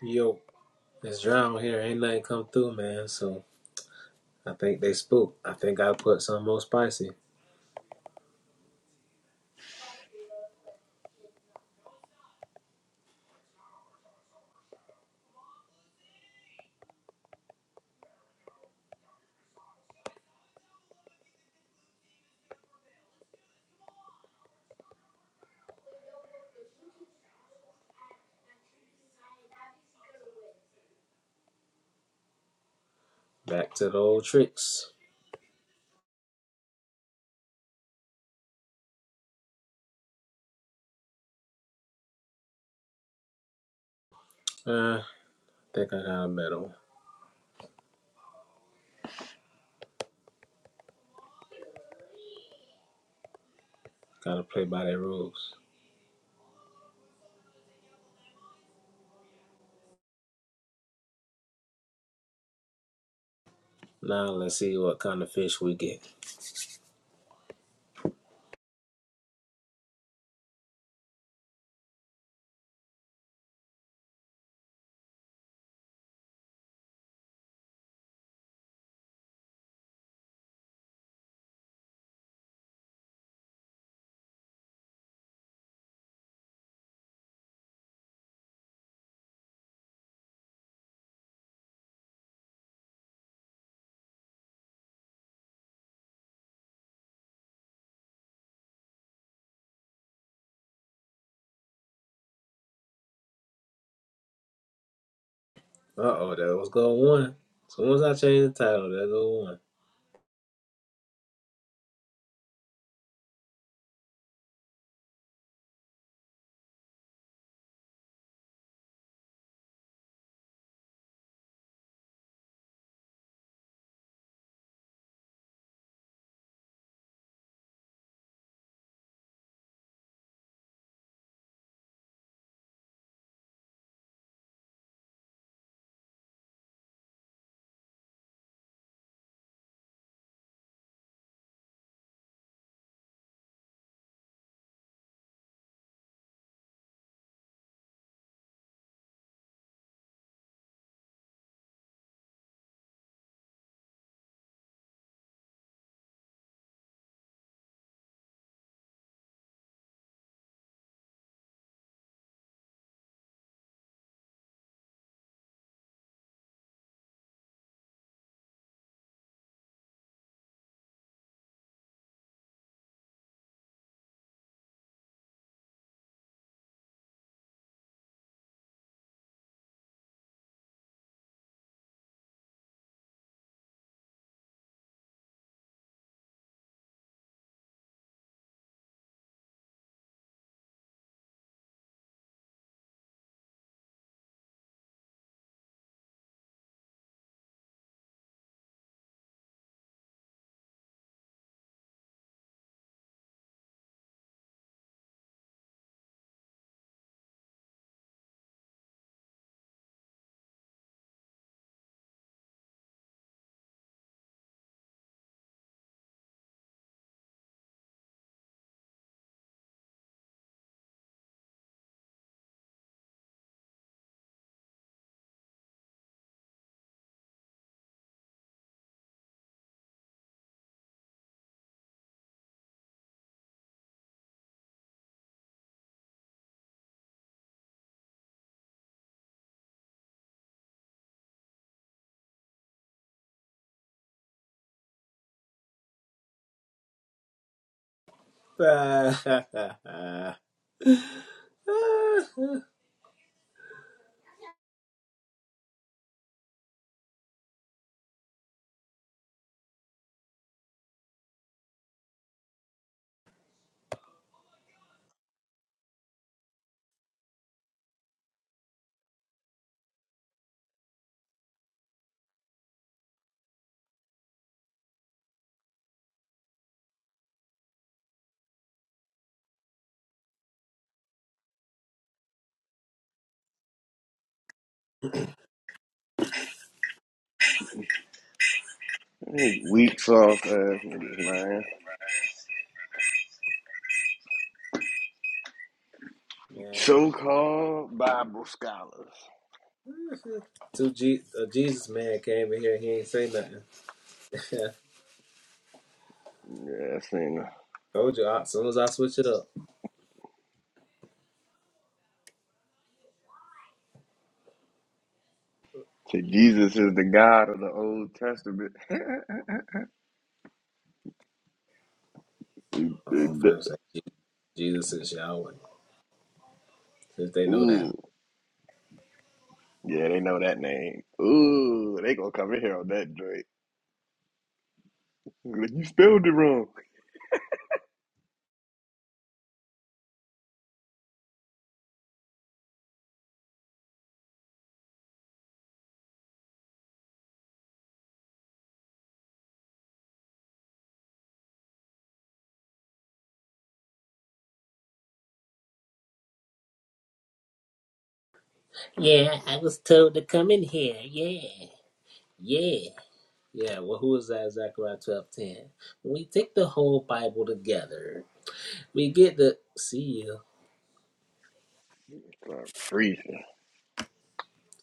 Yo, it's drown here. Ain't nothing come through, man. So I think they spooked. I think I put some more spicy. Back to the old tricks. Uh, I think I got a medal. Gotta play by their rules. Now let's see what kind of fish we get. Uh oh, there was go one. So once I change the title, there go one. These weak sauce ass niggas, man. man, So called Bible scholars. two G- a Jesus man came in here. and He ain't say nothing. Yeah, saying Told you. As soon as I switch it up, say Jesus is the God of the Old Testament. oh, I'm finna say Jesus is Yahweh. Since they know that. Ooh. Yeah, they know that name. Ooh, they gonna come in here on that joint. Like, You spelled it wrong. Yeah, I was told to come in here. Yeah, yeah. Yeah, well, who is that? Zechariah twelve ten. When we take the whole Bible together, we get to see you I'm freezing.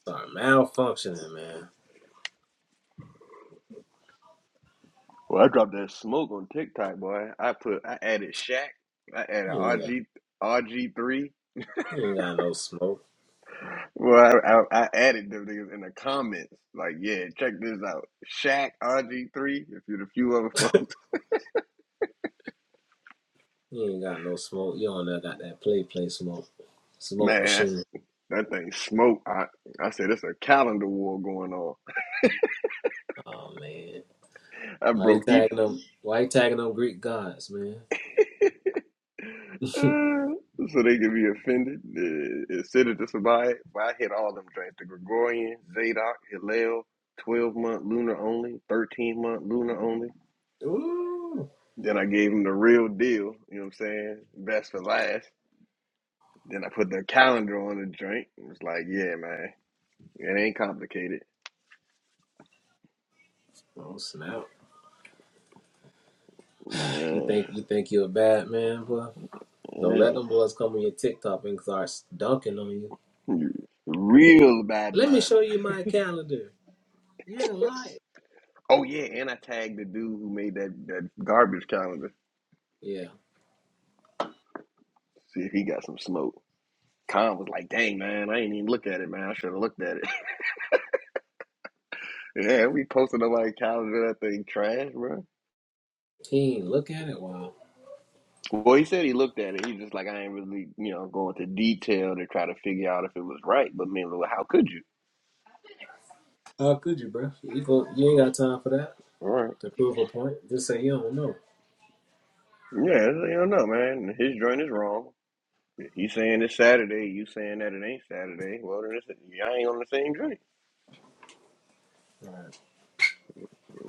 start malfunctioning, man. Well, I dropped that smoke on TikTok, boy. I put I added Shaq. I added You ain't got, RG RG3. you ain't got no smoke. Well, I, I, I added them niggas in the comments. Like, yeah, check this out. Shaq, RG3, if you the few other folks, You ain't got no smoke. You don't know got that play play smoke smoke man, machine. that thing smoke. I, I said, it's a calendar war going on. Oh man, I why you broke each, tagging them? Why you tagging them Greek gods, man? uh, so they could be offended. Uh, Instead of just about it, but I hit all them drinks. The Gregorian, Zadok, Hillel, 12-month lunar only, 13-month lunar only. Ooh, Then I gave them the real deal, you know what I'm saying? Best for last. Then I put the calendar on the joint. It was like, yeah, man, it ain't complicated. oh snap! You Yeah, think you think you're a bad man, boy? Don't let yeah. them boys come on your TikTok and start dunking on you. Real bad Let me show man. you my calendar. You're a liar. Oh yeah, and I tagged the dude who made that that garbage calendar. Yeah. See if he got some smoke. Con was like, dang man, I ain't even look at it, man. I should have looked at it. yeah, we posted on my calendar that thing trash, bro. He ain't look at it. Wow. Well, he said he looked at it. He's just like, I ain't really, you know, going to detail to try to figure out if it was right. But I mean, how could you? How could you, bro? You go, you ain't got time for that All right. to prove a point. Just say you don't know. Yeah, you don't know, man. His joint is wrong. If He's saying it's Saturday. You saying that it ain't Saturday. Well, then it's, y'all ain't on the same joint.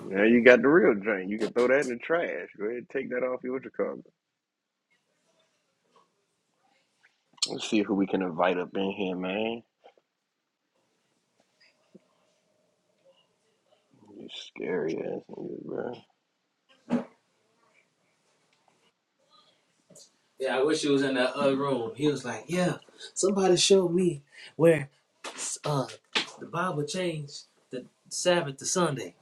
Now you got the real joint. You can throw that in the trash. Go ahead, take that off your Chicago. Let's see who we can invite up in here, man. You scary ass niggas, bro. Yeah, I wish he was in that other room. He was like, yeah, somebody showed me where uh the Bible changed the Sabbath to Sunday.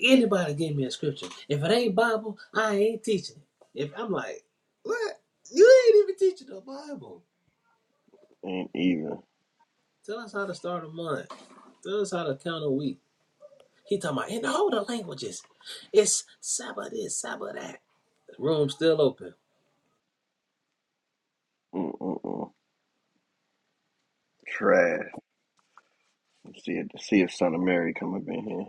Anybody give me a scripture. If it ain't Bible, I ain't teaching it. If I'm like, what? You ain't even teaching the Bible. Ain't even. Tell us how to start a month. Tell us how to count a week. He talking about in all the languages. It's Sabbath this, Sabbath that. Room still open. Mm-mm-mm. Trash. Let's see it. See if Son of Mary come up in here.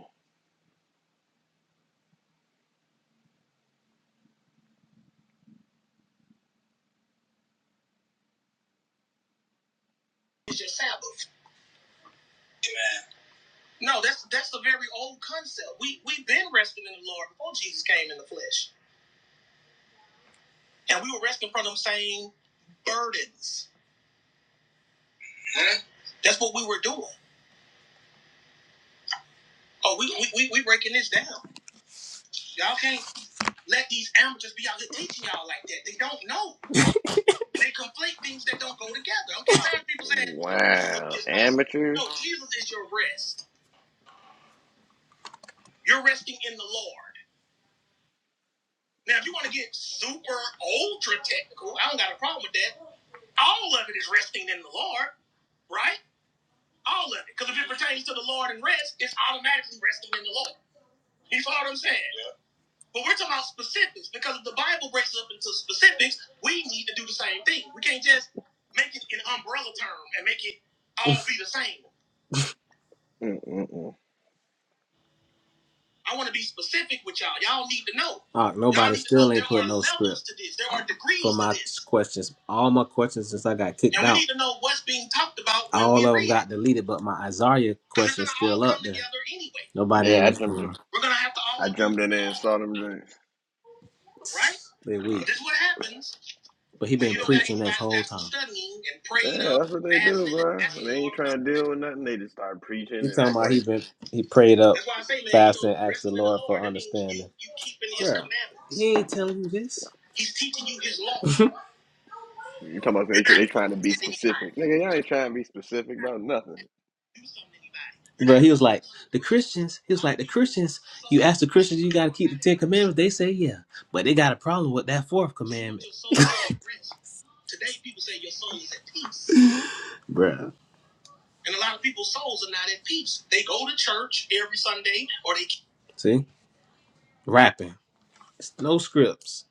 is your Sabbath. No, that's that's a very old concept. We we've been resting in the Lord before Jesus came in the flesh, and we were resting from them same burdens. Yeah. That's what we were doing. Oh, we we we, we breaking this down. Y'all can't let these amateurs be out here teaching y'all like that. They don't know. They conflate things that don't go together. I'm tired of people saying Jesus Wow, is my amateurs. no. Jesus is your rest. You're resting in the Lord. Now, if you want to get super ultra technical, I don't got a problem with that. All of it is resting in the Lord, right? All of it. Because if it pertains to the Lord and rest, it's automatically resting in the Lord. You follow what I'm saying? Yeah. But we're talking about specifics because if the Bible breaks it up into specifics, we need to do the same thing. We can't just make it an umbrella term and make it all be the same. Mm-mm-mm. I want to be specific with y'all. Y'all need to know. Oh, nobody still ain't put no script to this. There are degrees for to my to this. questions. All my questions since I got kicked And we out, need to know what's being talked about when all we of them read it. got it. deleted, but my Isaiah Because it's going question's to all still come up there. together anyway. Nobody ain't Yeah, I jumped in. responding. We're going to have to I all do jumped in there and all, saw them drinks. right? They But weak. But this is what happens But he when been you don't got preaching this anybody whole that's time. studying and prayed Yeah, up, that's what they do, fasting and bro. When asking the they ain't Lord trying to deal with nothing, they just start preaching He and talking act about he like been he prayed up fast and asked the Lord for understanding. Yeah, He ain't telling you this. He's teaching you You're his law. you talking about they You're try- not they trying to be changing anybody. specific. Nigga, y'all ain't trying to be specific about nothing. Do something to anybody. Bro, he was like the Christians. He was like the Christians. You ask the Christians, you got to keep the Ten Commandments. They say yeah, but they got a problem with that fourth commandment. Today people say your soul is at peace, Bruh. And a lot of people's souls are not at peace. They go to church every Sunday or they. See, rapping. No scripts.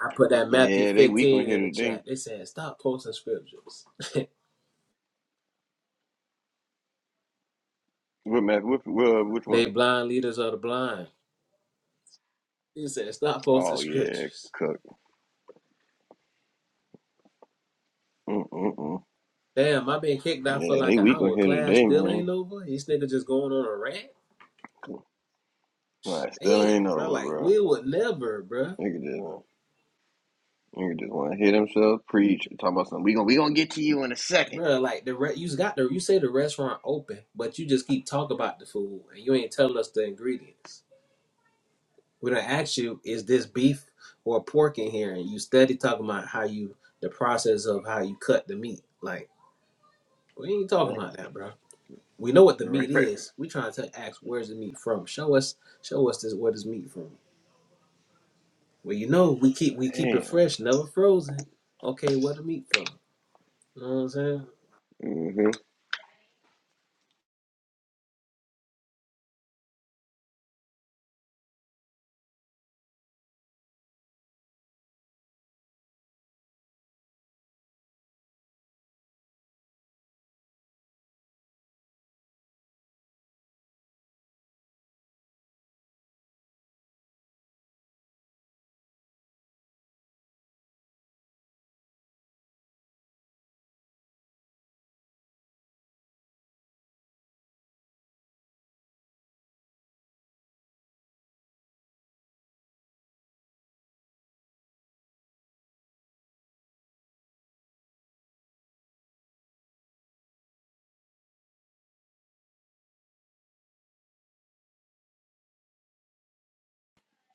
I put that Matthew Yeah, they weak on 15 here in the today. chat. They said stop posting scriptures. What Matt? What, what, which one? They blind leaders of the blind. He said stop posting Oh yeah, scriptures. Cook. Mm-mm-mm. Damn, I been kicked out for Yeah, they like an weak on hour. here Class today, still man. ain't over. These niggas just going on a rant. Nah, it still Damn, ain't bro. over, Like we bro. would never, bro. Nigga just nigga just want to hit himself, preach, and talk about something. We gonna we gonna get to you in a second. Bruh, like the re- you got the you say the restaurant open, but you just keep talking about the food and you ain't telling us the ingredients. We don't ask you is this beef or pork in here, and you steady talking about how you the process of how you cut the meat. Like we ain't talking Right, about that, bro. We know what the right, meat right. is. We trying to ask where's the meat from. Show us, show us this where this meat from. Well, you know we keep we keep it Damn. fresh, never frozen. Okay, where the meat from? You know what I'm saying? hmm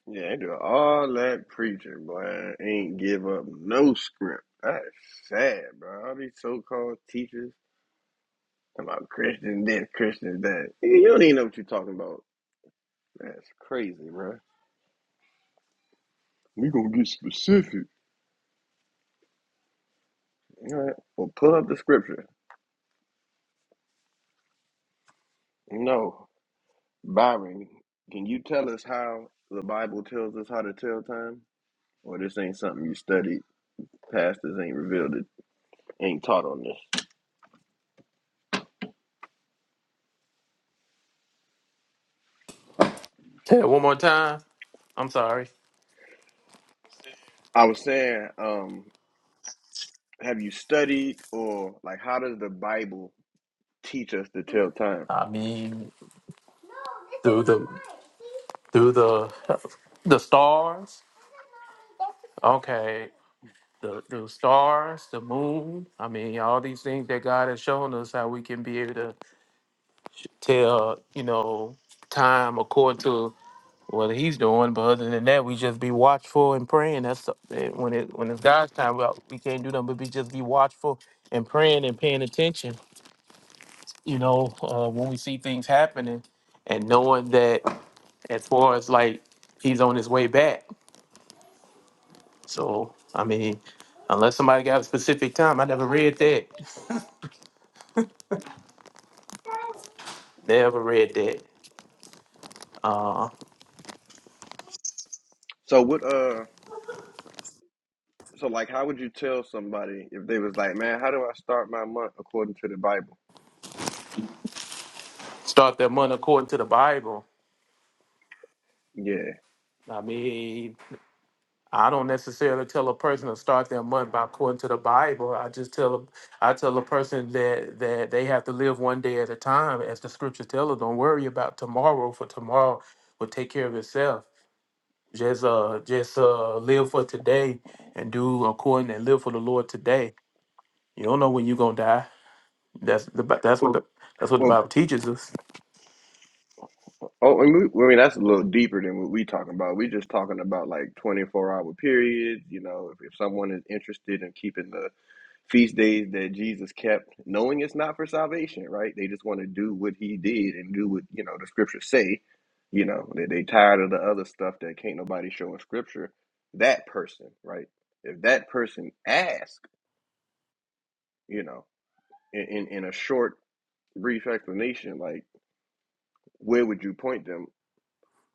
Yeah, they do all that preaching, boy. and Ain't give up no script. That's sad, bro. All these so called teachers talking about Christian this, Christian that. Nigga, You don't even know what you're talking about. That's crazy, bro. We gonna get specific. All right. Well, pull up the scripture. No, Byron, can you tell us how the Bible tells us how to tell time? Or this ain't something you studied. Pastors ain't revealed it. Ain't taught on this. Say it one more time. I'm sorry. I was saying, um. have you studied or like how does the Bible teach us to tell time? I mean, through the through the the stars. Okay, the the stars, the moon. I mean, all these things that God has shown us how we can be able to tell. You know, time according to what He's doing. But other than that, we just be watchful and praying. That's the- that when it when it's God's time. well, We can't do nothing but be just be watchful and praying and paying attention. You know, uh, when we see things happening and knowing that. as far as like he's on his way back. So I mean, unless somebody got a specific time, I never read that. Never read that. Uh, So what uh so like how would you tell somebody if they was like, Man, how do I start my month according to the Bible? start their month according to the Bible. Yeah. I mean, I don't necessarily tell a person to start their month by according to the Bible. I just tell them, I tell a person that that they have to live one day at a time, as the scripture tells us. Don't worry about tomorrow, for tomorrow will take care of itself. Just uh just uh live for today and do according and live for the Lord today. You don't know when you're gonna die. That's the Bi- that's what the that's what the Well Bible teaches us. oh and we, I mean that's a little deeper than what we talking about. We just talking about like twenty four hour periods, you know, if, if someone is interested in keeping the feast days that Jesus kept, knowing it's not for salvation, right? They just want to do what he did and do what, you know, the scriptures say. You know, that they tired of the other stuff that can't nobody show in scripture. That person, right? If that person asked, you know, in, in, in a short, brief explanation, like, where would you point them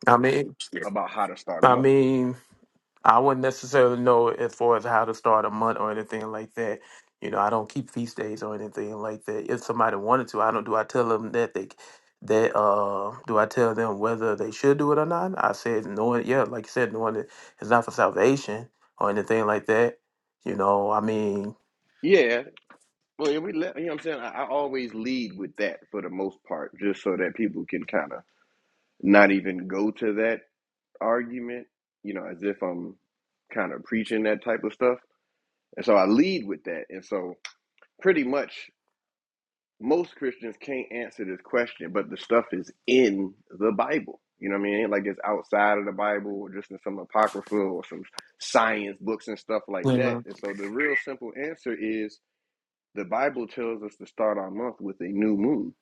I mean about how to start a I month? mean I wouldn't necessarily know as far as how to start a month or anything like that. You know, I don't keep feast days or anything like that. If somebody wanted to, I don't. Do I tell them that they that uh do I tell them whether they should do it or not? I said knowing, yeah, like you said, knowing that it's not for salvation or anything like that. You know, I mean, Yeah, well, yeah, we let, you know what I'm saying? I, I always lead with that for the most part, just so that people can kind of not even go to that argument, you know, as if I'm kind of preaching that type of stuff. And so I lead with that. And so pretty much most Christians can't answer this question, but the stuff is in the Bible. You know what I mean? It Ain't Like it's outside of the Bible or just in some apocrypha or some science books and stuff like that. And so the real simple answer is the Bible tells us to start our month with a new moon.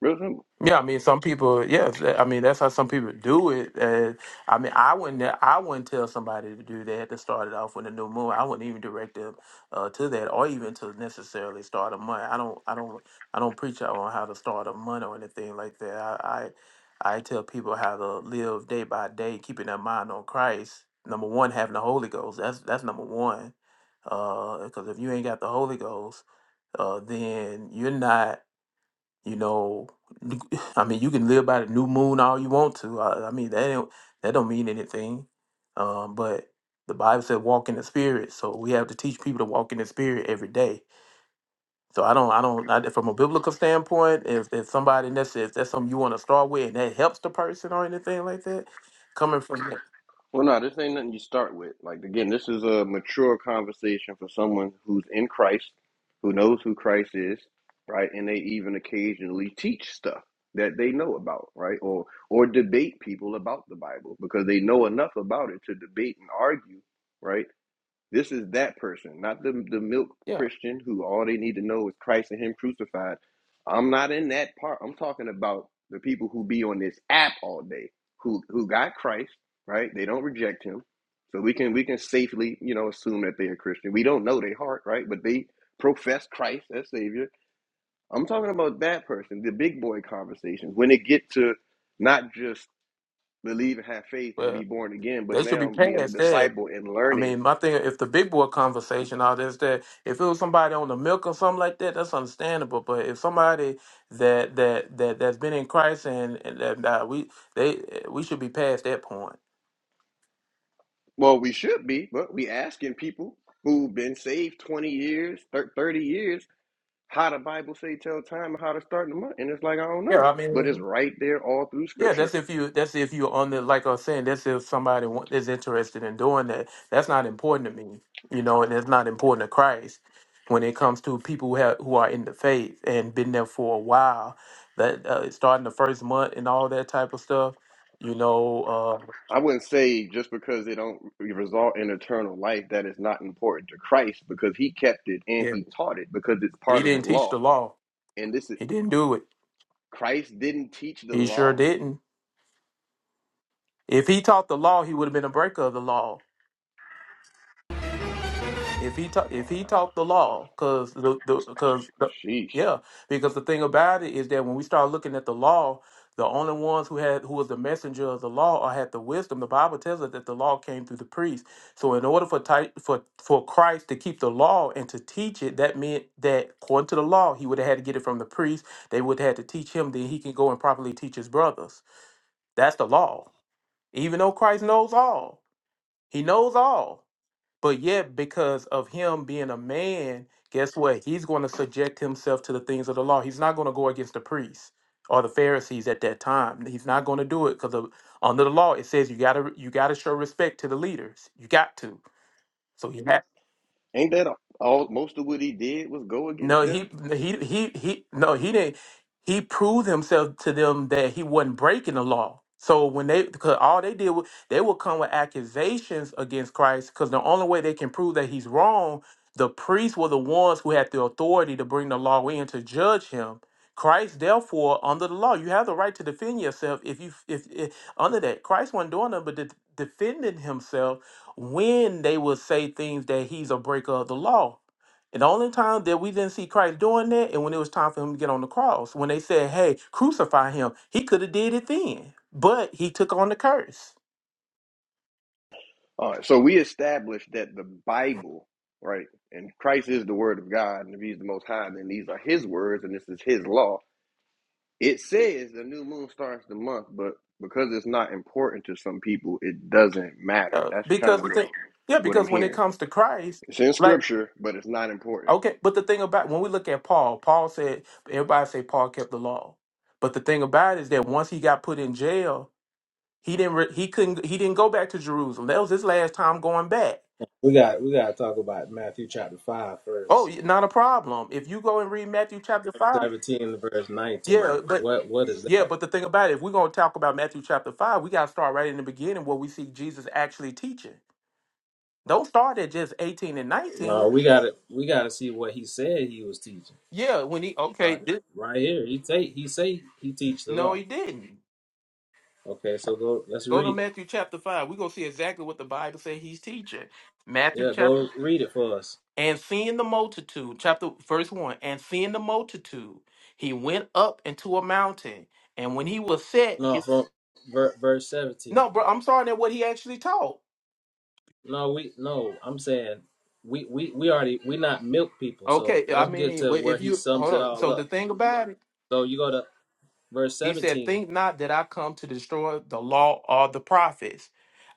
Real simple. Yeah, I mean, some people. Yes, I mean that's how some people do it. Uh, I mean, I wouldn't. I wouldn't tell somebody to do that to start it off with a new moon. I wouldn't even direct them uh, to that, or even to necessarily start a month. I don't. I don't. I don't preach out on how to start a month or anything like that. I. I, I tell people how to live day by day, keeping their mind on Christ. Number one, having the Holy Ghost. That's that's number one. Because if you ain't got the Holy Ghost, uh, then you're not. You know, I mean, you can live by the new moon all you want to. I, I mean, that don't, that don't mean anything. Um, but the Bible said walk in the spirit, so we have to teach people to walk in the spirit every day. So I don't, I don't, I, from a biblical standpoint, if if somebody and that's if that's something you want to start with and that helps the person or anything like that, coming from that, Well, no, this ain't nothing you start with. Like again, this is a mature conversation for someone who's in Christ, who knows who Christ is, right? And they even occasionally teach stuff that they know about, right? Or or debate people about the Bible because they know enough about it to debate and argue, right? This is that person, not the the milk yeah, Christian who all they need to know is Christ and Him crucified. I'm not in that part. I'm talking about the people who be on this app all day, who who got Christ, right? They don't reject Him, so we can we can safely you know assume that they are Christian. We don't know their heart, right? But they profess Christ as Savior. I'm talking about that person, the big boy conversations. When it get to not just believe and have faith and be well, born again, they but should be now being a past that. disciple and I learning mean, my thing, if the big boy conversation, all this, that, if it was somebody on the milk or something like that, that's understandable. But if somebody that that that that's been in Christ and, and that, that we they we should be past that point. Well, we should be, but we asking people who've been saved 20 years, thir- 30 years, how the Bible say tell time and how to start the month. And it's like, I don't Yeah, know. I But mean. it's right there all through Yeah, scripture. that's if you. That's if you're on the. Like I was saying, that's if somebody wa- is interested in doing that. That's not important to me, you know, and it's not important to Christ when it comes to people who have who are in the faith and been there for a while. That uh, starting the first month and all that type of stuff, you know. Uh, I wouldn't say just because it don't result in eternal life that it's not important to Christ because he kept it and yeah, he taught it because it's he part of the didn't teach law. the law. And this is He didn't do it. Christ didn't teach the He sure law. didn't. If he taught the law, he would have been a breaker of the law. If he taught, if he Wow. taught the law, because the because the, 'cause the- Sheesh. yeah, because the thing about it is that when we start looking at the law, the only ones who had who was the messenger of the law or had the wisdom, the Bible tells us that the law came through the priest. So in order for type, for for Christ to keep the law and to teach it, that meant that according to the law, he would have had to get it from the priest. They would have had to teach him, then he can go and properly teach his brothers. That's the law. Even though Christ knows all, he knows all. But yet, because of him being a man, guess what? He's going to subject himself to the things of the law. He's not going to go against the priests or the Pharisees at that time. He's not going to do it because under the law it says you gotta you gotta show respect to the leaders. You got to. So he had. Ain't that all most of what he did was go No, against he them? he he he no, he didn't he proved himself to them that he wasn't breaking the law. So when they because all they did was they would come with accusations against Christ because the only way they can prove that he's wrong, the priests were the ones who had the authority to bring the law in to judge him. Christ, therefore, under the law, you have the right to defend yourself if you if, if under that. Christ wasn't doing nothing but de- defending himself when they would say things that he's a breaker of the law. And the only time that we didn't see Christ doing that, and when it was time for him to get on the cross, when they said, "Hey, crucify him," he could have did it then, but he took on the curse. All right, so we established that the Bible, right, and Christ is the Word of God, and if He's the Most High, then these are His words, and this is His law. It says the new moon starts the month, but because it's not important to some people, it doesn't matter. Yeah, That's kind because of the what thing, I'm, yeah, what I'm because when it hearing. comes to Christ, It's in like Scripture, but it's not important. okay, but the thing about when we look at Paul, Paul said everybody say Paul kept the law, but the thing about it is that once he got put in jail, he didn't re- he couldn't he didn't go back to Jerusalem. That was his last time going back. We got we got to talk about Matthew chapter five first. Oh, not a problem. If you go and read Matthew chapter five, 17 verse yeah, 19 but what what is Yeah, that but the thing about it, if we're going to talk about Matthew chapter 5, we got to start right in the beginning where we see Jesus actually teaching. Don't start at just 18 and 19. no we gotta we gotta see what he said he was teaching Yeah, when he, okay, right thi- right here he say he say he teach the no, law he didn't. okay so go let's Go to read it Matthew chapter 5. We're going to see exactly what the Bible says he's teaching. Matthew yeah go chapter, read it for us and seeing the multitude, chapter verse 1, and seeing the multitude, he went up into a mountain. And when he was set, no his, from ver, verse 17 no, bro, I'm starting at what he actually taught. no we no i'm saying we we we already we not milk people so Okay, I let's get mean, to well, where if he you, sums hold it on. all So the up thing about it, so you go to verse He said, 17 Think not that I come to destroy the law or the prophets.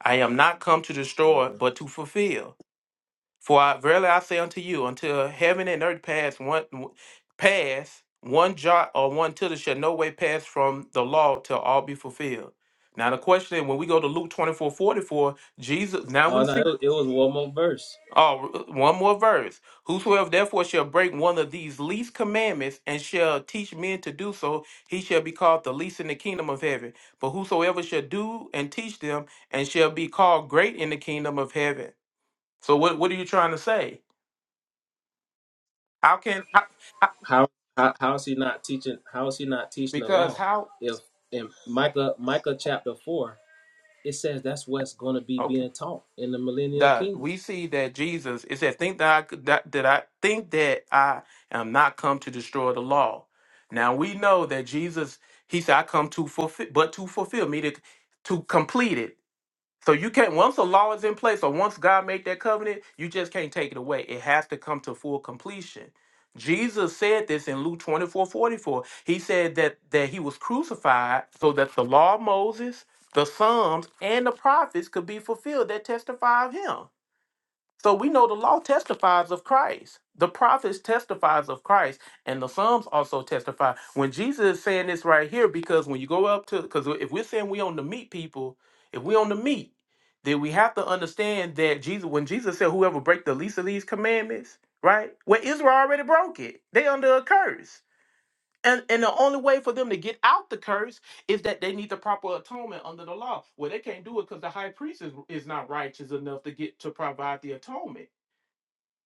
I am not come to destroy, but to fulfill. For I, verily I say unto you, until heaven and earth pass one pass, one jot or one tittle shall no way pass from the law till all be fulfilled. Now the question is, when we go to Luke 24:44, Jesus, now we oh no see. it was, it was one more verse Oh, one more verse. Whosoever therefore shall break one of these least commandments and shall teach men to do so, he shall be called the least in the kingdom of heaven. But whosoever shall do and teach them, and shall be called great in the kingdom of heaven. So what what are you trying to say? How can how, how- How, how how is he not teaching? How is he not teaching the because law? how? If in Micah Micah chapter four, it says that's what's going to be okay. being taught in the millennial that kingdom. we see that Jesus it says, think that I could- that, that I think that I am not come to destroy the law. Now we know that Jesus he said I come to fulfill but to fulfill me to to complete it. So you can't once the law is in place or once God made that covenant, you just can't take it away. It has to come to full completion. Jesus said this in Luke 24 44. He said that that he was crucified so that the law of Moses, the Psalms, and the prophets could be fulfilled that testify of him. So we know the law testifies of Christ. The prophets testifies of Christ, and the Psalms also testify. When Jesus is saying this right here, because when you go up to, because if we're saying we on the meat people, if we on the meat, then we have to understand that Jesus, when Jesus said, "Whoever break the least of these commandments," right? Well, Israel already broke it. They under a curse, and and the only way for them to get out the curse is that they need the proper atonement under the law. Well, they can't do it because the high priest is, is not righteous enough to get to provide the atonement.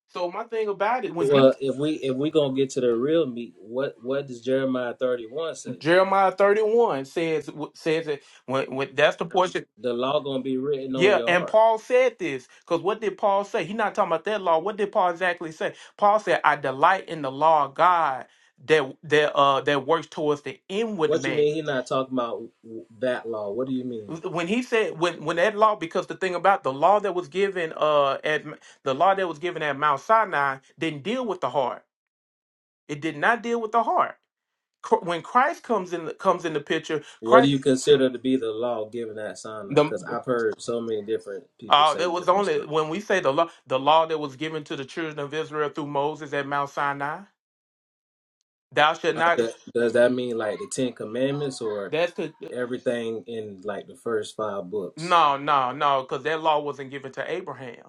So my thing about it, when Well, Jesus, if we if we gonna get to the real meat, what what does Jeremiah thirty one say? Jeremiah thirty one says says it when, when that's the portion. The law gonna be written on Yeah, your and heart. Paul said this because what did Paul say? He's not talking about that law. What did Paul exactly say? Paul said, "I delight in the law of God that that uh that works towards the inward What you man." mean? He not talking about that law. What do you mean? When he said when when that law, because the thing about the law that was given uh at the law that was given at Mount Sinai didn't deal with the heart. It did not deal with the heart. Cr- When Christ comes in comes in the picture, What do Christ. you consider to be the law given at Sinai? Because the I've heard so many different people Uh, say there was different only stuff. when we say the law, the law that was given to the children of Israel through Moses at Mount Sinai. Thou shalt not. Th- Does that mean like the Ten Commandments, or That's to everything in like the first five books. no, no, no, because that law wasn't given to Abraham.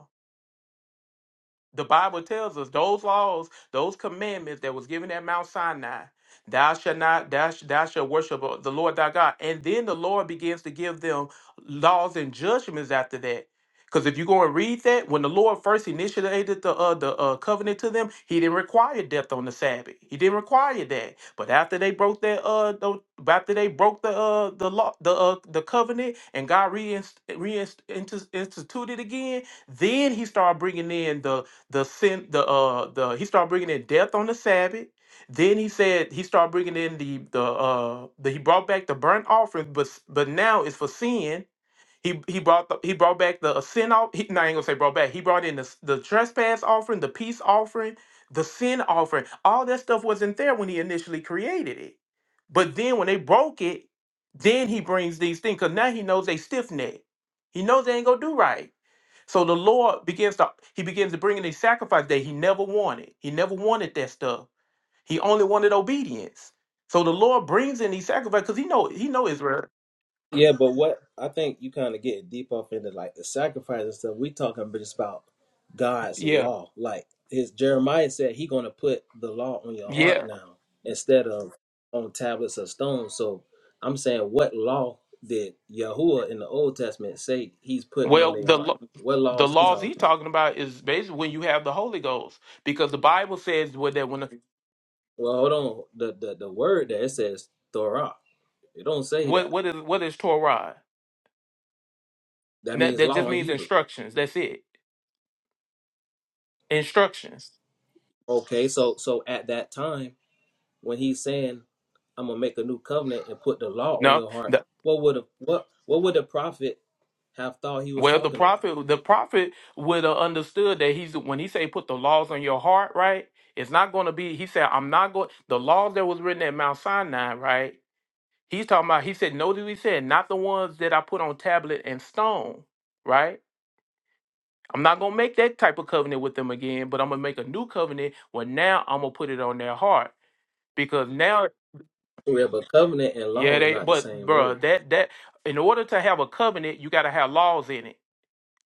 The Bible tells us those laws, those commandments that was given at Mount Sinai, thou shalt not, thou, sh- thou shalt worship the Lord thy God. And then the Lord begins to give them laws and judgments after that. Because if you go and read that, when the Lord first initiated the uh, the uh, covenant to them, He didn't require death on the Sabbath. He didn't require that. But after they broke that uh, the, after they broke the uh, the law, the uh, the covenant, and God reinst- reinst- intus- instituted again, then he started bringing in the the sin the uh the he started bringing in death on the sabbath then he said he started bringing in the the uh the he brought back the burnt offering but s- but now it's for sin he he brought the, he brought back the uh, sin off he, no, I ain't gonna say brought back he brought in the, s- the trespass offering the peace offering the sin offering all that stuff wasn't there when he initially created it but then when they broke it then he brings these things because now he knows they stiff neck he knows they ain't gonna do right so the Lord begins to he begins to bring in a sacrifice that he never wanted. He never wanted that stuff. He only wanted obedience. So the Lord brings in these sacrifices because he know he know Israel. Yeah, but what I think you kind of get deep off into like the sacrifice and stuff. We talking just about God's Yeah, law. Like his Jeremiah said, he gonna put the law on your heart yeah. now instead of on tablets of stone. So I'm saying, what law did Yahuwah in the Old Testament say he's putting on Well, their the heart? lo- What law the is he laws talking he's about? talking about is basically when you have the Holy Ghost, because the Bible says what that when the, Well, hold on. The the the word there it says Torah. It don't say what that. what is what is Torah? That That, means that just law in means Hebrew. instructions. That's it. Instructions. Okay, so so at that time when he's saying, "I'm gonna make a new covenant and put the law on No, your heart," what would a, what what would the prophet have thought he was Well, the talking about? prophet, the prophet would have understood that he's when he say put the laws on your heart, right? It's not going to be. He said, "I'm not going." The laws that was written at Mount Sinai, right? He's talking about. He said, "Notice he said, not the ones that I put on tablet and stone, right? I'm not going to make that type of covenant with them again, but I'm going to make a new covenant. Well, now I'm going to put it on their heart because now, Yeah, but covenant and yeah, law is they. not the But, same bruh, word. that that in order to have a covenant, you got to have laws in it.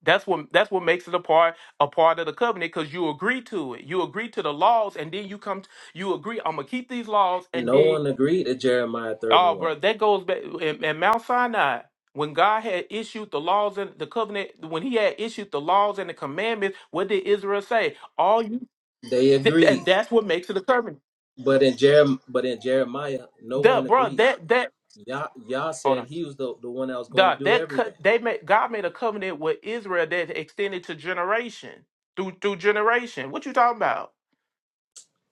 That's what that's what makes it a part a part of the covenant because you agree to it. You agree to the laws, and then you come. t- You agree. I'm gonna keep these laws, and No then one agreed to Jeremiah oh, bro, 31. that goes back in, in Mount Sinai when God had issued the laws and the covenant. When He had issued the laws and the commandments, what did Israel say? All you, They th- agreed, and that's what makes it a covenant. but in Jerem but in Jeremiah, no The one bro, agreed. that that Yah Yah hold said on, he was the the one that was going to the, do that cut everything. they made God made a covenant with Israel that extended to generation through through generation. What you talking about?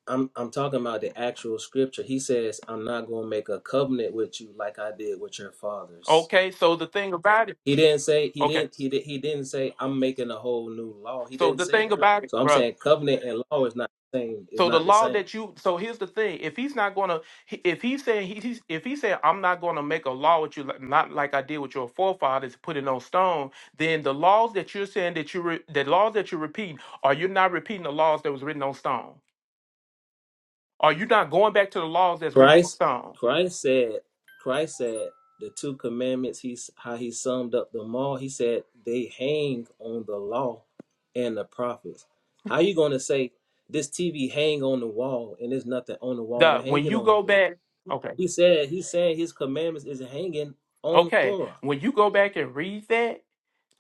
I'm I'm talking about the actual scripture. He says, "I'm not going to make a covenant with you like I did with your fathers." Okay, so the thing about it, He didn't say he okay, didn't he did, he didn't say I'm making a whole new law. He so didn't the say thing that. about it, So I'm brother. saying covenant and law is not the same. Is So the not the law same. that you, so here's the thing: if he's not gonna, if he's saying he, he's, if he said I'm not gonna make a law with you, like- not like I did with your forefathers, put it on stone, then the laws that you're saying that you, re, the laws that you're repeating, are you not repeating the laws that was written on stone? Are you not going back to the laws that's written on Christ stone? Christ said Christ said the two commandments. He's how he summed up them all. He said they hang on the law and the prophets. How you gonna say this TV hang on the wall and there's nothing on the wall to The hang when it you on, go bro? back, okay, He said he said his commandments is hanging on okay, Torah. when you go back and read that.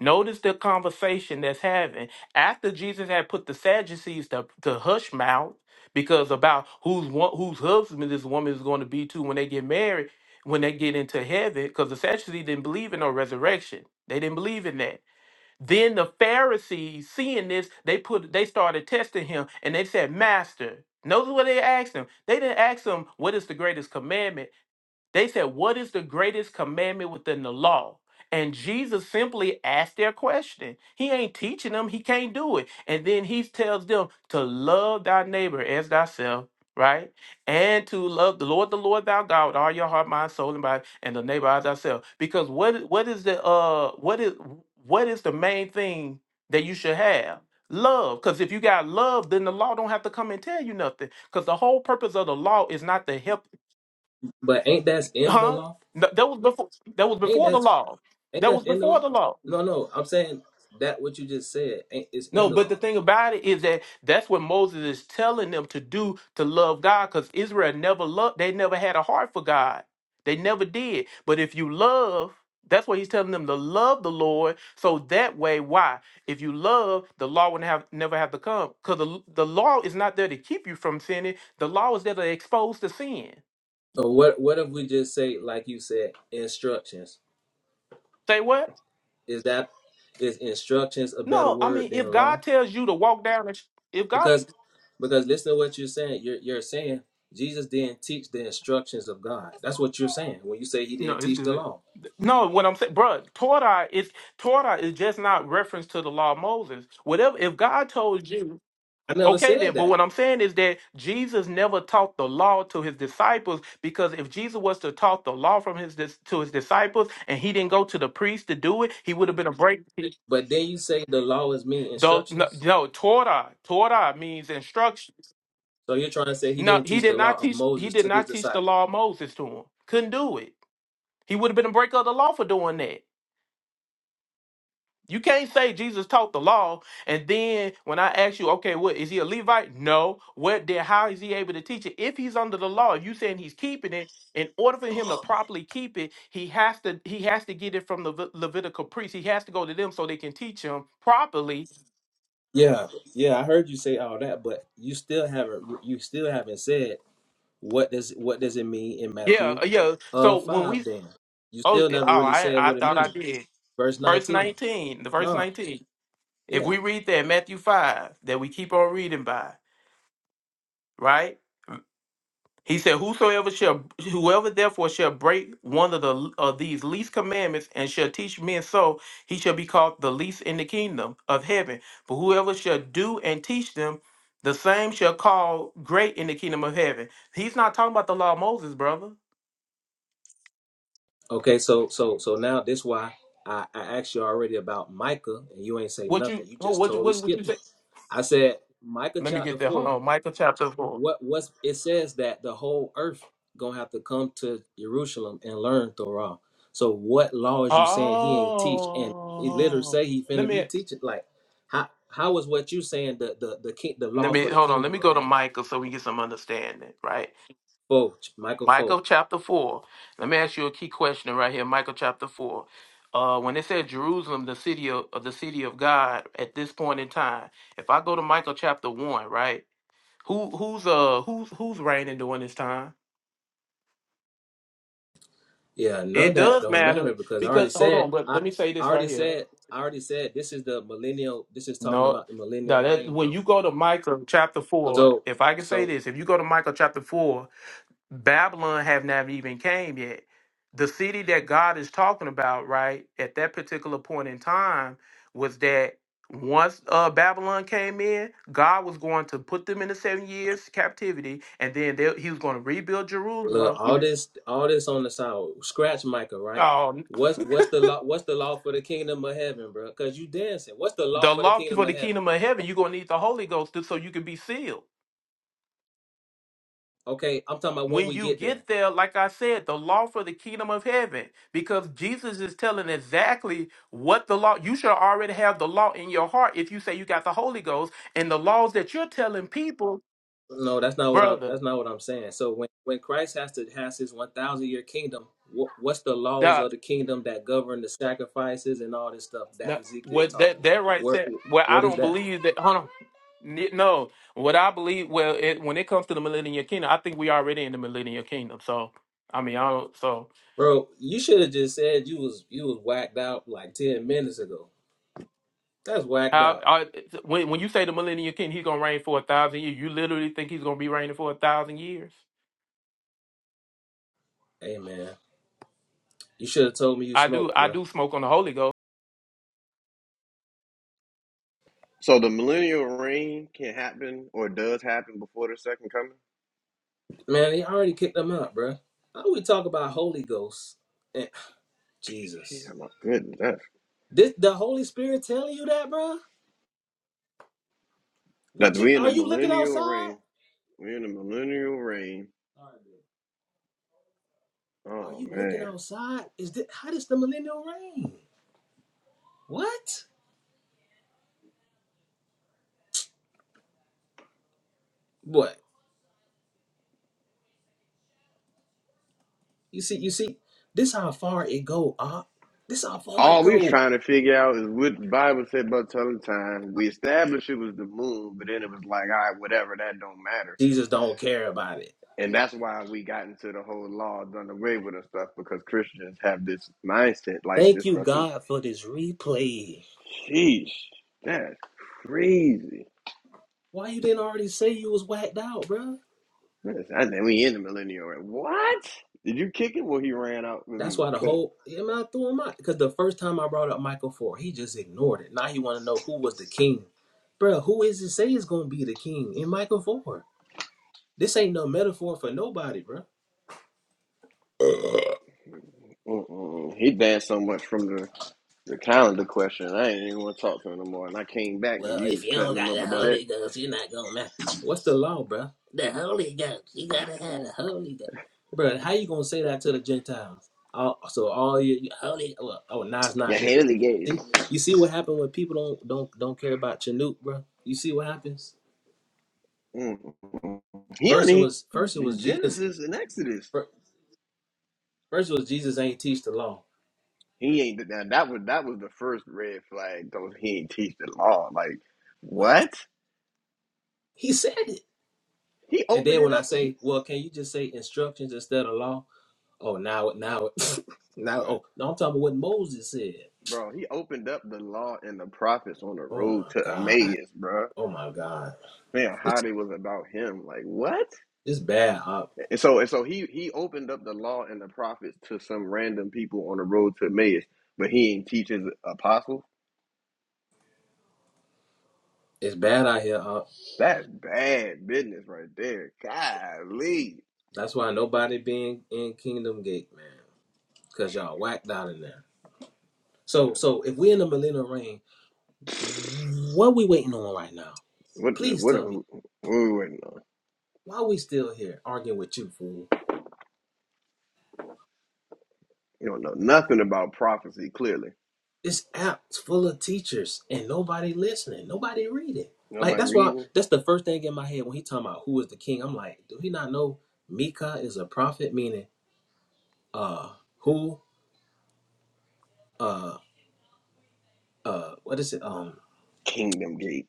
Notice the conversation that's having after Jesus had put the Sadducees to, to hush mouth because about whose wo- whose husband this woman is going to be to when they get married, when they get into heaven, because the Sadducees didn't believe in no resurrection. They didn't believe in that. Then the Pharisees, seeing this, they put they started testing him and they said, Master, notice what they asked him. They didn't ask him what is the greatest commandment. They said, What is the greatest commandment within the law? And Jesus simply asked their question. He ain't teaching them, he can't do it. And then he tells them to love thy neighbor as thyself, right? And to love the Lord, the Lord thy God with all your heart, mind, soul, and body, and the neighbor as thyself. Because what what is the uh what is what is the main thing that you should have? Love. Because if you got love, then the law don't have to come and tell you nothing. Because the whole purpose of the law is not to help But ain't that's in the Huh? law? No, that was before. That was Ain't before the that law. Ain't That was that in the before law? the law. No, no. I'm saying that what you just said ain't is in No, the but the law thing though. about it is that that's what Moses is telling them to do to love God, because Israel never loved. They never had a heart for God. They never did. But if you love, that's what he's telling them to love the Lord. So that way, why? If you love, the law would have never have to come, because the the law is not there to keep you from sinning. The law is there to expose the sin. Uh, What What if we just say like you said instructions? Say what? Is that is instructions a better No, I mean word than if God law? tells you to walk down, the, if God Because because listen to what you're saying. You're you're saying Jesus didn't teach the instructions of God. That's what you're saying when you say he No, didn't it's teach the good. law. No, what I'm saying, bruh, Torah is Torah is just not reference to the law of Moses. Whatever, if God told you, I never okay, said then. But that. what I'm saying is that Jesus never taught the law to his disciples because if Jesus was to taught the law from his dis- to his disciples and he didn't go to the priest to do it, he would have been a break. But then you say the law is mean Though no, instructions. no, Torah, Torah means instructions. So you're trying to say he No, didn't he teach the did law not of teach. He Moses did to his not teach disciples. the law of Moses to him. Couldn't do it. He would have been a breaker of the law for doing that. You can't say Jesus taught the law, and then when I ask you, okay, what is he a Levite? No. What then? How is he able to teach it if he's under the law? you saying he's keeping it, in order for him to properly keep it, he has to he has to get it from the Levit- Levitical priest. He has to go to them so they can teach him properly. Yeah, yeah, I heard you say all that, but you still haven't you still haven't said what does what does it mean in Yeah, Matthew uh, yeah. uh So when five we then. You oh still eh, oh never really I said I what it thought I means. did Verse verse nineteen. nineteen the verse No. nineteen. If Yeah. we read that Matthew five that we keep on reading by, right? He said, Whosoever shall, whoever therefore shall break one of the of these least commandments and shall teach men so, he shall be called the least in the kingdom of heaven. But whoever shall do and teach them, the same shall call great in the kingdom of heaven. He's not talking about the law of Moses, brother. Okay, so so so now this why I, I asked you already about Micah and you ain't say What you? nothing. You oh, just What you? totally What, what you skipped it. say? I said Micah Let me get chapter that. Hold four on, Michael chapter four. what what's it says that the whole earth gonna have to come to Jerusalem and learn Torah. So what law is you saying he ain't teach? And he literally Oh, say he let finna be me. teaching. Like how how is what you saying the the the king, the Let law me for the hold on. Let kingdom me of go to heaven? Michael so we get some understanding, right? Folk, Michael Michael Folk. chapter 4. Let me ask you a key question right here. Michael chapter 4. Uh, when it said Jerusalem, the city of, of the city of God at this point in time, if I go to Michael chapter 1, right? Who who's uh who's who's reigning during this time? Yeah, none It of that does don't matter matter because I already because hold said on, but I, let me say I this already right here. said I already said this is the millennial. This is talking No, about the millennial now that reign, when bro. you go to Michael chapter four, So if I can say so this, if you go to Michael chapter four Babylon have not even came yet. The city that God is talking about, right, at that particular point in time was that once uh, Babylon came in, God was going to put them into seven years captivity, and then they, he was going to rebuild Look, Jerusalem. all this, all this on the side. Scratch Micah, right? Oh, What's what's the law? What's the law for the kingdom of heaven, bro? Cause you dancing. What's the law the for the law kingdom for the of heaven? kingdom of heaven, you're going to need the Holy Ghost to- so you can be sealed. Okay, I'm talking about when when we you get there. get there, like I said, the law for the kingdom of heaven, because Jesus is telling exactly what the law, you should already have the law in your heart if you say you got the Holy Ghost, and the laws that you're telling people, No, that's not what I'm. brother, That's not what I'm saying. So when when Christ has to has his 1,000 year kingdom, what, what's the laws that, of the kingdom that govern the sacrifices and all this stuff that that Ezekiel's what that talking that about? right Where there, well, I what is don't that, believe that. Hold on. N- No, what I believe, well, it, when it comes to the millennial kingdom, I think we already in the millennial kingdom. So, I mean, I don't. So, bro? You should have just said you was you was whacked out like 10 minutes ago. That's whacked How out. I, when when you say the millennial king, he's gonna reign for a thousand years. You literally think he's gonna be reigning for a thousand years? Amen. You should have told me you I do. smoked, I bro. do smoke on the Holy Ghost. So the millennial reign can happen or does happen before the second coming. Man, he already kicked them out, bro. How we talk about Holy Ghost and Yeah, Jesus? my goodness, that's, This the Holy Spirit telling you that, bro? What that you we in are the you looking millennial outside? reign. We in the millennial reign. Are Oh you man. looking outside? Is this how does the millennial reign? What? What? You see, you see, this how far it go, up. This how far it All we was go. trying to figure out is what the Bible said about telling time. We established it was the moon, but then it was like, all right, whatever, that don't matter. Jesus don't care about it. And that's why we got into the whole law done away with and stuff because Christians have this mindset like Thank this you, stuff is, God, for this replay. sheesh, that's crazy. Why you didn't already say you was whacked out, bro? That's, I think we in the millennial era. What? Did you kick it? Well, he ran out when he That's was why the cut. whole am I threw him out because the first time I brought up Michael Ford, he just ignored it. Now he want to know who was the king, bro. Who is it say is gonna be the king in Michael Ford? This ain't no metaphor for nobody, bro. Mm-mm. He danced so much from the, the calendar question. I ain't even want to talk to him no more. And I came back and Well, you if was you cutting don't him got up the about that. Holy Ghost, you're not gonna matter. What's the law, bro? The Holy Ghost. You gotta have the Holy Ghost, bro. How you gonna say that to the Gentiles? All, so all your, your Holy, well, oh, now it's Yeah, not literal. Haley Gates. See, you see what happened when people don't don't don't care about Chanute, bro. You see what happens? Mm. He First it only was first it in was Jesus. Genesis and Exodus. fir- First it was Jesus ain't teach the law. He ain't that. That was that was the first red flag. Though he ain't teach the law. Like What what? he said it, He and opened then it when I up. He, say, well, can you just say instructions instead of law? Oh, now it now it now but oh no, I'm talking about what Moses said. bro, he opened up the law and the prophets on the Oh road my to God, Emmaus, bro. oh my God, Man, how it's they was about him. Like what? it's bad up. And so and so he he opened up the law and the prophets to some random people on the road to Emmaus, but he ain't teach his apostles. It's bad out here up. That's bad business right there. Golly. That's why nobody being in Kingdom Gate, man, because y'all whacked out in there. Yeah. So so if we in the millennial reign, what we waiting on right now? What the- Please what tell are, me what are we waiting on? Why are we still here arguing with you, fool? You don't know nothing about prophecy, clearly. This app's full of teachers and nobody listening, nobody reading. Like Nobody that's why reading? that's the first thing in my head when he talking about who is the king. I'm like, do he not know Mika is a prophet? Meaning, uh, who, uh, uh, what is it? Um, Kingdom Gate.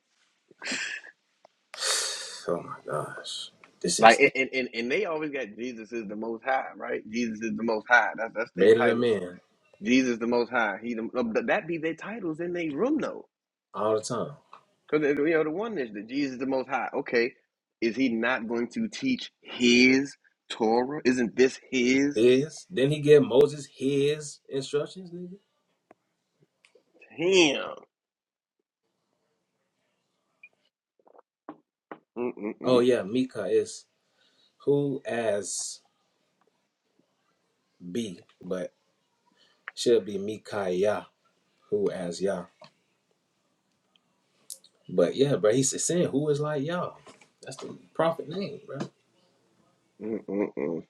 oh my gosh, this is Like and, this and, and and they always got Jesus is the most high, right? Jesus is the most high. That's that's their made it a titles of man Jesus the most high. He the, no, but that be their titles in their room though. all the time. Because you know the one is that Jesus the most high. Okay. Is he not going to teach his Torah? Isn't this his? His didn't he give Moses his instructions, nigga? Damn. Mm-mm-mm. Oh yeah, Mika is who as be, but Should be Micaiah, who as Yah. But yeah, bro, he's saying who is like Yah. That's the prophet name, bro. Mm-mm-mm.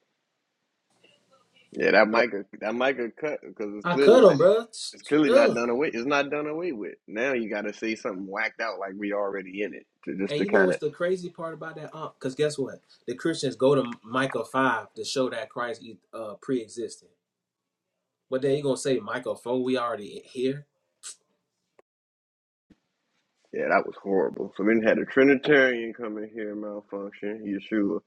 Yeah, that might get- that might get cut because it's I clearly cut him, not bro. it's clearly not Ugh. done away. It's not done away with. Now you got to say something whacked out like we already in it to just And to you know kind of what's the crazy part about that? Because guess what? The Christians go to Micah 5 to show that Christ e, uh, pre existed. But then you going to say Micah 4, we already here? yeah, that was horrible. So then you had a Trinitarian come in here and malfunction, Yeshua,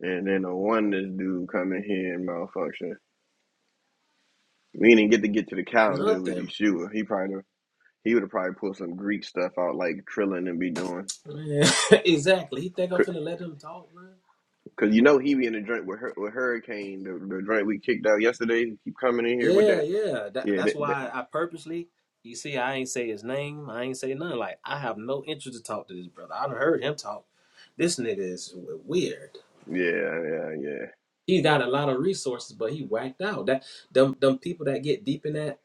and then a oneness dude come in here and malfunction. We didn't get to get to the calendar with Nothing. Yeshua. He probably he would have probably pulled some Greek stuff out like Trillin and be doing. Man. exactly. He think I'm finna let him talk, bro? Cause you know he be in the joint with her, with Hurricane, the, the joint we kicked out yesterday. He keep coming in here with Yeah, that. yeah. That, Yeah, that's that, that, why I purposely, you see, I ain't say his name. I ain't say nothing. Like, I have no interest to talk to this brother. I done heard him talk. This nigga is w- weird. yeah, yeah, yeah. He got a lot of resources, but he whacked out. That them them people that get deep in that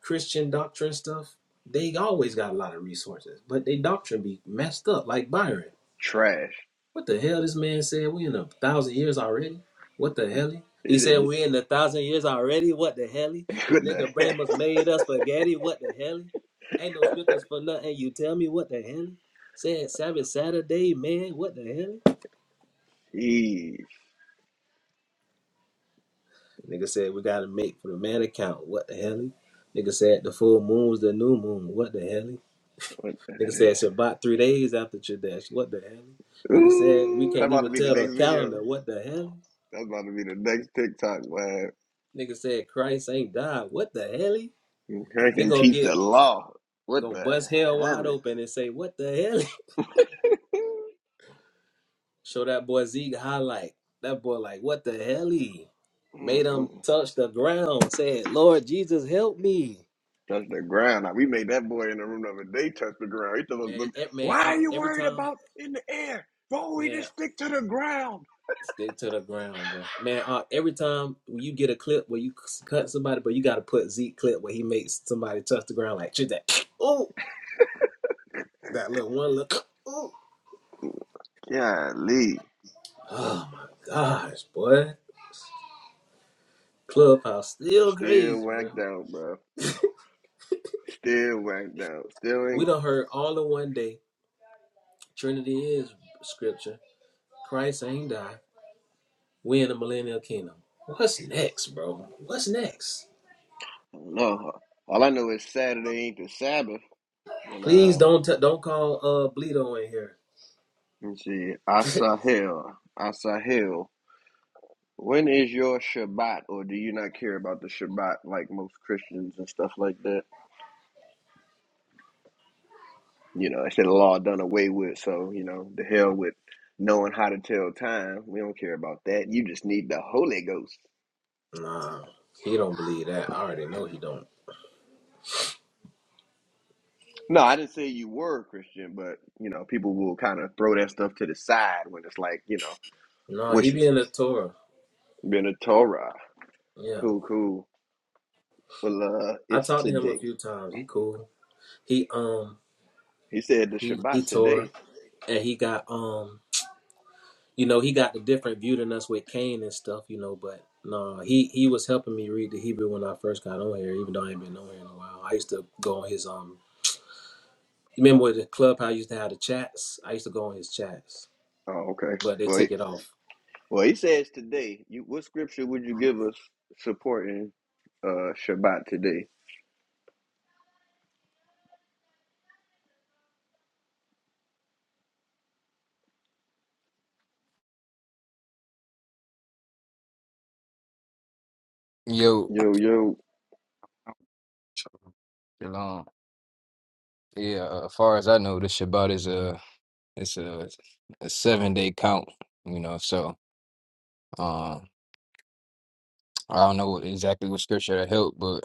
Christian doctrine stuff, they always got a lot of resources, but they doctrine be messed up, like Byron. Trash. What the hell? This man said we in a thousand years already. What the It- hell? He said it- we in a thousand years already. What the hell? This What the nigga brain heck? must made us spaghetti. What the hell? Ain't no scriptures for nothing. You tell me what the hell? Said Sabbath Saturday, man. What the hell? Jeez. Nigga said we gotta make for the man account. What the hell? Nigga said the full moon's the new moon. What the hell? What Nigga said Shabbat three days after Chodesh. What the hell? the- Nigga said we Ooh, that's can't about to even be the tell the next video. calendar. What the hell? That's about to be the next TikTok, man. Nigga said Christ ain't died. What the hell? he? They Hurricane gonna teach get the law. What gonna the bust hell wide open and say what the hell? Show that boy Zeke highlight. That boy like what the hell? he?" Made hell? him touch the ground. Said Lord Jesus help me, touch the ground. Now, we made that boy in the room the other day touch the ground. He told man. us, e- Man, "Why uh, are you every worried time, about in the air? Bro, we man, just stick to the ground." stick to the ground, bro. Man, uh, every time when you get a clip where you c- cut somebody, but you gotta put Zeke clip where he makes somebody touch the ground like shit that. Oh, that little one look. Oh, Golly, oh my gosh, boy. Clubhouse still still crazy, bro. whacked out, bro. Still whacked out. Still We ain't. done heard all in one day. Trinity is scripture. Christ ain't die. We in the millennial kingdom. What's next, bro? What's next? I don't know. All I know is Saturday ain't the Sabbath, and Please uh, don't t- don't call uh Bleedo in here. let's see, Asahel, Asahel. When is your Shabbat, or do you not care about the Shabbat like most Christians and stuff like that? You know, instead of law done away with. So, you know, the hell with knowing how to tell time. We don't care about that. You just need the Holy Ghost. nah, he don't believe that. I already know he don't. No, I didn't say you were a Christian, but you know, people will kind of throw that stuff to the side when it's like, you know, No, he wish be in the Torah. been a Torah. Yeah, Cool, cool. Well, uh, I it's talked to him a today. few times. He cool. He um He said the he he Shabbat Torah today. and he got um you know, he got the different view than us with Cain and stuff, you know, but no, he he was helping me read the Hebrew when I first got on here, even though I ain't been on here in a while. I used to go on his um you remember with the club how I used to have the chats? I used to go on his chats. Oh, okay. But they Well, he, took it off. well, he says today. You, what scripture would you give us supporting uh Shabbat today? Yo, Yo, yo. you long. Yeah, uh, as far as I know, the Shabbat is a it's a, a seven day count. You know, so um, I don't know exactly what scripture to help, but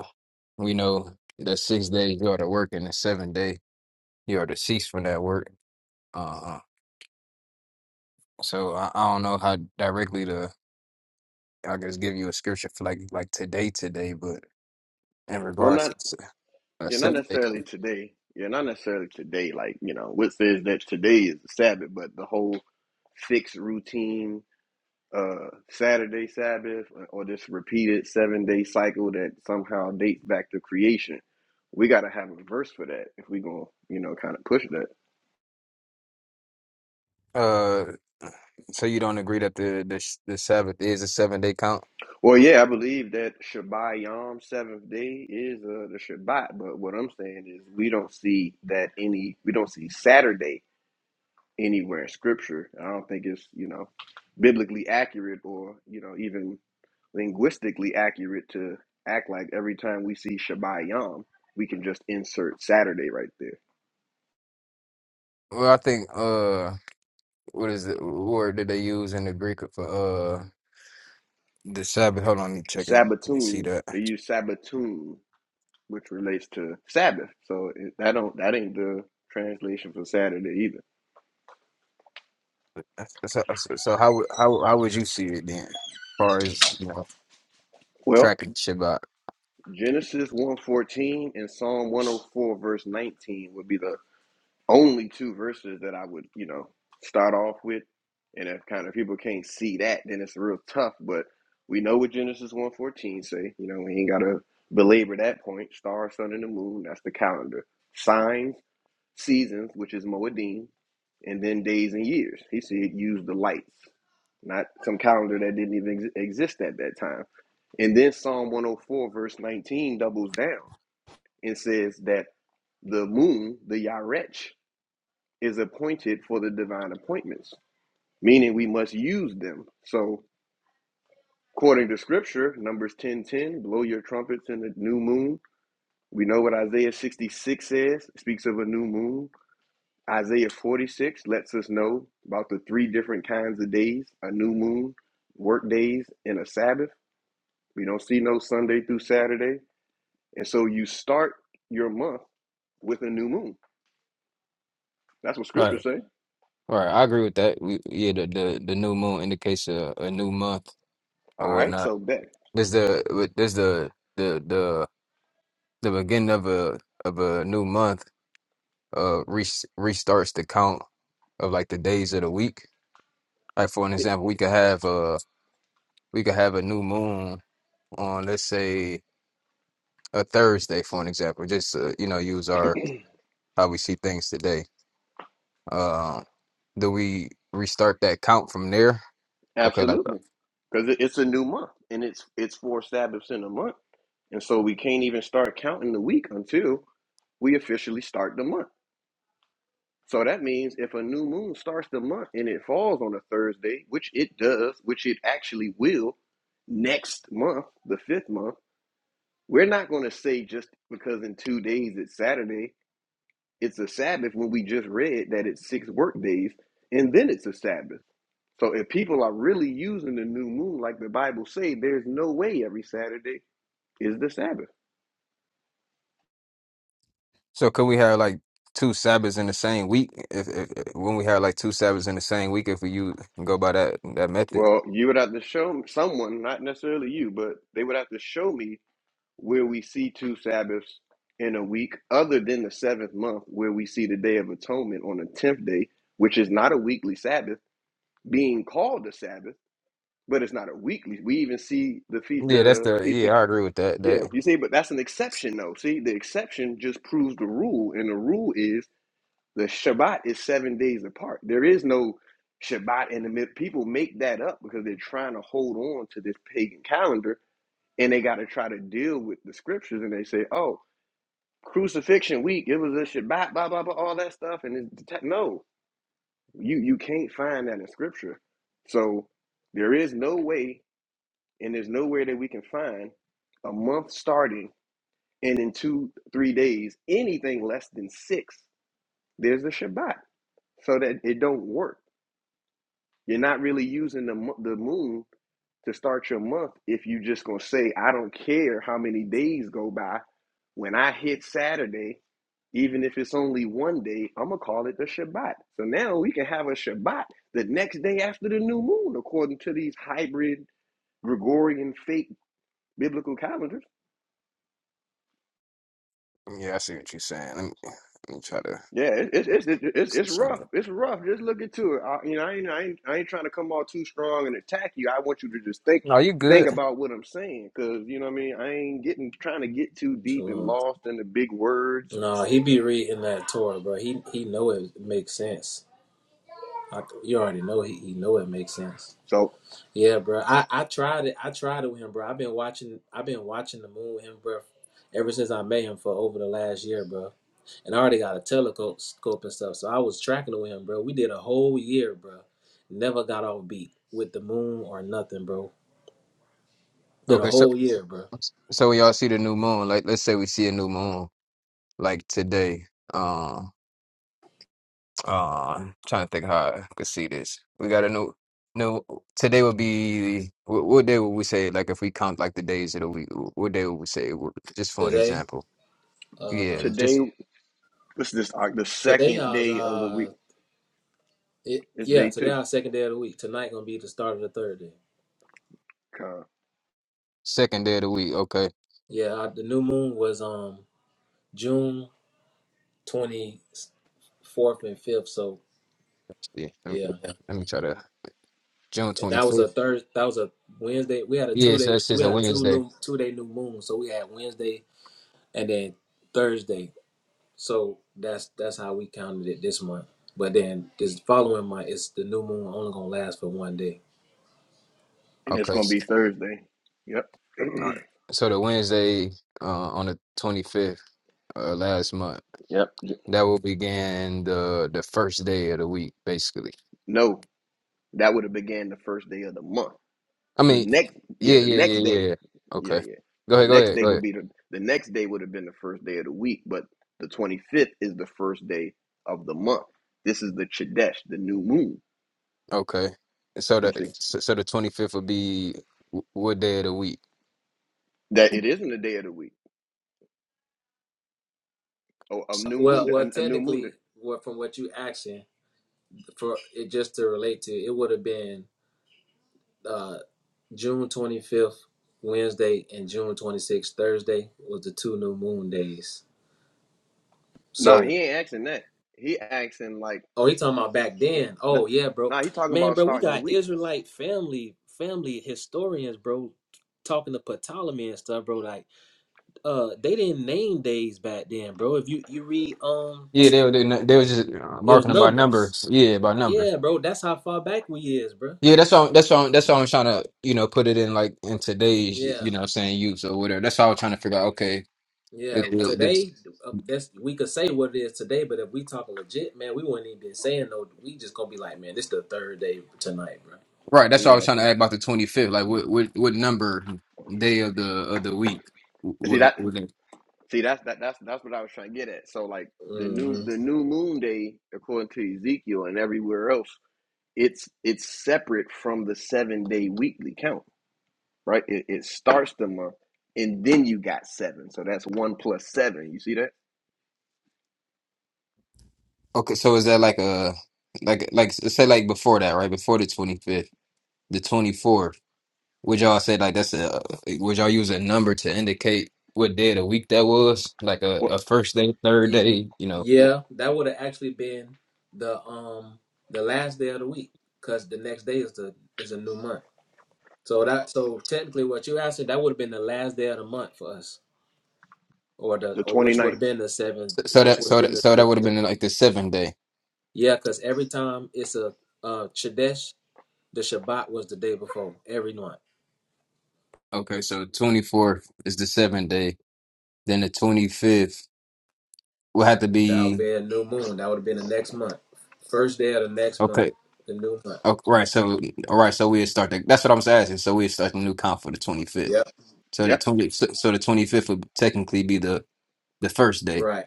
we know that six days you are to work, and the seven day you are to cease from that work. Uh, so I, I don't know how directly to I guess give you a scripture for like like today today, but in Well, regards not to s- a You're not seven day necessarily count, today. You're not necessarily today. Like you know, what says that today is the Sabbath, but the whole fixed routine, uh, Saturday Sabbath, uh, or this repeated seven day cycle that somehow dates back to creation. We got to have a verse for that if we are gonna you know kind of push that. uh, so you don't agree that the the, the Sabbath is a seven day count. Well, yeah, I believe that Shabbat Yom seventh day is uh, the Shabbat, but what I'm saying is we don't see that any. We don't see Saturday anywhere in scripture. I don't think it's, you know, biblically accurate or, you know, even linguistically accurate to act like every time we see Shabbat Yom, we can just insert Saturday right there. Well, I think uh, what is the word that they use in the Greek for uh the Sabbath? Hold on, let me check and and see Sabbatoon, that. they use Sabbatoon, which relates to Sabbath. So it, that don't that ain't the translation for Saturday either. So, so, so how would- how how would you see it then, as far as you know Well, tracking Shabbat? Genesis 1:14 and Psalm 104 verse 19 would be the only two verses that I would, you know, start off with. And if kind of people can't see that, then it's real tough. But we know what Genesis one fourteen say. You know, we ain't gotta belabor that point. Star, sun, and the moon, that's the calendar. Signs, seasons, which is Moedim, and then days and years. He said use the lights, not some calendar that didn't even ex- exist at that time. And then Psalm 104, verse 19, doubles down and says that the moon, the Yarech, is appointed for the divine appointments, meaning we must use them. So, according to scripture, Numbers 10 10, blow your trumpets in the new moon. We know what Isaiah 66 says, speaks of a new moon. Isaiah 46 lets us know about the three different kinds of days a new moon, work days, and a Sabbath. We don't see no Sunday through Saturday. And so you start your month with a new moon. That's what scripture Right, say. right. I agree with that. We, yeah, the, the the new moon indicates a, a new month All or right, whatnot. so bet. There's the with- there's the the the the beginning of a of a new month. Uh, re- restarts the count of like the days of the week. Like for an example, we could have uh. we could have a new moon on, let's say, a Thursday, for an example. Just uh, you know, use our how we see things today. Um, do we restart that count from there? Okay, like Absolutely, because it's a new month, and it's it's four Sabbaths in a month, and so we can't even start counting the week until we officially start the month. So that means if a new moon starts the month and it falls on a Thursday, which it does, which it actually will, next month, the fifth month, we're not going to say just because in two days it's Saturday, it's a Sabbath when we just read that it's six work days and then it's a Sabbath. So if people are really using the new moon like the Bible say, there's no way every Saturday is the Sabbath. so. Could we have like two Sabbaths in the same week? If, if if- when we have like two Sabbaths in the same week, if we use go by that that method. Well, you would have to show me- someone, not necessarily you, but they would have to show me where we see two Sabbaths in a week, other than the seventh month, where we see the Day of Atonement on the tenth day, which is not a weekly Sabbath, being called a Sabbath, but it's not a weekly. We even see the feast, Yeah, that's the the feast of yeah. I agree with that. yeah, That you see, but that's an exception though. See, the exception just proves the rule, and the rule is The Shabbat is seven days apart. There is no Shabbat in the middle. People make that up because they're trying to hold on to this pagan calendar and they got to try to deal with the scriptures and they say, oh, crucifixion week, it was a Shabbat, blah, blah, blah, all that stuff. And it's, no, you, you can't find that in scripture. So there is no way and there's nowhere that we can find a month starting and in two, three days, anything less than six, there's a Shabbat. So that it don't work You're not really using the the moon to start your month if you just gonna say, I don't care how many days go by. When I hit Saturday, even if it's only one day, I'm gonna call it the Shabbat. So now we can have a Shabbat the next day after the new moon, according to these hybrid Gregorian fake biblical calendars. yeah, I see what you're saying. Let me, let me try to Yeah, it, it's it's it's it's see it's rough. something. It's rough. Just look into it. I, you know, I ain't, I ain't I ain't trying to come off too strong and attack you. I want you to just think No, you think good. about what I'm saying, because you know what I mean. I ain't getting trying to get too deep and Shalom. lost in the big words. No, he be reading that Torah, bro. He he know it makes sense. I, you already know he, he know it makes sense. So Yeah, bro. I, I tried it. I tried it with him, bro. I've been watching. I've been watching the moon with him, bro, ever since I met him for over the last year, bro. and I already got a telescope and stuff. So I was tracking with him, bro. We did a whole year, bro. Never got off beat with the moon or nothing, bro. Did a Okay, so whole year, bro. so when y'all see the new moon, like let's say we see a new moon. like today. Um, uh, trying to think how I could see this. We got a new, new. Today would be what, what day would we say? Like if we count like the days of the week, wh- what day would we say? it would- Just for an Today, example, uh, yeah, today, just what's this? Uh, the today second I was day of the week. uh, it, It's yeah, day today two, our second day of the week. Tonight gonna be the start of the third day. Con. second day of the week. Okay, Yeah, I, the new moon was um June twenty fourth and fifth. So yeah. Let me, yeah, yeah. Let me try to June and twenty that was a fifth. third. That was a Wednesday. We had a Yeah, two so day. it's We just a had a two Wednesday. new two day new moon. So we had Wednesday and then Thursday. So that's that's how we counted it this month. But then this following month, it's the new moon only gonna last for one day. and it's Okay, gonna be Thursday. Yep. all right. So the Wednesday uh, on the twenty fifth uh, last month Yep. that will begin the the first day of the week, basically. No, that would have began the first day of the month. I The mean, next, yeah, yeah, the yeah, yeah, next yeah. day, yeah. yeah, Okay. yeah. Go The ahead, go next ahead, day go would ahead. be the the next day would have been the first day of the week, but the twenty fifth is the first day of the month. This is the chodesh, the new moon. Okay. So You the see so so the 25th would be wh- what day of the week? that it isn't a day of the week. Oh, a new moon, Well, well, a, a new moon. day. technically, well, from what you asking for it just to relate to, it would have been uh, June twenty fifth Wednesday and June twenty sixth Thursday was the two new moon days. Nah, So, he ain't asking that. He asking like, oh, he talking about back then. nah, Oh yeah, bro, nah, he talking man, about bro, we starting the got week. Israelite family family historians, bro, talking to Ptolemy and stuff, bro. Like uh they didn't name days back then, bro. If you you read um Yeah, they were they, they was just uh, it was marking them by numbers. numbers. Yeah, by number. Yeah, bro, that's how far back we is, bro. Yeah, that's why that's why that's why I'm trying to, you know, put it in like in today's, Yeah. you know, what I'm saying use or whatever. That's why I was trying to figure out, okay, Yeah, if the, the, today uh, that's we could say what it is today, but if we talking legit, man, we wouldn't even been saying no. We just gonna be like, man, this the third day tonight, right, that's why I was Yeah. trying to add about the 25th, like what what what number day of the of the week See that? would See that's that that's that's what I was trying to get at. So like the bro. new hmm the new moon day according to Ezekiel and everywhere else it's it's separate from the seven day weekly count, right? It, it starts the month, and then you got seven, so that's one plus seven. You see that? Okay, so is that like a like like say like before that, right? Before the 25th, the 24th, would y'all say like that's a would y'all use a number to indicate what day of the week that was? Like a, What, a first day, third day, you know. what Yeah, that would have actually been the um the last day of the week, cause the next day is the is a new month. So that so technically, what you asking that would have been the last day of the month for us. or the the or which would ninth, have been the seventh, So, so which that would have so been that the so that sixth. would have been like the seventh day. Yeah, because every time it's a uh Chadesh, the Shabbat was the day before every month. Okay, so 24th is the seventh day, then the 25th will have to That would be be a new moon. That would have been the next month, first day of the next month, okay. the new month. Okay, right, so all right, so we'll start the, that's what I was asking. So we'll start the new count for the 25th. Yep. So the Yep, 20 so, so the 25th would technically be the the first day, Right.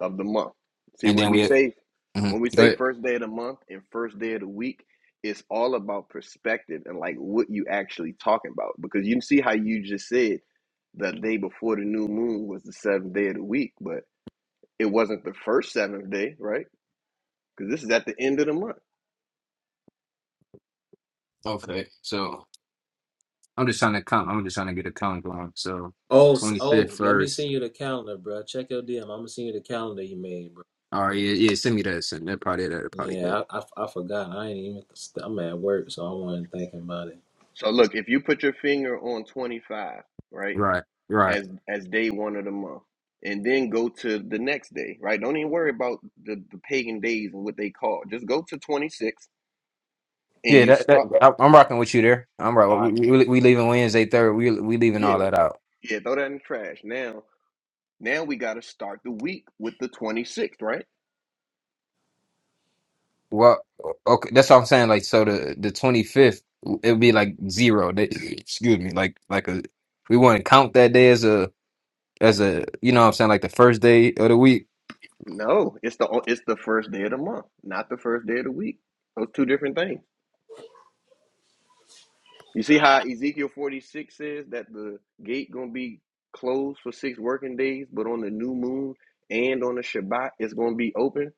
of the month. See and when then we we say mhm. when we go say ahead. first day of the month and first day of the week, it's all about perspective and like what you actually talking about. Because you see how you just said the day before the new moon was the seventh day of the week, but it wasn't the first seventh day, right? Because this is at the end of the month. Okay, so I'm just trying to count. I'm just trying to get a count going. So Oh, s- oh, 25th, let me send first. you the calendar, bro. Check your DM. I'm gonna send you the calendar you made, bro. All right, yeah, yeah. Send me that. Send that probably that probably good. Yeah, I, I, I forgot. I ain't even. st- I'm at work, so I wasn't thinking about it. So look, if you put your finger on 25, right, Right, right. as as day one of the month, and then go to the next day, right? Don't even worry about the, the pagan days and what they call. Just go to 26 and Yeah, you that, that start. I, I'm rocking with you there. I'm right. All We, right, we we leaving Wednesday, third. We we leaving all yeah, that out. yeah, throw that in the trash. Now, now we got to start the week with the 26th, right? Well, okay, that's what I'm saying. Like, so the the 25th, it would be like zero. They, excuse me, like like a we want to count that day as a as a you know what I'm saying like the first day of the week No, it's the it's the first day of the month, not the first day of the week. Those two different things. You see how Ezekiel 46 says that the gate gonna be closed for six working days, but on the new moon and on the Shabbat, it's gonna be open.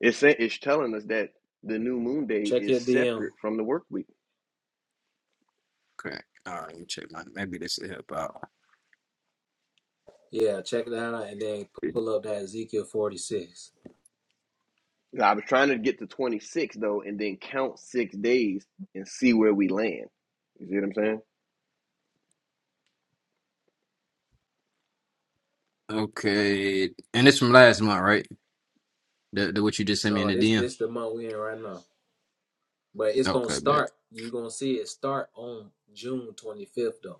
It's saying it's telling us that the new moon day Check your is DM. separate from the work week. Okay. All right, let me check my. Maybe this will help out. Yeah, check that out, and then pull up that Ezekiel 46. Now, I was trying to get to 26 though, and then count six days and see where we land. You see what I'm saying? Okay, and it's from last month, right? The, the what you just sent me in No, the this DM. this the month we in right now. But it's gonna Okay, bet. start. you gonna see it start on June twenty fifth though.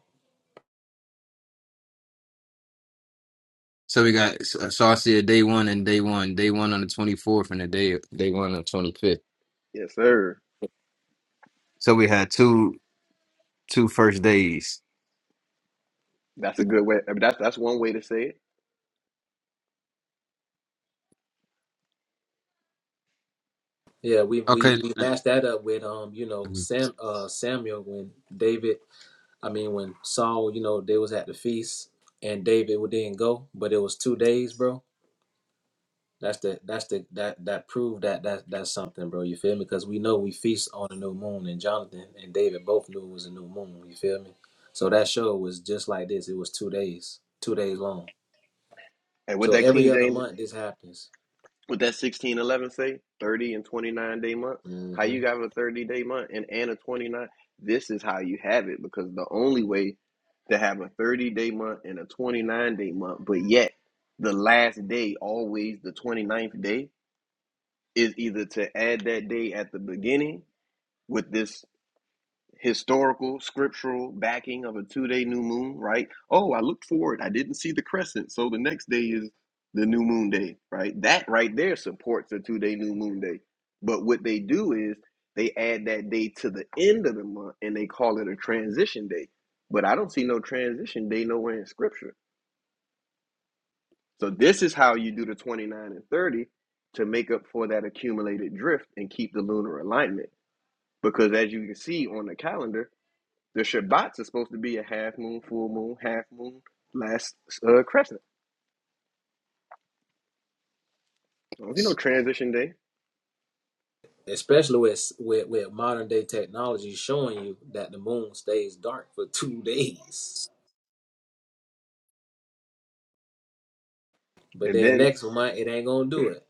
So we got uh, Saucy day one and day one, day one on the twenty fourth, and the day day one on the twenty fifth. Yes, sir. So we had two two first days. That's a good way. I mean, that's that's one way to say it. Yeah, we we Okay. we matched that up with um, you know, Mhm. Sam uh Samuel when David I mean when Saul, you know, they was at the feast and David didn't go, but it was two days, bro. That's the that's the that that proved that that that's something, bro. You feel me? Because we know we feast on a new moon, and Jonathan and David both knew it was a new moon. You feel me? So that show was just like this. It was two days, two days long. And with So that every King other James month this happens. With that 16 11 say 30 and 29 day month. hmm How you got a 30 day month and, and a 29? This is how you have it because the only way to have a 30 day month and a 29 day month, but yet the last day, always the twenty ninth day, is either to add that day at the beginning with this historical scriptural backing of a two-day new moon right oh i looked forward i didn't see the crescent so the next day is the new moon day right that right there supports a two-day new moon day but what they do is they add that day to the end of the month and they call it a transition day but i don't see no transition day nowhere in scripture so this is how you do the 29 and 30 to make up for that accumulated drift and keep the lunar alignment because as you can see on the calendar the Shabbat is supposed to be a half moon, full moon, half moon, last uh, crescent. Don't you know transition day? Especially with, with with modern day technology showing you that the moon stays dark for two days, but And then then next month it ain't gonna do it.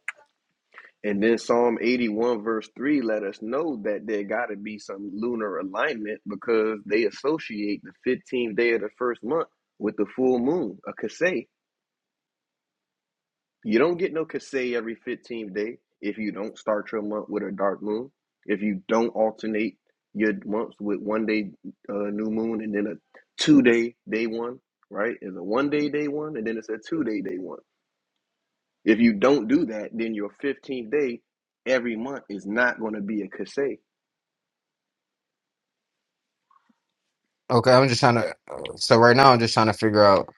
and then Psalm 81 verse 3 let us know that there got to be some lunar alignment because they associate the 15th day of the first month with the full moon, a kaseh, You don't get no Kasei every 15th day if you don't start your month with a dark moon. If you don't alternate your months with one day uh, new moon and then a two day day one, right? It's a one day day one and then it's a two day day one. If you don't do that, then your 15th day every month is not going to be a Kasei. Okay, I'm just trying to. uh, So right now, I'm just trying to figure out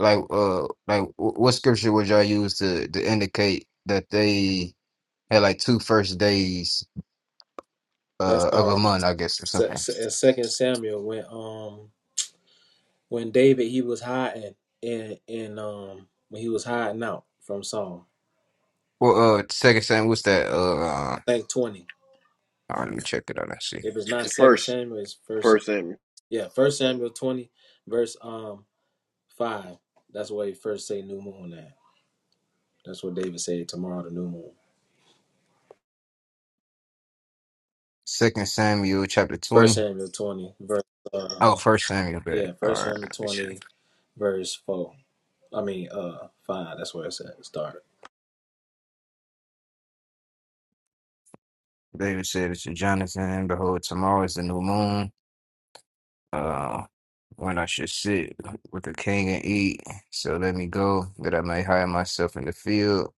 like uh like wh- what scripture would y'all use to to indicate that they had like two first days That's uh of a um month, I guess, or Se- something. Se- in Second Samuel when um when David he was hiding in in um when he was hiding out from Saul. Well, uh, Second Samuel, what's that? Uh, uh, I think twenty. all right, let me check it out. I see. If it's not The Second First, Samuel, it's First. Sam- first and Yeah, First Samuel twenty, verse um five. That's where he first say new moon at. That's what David said. Tomorrow, the new moon. Second Samuel, chapter twenty. First Samuel twenty, verse uh, Oh, First Samuel. But yeah, all First right, Samuel let me check. twenty, verse four. I mean, uh, five. That's where it's at. Start. David said to Jonathan, "Behold, tomorrow is the new moon. Uh, when I should sit with the king and eat. So let me go, that I may hide myself in the field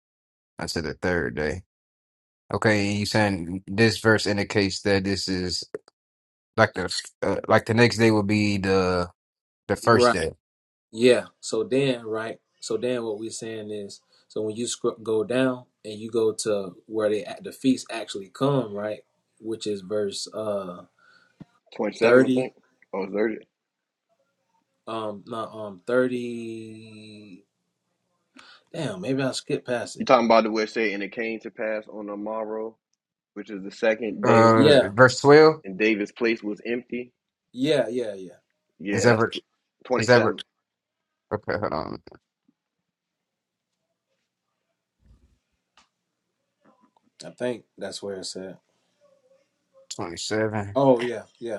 until the third day." Okay, you saying this verse indicates that this is like the uh, like the next day will be the the first Right. day. Yeah. So then, right. So then, what we're saying is, so when you scr- go down and you go to where they at the feast actually come, right, which is verse uh 27, I thirty. think, or 30. Um, no, um, thirty. Damn, maybe I skip past it. You're talking about the way it say, and it came to pass on the morrow, which is the second day, Uh, Yeah. verse twelve and David's place was empty Yeah. Yeah. Yeah. is Yeah, that that's verse? Is that what? 27. Okay, hold on. I think that's where it's at. 27. Oh yeah, yeah.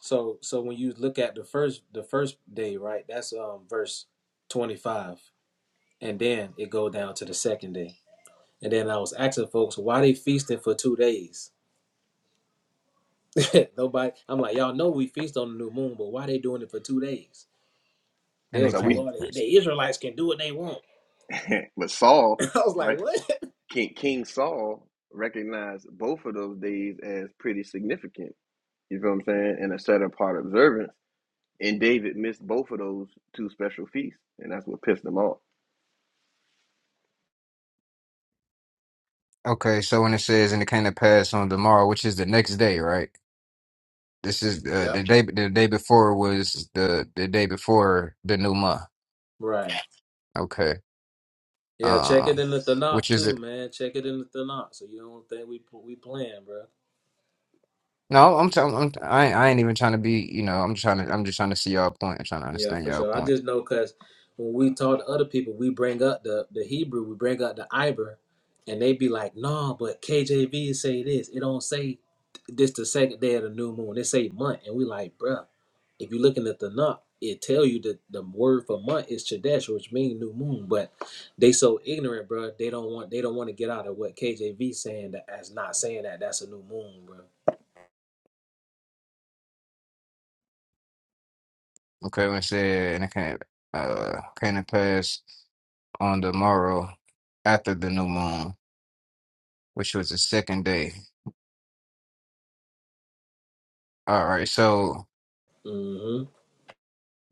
So so when you look at the first the first day, right? That's um verse 25. And then it go down to the second day. And then I was asking folks why they feasting for 2 days. Nobody I'm like, y'all know we feast on the new moon, but why they doing it for 2 days? They And And was it so like, we, came. "Well, the, first. the Israelites can do what they want." but I Saul, was right? like, "What?" King, King Saul recognized both of those days as pretty significant. You feel what I'm saying? And a set apart observance. And David missed both of those two special feasts, and that's what pissed him off. Okay, so when it says, and it came to pass on tomorrow, which is the next day, right? This is uh, Yeah, the day. The day before was the the day before the new month. Right. Okay. Yeah, check Uh, it in the which Tanakh is too, it? man. Check it in the Tanakh. So you don't think we we playing, bro? No, I'm telling. I'm, I ain't- I ain't even trying to be. You know, I'm trying to. I'm just trying to see y'all point. I'm trying to Yeah, understand for y'all sure. I point. just know because when we talk to other people, we bring up the the Hebrew, we bring up the Iber, and they be like, "No, but KJV say this. It don't say this the second day of the new moon. It say month." And we like, bruh, if you're looking at the Nup, it tell you that the word for month is Chodesh, which means new moon. But they so ignorant, bruh. They don't want they don't want to get out of what KJV saying that as not saying that that's a new moon, bruh. Okay, when it said, and it came uh came to pass on the morrow after the new moon, which was the second day. All right, so Mm-hmm.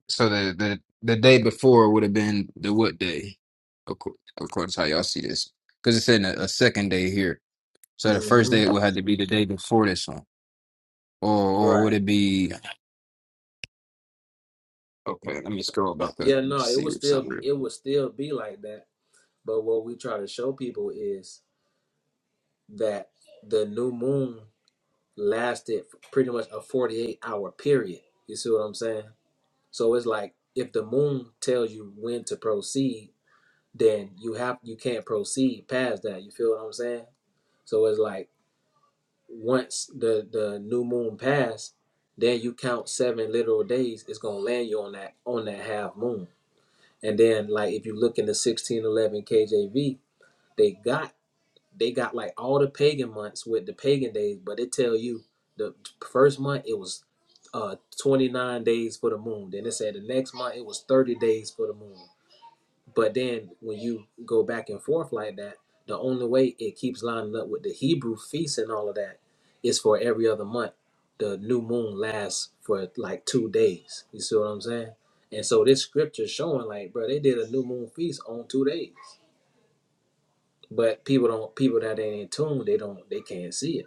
so the the the day before would have been the what day? Of course, of course, how y'all see this? Because it's in a, a second day here. So the first day Mm-hmm. would have to be the day before this one, or or Right. would it be? Okay, let me scroll Uh, back up Yeah, and no, it see would if still something. real- it would still be like that. But what we try to show people is that the new moon lasted for pretty much a 48 hour period. You see what I'm saying? So it's like if the moon tells you when to proceed, then you have you can't proceed past that. You feel what I'm saying? So it's like once the the new moon passed, then you count seven literal days. It's gonna land you on that on that half moon. And then like if you look in the 1611 KJV, they got they got like all the pagan months with the pagan days, but it tell you the first month it was uh 29 days for the moon. Then it said the next month it was 30 days for the moon. But then when you go back and forth like that, the only way it keeps lining up with the Hebrew feasts and all of that is for every other month. The new moon lasts for like two days. You see what I'm saying? And so this scripture showing like, bro, they did a new moon feast on two days. But people don't people that ain't in tune, they don't they can't see it.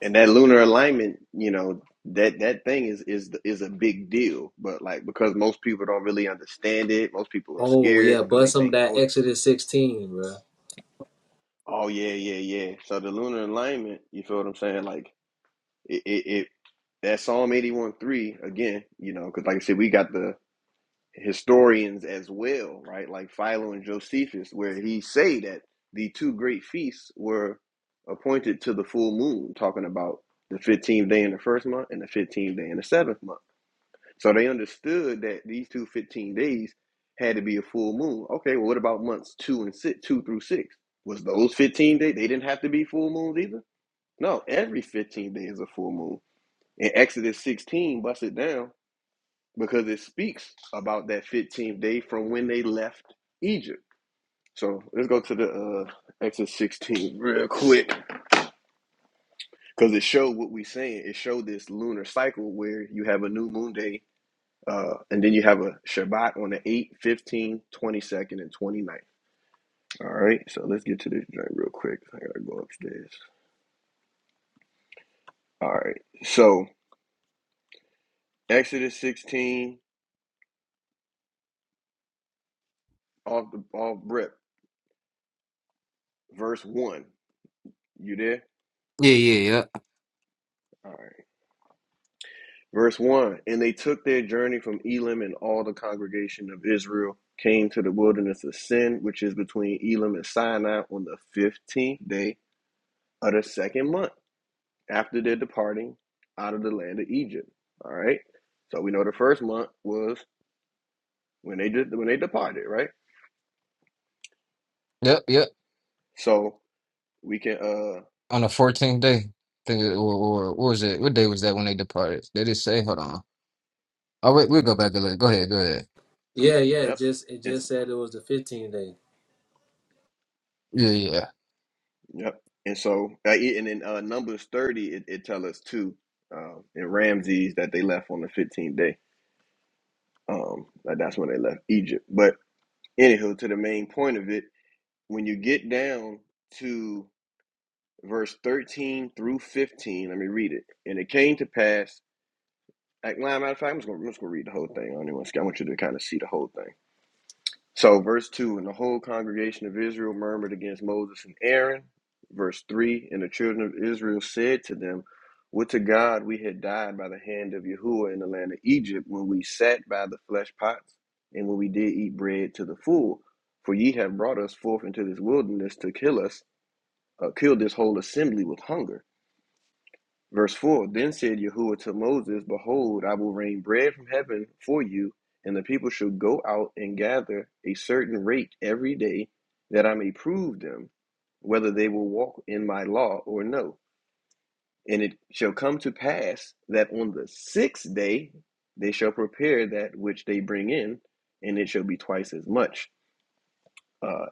And that lunar alignment, you know, that that thing is is is a big deal. But like because most people don't really understand it, most people are Oh scared yeah, because they bust some of think, that oh, Exodus sixteen, bro. oh yeah, yeah, yeah. So the lunar alignment, you feel what I'm saying? Like It, it, it that Psalm eighty one three again, you know, because like I said, we got the historians as well, right? Like Philo and Josephus, where he say that the two great feasts were appointed to the full moon, talking about the fifteenth day in the first month and the fifteenth day in the seventh month. So they understood that these two fifteen days had to be a full moon. Okay, well, what about months two and six, two through six? Was those 15 days? They didn't have to be full moons either. No, every 15 days is a full moon. In Exodus 16 bust it down because it speaks about that 15th day from when they left Egypt. So let's go to the uh, Exodus 16 real quick because it showed what we are saying. It showed this lunar cycle where you have a new moon day uh, and then you have a Shabbat on the 8th, 15th, 22nd, and 29th. All right, so let's get to this joint real quick. I gotta go upstairs. All right, so Exodus 16 off the off rip, verse 1. You there? Yeah, yeah, yep, All right. Verse 1 And they took their journey from Elim, and all the congregation of Israel came to the wilderness of Sin, which is between Elim and Sinai, on the 15th day of the second month after their departing out of the land of Egypt. All right. So we know the first month was when they did when they departed, right? yep, yep. So we can uh On the fourteenth day, think it- or or what was it? What day was that when they departed? They did say, hold on. Oh wait, we'll go back a little. Go ahead, go ahead. Yeah, yeah. It yep. just it And, just said it was the 15th day. Yeah, yeah. yep. And so uh, e- and in uh, Numbers 30 it, it tells us too uh, in Ramses that they left on the 15th day. Um, like that's when they left Egypt. But anywho, to the main point of it, when you get down to verse 13 through 15, let me read it. And it came to pass, like, well, matter of fact, I'm just going to read the whole thing. I, don't even, wanna I want you to kind of see the whole thing. So, verse 2 And the whole congregation of Israel murmured against Moses and Aaron. Verse 3 And the children of Israel said to them, Would to God we had died by the hand of Yahuwah in the land of Egypt, when we sat by the flesh pots, and when we did eat bread to the full. For ye have brought us forth into this wilderness to kill us, uh, kill this whole assembly with hunger. Verse 4 Then said Yahuwah to Moses, Behold, I will rain bread from heaven for you, and the people shall go out and gather a certain rate every day, that I may prove them whether they will walk in my law or no. And it shall come to pass that on the sixth day they shall prepare that which they bring in, and it shall be twice as much uh,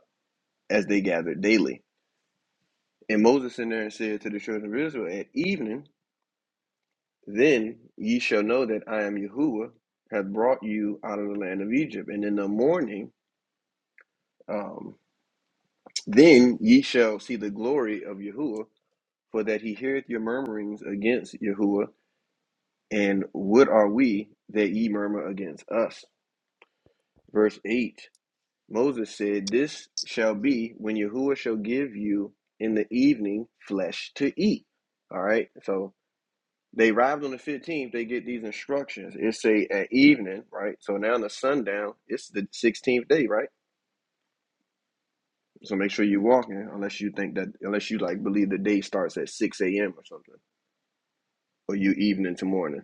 as they gather daily. And Moses sent there and said to the children of Israel, At evening Then ye shall know that I am Yahuwah, hath brought you out of the land of Egypt. And in the morning, um, then ye shall see the glory of Yahuwah, for that he heareth your murmurings against Yahuwah. And what are we that ye murmur against us? Verse 8 Moses said, This shall be when Yahuwah shall give you in the evening flesh to eat. All right, so They arrived on the 15th. They get these instructions. It's a at evening, right? So now in the sundown. It's the 16th day, right? So make sure you're walking, unless you think that, unless you like believe the day starts at 6 a.m. or something, or you evening to morning.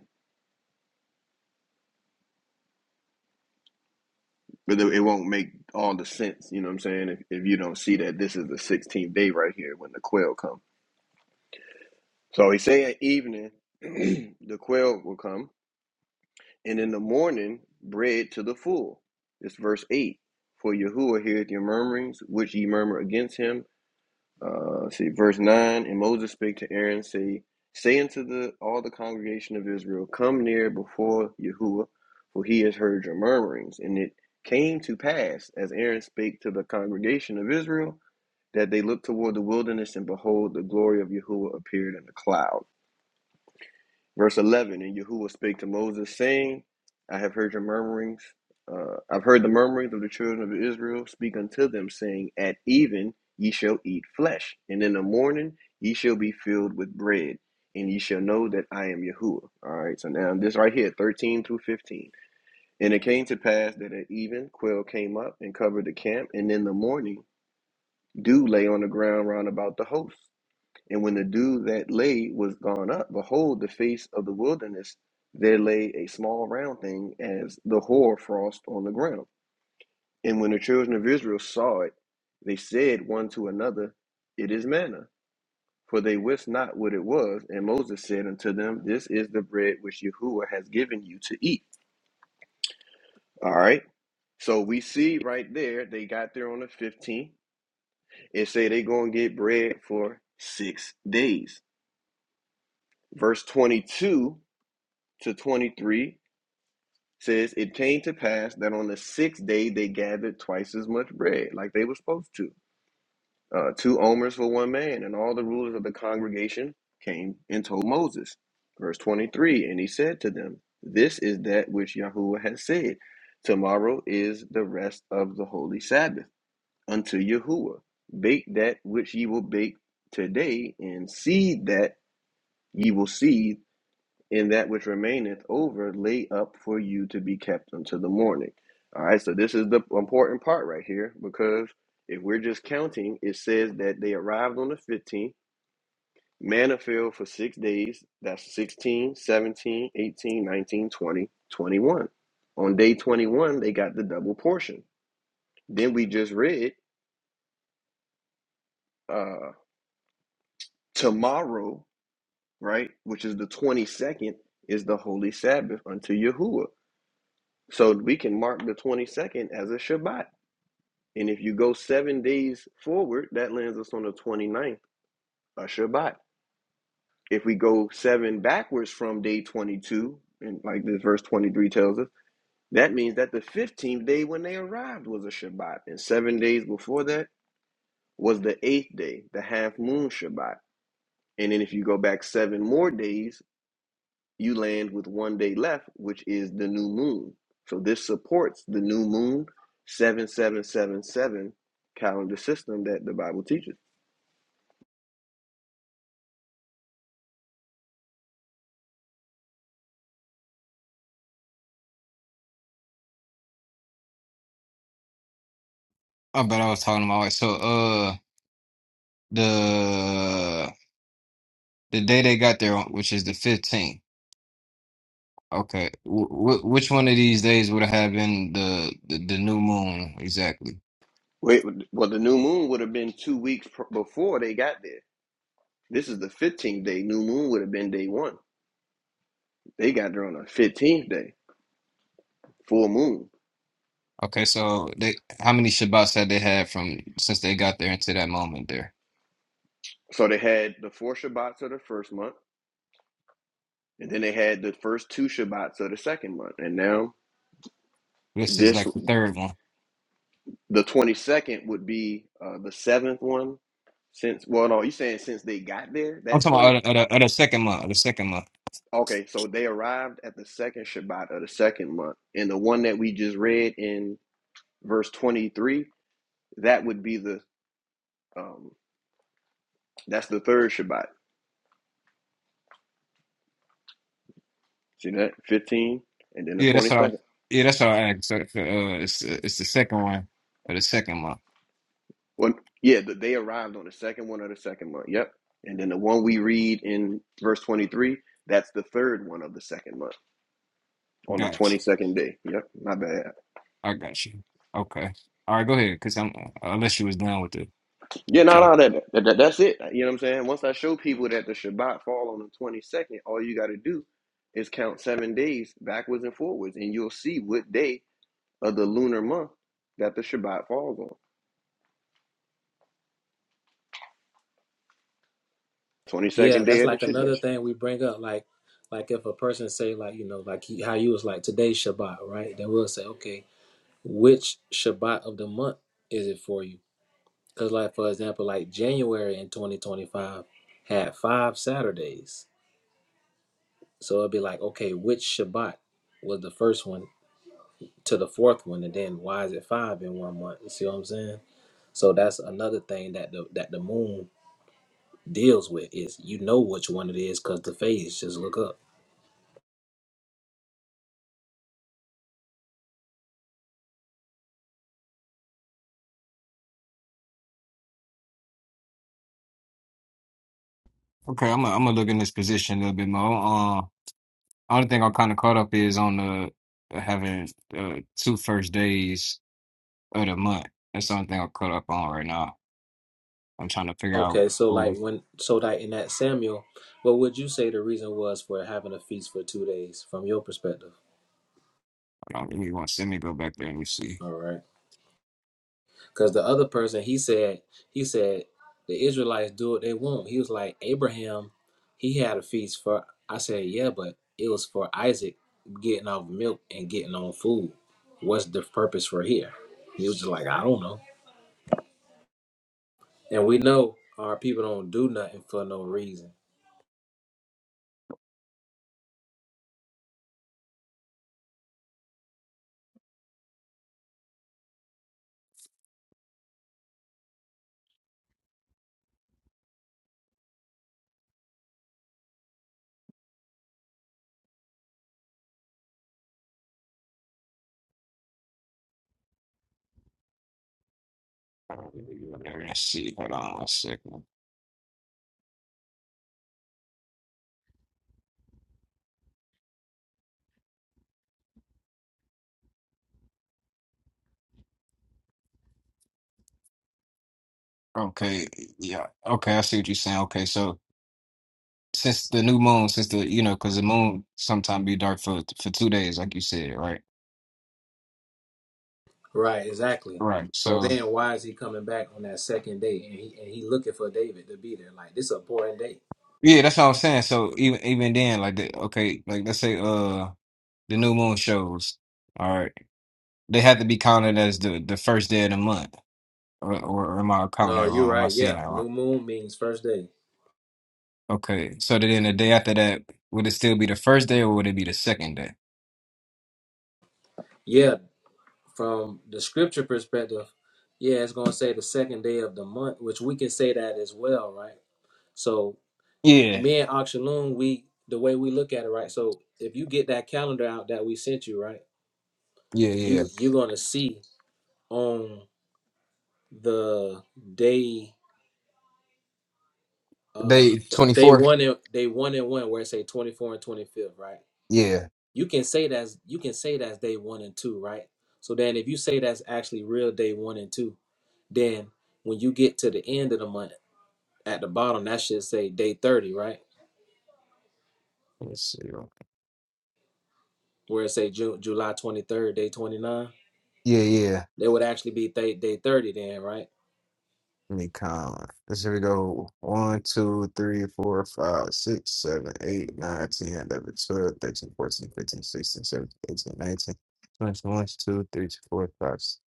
But it it won't make all the sense, you know what I'm saying? If, if you don't see that this is the 16th day right here when the quail come. So he say at evening, the quail will come. and in the morning bread to the full. It's verse 8. For Yahuwah heareth your murmurings, which ye murmur against him. Uh, see, verse 9. And Moses spake to Aaron, say, Say unto the, all the congregation of Israel, Come near before Yahuwah, for he has heard your murmurings. And it came to pass, as Aaron spake to the congregation of Israel, that they looked toward the wilderness, and behold, the glory of Yahuwah appeared in a cloud. Verse 11 And Yahuwah spake to Moses, saying, I have heard your murmurings. Uh, I've heard the murmurings of the children of Israel. Speak unto them, saying, At even ye shall eat flesh, and in the morning ye shall be filled with bread, and ye shall know that I am Yahuwah. All right, so now this right here, 13 through 15. And it came to pass that at even quail came up and covered the camp, and in the morning dew lay on the ground round about the host. And when the dew that lay was gone up, behold, the face of the wilderness, there lay a small round thing as the hoar frost on the ground. And when the children of Israel saw it, they said one to another, It is manna. For they wist not what it was. And Moses said unto them, This is the bread which Yahuwah has given you to eat. All right. So we see right there, they got there on the 15th and say they going to get bread for six days. Verse 22 to 23 says, It came to pass that on the sixth day they gathered twice as much bread, like they were supposed to. Uh, two omers for one man, and all the rulers of the congregation came and told Moses. Verse 23 And he said to them, This is that which Yahuwah has said. Tomorrow is the rest of the holy Sabbath unto Yahuwah. Bake that which ye will bake today, and seed that ye will seed and that which remaineth over lay up for you to be kept until the morning. All right, so this is the important part right here because if we're just counting, it says that they arrived on the 15th, manna fell for six days. That's 16, 17, 18, 19, 20, 21. On day 21, they got the double portion. Then we just read uh, tomorrow, right, which is the 22nd, is the holy Sabbath unto Yahuwah. So we can mark the 22nd as a Shabbat. And if you go seven days forward, that lands us on the twenty ninth, a Shabbat. If we go seven backwards from day 22, and like this verse 23 tells us, that means that the 15th day when they arrived was a Shabbat. And seven days before that was the eighth day, the half moon Shabbat. And then if you go back seven more days, you land with one day left, which is the new moon. So this supports the new moon 7777 calendar system that the Bible teaches. I bet I was talking about it. So uh the The day they got there, which is the 15th. Okay. Wh- wh- which one of these days would have been the, the the new moon exactly? Wait, well, the new moon would have been two weeks pr- before they got there. This is the 15th day. New moon would have been day one. They got there on the 15th day, full moon. Okay, so they how many Shabbats had they had from since they got there into that moment there? So they had the four Shabbats of the first month, and then they had the first two Shabbats of the second month. And now This is this like the third one. The 22nd would be uh, the seventh one since, well, no, you saying since they got there? I'm That talking 20, about other, other, other second month, the second month. okay, so they arrived at the second Shabbat of the second month. And the one that we just read in verse 23, that would be the, um, that's the third Shabbat. See that? 15 and then the Yeah, that's what I. 22nd. Yeah, that's what I asked. So, so, uh, it's it's the second one for the second month. Well, yeah, but they arrived on the second one of the second month. Yep. And then the one we read in verse 23, that's the third one of the second month on the Gotcha. 22nd day. Yep. My bad. I got you. Okay. All right, go ahead. Cause I'm unless you was done with the Yeah, no, chat. no, that, that, that- that's it. You know what I'm saying? Once I show people that the Shabbat fall on the 22nd, all you got to do is count seven days backwards and forwards, and you'll see what day of the lunar month that the Shabbat falls on. Yeah, 22nd day that's of the like another Chodesh. thing we bring up. Like, like if a person say like you know like he, how you was like today's Shabbat, right? Then we'll say okay, which Shabbat of the month is it for you? Because like for example, like January in 2025 had five Saturdays, so it'd be like okay, which Shabbat was the first one to the fourth one, and then why is it five in one month? You see what I'm saying? So that's another thing that the that the moon deals with is you know which one it is because the phase just look up. Okay, I'm i I'm gonna look in this position a little bit more. Uh, Only thing I'm kind of caught up is on the uh, having uh, two first days of the month. That's the only thing I'm caught up on right now. I'm trying to figure out Okay, so who like when so like in that Samuel, what would you say the reason was for having a feast for two days from your perspective? I don't really want to send me go back there and see. All right, because the other person he said he said the Israelites do what they want. He was like Abraham, he had a feast for. I said yeah, but it was for Isaac getting off milk and getting on food. What's the purpose for here? He was just like I don't know, and we know our people don't do nothing for no reason I don't really go there and see. Hold on one second. Okay, yeah. Okay, I see what you're saying. Okay, so since the new moon, since the you know, because the moon sometimes be dark for for two days, like you said, right? Right, exactly. Right. So So then why is he coming back on that second day and he and he looking for David to be there? Like this is a boring day. yeah, that's what I'm saying. So even even then, like the, okay, like let's say uh the new moon shows. All right. They had to be counted as the, the first day of the month. Or, or am I counting No, that you're wrong? Am I right, seeing yeah. that wrong? New moon means first day. Okay. So then the day after that, would it still be the first day or would it be the second day? Yeah, from the scripture perspective, yeah, it's gonna say the second day of the month, which we can say that as well, right? So Yeah, me and Oxaloon, we the way we look at it, right? So if you get that calendar out that we sent you, right, yeah, yeah. you you're gonna see on the day uh Day they 24? one and they one and one where it say 24 and twenty-fifth, right Yeah. you can say that's you can say that's day one and two right so then if you say that's actually real day one and two then when you get to the end of the month at the bottom that should say day 30 right Let's see. where it say June, july 23rd day 29 Yeah, yeah. that would actually be th- day 30 then right Let me count. Let's here we go. 1, two, three, four, five, six, seven, eight, nine, ten, eleven, twelve, thirteen, fourteen, fifteen, sixteen, seventeen, eighteen, nineteen, twenty, twenty-one, twenty-two, twenty-three, twenty-four, twenty-five.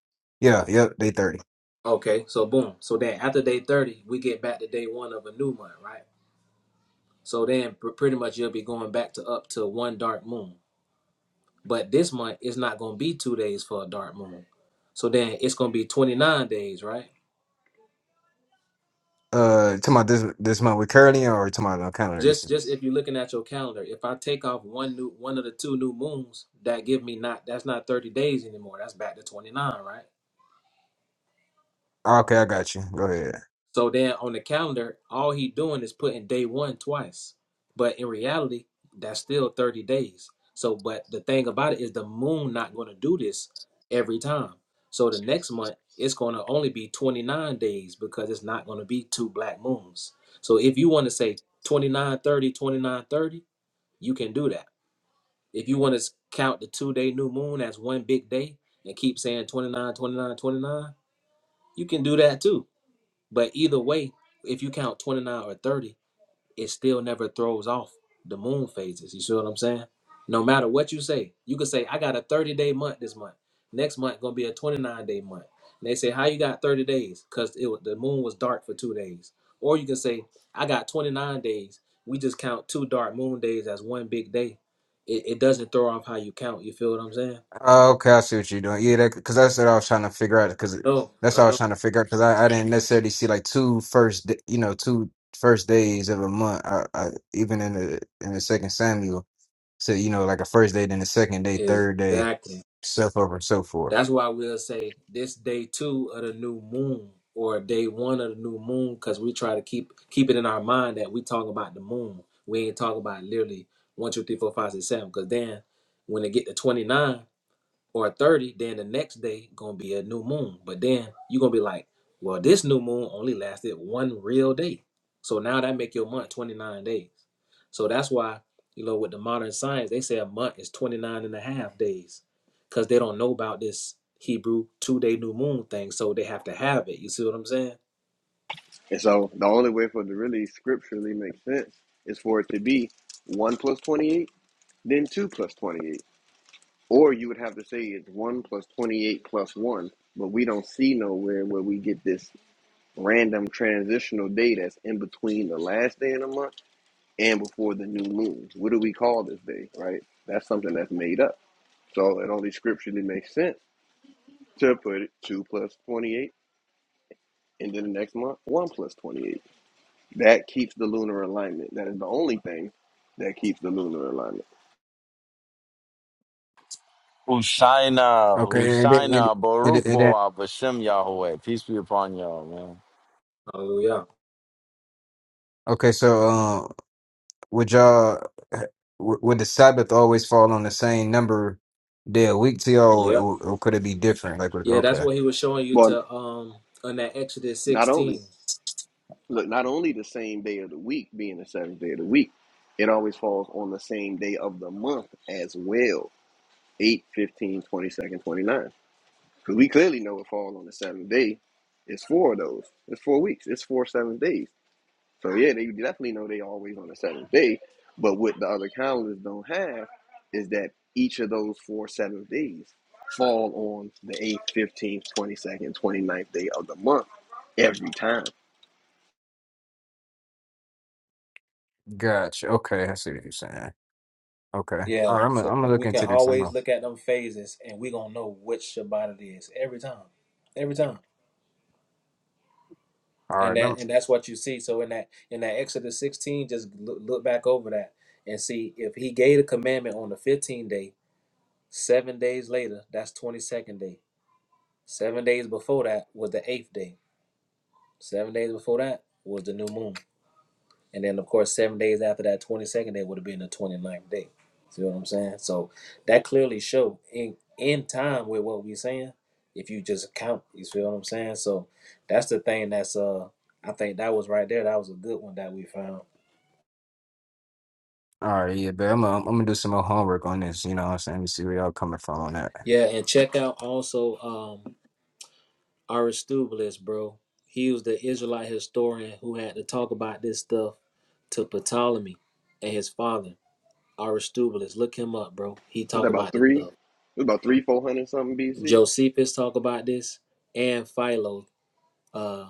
Yeah, yep, day 30. okay so boom so then after day 30 we get back to day one of a new month right so then pr- pretty much you'll be going back to up to one dark moon But this month it's not gonna be two days for a dark moon. So then it's gonna be 29 days, right? Uh, talking about this this month with Curly or talking about no kind of Just recent? just if you're looking at your calendar, if I take off one new one of the two new moons, that give me not that's not 30 days anymore. That's back to 29, right? Okay, I got you. Go ahead. So then on the calendar, all he doing is putting day one twice. But in reality, that's still 30 days. So but the thing about it is the moon not going to do this every time. So the next month it's going to only be 29 days because it's not going to be two black moons. So if you want to say 29 30, 29 30, you can do that. If you want to count the two-day new moon as one big day and keep saying 29, 29, 29, you can do that too but either way, if you count 29 or 30, it still never throws off the moon phases. You see what I'm saying? No matter what you say, you could say, I got a 30 day month this month. Next month gonna be a 29 day month. And they say, How you got 30 days? Because it was the moon was dark for two days. Or you can say, I got 29 days. We just count two dark moon days as one big day. It, it doesn't throw off how you count. You feel what I'm saying? Uh, okay, I see what you're doing. Yeah, that because that's what I was trying to figure out. Because No, that's I what I was know. trying to figure out. Because I, I didn't necessarily see like two first, d- you know, two first days of a month. I, I even in the in the second Samuel, so you know, like a first day, then a second day, third day, Exactly. so forth and so forth. That's why we'll say this day two of the new moon or day one of the new moon, because we try to keep keep it in our mind that we talk about the moon. We ain't talk about literally one, two, three, four, five, six, seven. Because then when they get to 29, or 30, then the next day gonna be a new moon. But then you're gonna be like, well, this new moon only lasted one real day. So now that make your month 29 days. So that's why, you know, with the modern science, they say a month is 29 and a half days because they don't know about this Hebrew two day new moon thing. So they have to have it. You see what I'm saying? And so the only way for it to really scripturally make sense is for it to be 1 plus 28, then 2 plus 28. Or you would have to say it's 1 plus 28 plus 1, but we don't see nowhere where we get this random transitional day that's in between the last day in the month and before the new moon. What do we call this day, right? That's something that's made up. So it only scripturally makes sense to put it 2 plus 28 and then the next month 1 plus 28. That keeps the lunar alignment. That is the only thing that keeps the lunar alignment. Hushaina, Okay, and then and, Hushaina, and, Baruch and then Boah, Bashem Yahweh. Peace be upon y'all, man. Hallelujah. okay, so. um, would y'all w- would the Sabbath always fall on the same number day a week to y'all, Yep. or, or could it be different? Like, would- Yeah, that's okay, what he was showing you Well, to um on that Exodus not only 16. look, not only the same day of the week being the seventh day of the week, it always falls on the same day of the month as well. 8, 15, twenty-second, twenty-ninth. Because we clearly know it falls on the seventh day. It's four of those. It's four weeks. It's four seventh days. So yeah, they definitely know they always on the seventh day. But what the other calendars don't have is that each of those four seventh days fall on the eighth, fifteenth, twenty second, twenty-second, twenty-ninth day of the month every time. gotcha. Okay, I see what you're saying. Okay, all Yeah, right, I'm gonna so I'm gonna look we can into this. I'm gonna, always look at them phases and we gonna know which Shabbat it is every time, every time. all And right, I'm, that and that's what you see. So in that in that Exodus 16, just look, look back over that and see if he gave a commandment on the 15th day, seven days later, that's 22nd day. Seven days before that was the eighth day. Seven days before that was the new moon. And then, of course, seven days after that 22nd day would have been the twenty-ninth day. See what I'm saying? So that clearly show in in time with what we're saying. If you just count, you see what I'm saying? So that's the thing that's uh I think that was right there. That was a good one that we found. all right, yeah, but I'm gonna, I'm gonna do some more homework on this. You know, what I'm saying, Let me see where y'all coming from on that. Yeah, and check out also um Aristobulus, bro. He was the Israelite historian who had to talk about this stuff to Ptolemy and his father, Aristobulus. Look him up, bro. He Was that talk about about this three? stuff. It was about three, four hundred something BC. Josephus talk about this, and Philo uh,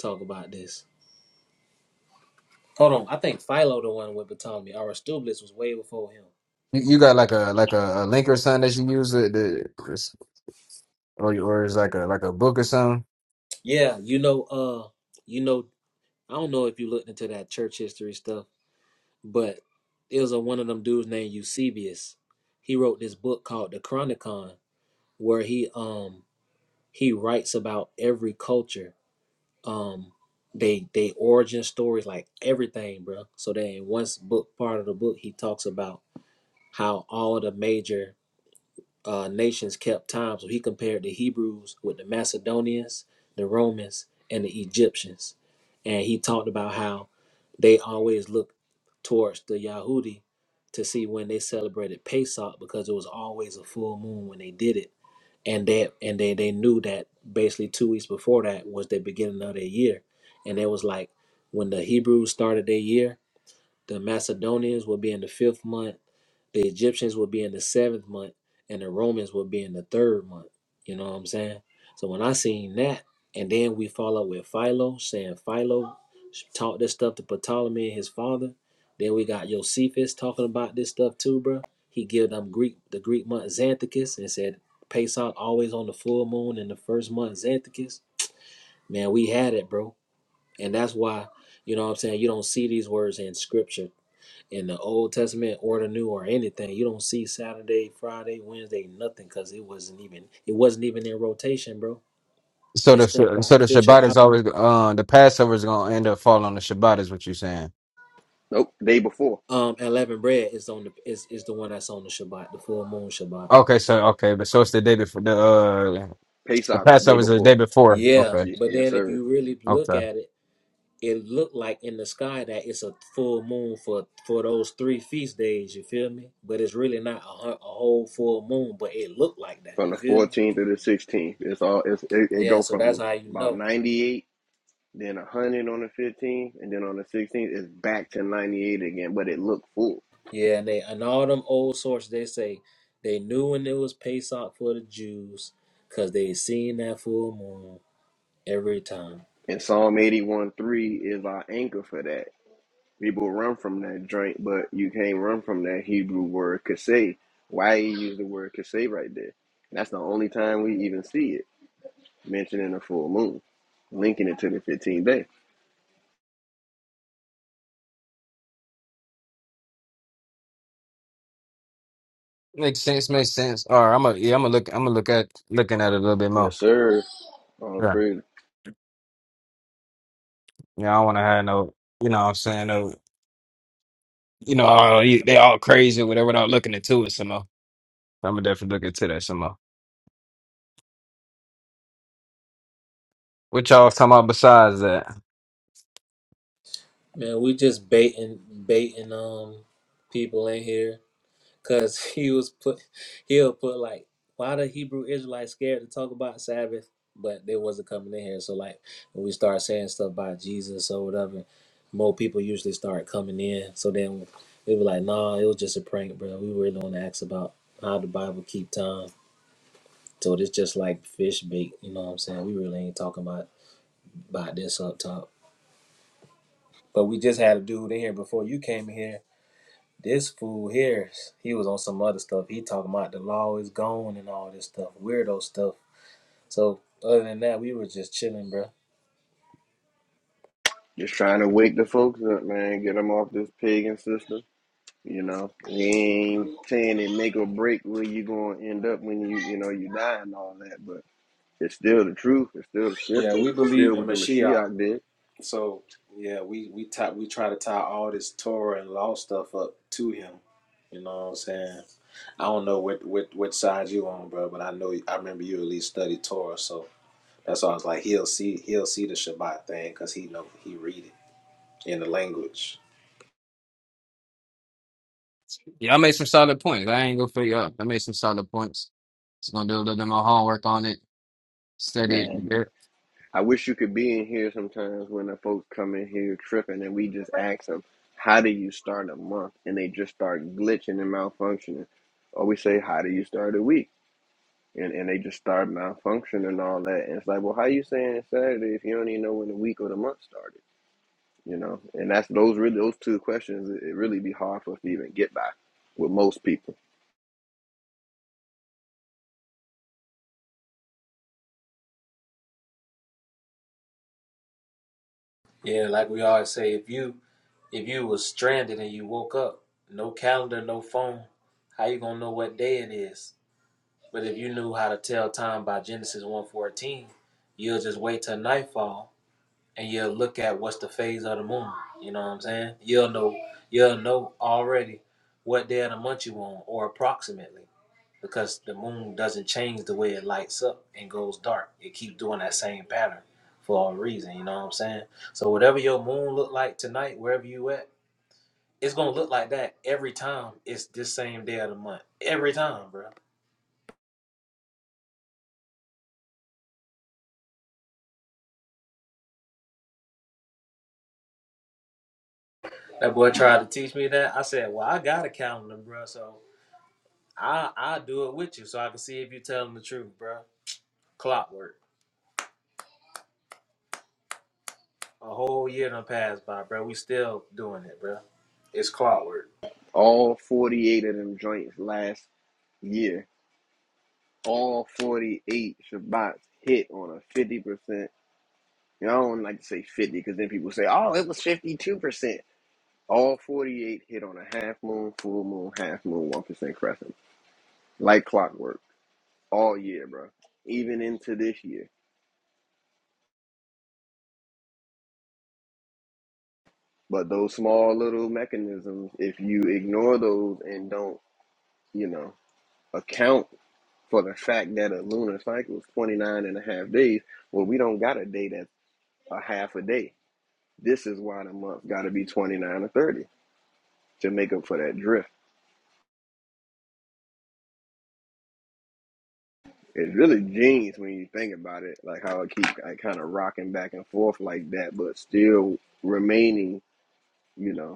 talk about this. Hold on, I think Philo the one with Ptolemy. Aristobulus was way before him. You, you got like a like a, a link or something that you use it, the, or or is like a like a book or something. Yeah, you know, uh, you know, I don't know if you looked into that church history stuff, but it was a, one of them dudes named Eusebius. He wrote this book called the Chronicon, where he um he writes about every culture, um, they they origin stories, like everything, bro. So then in one book part of the book, he talks about how all the major uh, nations kept time. So he compared the Hebrews with the Macedonians, the Romans, and the Egyptians. And he talked about how they always looked towards the Yahudi to see when they celebrated Pesach because it was always a full moon when they did it. And that and they, they knew that basically two weeks before that was the beginning of their year. And it was like when the Hebrews started their year, the Macedonians will be in the fifth month. The Egyptians will be in the seventh month, and the Romans will be in the third month. You know what I'm saying? So when I seen that, and then we follow with Philo saying Philo taught this stuff to Ptolemy and his father. Then we got Josephus talking about this stuff too, bro. He give them Greek the Greek month Xanthicus and said Pesach always on the full moon in the first month Xanthicus. Man, we had it, bro, and that's why you know what I'm saying. You don't see these words in scripture in the Old Testament or the New or anything. You don't see Saturday, Friday, Wednesday, nothing because it wasn't even it wasn't even in rotation, bro. So This the so stuff got the official. Shabbat after- is always uh the Passover is gonna end up falling on the Shabbat is what you're saying. Nope, day before. Um, eleven bread is on the is is the one that's on the Shabbat, the full moon Shabbat. Okay, so okay, but so it's the day before the uh the Pesach, day Passover is the day before. before. Yeah, Okay, Ye- but yes, then if sir. you really look okay, at it, it looked like in the sky that it's a full moon for for those three feast days. You feel me? But it's really not a, hu- a whole full moon, but it looked like that. from You the feel me? 14th to the 16th. It's all it's, it, it Yeah, go so that's from how you about know. 98, then 100 on the 15th, and then on the 16th it's back to 98 again. But it looked full. Yeah, and they and all them old sources they say they knew when it was Pesach for the Jews because they seen that full moon every time. And Psalm 81 3 is our anchor for that. People run from that drink, but you can't run from that Hebrew word kaseh. Why he used the word kaseh right there? And That's the only time we even see it mentioned in the full moon, linking it to the 15th day. makes sense, makes sense. All right, I'm gonna yeah, I'm gonna look, I'm gonna look at looking at it a little bit Yes, more. sir. Oh, Yeah, praise yeah, I don't want to have no, you know, what I'm saying no, you know, oh, you- they all crazy or whatever. Without looking into it some more, I'm gonna definitely look into that some more. What y'all was talking about besides that? Man, we just baiting baiting um people in here. Cause he was put, he'll put like, why the Hebrew Israelites scared to talk about Sabbath? But they wasn't coming in here. So like, when we start saying stuff about Jesus or whatever, more people usually start coming in. So then we were like, nah, it was just a prank, bro. We really want to ask about how the Bible keep time. So it's just like fish bait, you know what I'm saying? We really ain't talking about about this up top. But we just had a dude in here before you came in here This fool here, he was on some other stuff. He talking about the law is gone and all this stuff, weirdo stuff. So other than that, we were just chilling, bro. Just trying to wake the folks up, man. Get them off this pagan system. You know, he ain't saying it make or break where you gonna end up when you you know you die and all that, but it's still the truth. It's still the Yeah, scripture. we It's believe still in what the Mashiach. Mashiach did, So yeah, we we tie, we try to tie all this Torah and law stuff up to him. You know what I'm saying? I don't know what what what side you on, bro, but I know I remember you at least studied Torah, so that's why I was like, he'll see he'll see the Shabbat thing because he know he read it in the language. Yeah, I made some solid points. I ain't gonna figure out. I made some solid points. Just gonna do a little bit more homework on it, study man. it. I wish you could be in here sometimes when the folks come in here tripping and we just ask them, "How do you start a month?" and they just start glitching and malfunctioning, or we say, "How do you start a week?" and, and they just start malfunctioning and all that. And it's like, well, how you saying it's Saturday if you don't even know when the week or the month started? You know, and that's those really those two questions. It, it really be hard for us to even get by with most people. Yeah, like we always say, if you If you was stranded and you woke up, no calendar, no phone, how you gonna know what day it is? But if you knew how to tell time by Genesis one fourteen, you'll just wait till nightfall and you'll look at what's the phase of the moon. You know what I'm saying? You'll know you'll know already what day of the month you on, or approximately. Because the moon doesn't change the way it lights up and goes dark. It keeps doing that same pattern for a reason, you know what I'm saying? So whatever your moon look like tonight, wherever you at, it's gonna look like that every time it's this same day of the month. Every time, bro. That boy tried to teach me that. I said, Well, I got a calendar, bro, so I I do it with you so I can see if you're telling the truth, bro. Clockwork. A whole year done passed by, bro. We still doing it, bro. It's clockwork. All forty eight of them joints last year, all forty eight Shabbats hit on a fifty percent. You know, I don't like to say fifty because then people say, oh, it was fifty two percent. All forty eight hit on a half moon, full moon, half moon, one percent crescent, like clockwork all year, bro, even into this year. But those small little mechanisms, if you ignore those and don't, you know, account for the fact that a lunar cycle is 29 days, well, we don't got a day that's a half a day. This is why the month got to be 29 or 30 to make up for that drift. It's really genius when you think about it, like how it keeps like, kind of rocking back and forth like that, but still remaining, you know.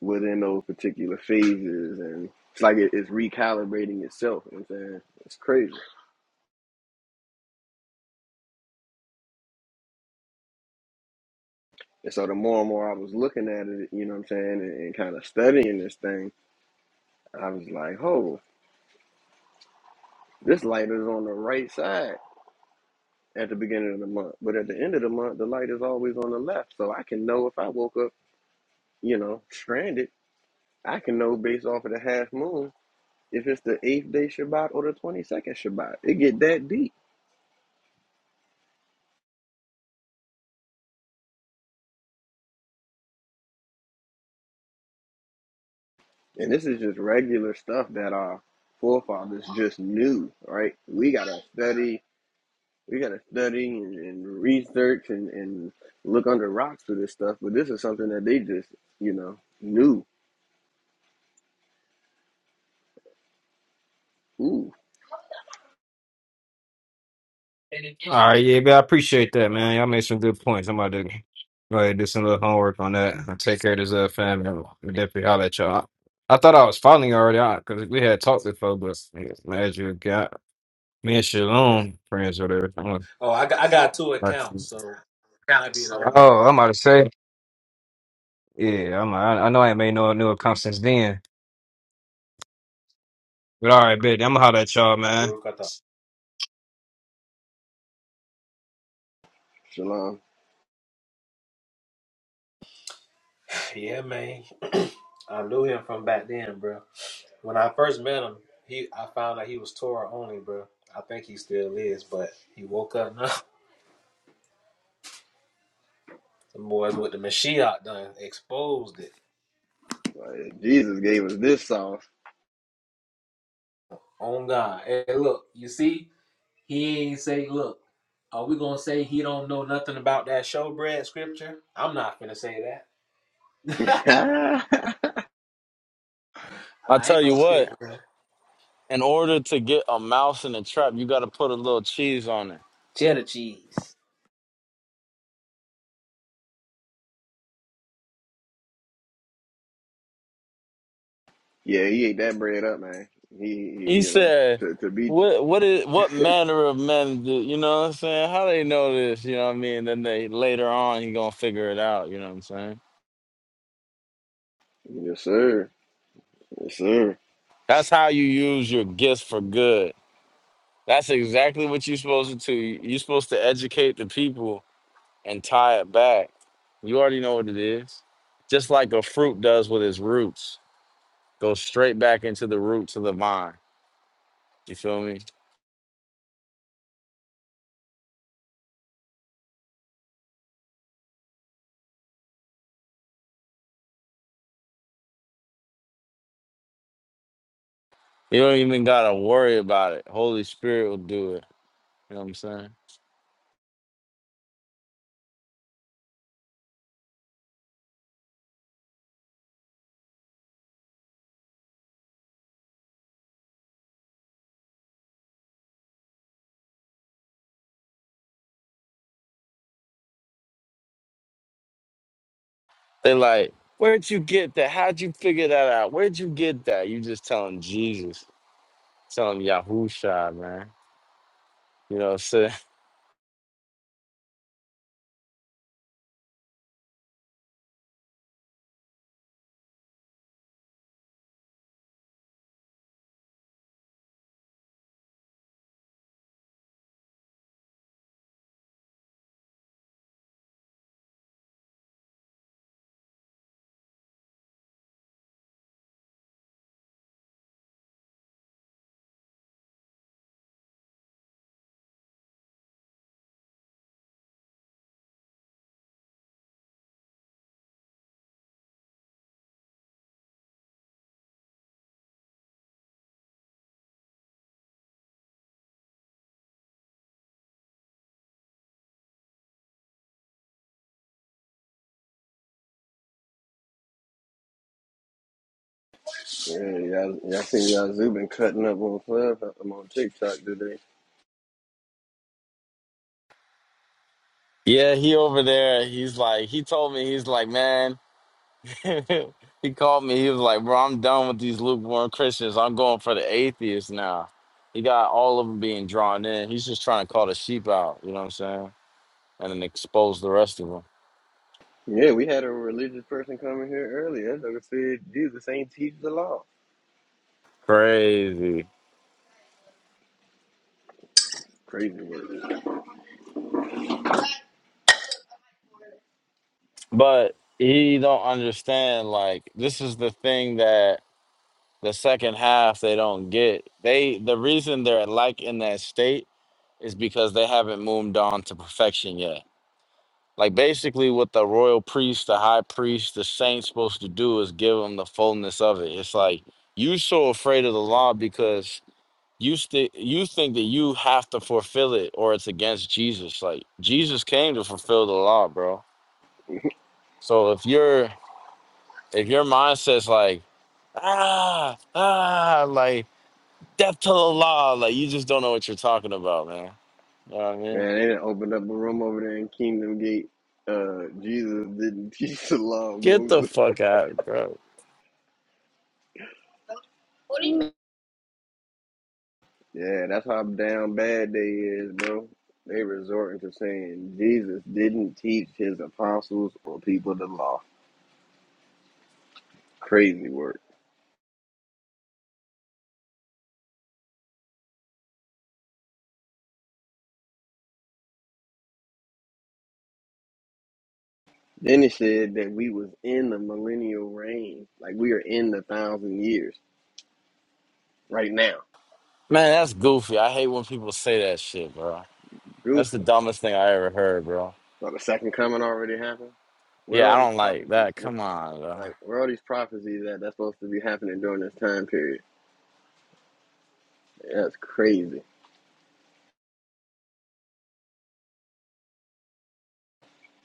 within those particular phases and it's like it, it's recalibrating itself you know what i'm saying it's crazy and so the more and more i was looking at it you know what i'm saying and, and kind of studying this thing i was like oh this light is on the right side at the beginning of the month but at the end of the month the light is always on the left so i can know if i woke up you know stranded i can know based off of the half moon if it's the eighth day shabbat or the 22nd shabbat it get that deep And this is just regular stuff that our forefathers just knew, right? We gotta study, we gotta study and, and research and, and look under rocks for this stuff, but this is something that they just, you know, knew. Ooh, All right, yeah, but I appreciate that, man. Y'all made some good points. I'm about to go ahead and do some little homework on that. I'll take care of this uh, family. I'll definitely holler at y'all. I thought I was finally already out because we had talked before, but yeah, as you got me and Shalom friends or whatever. I'm Oh, I got I got two like, accounts, so like- might be the other. oh, I'm about to say, yeah, I'm. I, I know I ain't made no new account since then, but all right, baby, I'm gonna holler at y'all, man. Baruch, I shalom. Yeah, man. I knew him from back then, bro. When I first met him, he I found out he was Torah only, bro. I think he still is, but he woke up now. The boys with the Mashiach done exposed it. Like, Jesus gave us this sauce. On God. Hey, look, you see, he ain't say, look, are we gonna say he don't know nothing about that showbread scripture? I'm not gonna say that. yeah, I I ain't tell you gonna stick what, with it. in order to get a mouse in a trap, you got to put a little cheese on it. Cheddar cheese. he ate that bread up, man. He, he He you know, said, to, to be, what what is what manner of men do you know what I'm saying? How they know this, you know what I mean? Then they later on he gonna figure it out, you know what I'm saying? yes, sir. Yes, sir. That's how you use your gifts for good. That's exactly what you're supposed to do. You're supposed to educate the people and tie it back, you already know what it is. Just like a fruit does with its roots, goes straight back into the roots of the vine. You feel me? You don't even gotta worry about it. Holy Spirit will do it. You know what I'm saying? They like, where'd you get that? How'd you figure that out? Where'd you get that? You just telling Jesus, telling Yahusha, man. You know what I'm saying? Yeah, y'all, y'all seen y'all Zoo been cutting up on Club, I'm on TikTok today. Yeah, he over there. He's like, he told me, he's like, man. he called me. He was like, "Bro, I'm done with these lukewarm Christians. I'm going for the atheists now." He got all of them being drawn in. He's just trying to call the sheep out. You know what I'm saying? And then expose the rest of them. Yeah, we had a religious person coming here earlier. That nigga said Jesus ain't teach the law. Crazy. Crazy word. But he don't understand. Like this is the thing that the second half they don't get. They the reason they're like in that state is because they haven't moved on to perfection yet Like basically, what the royal priest, the high priest, the saint's supposed to do is give them the fullness of it. It's like you so afraid of the law because you sti you think that you have to fulfill it or it's against Jesus. Like Jesus came to fulfill the law, bro. So if you're if your mindset's like ah ah like death to the law, like you just don't know what you're talking about, man. You know what I mean? Man, they done opened up a room over there in Kingdom Gate. Uh, Jesus didn't teach the law of Get the Moses. fuck out, bro. What do you mean? Yeah, that's how damn bad they is, bro. They resorting to saying Jesus didn't teach his apostles or people the law. Crazy work. Then it said that we was in the millennial reign, like we are in the thousand years right now. Man, that's goofy. I hate when people say that shit, bro. That's the Goofy. dumbest thing I ever heard, bro. So the second coming already happened. Where are Yeah, I all these don't like prophecies? that. Come on, bro. Like, where are all these prophecies that that's supposed to be happening during this time period? That's crazy.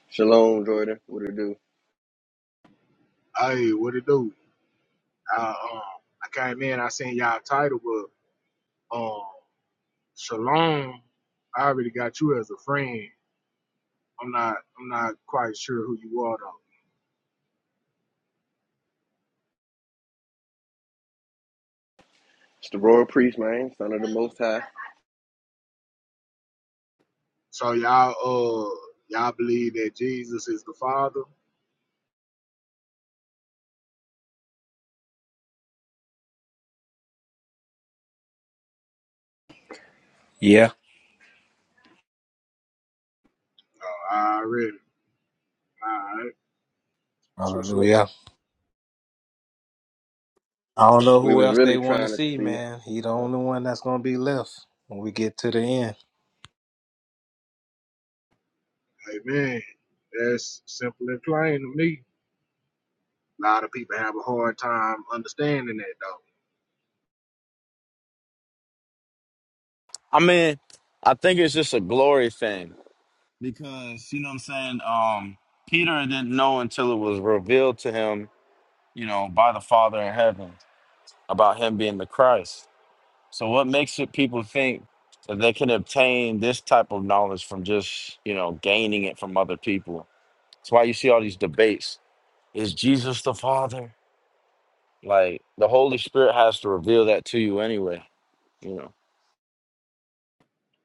Shalom, Jordan. What it do? Hey, what it do? I um I came in, I seen y'all title, but um Shalom, I already got you as a friend. I'm not I'm not quite sure who you are though. It's the royal priest, man, son of the Most High. So y'all uh y'all believe that Jesus is the Father? Yeah. Already. Alright. That's what's Hallelujah. up. I don't know We who was else they really want to trying to see, see. man. He the only one that's gonna be left when we get to the end. Amen. That's simple and plain to me. A lot of people have a hard time understanding that though. I mean, I think it's just a glory thing because you know what I'm saying. Um, Peter didn't know until it was revealed to him, you know, by the Father in heaven about him being the Christ. So, what makes it people think that they can obtain this type of knowledge from just you know gaining it from other people? That's why you see all these debates. Is Jesus the Father? Like the Holy Spirit has to reveal that to you anyway. You know.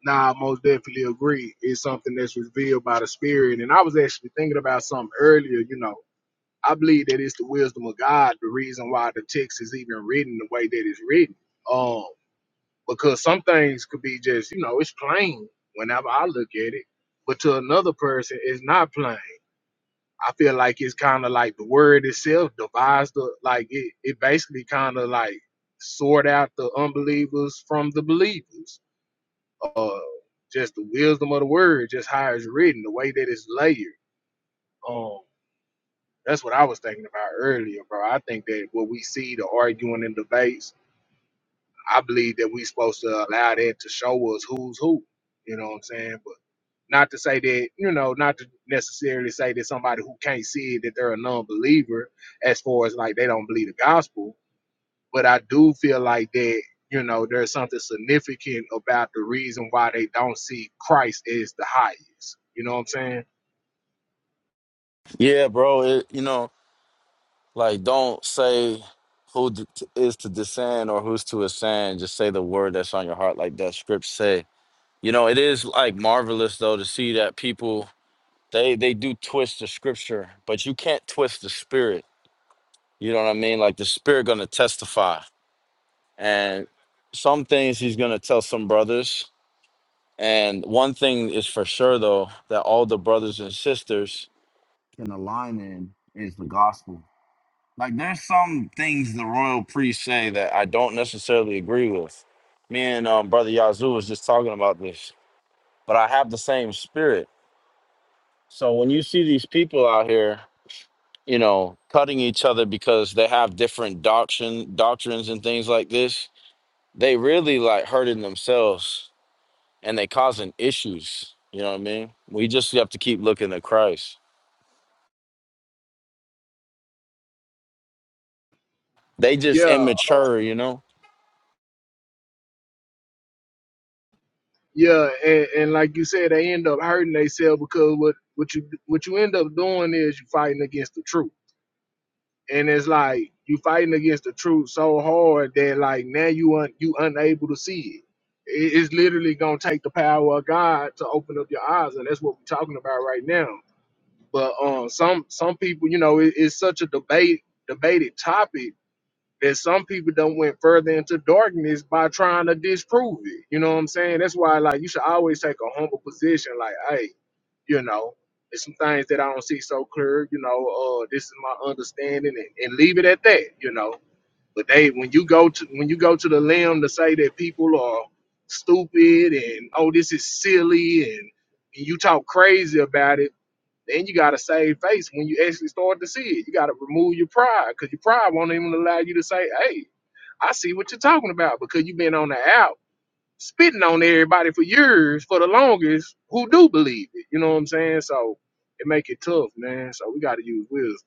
Nah, I most definitely agree. It's something that's revealed by the Spirit. And I was actually thinking about something earlier. You know, I believe that it's the wisdom of God, the reason why the text is even written the way that it's written. Um, because some things could be just, you know, it's plain whenever I look at it. But to another person, it's not plain. I feel like it's kind of like the word itself devised, the, like it, it basically kind of like sort out the unbelievers from the believers uh, just the wisdom of the word, just how it's written, the way that it's layered. Um, that's what I was thinking about earlier, bro. I think that what we see, the arguing and debates, I believe that we supposed to allow that to show us who's who. You know what I'm saying? But not to say that, you know, not to necessarily say that somebody who can't see it that they're a non believer as far as like they don't believe the gospel. but I do feel like that you know there's something significant about the reason why they don't see Christ as the highest. You know what I'm saying? Yeah, bro. It, you know, like don't say who d- t- is to descend or who's to ascend. Just say the word that's on your heart, like that script say. You know, it is like marvelous though to see that people they they do twist the scripture, but you can't twist the spirit. You know what I mean? Like the spirit gonna testify, and some things he's gonna tell some brothers. And one thing is for sure though that all the brothers and sisters can align in is the gospel Like there's some things the royal priests say that I don't necessarily agree with. Me and um, brother Yazoo was just talking about this, but I have the same spirit. So when you see these people out here, you know, cutting each other because they have different doctrine doctrines and things like this, they really like hurting themselves and they causing issues. You know what I mean? We just have to keep looking at Christ. They just Yeah, immature, you know. yeah, and, and like you said, they end up hurting themselves because what what you what you end up doing is you fighting against the truth, and it's like you fighting against the truth so hard that like now you un, you unable to see it. It- It's literally gonna take the power of God to open up your eyes, and that's what we're talking about right now. But um, some some people, you know, it, it's such a debate debated topic that some people don't went further into darkness by trying to disprove it. You know what I'm saying? That's why like you should always take a humble position. Like, hey, you know, there's some things that I don't see so clear. You know, uh, this is my understanding, and, and leave it at that. You know, but they when you go to when you go to the limb to say that people are stupid and oh this is silly and you talk crazy about it then you gotta save face when you actually start to see it. You gotta remove your pride because your pride won't even allow you to say, "Hey, I see what you're talking about," because you've been on the out spitting on everybody for years for the longest who do believe it. You know what I'm saying? So it make it tough, man. So we gotta use wisdom.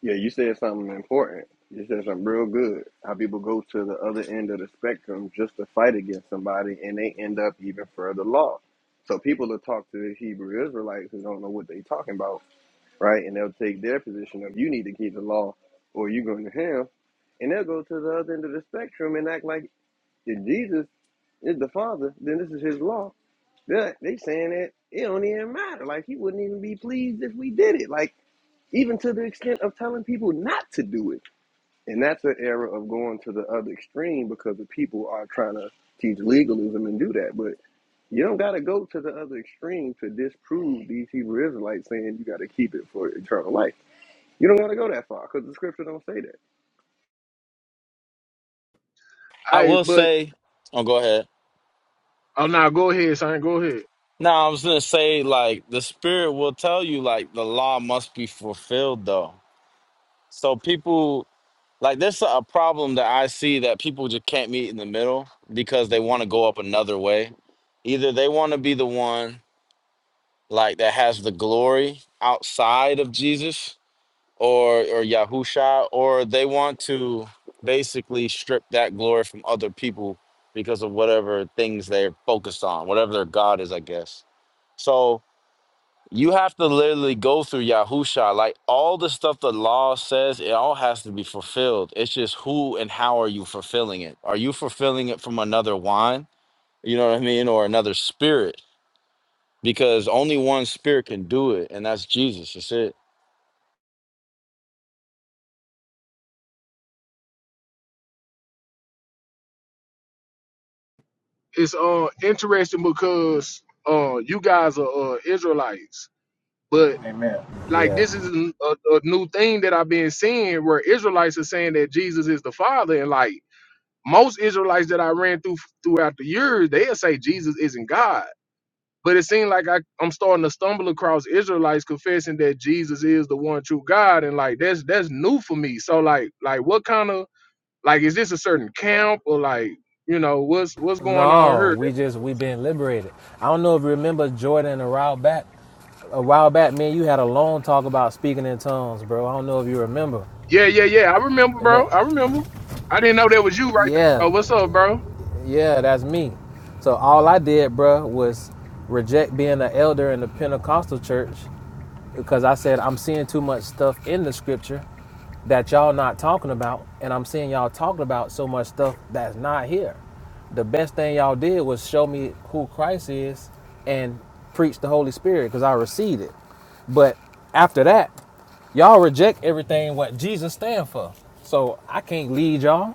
Yeah, you said something important. You said something real good. How people go to the other end of the spectrum just to fight against somebody and they end up even further lost. So people will talk to the Hebrew Israelites who don't know what they talking about, right? And they'll take their position of you need to keep the law or you're going to hell. And they'll go to the other end of the spectrum and act like if Jesus is the Father, then this is his law. They're, they saying that it don't even matter. Like he wouldn't even be pleased if we did it. Like even to the extent of telling people not to do it. And that's an era of going to the other extreme because the people are trying to teach legalism and do that. But you don't got to go to the other extreme to disprove these Hebrew Israelites saying you got to keep it for eternal life. You don't got to go that far because the scripture don't say that. I Hey, will but say, oh, go ahead. oh now go ahead, son. Go ahead. Now I was gonna say like the spirit will tell you like the law must be fulfilled though. So people like there's a problem that I see that people just can't meet in the middle because they want to go up another way. Either they want to be the one like that has the glory outside of Jesus or or Yahusha, or they want to basically strip that glory from other people because of whatever things they're focused on, whatever their God is, I guess. So You have to literally go through Yahusha. Like all the stuff the law says, it all has to be fulfilled. It's just who and how are you fulfilling it? Are you fulfilling it from another wine? You know what I mean? Or another spirit? Because only one spirit can do it, and that's Jesus. That's it. It's uh interesting because uh you guys are uh, Israelites, but Like this is a, a new thing that I've been seeing where Israelites are saying that Jesus is the Father, and like most Israelites that I ran through throughout the years, they'll say Jesus isn't God. But it seemed like I, I'm starting to stumble across Israelites confessing that Jesus is the one true God, and like that's that's new for me. So like like what kind of like is this a certain camp or like you know what's what's going on No, here? we just we been liberated. I don't know if you remember Jordan a while back. A while back, man, you had a long talk about speaking in tongues, bro. I don't know if you remember. Yeah, yeah, yeah. I remember, And bro. that- I remember. I didn't know that was you right Yeah, there. Oh, what's up, bro? Hey, yeah, that's me. So all I did, bro, was reject being an elder in the Pentecostal church because I said I'm seeing too much stuff in the scripture that y'all not talking about, and I'm seeing y'all talking about so much stuff that's not here. The best thing y'all did was show me who Christ is and preach the Holy Spirit because I received it. But after that, y'all reject everything what Jesus stand for. So I can't lead y'all.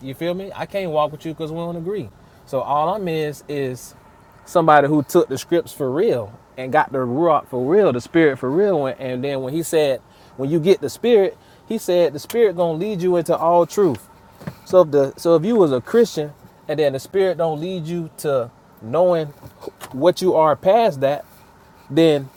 You feel me? I can't walk with you because we don't agree. So all I'm is is somebody who took the scripts for real and got the rock for real, the spirit for real. And, and then when he said, when you get the spirit, he said the spirit gonna lead you into all truth. So if the so if you was a Christian and then the spirit don't lead you to knowing what you are past that, then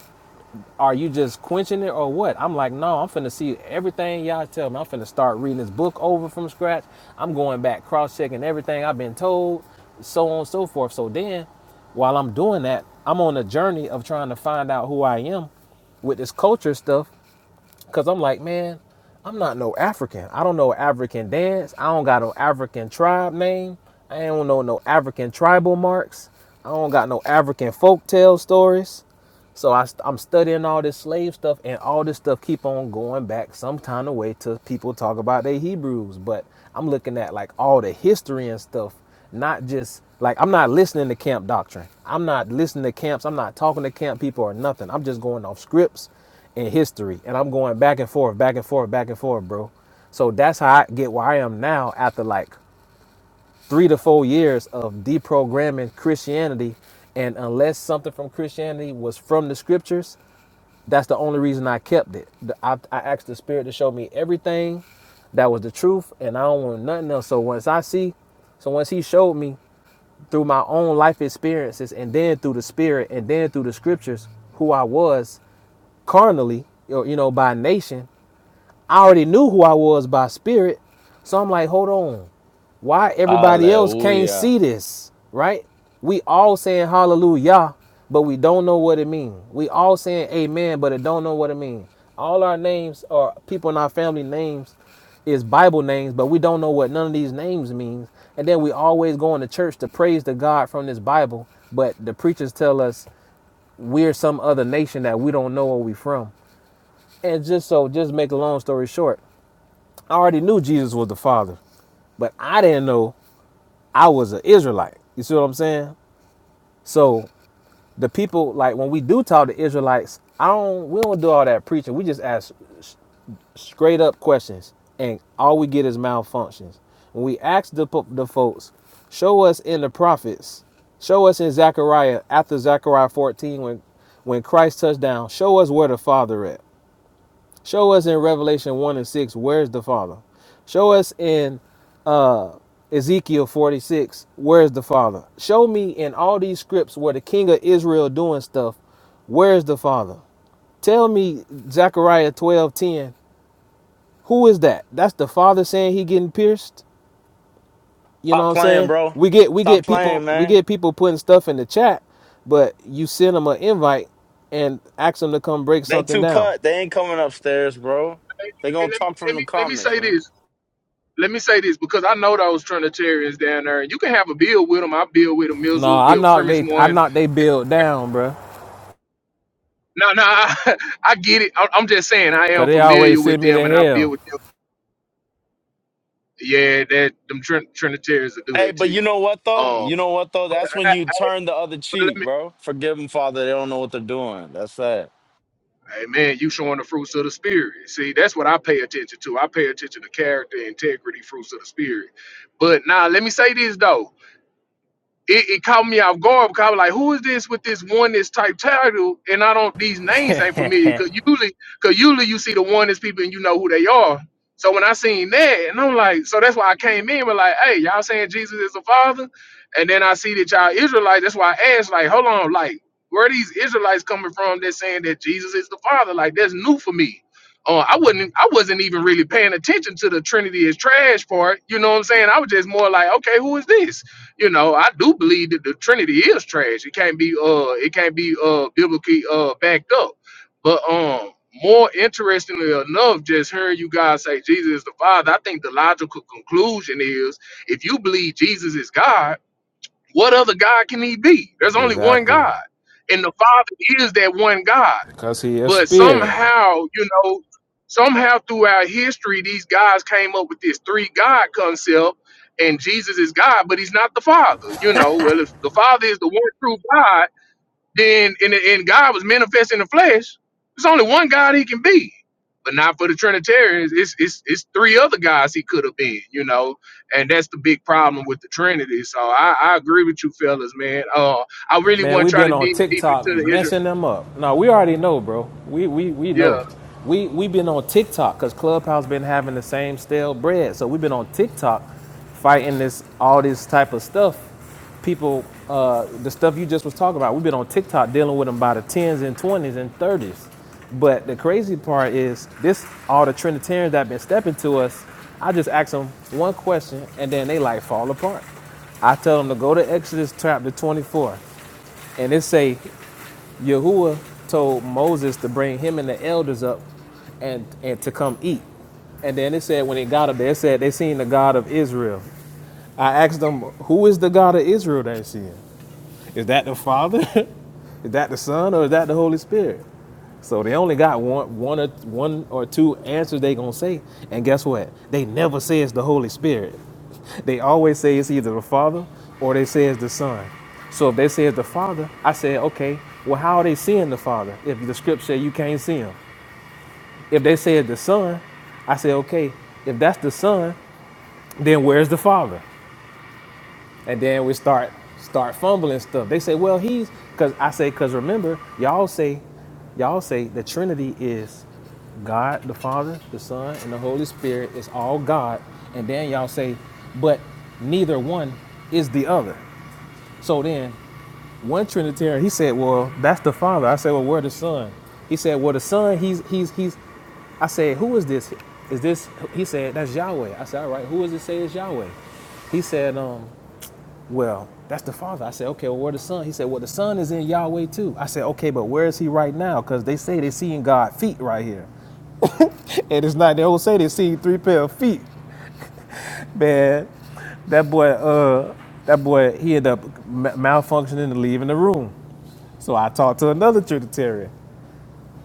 are you just quenching it or what? I'm like, no, I'm finna see everything y'all tell me. I'm finna start reading this book over from scratch. I'm going back, cross checking everything I've been told, so on and so forth. So then, while I'm doing that, I'm on a journey of trying to find out who I am with this culture stuff. Cause I'm like, man, I'm not no African. I don't know African dance. I don't got no African tribe name. I don't know no no African tribal marks. I don't got no African folktale stories. So I, i I'm studying all this slave stuff, and all this stuff keep on going back some kind of way to people talk about their Hebrews. But I'm looking at like all the history and stuff, not just like I'm not listening to camp doctrine. I'm not listening to camps. I'm not talking to camp people or nothing. I'm just going off scripts and history, and I'm going back and forth, back and forth, back and forth, bro. So that's how I get where I am now after like three to four years of deprogramming Christianity. And unless something from Christianity was from the scriptures, that's the only reason I kept it. I, I asked the spirit to show me everything that was the truth, and I don't want nothing else. So once I see, so once he showed me through my own life experiences, and then through the spirit, and then through the scriptures, who I was carnally, or you know, by nation, I already knew who I was by spirit. So I'm like, hold on, why everybody else can't Hallelujah. see this, right? We all saying hallelujah, but we don't know what it means. We all saying amen, but it don't know what it means. All our names or people in our family names is Bible names, but we don't know what none of these names means. And then we always going to church to praise the God from this Bible, but the preachers tell us we're some other nation that we don't know where we from. And just so, just make a long story short, I already knew Jesus was the Father, but I didn't know I was an Israelite. You see what I'm saying? So the people, like when we do talk to Israelites, I don't. We don't do all that preaching. We just ask s- straight up questions, and all we get is malfunctions. When we ask the po- the folks, show us in the prophets, show us in Zechariah after Zechariah 14 when when Christ touched down. Show us where the Father at. Show us in Revelation 1 and 6, where's the Father? Show us in uh, Ezekiel 46, where's the Father? Show me in all these scripts where the king of Israel doing stuff, where's the Father? Tell me Zechariah 12 10. who is that? That's the Father saying he getting pierced? You know what Stop I'm playing, saying? bro. We get we Stop get playing, people we man. get people putting stuff in the chat, but you send them an invite and ask them to come break They something too down. cut. They ain't coming upstairs, bro. They gonna let, me, talk let from me the let me comments, say man. this. let me say this because I know those Trinitarians down there. You can have a bill with them. I bill with a No, Mizzle, I with knocked premise they I one. knocked they build down, bruh. No, no, I, get it. I, I'm just saying I Cause am they familiar always with send me them, to and I bill hell. with them. Yeah, that them Trin- Trinitarians will do Hey, that to but you you. know what though? Um, You know what though? That's I- when I- you turn the other let cheek, me, bro. Forgive them, Father. They don't know what they're doing. That's that. hey man, you showing the fruits of the spirit. See, that's what I pay attention to. I pay attention to character, integrity, fruits of the spirit. But now, let me say this though. it, it caught me off guard because I was like, who is this with this oneness type title? And I don't these names ain't familiar. Cause usually cause usually you see the oneness people and you know who they are. So when I seen that, and I'm like, so that's why I came in with like, hey, y'all saying Jesus is the Father? And then I see that y'all Israelites, that's why I asked, like, hold on, like, where are these Israelites coming from that's saying that Jesus is the Father? Like, that's new for me. Uh, I wouldn't I wasn't even really paying attention to the Trinity is trash part. You know what I'm saying? I was just more like, okay, who is this? you know, I do believe that the Trinity is trash. It can't be uh it can't be uh biblically uh backed up. But um more interestingly enough, just hearing you guys say Jesus is the Father, I think the logical conclusion is if you believe Jesus is God, what other God can he be? There's only one Exactly. God. 'Cause And the Father is that one God. he a But spirit. somehow, you know, somehow throughout history, these guys came up with this three God concept, and Jesus is God, but he's not the Father. You know, well, if the Father is the one true God, then and, and God was manifest in the flesh, there's only one God he can be. But not for the Trinitarians. It's it's it's three other guys he could have been, you know, and that's the big problem with the Trinity. So I, I agree with you fellas, man. Uh, I really Man, wasn't we have trying to been on dig deep TikTok into the Israel. messing them up. No, we already know, bro. We we we know. Yeah, We we been on TikTok because Clubhouse been having the same stale bread. So we've been on TikTok fighting this all this type of stuff. People, uh, the stuff you just was talking about, we've been on TikTok dealing with them by the tens and twenties and thirties. But the crazy part is this all the Trinitarians that been stepping to us, I just ask them one question and then they like fall apart. I tell them to go to Exodus chapter 24 and it say Yahuwah told Moses to bring him and the elders up and, and to come eat. And then it said when they got up there, it said they seen the God of Israel. I asked them, who is the God of Israel they seeing? Is that the Father? is that the Son or is that the Holy Spirit? So they only got one one or one or two answers they gonna say. And guess what? They never say it's the Holy Spirit. They always say it's either the Father or they say it's the Son. So if they say it's the Father, I say, okay, well, how are they seeing the Father if the script say you can't see him? If they say it's the Son, I say, okay, if that's the Son, then where's the Father? And then we start start fumbling stuff. They say, well, he's because I say, because remember, y'all say, y'all say the Trinity is God the Father, the Son, and the Holy Spirit is all God. And then y'all say, but neither one is the other. So then, one Trinitarian, he said, "Well, that's the Father." I said, "Well, where the Son?" He said, "Well, the Son, he's he's he's." I said, "Who is this? Is this?" He said, "That's Yahweh." I said, "All right, who does it say is Yahweh?" He said, "Um, well, that's the Father." I said, "Okay, well, where the Son?" He said, "Well, the Son is in Yahweh too." I said, "Okay, but where is he right now? Because they say they seeing God feet right here, and it's not. They don't say they see three pair of feet, man. That boy, uh, that boy, he ended up malfunctioning and leaving the room." So I talked to another Trinitarian.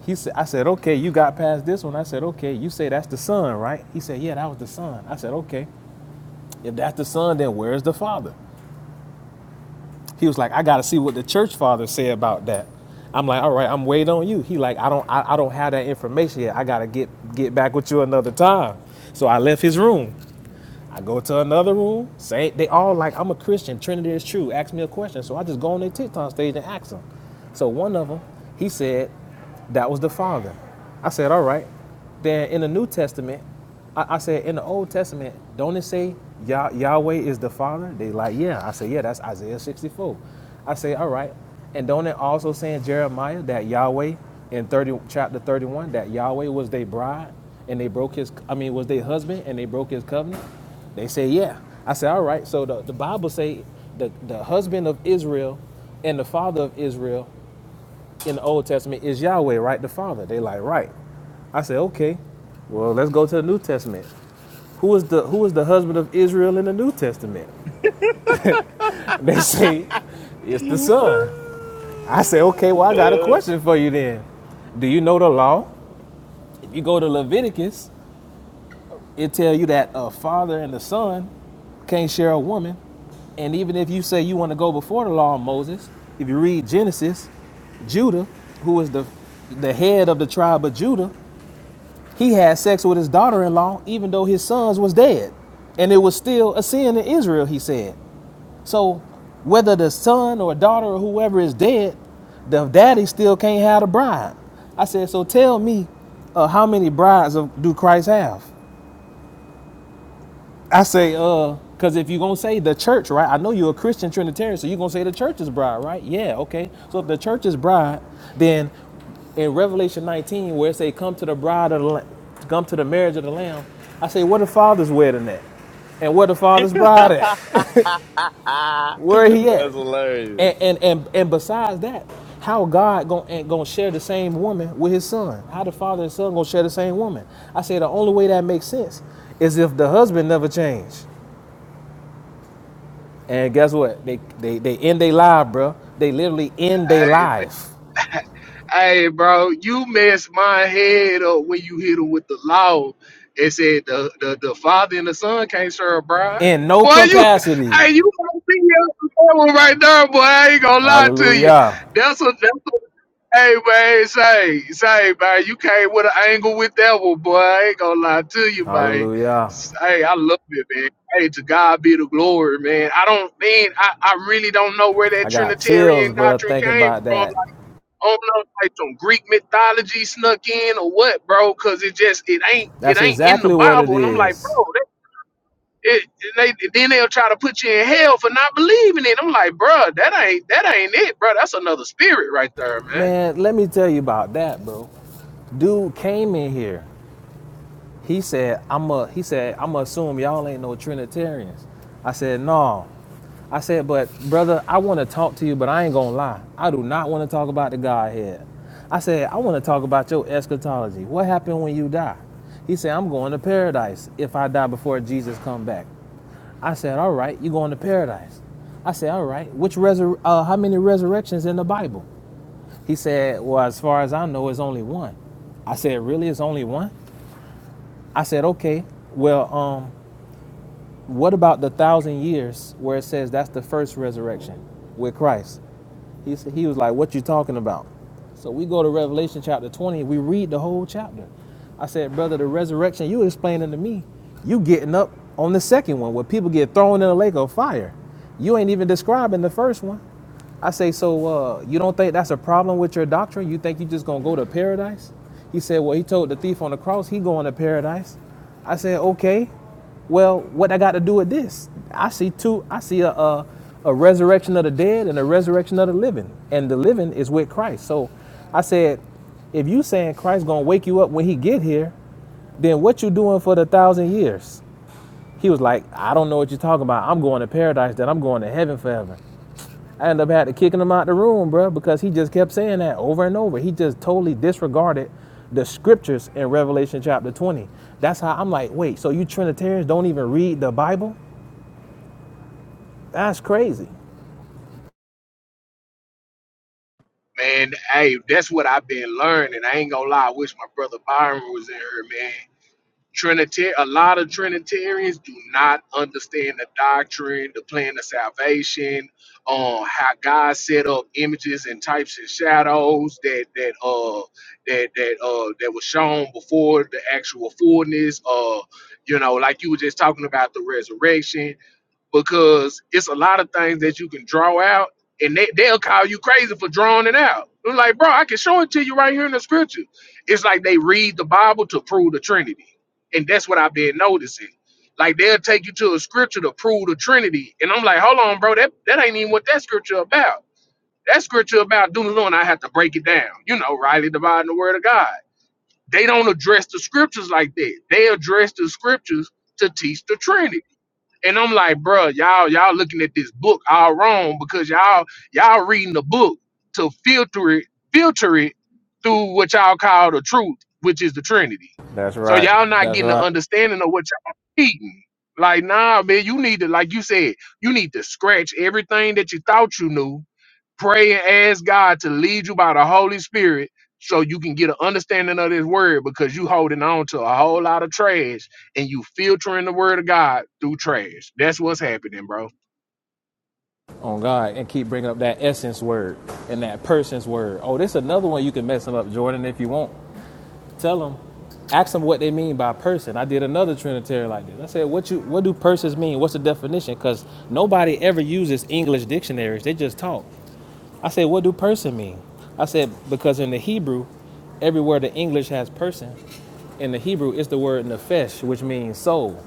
He said, I said, okay, you got past this one. I said, okay, you say that's the son, right? He said, yeah, that was the son. I said, okay, if that's the son, then where's the father? He was like, I gotta see what the church father say about that. I'm like, all right, I'm waiting on you. He like, I don't, I, I don't have that information yet. I gotta get get back with you another time. So I left his room. I go to another room. Say they all like, I'm a Christian. Trinity is true. Ask me a question. So I just go on their TikTok stage and ask them. So one of them, he said, That was the Father. I said, all right. Then in the New Testament, I, I said, in the Old Testament, don't it say Yah- Yahweh is the Father? They like, yeah. I said, yeah, that's Isaiah 64. I say, all right. And don't it also say in Jeremiah that Yahweh in 30, chapter 31, that Yahweh was their bride and they broke his, I mean, was their husband and they broke his covenant? They say, yeah. I said, all right. So the, the Bible say the, the husband of Israel and the father of Israel in the Old Testament is Yahweh, right? The Father. They like, right. I said, okay. Well, let's go to the New Testament. Who is the who is the husband of Israel in the New Testament? They say, it's the son. I say, okay, well, I got a That's question for you then. Do you know the law? If you go to Leviticus, it tell you that a father and a son can't share a woman. And even if you say you want to go before the law of Moses, if you read Genesis, Judah, who is the the head of the tribe of Judah, He had sex with his daughter-in-law, even though his sons was dead, and it was still a sin in Israel. He said. So, whether the son or daughter or whoever is dead, the daddy still can't have the bride. I said, so tell me, uh, how many brides of, do Christ have? I say, uh, because if you're gonna say the church, right? I know you're a Christian Trinitarian, so you're gonna say the church is bride, right? Yeah, okay. So if the church is bride, then in Revelation 19, where it say, "Come to the bride of the, Lam- come to the marriage of the Lamb," I say, "Where the Father's wedding at, and where the Father's bride at? Where he at?" hilarious. And and and, and besides that, how God gonna gonna share the same woman with His Son? How the Father and Son gonna share the same woman? I say the only way that makes sense is if the husband never changed. And guess what? They they they end their life, bro. They literally end their life Hey, bro, you messed my head up when you hit him with the law. It said the, the, the father and the son can't serve a bride. in no Boy, you, capacity. hey, you gonna be here for that one right there, boy. I ain't gonna lie to you. Hallelujah. That's a, that's a, hey, man, say, say, man, you came with an angle with that one, boy. I ain't gonna lie to you, man. Hallelujah. Hey, I love it, man. Hey, to God be the glory, man. I don't, man, I, I really don't know where that I got chills, Trinitarian bro. doctrine thinking came about from that. don't know if, like some Greek mythology snuck in or what, bro. Cause it just it ain't it That's ain't in the exactly what it Bible, and I'm like, is. bro, that, it, it- they then they'll try to put you in hell for not believing it. I'm like, bro, that ain't that ain't it, bro. That's another spirit right there, man. Man, let me tell you about that, bro. Dude came in here. He said, I'm a he said, I'ma assume y'all ain't no Trinitarians. I said, no. I said, but brother, I wanna talk to you, but I ain't gonna lie. I do not wanna talk about the Godhead. I said, I wanna talk about your eschatology. What happened when you die? He said, I'm going to paradise if I die before Jesus come back. I said, all right, you're going to paradise. I said, all right, which resur- uh, how many resurrections in the Bible? He said, well, as far as I know, it's only one. I said, really, it's only one? I said, okay, well, um, what about the thousand years where it says that's the first resurrection with Christ? He said, he was like, "What you talking about?" So we go to Revelation chapter 20. We read the whole chapter. I said, "Brother, the resurrection you explaining to me, you getting up on the second one where people get thrown in a lake of fire. You ain't even describing the first one." I say, so uh, you don't think that's a problem with your doctrine? You think you just gonna go to paradise? He said, well, he told the thief on the cross he going to paradise. I said, okay, well, what I got to do with this? I see two. I see a, a a resurrection of the dead and a resurrection of the living, and the living is with Christ. So, I said, if you saying Christ gonna wake you up when he get here, then what you doing for the thousand years? He was like, I don't know what you're talking about. I'm going to paradise, then I'm going to heaven forever. I ended up had to kicking him out the room, bro, because he just kept saying that over and over. He just totally disregarded the scriptures in Revelation chapter 20. That's how I'm like, wait, so you Trinitarians don't even read the Bible? That's crazy. Man, hey, that's what I've been learning. I ain't gonna lie. I wish my brother Byron was in here, man. Trinitarian, a lot of Trinitarians do not understand the doctrine, the plan of salvation, uh, how God set up images and types and shadows that that uh that that uh that was shown before the actual fullness. Uh, you know, like you were just talking about the resurrection because it's a lot of things that you can draw out and they, they'll call you crazy for drawing it out. I'm like, bro, I can show it to you right here in the scripture. It's like they read the Bible to prove the Trinity. And that's what I've been noticing. Like they'll take you to a scripture to prove the Trinity. And I'm like, hold on, bro, that, that ain't even what that scripture about. That scripture about doing and I have to break it down. You know, rightly dividing the word of God. They don't address the scriptures like that. They address the scriptures to teach the Trinity and I'm like, bruh, y'all, y'all looking at this book all wrong because y'all, y'all reading the book to filter it, filter it through what y'all call the truth, which is the Trinity. That's So right. y'all not That's getting the right. understanding of what y'all reading. Like, nah, man, you need to, like you said, you need to scratch everything that you thought you knew Pray and ask God to lead you by the Holy Spirit so you can get an understanding of this word because you holding on to a whole lot of trash and you filtering the word of God through trash. That's what's happening, bro. On God and keep bringing up that essence word and that person's word. Oh, this is another one you can mess them up, Jordan, if you want. Tell them, ask them what they mean by person. I did another Trinitarian like this. I said, "What you? What do persons mean? What's the definition?" Because nobody ever uses English dictionaries. They just talk. I said, "What do person mean?" I said, "Because in the Hebrew, everywhere the English has person, in the Hebrew it's the word nefesh, which means soul.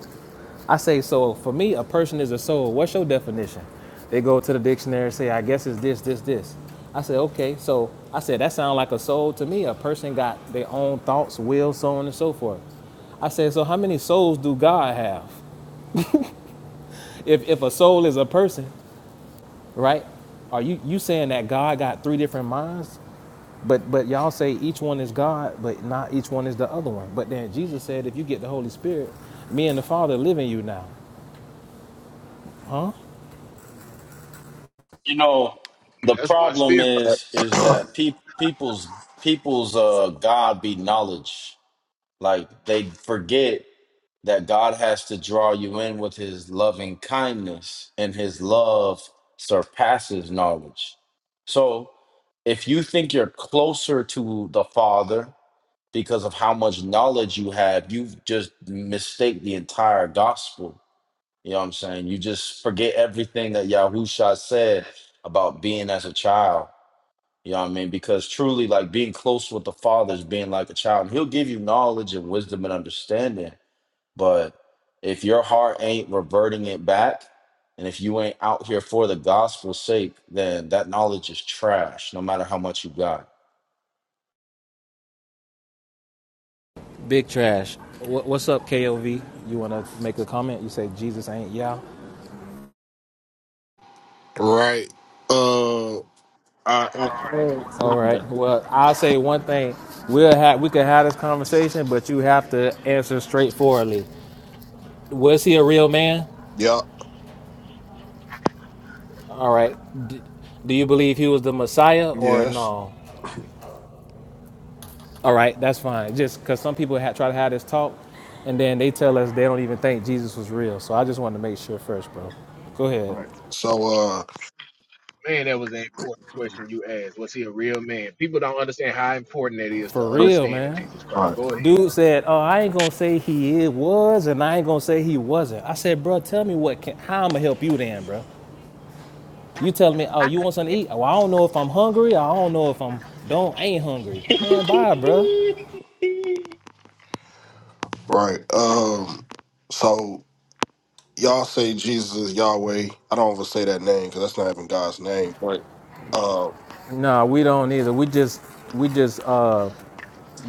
I say soul. For me, a person is a soul. What's your definition? They go to the dictionary and say, I guess it's this, this, this. I say, okay. So I said, that sounds like a soul to me. A person got their own thoughts, will, so on and so forth. I said, so how many souls do God have? If, if a soul is a person, right? Are you, you saying that God got three different minds? But but y'all say each one is God, but not each one is the other one. But then Jesus said, if you get the Holy Spirit, me and the Father live in you now. Huh? You know, the That's one problem spirit. is is that pe- people's people's uh God be knowledge. Like they forget. that God has to draw you in with his loving kindness, and his love surpasses knowledge. So, if you think you're closer to the Father because of how much knowledge you have, you've just mistake the entire gospel. You know what I'm saying? You just forget everything that Yahusha said about being as a child. You know what I mean? Because truly, like being close with the Father is being like a child. And he'll give you knowledge and wisdom and understanding but if your heart ain't reverting it back, and if you ain't out here for the gospel's sake, then that knowledge is trash, no matter how much you got. Big trash. what's up, KOV? You want to make a comment? You say Jesus ain't y'all. Right. Uh, I, All right. I, Well, I'll say one thing. We'll have we could have this conversation, but you have to answer straightforwardly. Was he a real man? yeah, All right. D- do you believe he was the Messiah or yes. no? All right, that's fine. Just because some people ha- try to have this talk, and then they tell us they don't even think Jesus was real. So I just wanted to make sure first, bro. Go ahead. Right. So, uh, Man, that was an important question you asked. Was he a real man? People don't understand how important that is to For real, understand in man. Jesus Christ. right, Go ahead. Dude said, "Oh, I ain't gonna say he was, and I ain't gonna say he wasn't." I said, "Bro, tell me what can how I'ma help you then, bro? You telling me, oh, you want something to eat? Well, I don't know if I'm hungry. I don't know if I'm don't I ain't hungry. Man, bye, bro. right. Um, so y'all say Jesus is Yahweh. I don't ever say that name because that's not even God's name. Uh, No, we don't either. We just we just uh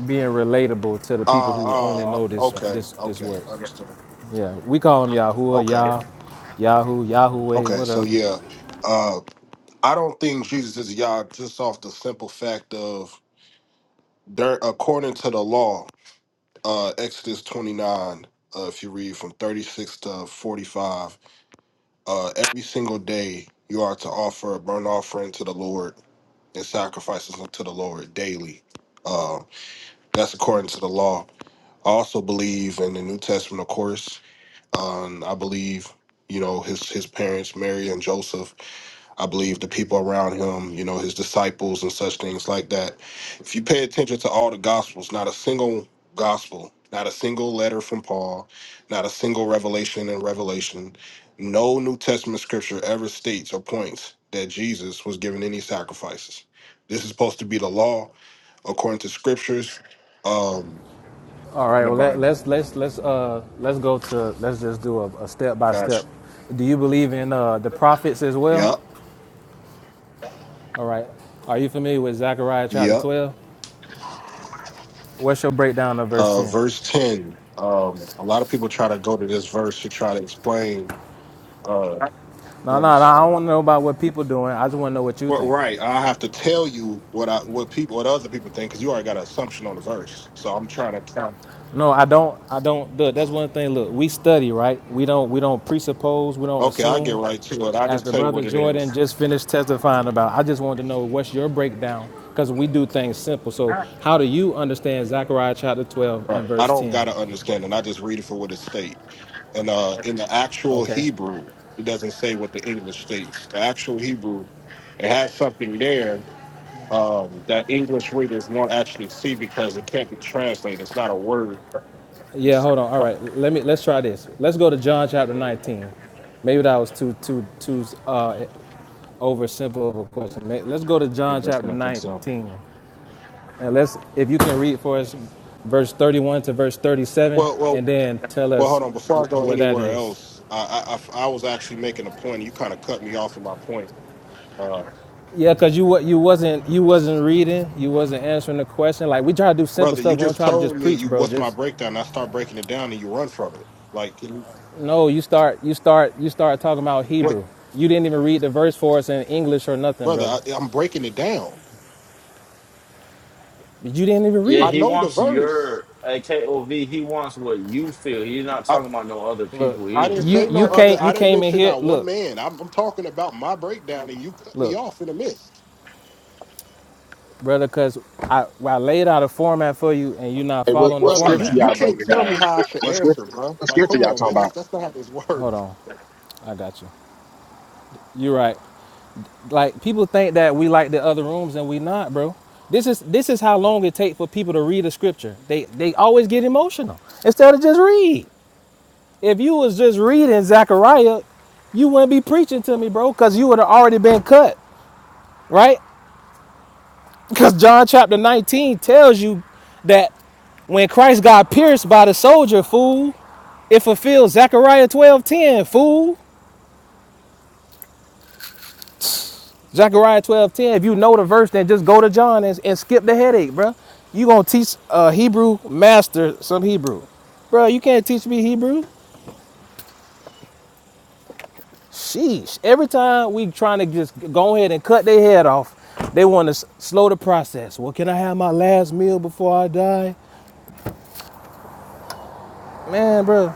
being relatable to the people Ah. who only uh, know this okay, this this okay, works. Yeah, we call them Yahuwah, okay, Yah, Yahoo, Yahweh, okay. So whatever. yeah, uh, I don't think Jesus is Yah just off the simple fact of there, according to the law. uh, Exodus 29, uh, if you read from 36 to 45, uh, every single day you are to offer a burnt offering to the Lord and sacrifices unto the Lord daily. Uh, that's according to the law. I also believe in the New Testament, of course. Um, I believe, you know, his his parents, Mary and Joseph. I believe the people around him, you know, his disciples and such things like that. If you pay attention to all the gospels, not a single gospel, not a single letter from Paul, not a single revelation in Revelation, no New Testament scripture ever states or points that Jesus was given any sacrifices. This is supposed to be the law according to scriptures. Um All in right. the Well, let, Bible. let's let's let's uh let's go to let's just do a, a step by step. Gotcha. Do you believe in uh the prophets as well? Yep. All right. Are you familiar with Zechariah chapter Yep. twelve? What's your breakdown of verse Uh ten? verse 10. Um, a lot of people try to go to this verse to try to explain uh, No, That no, no. is I don't want to know about what people doing. I just want to know what you well, think. right. I have to tell you what I what people what other people think because you already got an assumption on the verse. So I'm trying to tell. No, I don't. I don't. Look, that's one thing. Look, we study, right? We don't. We don't presuppose. We don't Okay, I get assume. right to it. I As just the tell you brother what it is. Jordan just finished testifying about, I just wanted to know what's your breakdown because we do things simple. So, how do you understand Zechariah chapter 12 and Right. I verse don't got 10? to understand it. I just read it for what it states. And uh, in the actual Okay. Hebrew, it doesn't say what the English states. The actual Hebrew, it has something there um, that English readers won't actually see because it can't be translated. It's not a word. It's Yeah, hold on. All right. Let me let's try this. Let's go to John chapter 19. Maybe that was too too too uh over simple of a question. Let's go to John something or chapter something. So 19. And let's if you can read for us verse 31 to verse 37 well, well, and then tell Well, us hold on. Before I wh- go what that anywhere is. else, I I, I I was actually making a point. You kind of cut me off in my point, uh, Yeah, cause you wa- you wasn't you wasn't reading, you wasn't answering the question. Like we try to do simple brother. You stuff. We don't just try to told just me preach, you bro. what's my Just breakdown. and I start breaking it down, and you run from it. Like you- no. You start you start you start talking about what, Hebrew. You didn't even read the verse for us in English or nothing, brother? brother. I, I'm breaking it down. You didn't even Yeah, read I it. he know the wants verse. your uh, KOV. He wants what you feel. He's not I talking about no other Look, people I either. didn't You know you what say I'm no you saying? other. came I you didn't came in mention here. not one Look, man. I'm, I'm talking about my breakdown, and you cut me look, off in the midst, brother. Cause I I laid out a format for you, and you're not Hey, what, following the what brother. You scripture format. you y'all can't breaking tell down? me how I should What's answer, bro. Like, come on, man. That's that's not how this works. Hold on, I got you. You're right. Like people think that we like the other rooms and we not, bro. This is this is how long it take for people to read a scripture. They they always get emotional instead of just read. If you was just reading Zechariah, you wouldn't be preaching to me, bro, because you would have already been cut, right? Because John chapter 19 tells you that when Christ got pierced by the soldier, fool, it fulfills Zechariah 12:10, fool. Zechariah 12:10. If you know the verse, then just go to John and, and skip the headache, bro. You gonna teach a Hebrew master some Hebrew. bro. you can't teach me Hebrew. Sheesh. Every time we trying to just go ahead and cut their head off, they want to slow the process. Well, can I have my last meal before I die? Man, bro?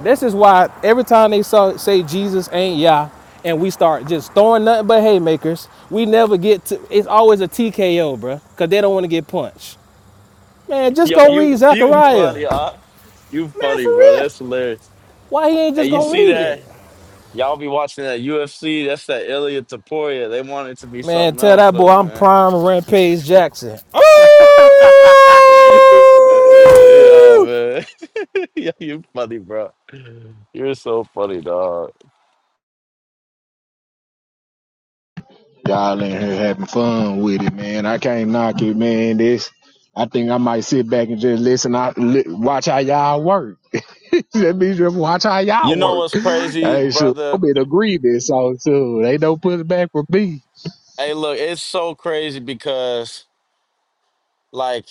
This is why every time they saw, say Jesus ain't Yah, and we start just throwing nothing but haymakers, we never get to, it's always a TKO, bruh, because they don't want to get punched. Man, just Yo, go you read you Zechariah. funny, huh? You Man, funny, for bro. real. That's hilarious. Why he ain't And just you go see read that it? y'all be watching that UFC. That's that Ilya Taporia. They want it to be Man, something tell else, that boy though, I'm man. prime Rampage Jackson. Yo, Oh! man. Yo, you funny, bro. You're so funny, dog. Y'all in here having fun with it, man. I can't knock it, man. This, I think I might sit back and just listen. I li- watch how y'all work. That means just watch how y'all You know work. what's crazy, Hey, so brother? I'm in agreement. So, so they don't push back for me. Hey, look, it's so crazy because, like,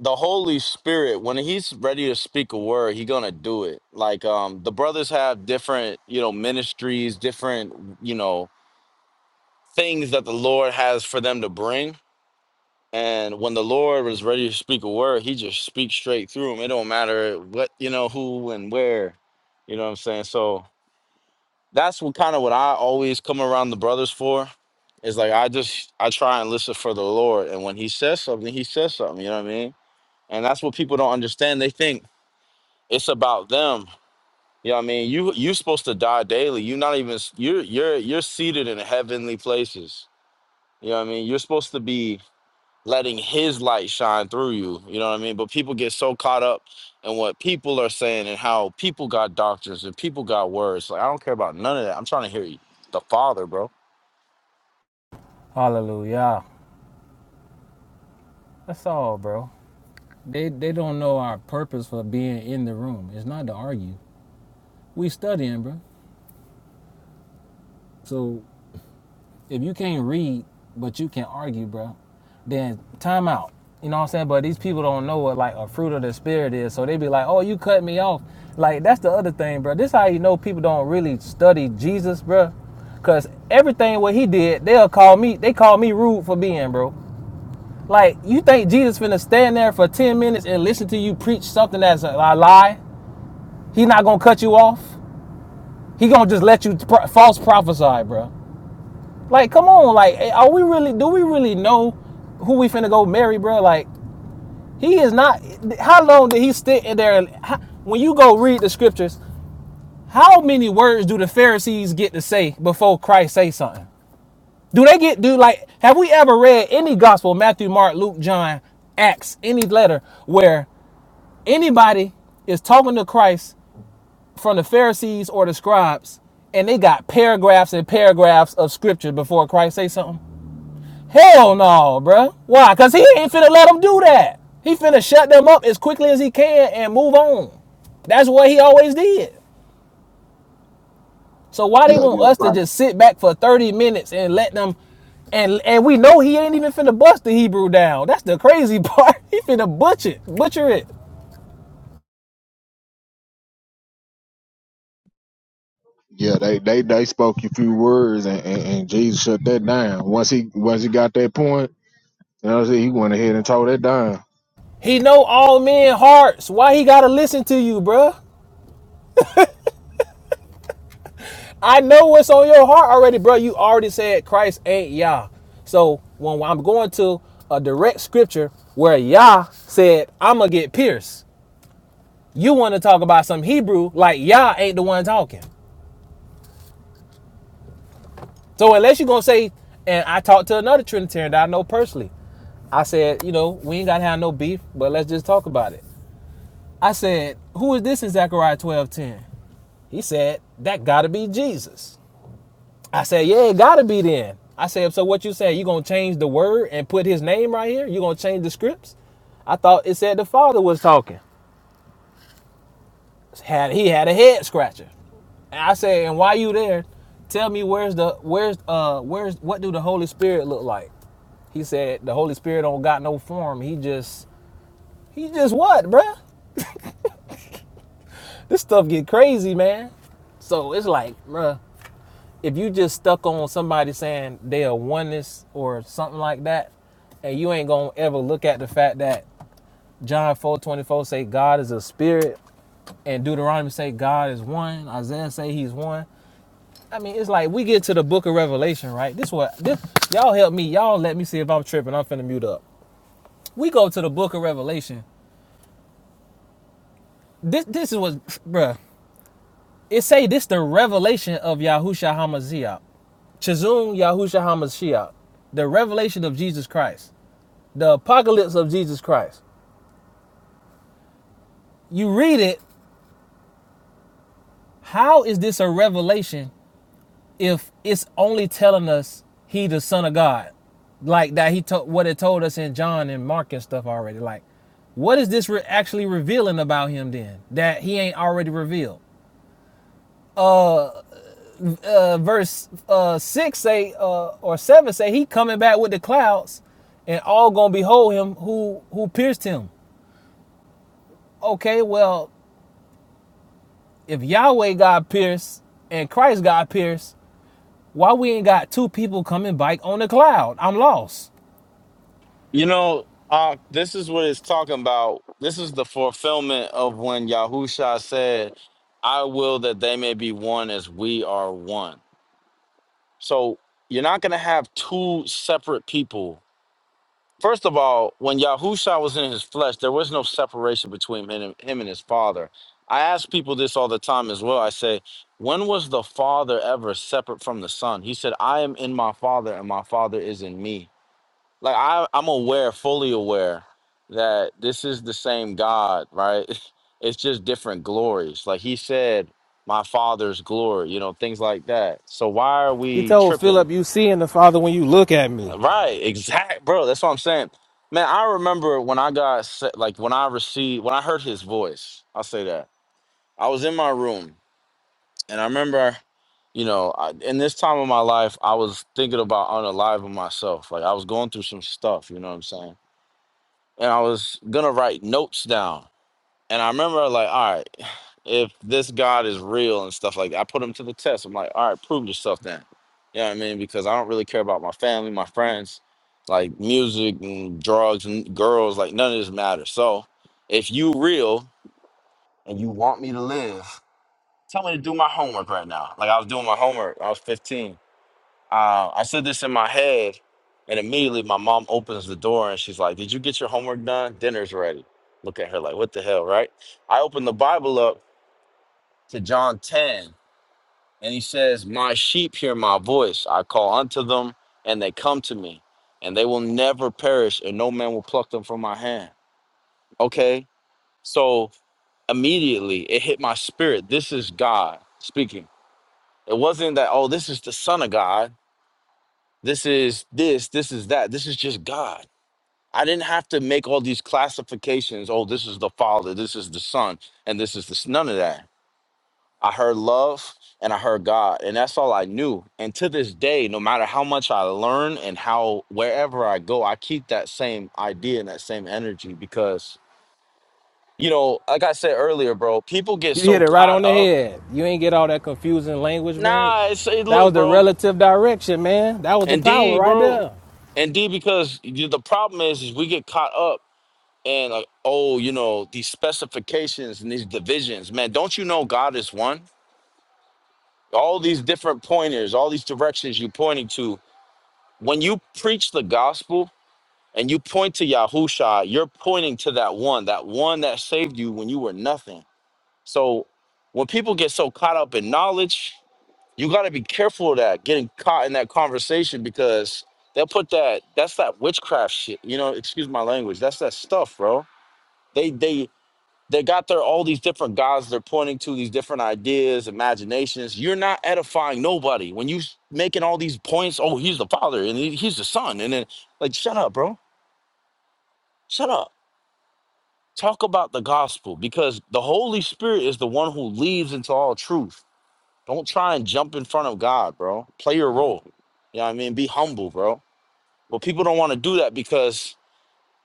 the Holy Spirit, when He's ready to speak a word, He gonna do it. Like, um, the brothers have different, you know, ministries, different, you know, things that the Lord has for them to bring And when the Lord was ready to speak a word, he just speaks straight through him. It don't matter what, you know, who and where. You know what I'm saying? So that's what kind of what I always come around the brothers for. Is like I just I try and listen for the Lord. And when he says something, he says something, you know what I mean? And that's what people don't understand. They think it's about them. You know what I mean? You you're supposed to die daily. You're not even you're you're you're seated in heavenly places. You know what I mean? You're supposed to be letting his light shine through you. You know what I mean? But people get so caught up in what people are saying and how people got doctrines and people got words. Like I don't care about none of that. I'm trying to hear you, the Father, bro. Hallelujah. That's all, bro. They they don't know our purpose for being in the room. It's not to argue. We studying, bro. So If you can't read, but you can argue, bro, then time out. You know what I'm saying? But these people don't know what like a fruit of the spirit is, so they be like, "Oh, you cut me off." Like that's the other thing, bro. This is how you know people don't really study Jesus, bro, because everything what he did, they'll call me. They call me rude for being, bro. Like you think Jesus finna stand there for ten minutes and listen to you preach something that's a, a lie? He not gonna cut you off. He gonna just let you pro- false prophesy, bro. Like, come on, like, eh, are we really? Do we really know who we finna go marry, bro? Like, he is not. How long did he sit in there? how, when you go read the scriptures, how many words do the Pharisees get to say before Christ say something? Do they get do like? Have we ever read any gospel? Matthew, Mark, Luke, John, Acts, any letter where anybody is talking to Christ from the Pharisees or the scribes, and they got paragraphs and paragraphs of scripture before Christ say something? Hell no, bro. Why? Cause he ain't finna let them do that. He finna shut them up as quickly as he can and move on. That's what he always did. So why they Yeah, want yeah, us to right. just sit back for 30 minutes and let them and and we know he ain't even finna bust the Hebrew down. That's the crazy part. He finna butcher it. Butcher it. Yeah, they they they spoke a few words, and, and, and Jesus shut that down. Once he once he got that point, you know, what I'm saying, he went ahead and tore that down. He know all men hearts. Why he gotta listen to you, bruh? I know what's on your heart already, bro. You already said Christ ain't Yah. So when I'm going to a direct scripture where Yah said, I'm going to get pierced, you want to talk about some Hebrew like Yah ain't the one talking. So unless you're going to say, and I talked to another Trinitarian that I know personally, I said, you know, we ain't got to have no beef, but let's just talk about it. I said, who is this in Zechariah 12:10? He said, that got to be Jesus. I said, yeah, it gotta be then. I said, so what you saying? You gonna change the word and put his name right here? You gonna change the scripts? I thought it said the father was talking. Had he had a head scratcher. And I said, and why you there? Tell me where's the where's uh where's what do the Holy Spirit look like? He said the Holy Spirit don't got no form. He just he just what, bruh? This stuff get crazy, man. So it's like, bruh. if you just stuck on somebody saying they are oneness or something like that, and you ain't gonna ever look at the fact that John four twenty four say God is a spirit, and Deuteronomy say God is one, Isaiah say He's one. I mean, it's like we get to the Book of Revelation, right? This what this y'all help me, y'all let me see if I'm tripping. I'm finna mute up. We go to the Book of Revelation. This this is what, bruh. It say this the revelation of Yahushua Hamashiach. Chazun Yahushua Hamashiach. The revelation of Jesus Christ. The apocalypse of Jesus Christ. You read it, how is this a revelation if it's only telling us he the son of God? Like that he told what it told us in John and Mark and stuff already. Like, what is this re- actually revealing about him then that he ain't already revealed? Uh uh, verse uh, six say uh, or seven say he coming back with the clouds, and all gonna behold him who who pierced him. Okay, well if Yahweh got pierced and Christ got pierced, why we ain't got two people coming back on the cloud? I'm lost. You know, uh, this is what it's talking about. This is the fulfillment of when Yahusha said, I will that they may be one as we are one. So you're not gonna have two separate people First of all, when Yahusha was in his flesh, there was no separation between him and, him and his father. I ask people this all the time as well. I say, when was the father ever separate from the son? He said, I am in my father and my father is in me. Like I, I'm aware, fully aware that this is the same God, right? It's just different glories. Like he said, my father's glory, you know, things like that. So why are He we told tripping? Philip, "You seeing the Father when you look at me." Right, exact, bro. That's what I'm saying. Man, I remember when I got se- like when I received when I heard his voice. I'll say that I was in my room, and I remember, you know, I, in this time of my life, I was thinking about unaliving myself. Like I was going through some stuff, you know what I'm saying? And I was gonna write notes down, and I remember like, all right if this God is real and stuff like that. I put him to the test. I'm like, all right, prove yourself then. You know what I mean? Because I don't really care about my family, my friends, like music and drugs and girls, like none of this matters. So if you real and you want me to live, tell me to do my homework right now. Like I was doing my homework. I was 15. Uh, I said this in my head and immediately my mom opens the door and she's like, did you get your homework done? Dinner's ready. Look at her like, what the hell, right? I opened the Bible up to John 10 And he says, My sheep hear my voice. I call unto them, and they come to me, and they will never perish, and no man will pluck them from my hand. Okay. So immediately it hit my spirit. This is God speaking. It wasn't that, oh, this is the Son of God. This is this, this is that. This is just God. I didn't have to make all these classifications. Oh, this is the Father, this is the Son, and this is this. None of that I heard love and I heard God, and that's all I knew. And to this day, no matter how much I learn and how wherever I go, I keep that same idea and that same energy because you know, like I said earlier, bro, people get You so hit it right caught on the up. head. You ain't get all that confusing language, man. Nah, it's it, That look, was the bro, relative direction, man. That was the power indeed, right bro, there. indeed, because you, the problem is, is we get caught up. And like, oh, you know, these specifications and these divisions, man, don't you know God is one? All these different pointers, all these directions you're pointing to, when you preach the gospel and you point to Yahusha, you're pointing to that one, that one that saved you when you were nothing. So when people get so caught up in knowledge, you got to be careful of that, getting caught in that conversation because they'll put that, that's that witchcraft shit, you know, excuse my language. That's that stuff, bro. They, they, they got their all these different gods they're pointing to these different ideas imaginations you're not edifying nobody when you s- making all these points oh he's the father and he- he's the son and then like shut up bro shut up talk about the gospel because the holy spirit is the one who leads into all truth don't try and jump in front of god bro play your role you know what i mean be humble bro but people don't want to do that because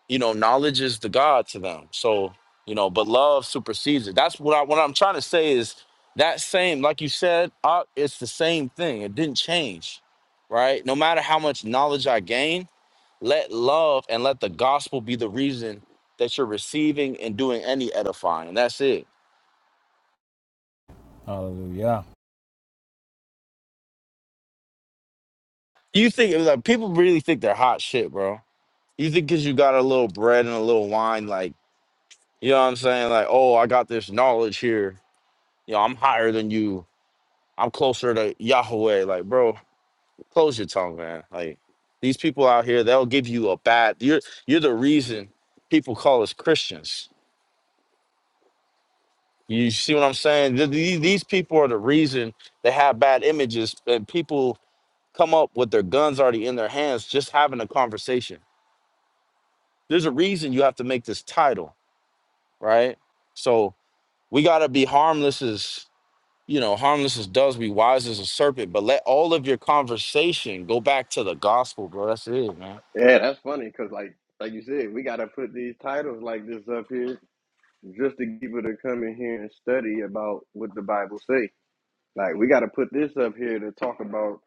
you know, knowledge is the God to them. So, you know, but love supersedes it. That's what I what I'm trying to say is that same, like you said, uh, it's the same thing. It didn't change, right? No matter how much knowledge I gain, let love and let the gospel be the reason that you're receiving and doing any edifying. That's it. Hallelujah. You think like people really think they're hot shit, bro. You think because you got a little bread and a little wine, like you know what I'm saying? Like, oh, I got this knowledge here. You know, I'm higher than you I'm closer to Yahweh. Like, bro, close your tongue, man. Like, these people out here, they'll give you a bad. You're you're the reason people call us Christians. You see what I'm saying? Th- These these people are the reason they have bad images, and people come up with their guns already in their hands, just having a conversation. There's a reason you have to make this title, right? So we gotta be harmless you know, harmless as does be wise as a serpent, but let all of your conversation go back to the gospel, bro. That's it, man. Yeah, that's funny because like like you said, we got to put these titles like this up here just to get people to come in here and study about what the Bible say. Like we got to put this up here to talk about.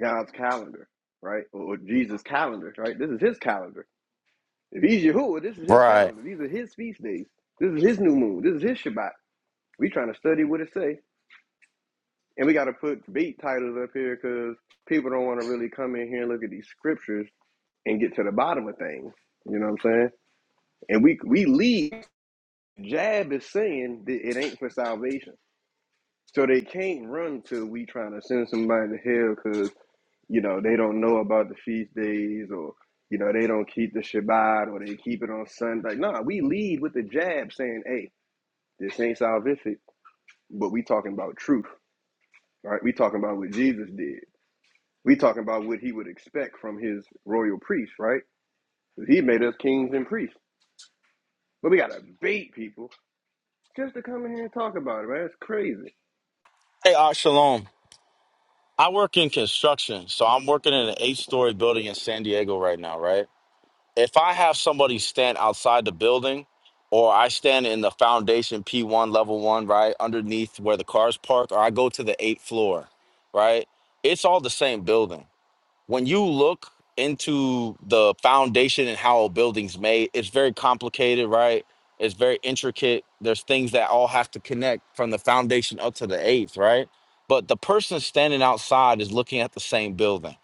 God's calendar, right? Or, Jesus' calendar, right? This is his calendar. If he's Yahuwah, this is his Right. calendar. These are his feast days. This is his new moon. This is his Shabbat. We trying to study what it say. And we got to put beat titles up here because people don't want to really come in here and look at these scriptures and get to the bottom of things. You know what I'm saying? And we we lead. Jab is saying that it ain't for salvation. So they can't run to we trying to send somebody to hell because you know, they don't know about the feast days or, you know, they don't keep the Shabbat or they keep it on Sunday. Like, nah, we lead with the jab saying, hey, this ain't salvific, but we talking about truth, right? We talking about what Jesus did. We talking about what he would expect from his royal priest, right? 'Cause He made us kings and priests. But we got to bait people just to come in here and talk about it, man. It's crazy. Hey, Ah, Shalom. I work in construction, so I'm working in an eight story building in San Diego right now, right? If I have somebody stand outside the building or I stand in the foundation P1, level one, right, underneath where the cars park, or I go to the eighth floor, right? It's all the same building. when you look into the foundation and how a building's made, it's very complicated, right? It's very intricate. There's things that all have to connect from the foundation up to the eighth, right? But the person standing outside is looking at the same building,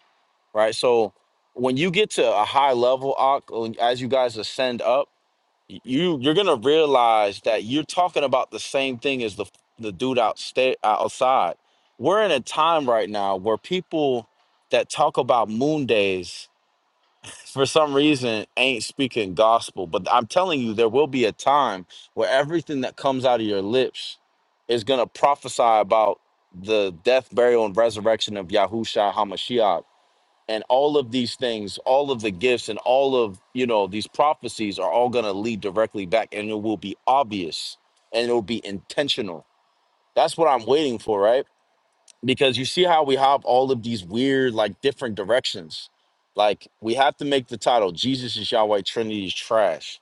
right? So when you get to a high level, Ak, when- as you guys ascend up, you you're gonna realize that you're talking about the same thing as the the dude outsta- outside. We're in a time right now where people that talk about moon days for some reason ain't speaking gospel. But I'm telling you, there will be a time where everything that comes out of your lips is gonna prophesy about the death, burial, and resurrection of Yahushua Hamashiach and all of these things all of the gifts and all of you know these prophecies are all going to lead directly back and it will be obvious and it will be intentional that's what i'm waiting for right because you see how we have all of these weird like different directions like we have to make the title jesus is yahweh trinity is trash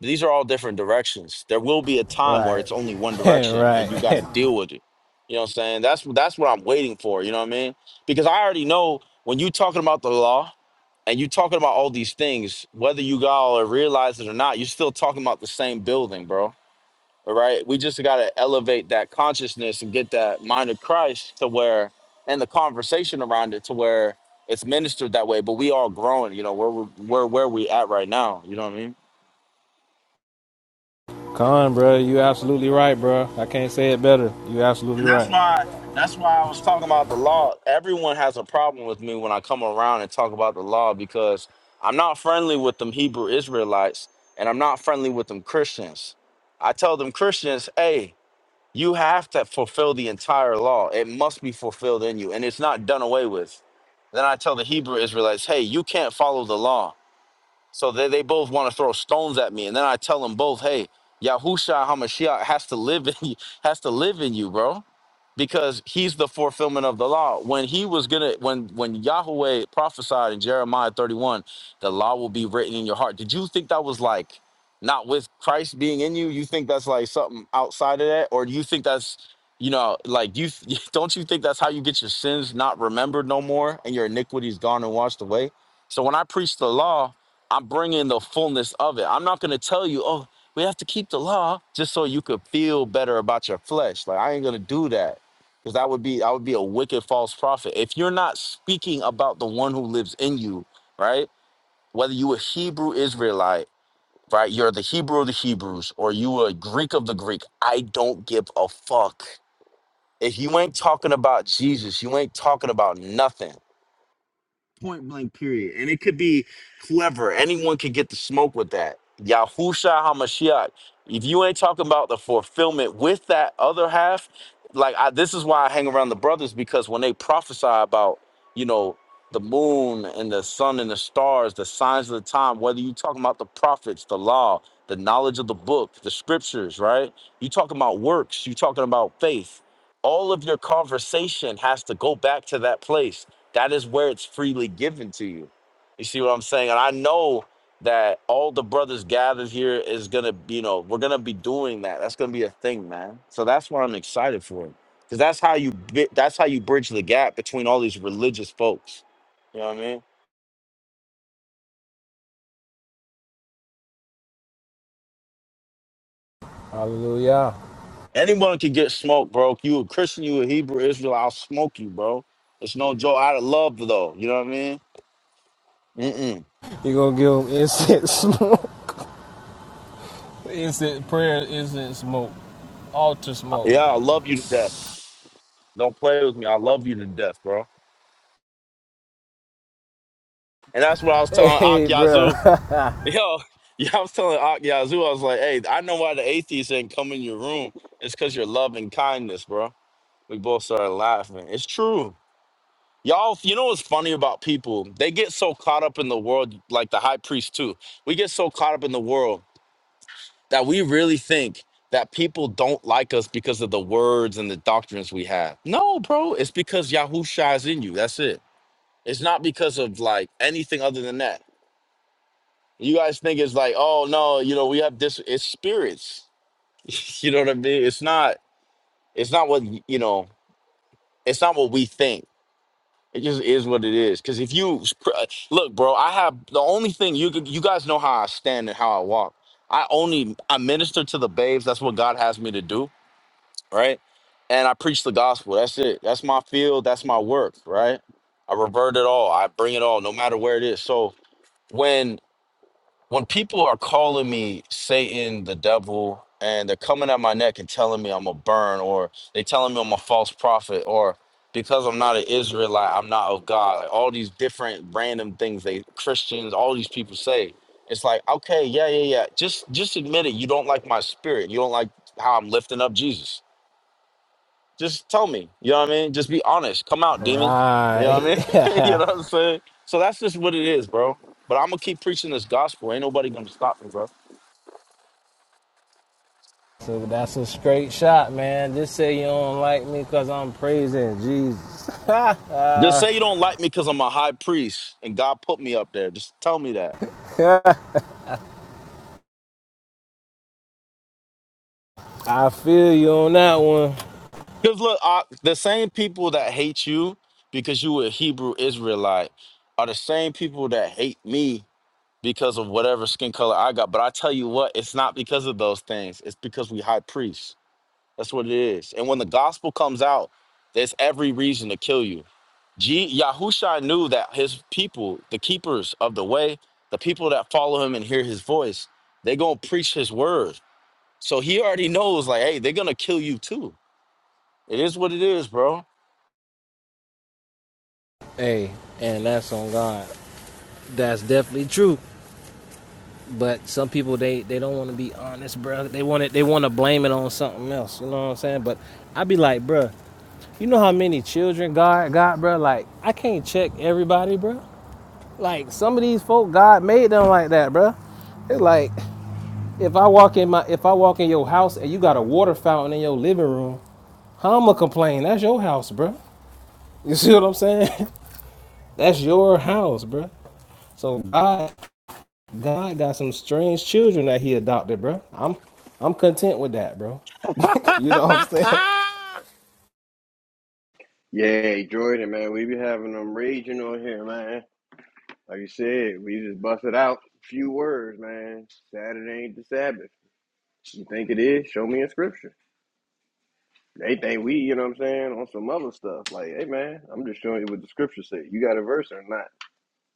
these are all different directions there will be a time where Right. it's only one direction and you right. got to deal with it you know what i'm saying that's that's what i'm waiting for you know what i mean because i already know when you talking about the law and you talking about all these things, whether you all are realize it or not, you're still talking about the same building, bro. All right. We just gotta elevate that consciousness and get that mind of Christ to where and the conversation around it to where it's ministered that way, but we all growing, you know, where we're where where we at right now. You know what I mean? Con, bro, you absolutely right, bro. I can't say it better. You absolutely And that's right. why that's why I was talking about the law. Everyone has a problem with me when I come around and talk about the law because I'm not friendly with them Hebrew Israelites and I'm not friendly with them Christians. I tell them Christians, hey, you have to fulfill the entire law. It must be fulfilled in you and it's not done away with. Then I tell the Hebrew Israelites, hey, you can't follow the law. So they, they both want to throw stones at me. And then I tell them both, hey, Yahusha Hamashiach has to live in you, has to live in you, bro. Because he's the fulfillment of the law. When he was gonna when when Yahweh prophesied in Jeremiah 31, the law will be written in your heart. Did you think that was like not with Christ being in you? You think that's like something outside of that? Or do you think that's you know, like you don't you think that's how you get your sins not remembered no more and your iniquities gone and washed away? So when I preach the law, I'm bringing the fullness of it. I'm not going to tell you, oh, we have to keep the law just so you could feel better about your flesh. Like I ain't going to do that because that would be I would be a wicked false prophet. If you're not speaking about the one who lives in you, right? Whether you a Hebrew Israelite, right? You're the Hebrew of the Hebrews or you a Greek of the Greek. I don't give a fuck. If you ain't talking about Jesus, you ain't talking about nothing. Point blank, period. And it could be clever. Anyone could get the smoke with that. Yahusha Hamashiach. If you ain't talking about the fulfillment with that other half, like I, this is why I hang around the brothers because when they prophesy about, you know, the moon and the sun and the stars, the signs of the time, whether you talking about the prophets, the law, the knowledge of the book, the scriptures, right? You talking about works, you talking about faith. All of your conversation has to go back to that place that is where it's freely given to you. You see what I'm saying? And I know that all the brothers gathered here is gonna, you know, we're gonna be doing that. That's gonna be a thing, man. So that's what I'm excited for, because that's how you bi- that's how you bridge the gap between all these religious folks. You know what I mean? Hallelujah. Anyone can get smoked, bro. You a Christian, you a Hebrew, Israel, I'll smoke you, bro. It's no joke. I love though. You know what I mean? Mm-mm. You gonna give them incense smoke? Incense prayer, incense smoke, altar smoke. Yeah, I love you to death. Don't play with me. I love you to death, bro. And that's what I was telling Hey, bro. Akyazu. Yo, yeah, I was telling Ak Yazoo, I was like, hey, I know why the atheists ain't come in your room. It's because your love and kindness, bro. We both started laughing. It's true. Y'all, you know what's funny about people? They get so caught up in the world, like the high priest, too. We get so caught up in the world that we really think that people don't like us because of the words and the doctrines we have. No, bro, it's because Yahusha is in you. That's it. It's not because of like anything other than that. You guys think it's like, oh no, you know, we have this. It's spirits. you know what I mean? It's not. It's not what you know. It's not what we think. It just is what it is. Because if you look, bro, I have the only thing you could- you guys know how I stand and how I walk. I only I minister to the babes. That's what God has me to do, right? And I preach the gospel. That's it. That's my field. That's my work, right? I revert it all. I bring it all, no matter where it is. So when. when people are calling me Satan, the devil, and they're coming at my neck and telling me I'm a burn, or they telling me I'm a false prophet, or because I'm not an Israelite, I'm not of God. Like all these different random things they Christians, all these people say. It's like, okay, yeah, yeah, yeah. Just just admit it. You don't like my spirit. You don't like how I'm lifting up Jesus. Just tell me. You know what I mean? Just be honest. Come out, demon. You know what right. I mean? you know what I'm saying? So that's just what it is, bro. But I'm gonna keep preaching this gospel. Ain't nobody gonna stop me, bro. so that's a straight shot, man. Just say you don't like me because I'm praising Jesus. Just I say you don't like me because I'm a high priest and God put me up there. Just tell me that. feel you on that one. Because look, I, the same people that hate you because you were a Hebrew Israelite are the same people that hate me because of whatever skin color I got. But I tell you what, it's not because of those things. It's because we high priests. That's what it is. And when the gospel comes out, there's every reason to kill you. G- Yahusha knew that his people, the keepers of the way, the people that follow him and hear his voice, they gonna preach his word. So he already knows, like, hey, they're gonna kill you too. It is what it is, bro. Hey, and that's on God. That's definitely true. But some people they they don't want to be honest, bro. They want it. They want to blame it on something else. You know what I'm saying? But I be like, bro, you know how many children God got, bro? Like I can't check everybody, bro. Like some of these folk, God made them like that, bro. It's like if I walk in my if I walk in your house and you got a water fountain in your living room, how I'ma complain? That's your house, bro. You see what I'm saying? That's your house, bro. So God, God got some strange children that He adopted, bro. I'm I'm content with that, bro. You know what I'm saying? Yay, Jordan, man. We be having them raging on here, man. Like you said, we just busted out a few words, man. Saturday ain't the Sabbath. You think it is? Show me in scripture. They think we, you know what I'm saying, on some other stuff. Like, hey man, I'm just showing you what the scripture say. You got a verse or not?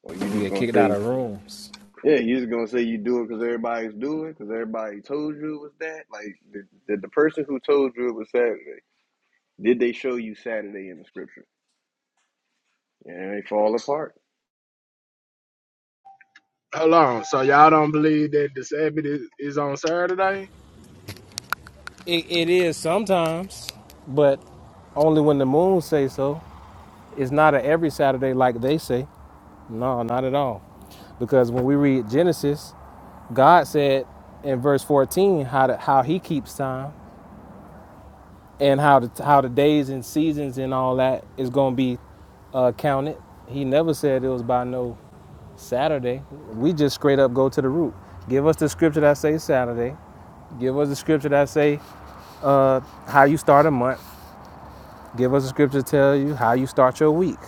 Or you You just get gonna kicked out say, of rooms. yeah, you just gonna say you do it because everybody's doing it, because everybody told you it was that. Like, did, did the person who told you it was Saturday, did they show you Saturday in the scripture? Yeah, they fall apart. Hold on. So y'all don't believe that the Sabbath is, is on Saturday? It, it is sometimes, but only when the moon say so. It's not a every Saturday like they say. No, not at all. Because when we read Genesis, God said in verse 14 how to, how He keeps time and how the how the days and seasons and all that is going to be uh, counted. He never said it was by no Saturday. We just straight up go to the root. Give us the scripture that say Saturday. Give us the scripture that say Uh, how you start a month. Give us a scripture to tell you how you start your week.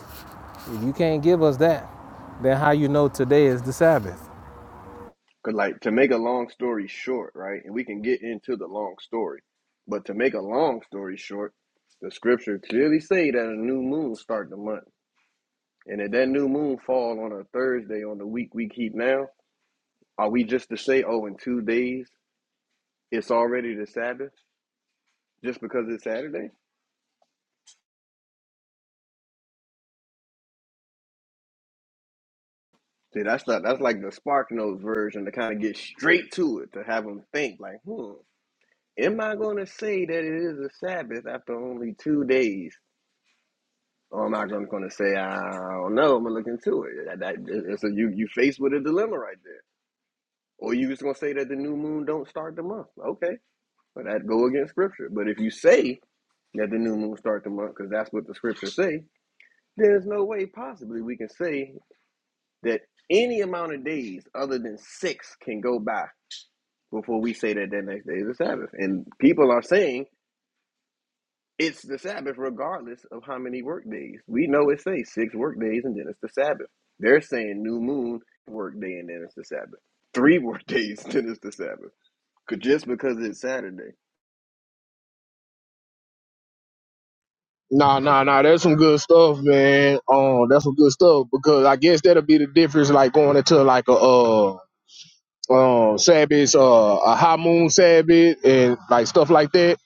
If you can't give us that, then how you know today is the Sabbath? Cause like to make a long story short, right? And we can get into the long story, but to make a long story short, the scripture clearly say that a new moon start the month, and if that new moon fall on a Thursday on the week we keep now, are we just to say, oh, in two days it's already the Sabbath just because it's Saturday? See, that's not that's like the Spark Notes version to kind of get straight to it to have them think like, hmm, am I going to say that it is a Sabbath after only two days? Oh, I'm not just gonna say I don't know. I'm gonna look into it. That, that, it- so you you faced with a dilemma right there, or you just gonna say that the new moon don't start the month? Okay, well that go against scripture. But if you say that the new moon start the month because that's what the scriptures say, there's no way possibly we can say that any amount of days other than six can go by before we say that that next day is the Sabbath. And people are saying It's the Sabbath, regardless of how many work days. We know it says six work days and then it's the Sabbath. They're saying new moon work day and then it's the Sabbath. Three work days, and then it's the Sabbath. 'Cause- Just because it's Saturday. Nah, nah, nah. That's some good stuff, man. Um, that's some good stuff because I guess that'll be the difference, like going into like a uh um Sabbath, uh, a high moon Sabbath, and like stuff like that.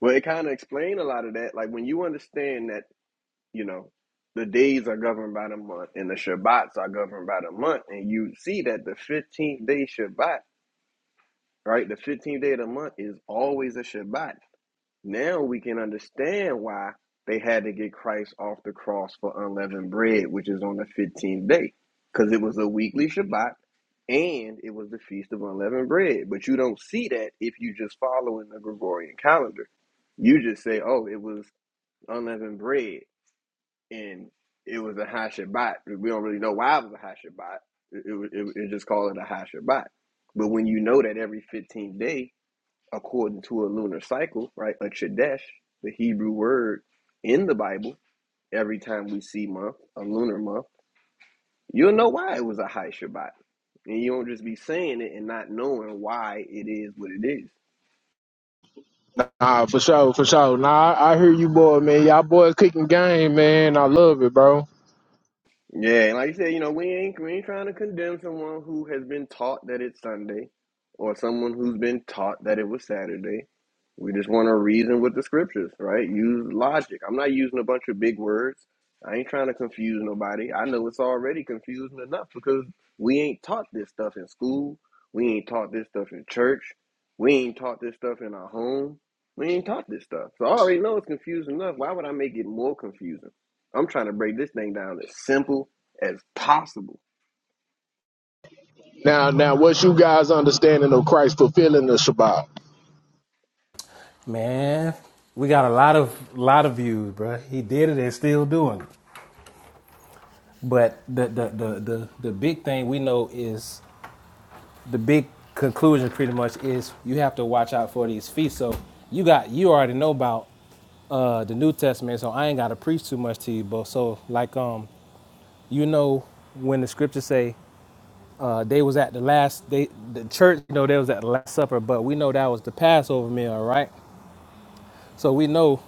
Well, it kind of explained a lot of that. Like when you understand that, you know, the days are governed by the month and the Shabbats are governed by the month, and you see that the 15th day Shabbat, right? The 15th day of the month is always a Shabbat Now we can understand why they had to get Christ off the cross for unleavened bread, which is on the 15th day, because it was a weekly Shabbat and it was the Feast of Unleavened Bread. But you don't see that if you just follow in the Gregorian calendar. You just say, oh, it was unleavened bread and it was a high Shabbat. We don't really know why it was a high Shabbat. It, it, it, it just called it a high Shabbat. But when you know that every 15th day according to a lunar cycle, right? A Chodesh, the Hebrew word in the Bible, every time we see month, a lunar month, you'll know why it was a high Shabbat. And you won't just be saying it and not knowing why it is what it is. Nah, for sure, for sure. Nah, I, I hear you, boy, man. Y'all boys kicking game, man. I love it, bro. Yeah, and like you said, you know, we ain't we ain't trying to condemn someone who has been taught that it's Sunday or someone who's been taught that it was Saturday We just want to reason with the scriptures, right? Use logic. I'm not using a bunch of big words. I ain't trying to confuse nobody. I know it's already confusing enough because we ain't taught this stuff in school. We ain't taught this stuff in church. We ain't taught this stuff in our home. We ain't taught this stuff. So I already know it's confusing enough. Why would I make it more confusing? I'm trying to break this thing down as simple as possible. Now, now, what's you guys' understanding of Christ fulfilling the Shabbat? Man, we got a lot of lot of views, bro. He did it and still doing it. But the the the the, the big thing we know is the big conclusion pretty much is you have to watch out for these feasts. So you got you already know about uh, the New Testament, so I ain't gotta preach too much to you, but so like um you know when the scriptures say uh, they was at the last they the church you know they was at the last supper but we know that was the passover meal right so we know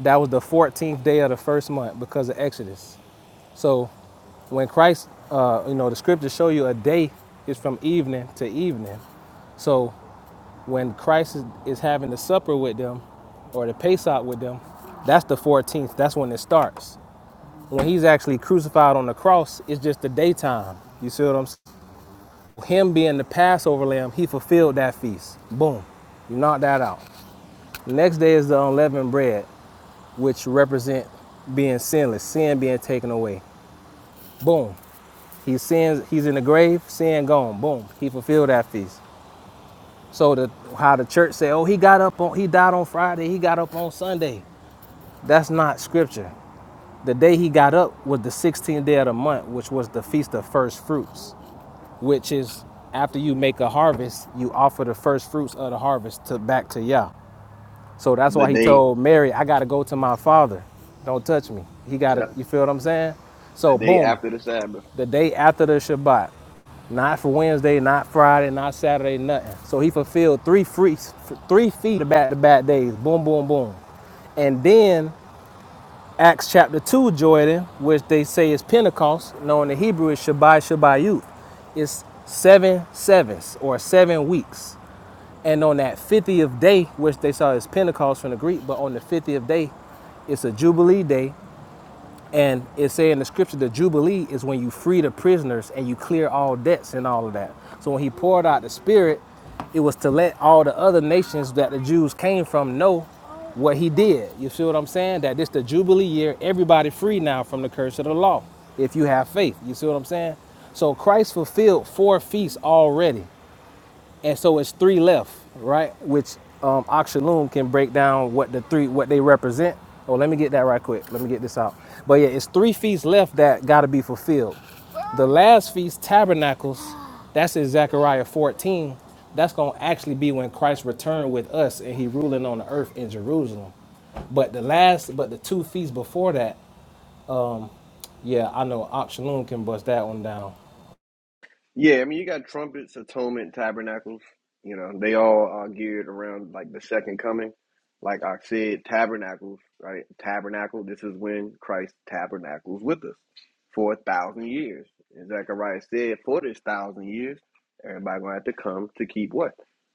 that was the 14th day of the first month because of exodus so when christ uh, you know the scriptures show you a day is from evening to evening so when christ is, is having the supper with them or the pesach with them that's the 14th that's when it starts when he's actually crucified on the cross it's just the daytime you see what i'm saying Him being the Passover lamb, he fulfilled that feast. Boom. You knock that out. The Next day is the unleavened bread, which represent being sinless, sin being taken away. Boom. He sins, he's in the grave, sin gone. Boom. He fulfilled that feast. So the how the church say, oh, he got up on he died on Friday, he got up on Sunday. That's not scripture. The day he got up was the 16th day of the month, which was the feast of first fruits. which is after you make a harvest, you offer the first fruits of the harvest to back to Yah. So that's The why he day, told Mary, I gotta go to my father. Don't touch me. He gotta yep, you feel what I'm saying? So the day boom, after the Sabbath. the day after the Shabbat. Not for Wednesday, not Friday, not Saturday, nothing. So he fulfilled three free, three feet back to back days. Boom, boom, boom. And then Acts chapter 2, Jordan, which they say is Pentecost, known in Hebrew as Shabbat Shabbayut, is seven sevens or seven weeks. And on that 50th day, which they saw as Pentecost from the Greek, but on the 50th day, it's a Jubilee day and it say in the scripture, the Jubilee is when you free the prisoners and you clear all debts and all of that. So when he poured out the Spirit, it was to let all the other nations that the Jews came from know what he did. You see what I'm saying? That this the Jubilee year, everybody free now from the curse of the law if you have faith. You see what I'm saying? So Christ fulfilled four feasts already and so it's three left, right? Which um, Oxaloom can break down what the three what they represent. Oh, let me get that right quick. Let me get this out. But yeah, it's three feasts left that got to be fulfilled. The last feast, Tabernacles, that's in Zechariah 14. That's gonna actually be when Christ returned with us and He ruling on the earth in Jerusalem. But the last, but the two feasts before that, yeah, I know Oxaloom can bust that one down. Yeah, I mean, you got trumpets, atonement, tabernacles. You know, they all are geared around like the second coming. Like I said, tabernacles, right? Tabernacle. This is when Christ tabernacles with us for a thousand years. And Zechariah said, for this thousand years, everybody gonna have to come to keep what?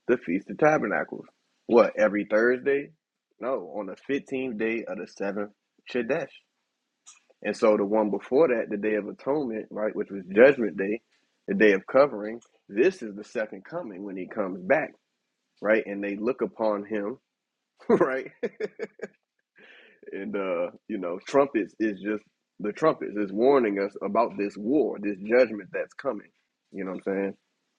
The Feast of Tabernacles. What? Every Thursday? No, on the fifteenth day of the seventh Chodesh. And so the one before that, the Day of Atonement, right, which was Judgment Day, the Day of Covering, this is the second coming when he comes back, right? And they look upon him, right? And uh, you know, trumpets is just the trumpets is warning us about this war, this judgment that's coming. You know what I'm saying?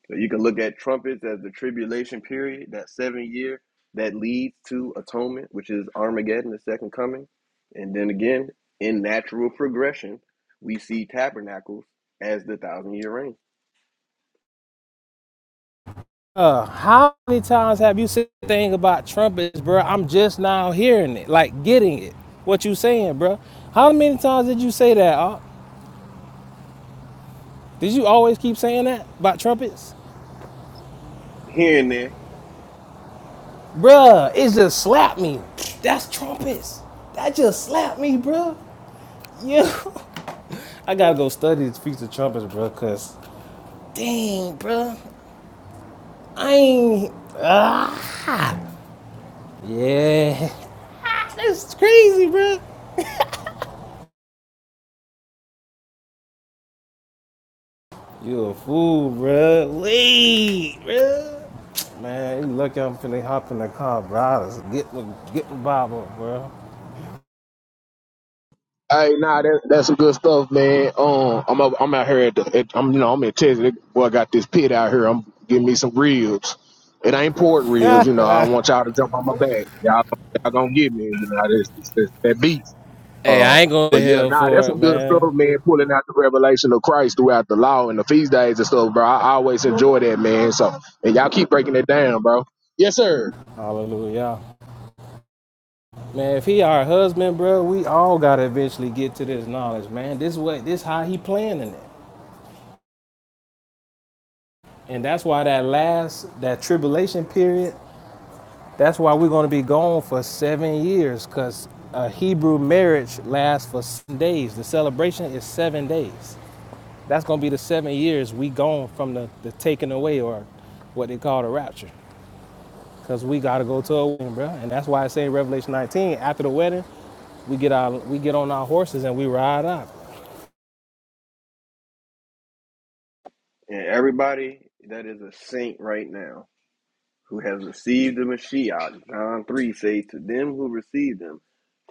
So you can look at trumpets as the tribulation period, that seven year that leads to atonement, which is Armageddon, the second coming. And then again, in natural progression, we see tabernacles as the thousand year reign. Uh, how many times have you said the thing about trumpets, bro? I'm just now hearing it, like getting it. What you saying, bro? How many times did you say that? Op? Did you always keep saying that about trumpets, Here and there, Bruh, It just slapped me. That's trumpets. That just slapped me, bruh. Yeah, I gotta go study this piece of trumpets, bro. Cause dang, bruh, I ain't. Ah, yeah, that's crazy, bruh. You a fool, bruh. Wait, bruh. Man, you lucky I'm finna hop in the car, bro. I was get the get the Bible, bro. Hey, nah, that, that's some good stuff, man. Um, I'm up, I'm out here at, the, at I'm you know I'm in Texas. Boy, I got this pit out here. I'm getting me some ribs. It ain't pork ribs, you know. I don't want y'all to jump on my back. Y'all, y'all gonna get me, you know. This, this, this, that beef. Hey, Uh, I ain't going to but yeah, hell nah, that's for some it, good man. stuff, man. Pulling out the revelation of Christ throughout the law and the feast days and stuff, bro. I, I always enjoy that, man. So, and y'all keep breaking it down, bro. Yes, sir. Hallelujah. Man, if he our husband, bro, we all gotta eventually get to this knowledge, man. This way, this how he planning it. And that's why that last that tribulation period, that's why we're gonna be gone for seven years, cause a Hebrew marriage lasts for seven days. The celebration is seven days. That's gonna be the seven years we gone from the, the taking away or what they call the rapture. Cause we gotta go to a wedding, bro. And that's why I say in Revelation 19, after the wedding, we get our we get on our horses and we ride up. and everybody that is a saint right now who has received the Mashiach. John 3 say, To them who received him,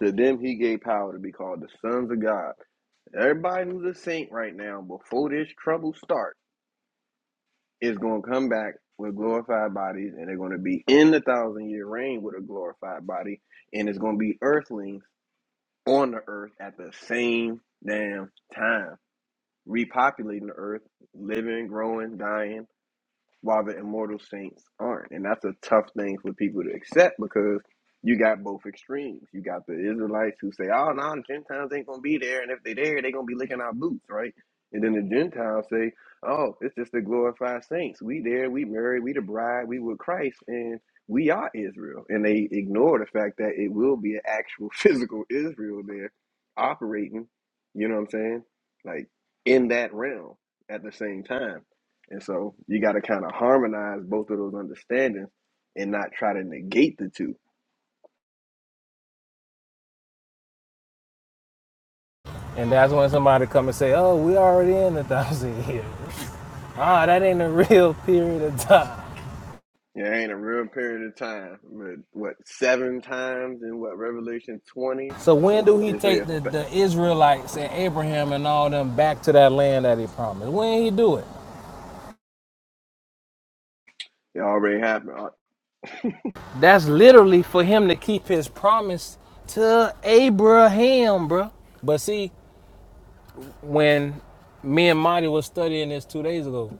to them he gave power to be called the sons of God. Everybody who's a saint right now, before this trouble starts, is going to come back with glorified bodies, and they're going to be in the thousand year reign with a glorified body, and it's going to be earthlings on the earth at the same damn time, repopulating the earth, living, growing, dying while the immortal saints aren't. And that's a tough thing for people to accept because you got both extremes. You got the Israelites who say, oh, no, the Gentiles ain't going to be there. And if they are there, they are going to be licking our boots, right? And then the Gentiles say, oh, it's just the glorified saints. We there, we married, we the bride, we with Christ, and we are Israel. And they ignore the fact that it will be an actual physical Israel there operating, you know what I'm saying? Like in that realm at the same time. And so you got to kind of harmonize both of those understandings and not try to negate the two. And that's when somebody come and say, Oh, we already in the thousand years. Ah, that ain't a real period of time. It ain't a real period of time. but What, seven times in what, Revelation 20? So when do he It's take it, the, the Israelites and Abraham and all them back to that land that he promised? When he do it? it already happened. Oh, That's literally for him to keep his promise to Abraham, bro. But see, when me and Marty was studying this two days ago,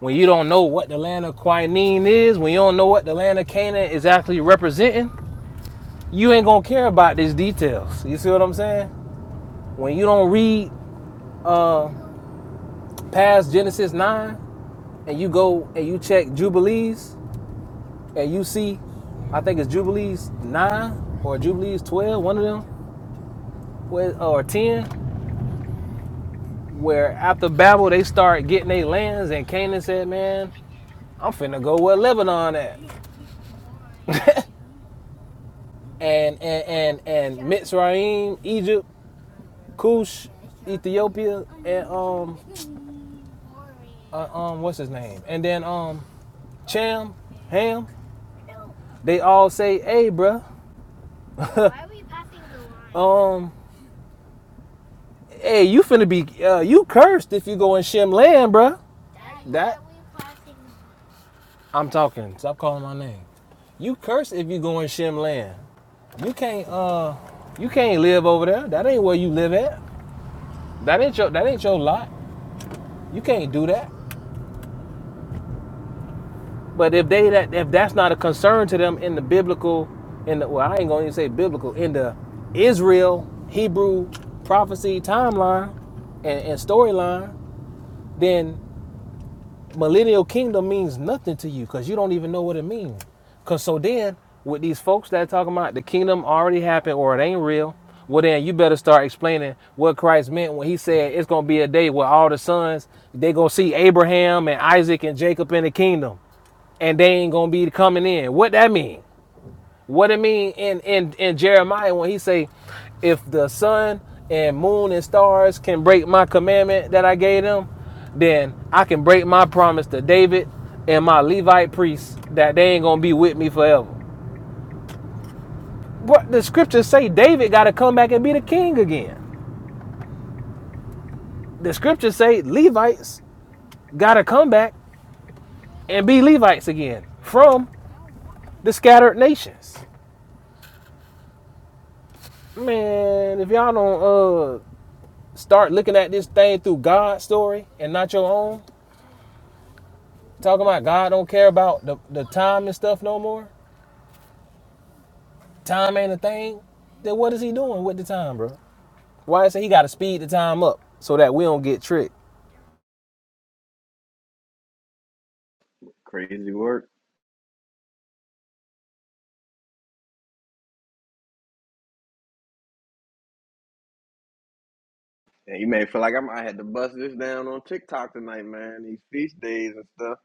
when you don't know what the land of Quinine is, when you don't know what the land of Canaan is actually representing, you ain't gonna care about these details. You see what I'm saying? When you don't read uh, past Genesis 9 and you go and you check Jubilees and you see, I think it's Jubilees 9 or Jubilees twelve, one of them, with or 10 where after Babel they start getting their lands and Canaan said, Man, I'm finna go where Lebanon at. and and and and Mitzrayim, Egypt, Cush, Ethiopia, and um uh, um what's his name? And then um Cham, Ham, they all say, Hey bruh, um hey you finna be uh, you cursed if you go in Shem land, bruh. I'm talking, stop calling my name. You cursed if you go in Shem land. You can't uh you can't live over there. That ain't where you live at. That ain't your that ain't your lot. You can't do that. But if they that if that's not a concern to them in the biblical in the well, I ain't gonna even say biblical, in the Israel Hebrew prophecy timeline and, and storyline, then millennial kingdom means nothing to you because you don't even know what it means. Cause so then with these folks that are talking about the kingdom already happened or it ain't real, well then you better start explaining what Christ meant when he said it's gonna be a day where all the sons they gonna see Abraham and Isaac and Jacob in the kingdom and they ain't gonna be coming in. What that mean? What it mean in in in Jeremiah when he say, if the sun and moon and stars can break my commandment that I gave them, then I can break my promise to David and my Levite priests that they ain't gonna be with me forever. But the scriptures say, David got to come back and be the king again. The scriptures say Levites got to come back and be Levites again from the scattered nations. Man, if y'all don't uh start looking at this thing through God's story and not your own, talking about God don't care about the, the time and stuff no more, time ain't a thing, then what is he doing with the time, bro? Why is it he got to speed the time up so that we don't get tricked? crazy work. And you may feel like I might have to bust this down on TikTok tonight, man. These feast days and stuff.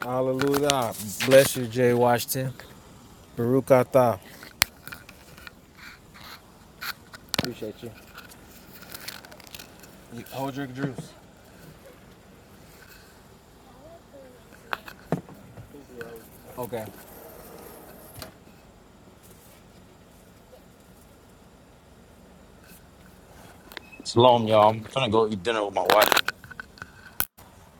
Hallelujah. Bless you, Jay Washington. Baruch atah. Appreciate you. You- Hold your juice. Okay. Shalom, y'all. I'm trying to go eat dinner with my wife.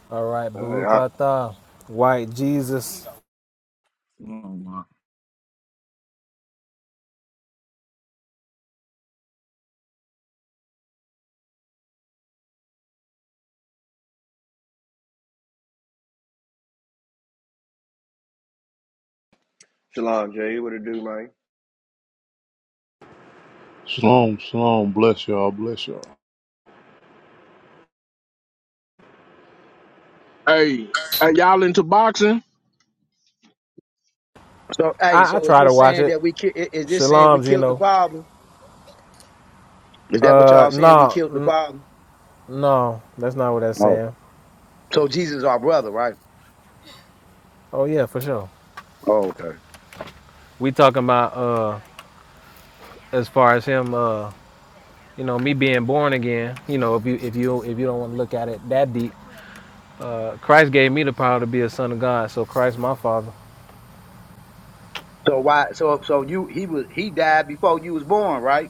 All right, All Baruch right, I, atah. White Jesus. Shalom, Jay. What it do, man? Shalom, shalom, bless y'all, bless y'all. Hey, are y'all into boxing? So, hey, I, I so is try to this watch saying it. that we ki- i- is this saying we Shalom, killed the Gino. father? Is that what Uh, y'all saying? We no, killed the n- father. no, that's not what that's Oh, saying. so Jesus is our brother, right? Oh yeah, for sure. Oh, okay. We talking about uh as far as him uh you know me being born again. You know if you if you if you don't want to look at it that deep, uh Christ gave me the power to be a son of God. So Christ my father. So why? So so you he was he died before you was born, right?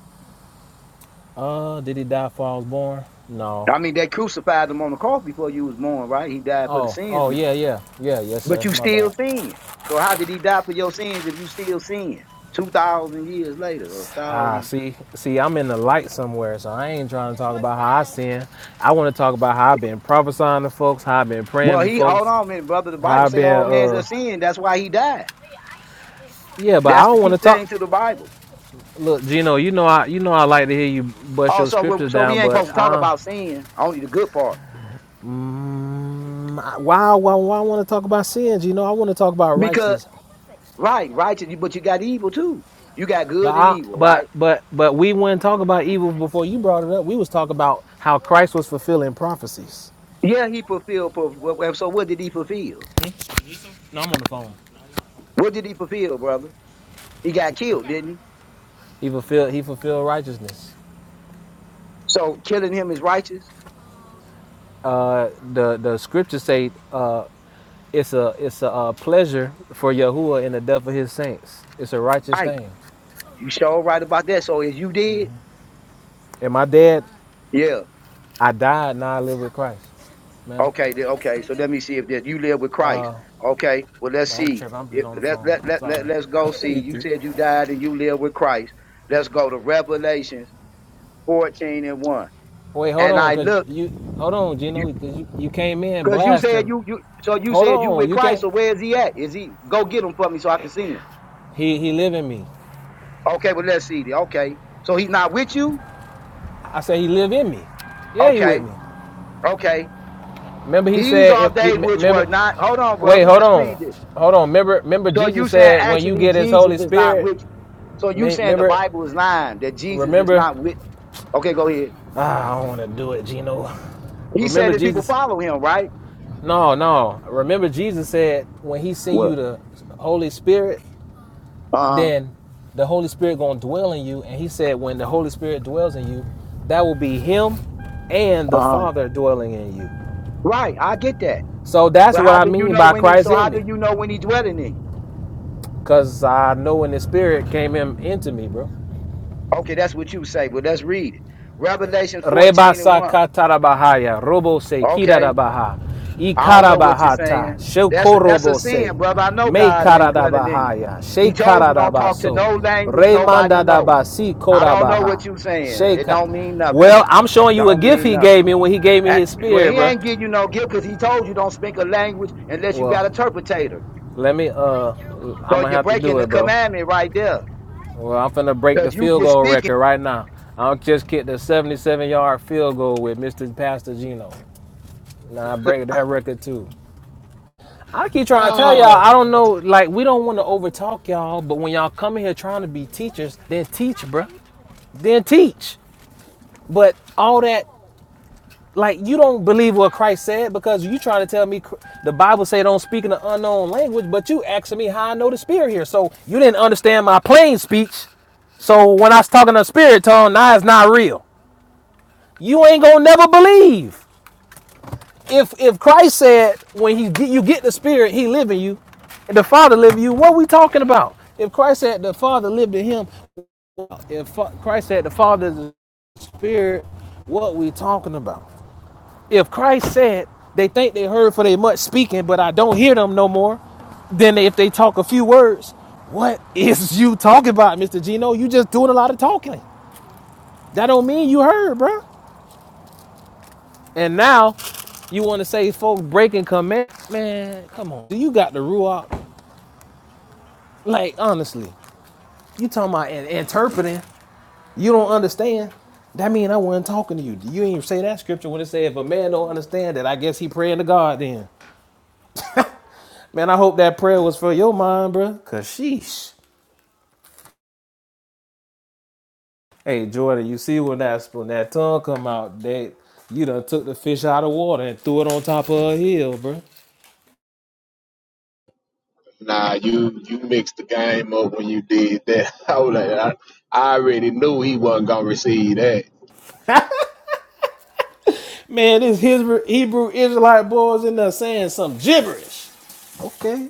Uh, did he die before I was born? No. I mean, they crucified him on the cross before you was born, right? He died for the Oh sins, oh you- yeah yeah yeah yes but sir. you My still bad. sin. So how did he die for your sins if you still sin? Two thousand years later, or Ah, thousand. see, see, I'm in the light somewhere, so I ain't trying to talk about how I sin. I want to talk about how I've been prophesying to folks, how I've been praying Well, for he hold folks, on, a minute, brother. The Bible how I've say been, all men are uh, sin. That's why he died. yeah, but I That's the don't key want to talk. thing to the Bible. Look, Gino, you know I you know I like to hear you bust Oh, your so we, scriptures so we down, ain't but supposed to talk I about sin, only the good part. mm, I- why why why I want to talk about sins? You know I want to talk about Because righteousness, right, righteous, but you got evil too. You got but good and I evil, but right? but but we wouldn't talk about evil before you brought it up. We was talking about how Christ was fulfilling prophecies. Yeah, he fulfilled. pu- well, well, So what did he fulfill? Hmm? No, I'm on the phone. What did he fulfill, brother? He got killed, didn't he? He fulfilled he fulfilled righteousness. So killing him is righteous. Uh, the the scriptures say uh, it's a it's a uh, pleasure for Yahuwah in the death of his saints. It's a righteous Right, thing. you sure right about that. So if you did, And my dad, yeah, I died, now I live with Christ. Ma'am, okay, then, okay. So let me see if that you live with Christ. uh, Okay, well let's no, I'm see. tripping. I'm If, just on the let, phone. let, let, let, Sorry. let's go see. You You too. said you died and you live with Christ. Let's go to Revelations 14 and 1. Wait, hold and on, I cause looked, you, hold on, because Gino, cause you, you came in you said blasting. you you so you Hold said you with on, you Christ. can't. So where is he at? Is he go get him for me so I can see him? He he live in me. Okay, well let's see. Okay, so he's not with you. I said he live in me. Yeah, he with Okay, me. okay. Remember he These said are if he they which were remember. not. Hold on, Wait, brother. hold Let's on, read this. hold on. Remember remember So you Jesus saying said when you actually get His Jesus Holy is not Spirit. with. So you saying the Remember Bible is lying that Jesus is remember. not with. Okay, go ahead. Ah, I don't want to do it, Gino. He said Remember that people Jesus. follow him, right? No, no. Remember Jesus said when He sent Well, you the Holy Spirit, uh huh, then the Holy Spirit going to dwell in you. And he said, when the Holy Spirit dwells in you, that will be him and the uh huh. Father dwelling in you. Right, I get that. So that's But what how I do you mean know by when he? Christ So how in do me. you know when he dwelling in you? Because I know when the Spirit came in, into me, bro. Okay, that's what you say. Well, let's read it. Revelation 14 and Rebasa 1. katarabahaya, robose Okay. kirarabaha, I don't know what you're ikarabahata, saying. That's a, that's a shokorobose, sin, brother. I know God ain't dwelling in you. mekaradabahaya, He told you don't talk to shekaradabaso, no language nobody know. remandadabasi I don't know korabaha, what you saying. It sheka. don't mean nothing. Well, I'm showing you a Don't gift mean he gave nothing. me when he gave me Eh, his Well, spirit, he bro. ain't give you no gift because he told you don't speak a language unless you got Well, a interpretator. let me, uh, I'm So gonna you're have to breaking do it, the bro. commandment right there. Well, I'm finna break the Because you field just goal speaking. record right now. I just kicked the 77 yard field goal with Mr. Pastor Gino. Now I break that record too. I keep trying to tell y'all, I don't know, like, we don't want to overtalk y'all, but when y'all come in here trying to be teachers, then teach, bruh. Then teach. But all that, like, you don't believe what Christ said because you trying to tell me the Bible say don't speak in an unknown language, but you asking me how I know the spirit here. So you didn't understand my plain speech. So when I was talking to spirit tongue, now it's not real. You ain't gonna never believe. if if Christ said when he get, you get the Spirit, He live in you, and the Father live in you, what are we talking about? If Christ said the Father lived in Him, if Christ said the Father is the Spirit, what we talking about? If Christ said they think they heard for they much speaking, but I don't hear them no more, then if they talk a few words, what is you talking about, Mister Gino? You just doing a lot of talking. That don't mean you heard, bro. And now you want to say folks breaking command? Man, come on. Do you got the ruach? Like honestly, you talking about in- interpreting? You don't understand. That mean I wasn't talking to you. You ain't even say that scripture when it said if a man don't understand it, I guess he praying to God then. Man, I hope that prayer was for your mind, bro. Cause sheesh. Hey Jordan, you see when that when that tongue come out, that you done took the fish out of water and threw it on top of a hill, bro? Nah, you you mixed the game up when you did that. I was like, I, I already knew he wasn't gonna receive that. Man, this Hebrew Israelite boys in there saying some gibberish. Okay.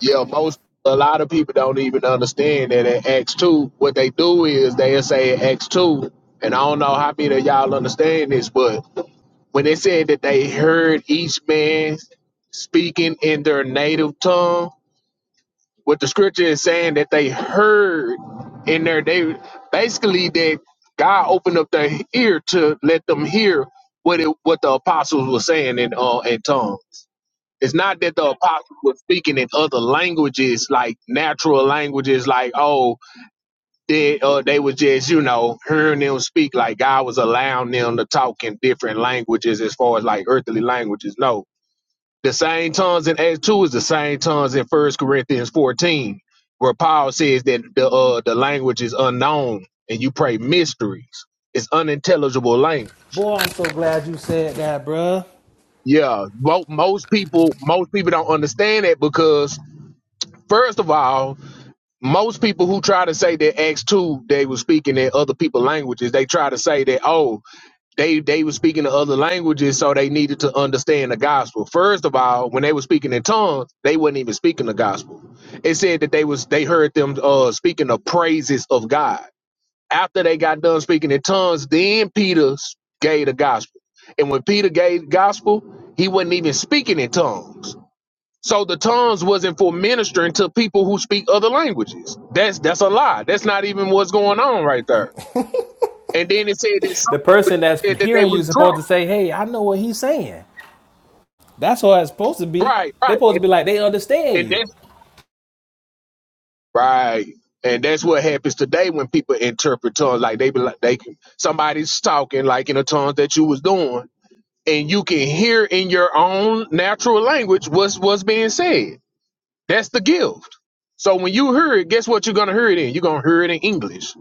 Yeah, most a lot of people don't even understand that at X two, what they do is they say at X two, and I don't know how many of y'all understand this, but when they said that they heard each man speaking in their native tongue, what the scripture is saying that they heard in there they basically that god opened up their ear to let them hear what it what the apostles were saying in uh in tongues it's not that the apostles were speaking in other languages like natural languages like oh they uh they were just you know hearing them speak like god was allowing them to talk in different languages as far as like earthly languages no the same tongues in Acts 2 is the same tongues in First Corinthians 14, where Paul says that the, uh, the language is unknown and you pray mysteries. It's unintelligible language. Boy, I'm so glad you said that, bruh. Yeah, mo- most people most people don't understand that because first of all, most people who try to say that Acts two they were speaking in other people's languages, they try to say that oh they they were speaking to other languages, so they needed to understand the gospel. First of all, when they were speaking in tongues, they wasn't even speaking the gospel. It said that they was they heard them uh speaking the praises of God. After they got done speaking in tongues, then Peter s- gave the gospel. And when Peter gave the gospel, he wasn't even speaking in tongues. So the tongues wasn't for ministering to people who speak other languages. That's that's a lie. That's not even what's going on right there. And then it said that The some person that's said that they hearing were you is drunk. supposed to say, hey, I know what he's saying. That's what it's supposed to be. Right, They're right. supposed to And, be like, they understand and you. that's right. And that's what happens today when people interpret tongues. Like they be like they can somebody's talking like in the tongues that you was doing, and you can hear in your own natural language what's what's being said. That's the gift. So when you hear it, guess what you're gonna hear it in? You're gonna hear it in English.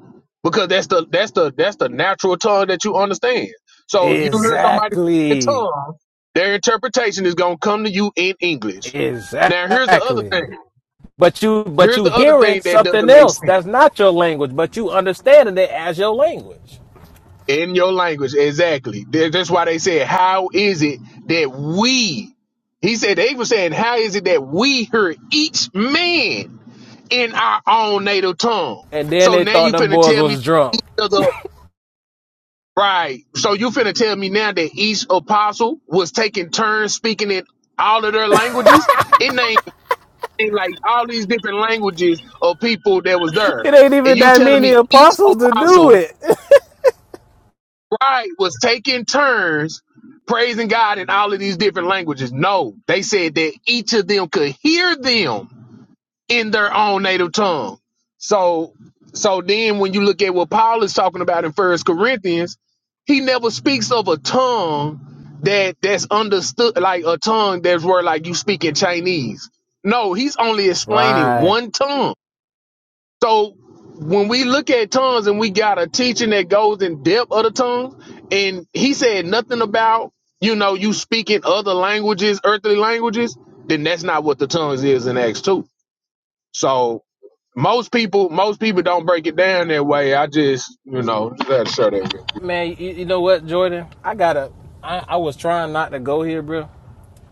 Because that's the that's the that's the natural tongue that you understand. So if you hear somebody in Exactly. tongues, their interpretation is gonna come to you in English. Now here's the other Exactly. thing. But you but Here's you the other hearing thing that something doesn't make else sense. that's not your language, but you understanding it as your language. In your language, exactly. That- That's why they said, How is it that we, he said, they were saying, How is it that we hear each man in our own native tongue? And then So they now thought you them finna boys tell me, was drunk. the other- right? So you finna tell me now that each apostle was taking turns speaking in all of their languages? It ain't ain't like all these different languages of people that was there. It ain't And even you that telling many me each apostles to do apostle it. Right, was taking turns praising God in all of these different languages. No, they said that each of them could hear them in their own native tongue. So, so then when you look at what Paul is talking about in First Corinthians, he never speaks of a tongue that that's understood, like a tongue that's where like you speak in Chinese. No, he's only explaining right. one tongue so when we look at tongues and we got a teaching that goes in depth of the tongues, and he said nothing about, you know, you speaking other languages, earthly languages, then that's not what the tongues is in Acts 2. So most people, most people don't break it down that way. I just, you know, just had to share that. Man, you, you know what, Jordan? I gotta. I, I was trying not to go here, bro,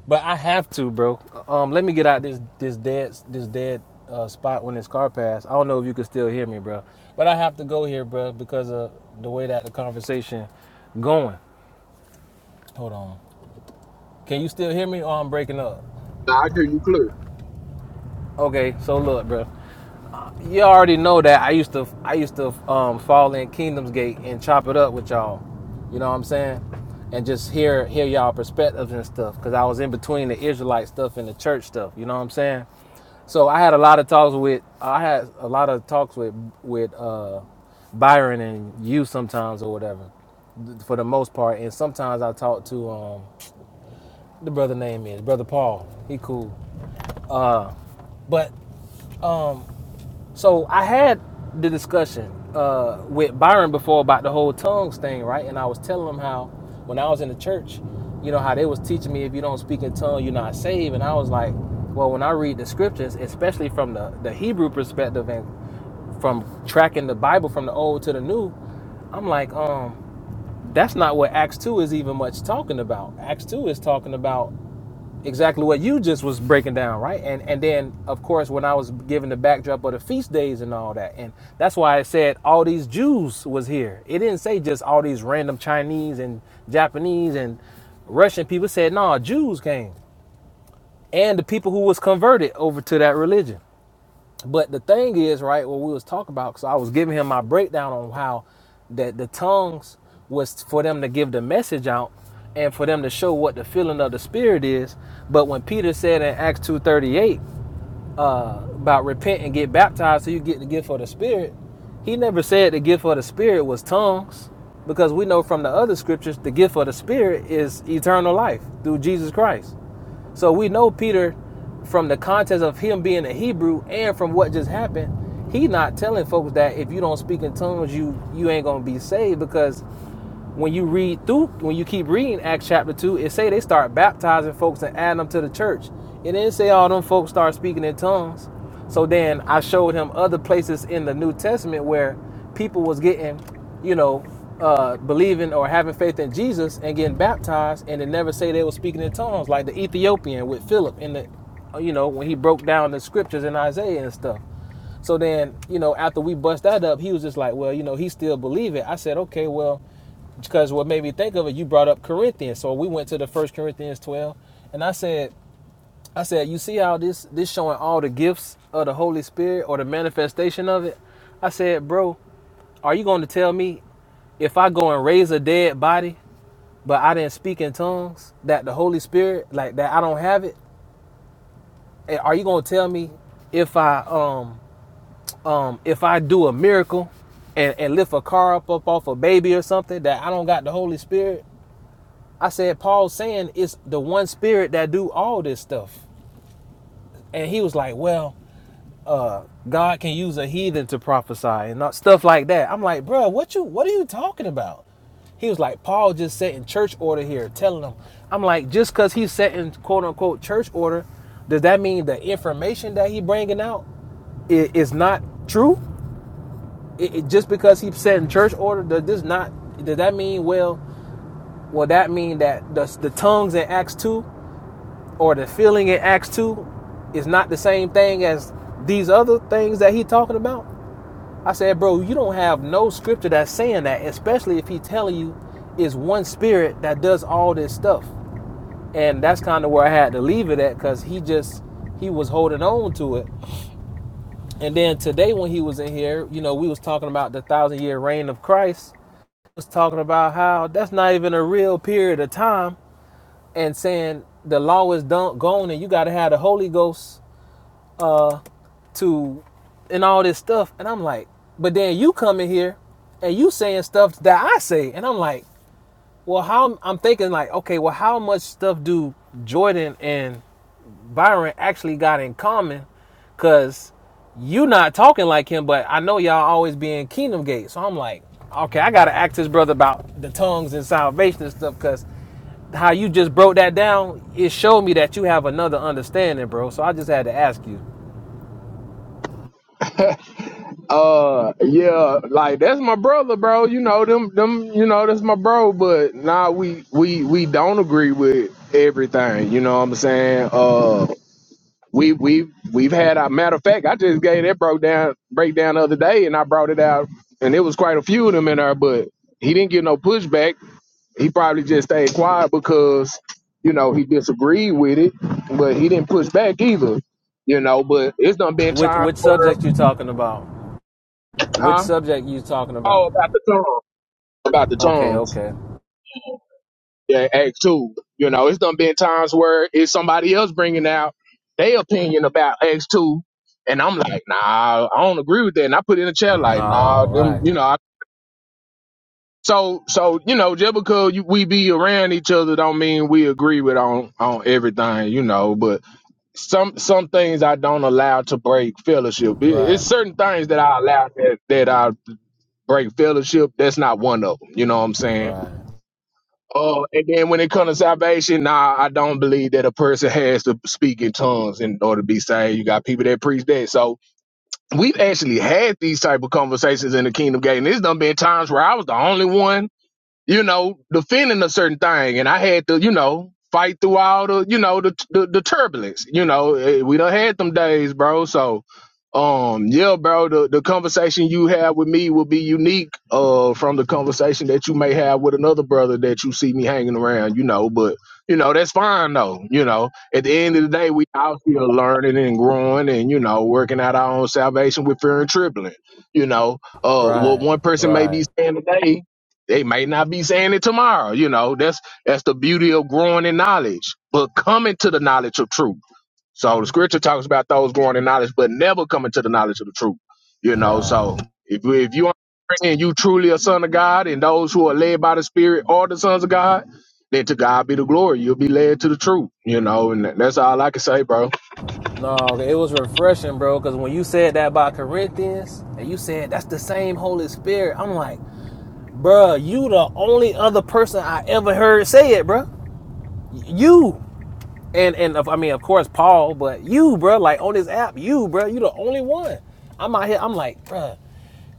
but I have to, bro. Um, let me get out this this dead this dead uh, spot when this car passed. I don't know if you can still hear me, bro, but I have to go here, bro, because of the way that the conversation going. Hold on. Can you still hear me, or I'm breaking up? Now I hear you clear. Okay, so look, bro. You already know that I used to I used to um, fall in Kingdom's Gate and chop it up with y'all. You know what I'm saying? And just hear hear y'all perspectives and stuff because I was in between the Israelite stuff and the church stuff. You know what I'm saying? So I had a lot of talks with I had a lot of talks with with uh, Byron and you sometimes or whatever th- for the most part. And sometimes I talk to um, the brother name is brother Paul. He cool. But um, So I had the discussion uh, with Byron before about the whole tongues thing, right? And I was telling him how when I was in the church, you know how they was teaching me if you don't speak in tongues, you're not saved. And I was like, well, when I read the scriptures, especially from the, the Hebrew perspective and from tracking the Bible from the old to the new, I'm like, um, that's not what Acts two is even much talking about. Acts two is talking about exactly what you just was breaking down right and and then of course when i was given the backdrop of the feast days and all that and that's why i said all these jews was here it didn't say just all these random chinese and japanese and russian people It said no jews came and the people who was converted over to that religion but the thing is, right, what we was talking about, because I was giving him my breakdown on how that the tongues was for them to give the message out and for them to show what the feeling of the spirit is. But when Peter said in Acts 2.38, uh, about repent and get baptized so you get the gift of the Spirit, he never said the gift of the Spirit was tongues, because we know from the other scriptures the gift of the Spirit is eternal life through Jesus Christ. So we know Peter, from the context of him being a Hebrew and from what just happened, he not telling folks that if you don't speak in tongues, you you ain't gonna be saved because when you read through, when you keep reading Acts chapter two, it say they start baptizing folks and adding them to the church. It didn't say all them folks start speaking in tongues. So then I showed him other places in the New Testament where people was getting, you know, uh, believing or having faith in Jesus and getting baptized, and it never say they were speaking in tongues, like the Ethiopian with Philip in the, uh, you know, when he broke down the scriptures in Isaiah and stuff. So then, you know, after we bust that up, he was just like, well, you know, he still believe it. I said, okay, well, because what made me think of it, you brought up Corinthians. So we went to the First Corinthians twelve, and I said, I said, you see how this this showing all the gifts of the Holy Spirit or the manifestation of it. I said, bro, are you going to tell me if I go and raise a dead body, but I didn't speak in tongues, that the Holy Spirit, like that, I don't have it? Eh, Are you going to tell me if I um um if I do a miracle and, and lift a car up, up off a baby or something that I don't got the Holy Spirit? I said, Paul's saying it's the one spirit that do all this stuff. And he was like, well, uh, God can use a heathen to prophesy and not stuff like that. I'm like, bro, what you what are you talking about? He was like, Paul just setting church order here, telling them. I'm like, just because he's setting quote unquote church order, does that mean the information that he bringing out i- is not true? It, it- just because he's setting church order, does this not? Does that mean well? Well, that mean that the, the tongues in Acts two or the feeling in Acts 2 is not the same thing as these other things that he talking about? I said, bro, you don't have no scripture that's saying that, especially if he telling you it's one spirit that does all this stuff. And that's kind of where I had to leave it at because he just he was holding on to it. And then today when he was in here, you know, we was talking about the thousand year reign of Christ. I Was talking about how that's not even a real period of time and saying the law is done gone and you gotta have the Holy Ghost to and all this stuff. And I'm like, but then you come in here and you saying stuff that I say. And I'm like, well, how I'm thinking like, okay, well, how much stuff do Jordan and Byron actually got in common? Cause you not talking like him, but I know y'all always be in Kingdom Gate. So I'm like, okay, I gotta ask this brother about the tongues and salvation and stuff, cause how you just broke that down, it showed me that you have another understanding, bro. So I just had to ask you, Uh, yeah, like that's my brother, bro. You know them, them. You know that's my bro. But nah, we we we don't agree with everything. You know what I'm saying? Uh, we we we've had our matter of fact. I just gave that broke down breakdown the other day, and I brought it out, and it was quite a few of them in there. But he didn't get no pushback. He probably just stayed quiet because you know he disagreed with it, but he didn't push back either. You know, but it's done been which time which for subject you talking about? Which huh? subject you talking about? Oh, about the tongue. about the Okay, tongues. okay. Yeah, Act Two. You know, it's done been times where it's somebody else bringing out their opinion about Act Two, and I'm like, nah, I don't agree with that. And I put it in the chat like, nah, No, them, right, you know. I, so, so you know, just because you, we be around each other, don't mean we agree with on on everything, you know. But some some things I don't allow to break fellowship. It, it's right, certain things that I allow that that I break fellowship. That's not one of them. You know what I'm saying? right, Oh, and then when it comes to salvation, nah, I don't believe that a person has to speak in tongues in order to be saved. You got people that preach that. So we've actually had these type of conversations in the Kingdom Gate, and there's done been times where I was the only one you know, defending a certain thing, and I had to, you know, fight through all the, you know, the the, the turbulence. You know, Eh, we done had them days, bro. So, um, yeah, bro, the the conversation you have with me will be unique, uh, from the conversation that you may have with another brother that you see me hanging around. You know, but you know that's fine though. You know, at the end of the day, we out here learning and growing, and you know, working out our own salvation with fear and trembling. You know, uh, what right, one person may be right, saying today they may not be saying it tomorrow. You know, that's that's the beauty of growing in knowledge, but coming to the knowledge of truth. So the scripture talks about those growing in knowledge, but never coming to the knowledge of the truth. You know, right. so if if you and you truly a son of God, and those who are led by the Spirit are the sons of God, then to God be the glory. You'll be led to the truth. You know, and that's all I can say, bro. No, okay, it was refreshing, bro. Because when you said that about Corinthians, and you said that's the same Holy Spirit, I'm like, bruh, you the only other person I ever heard say it, bruh. You. And and I mean, of course, Paul, but you, bro, like on this app, you, bro, you the only one. I'm out here. I'm like, bro,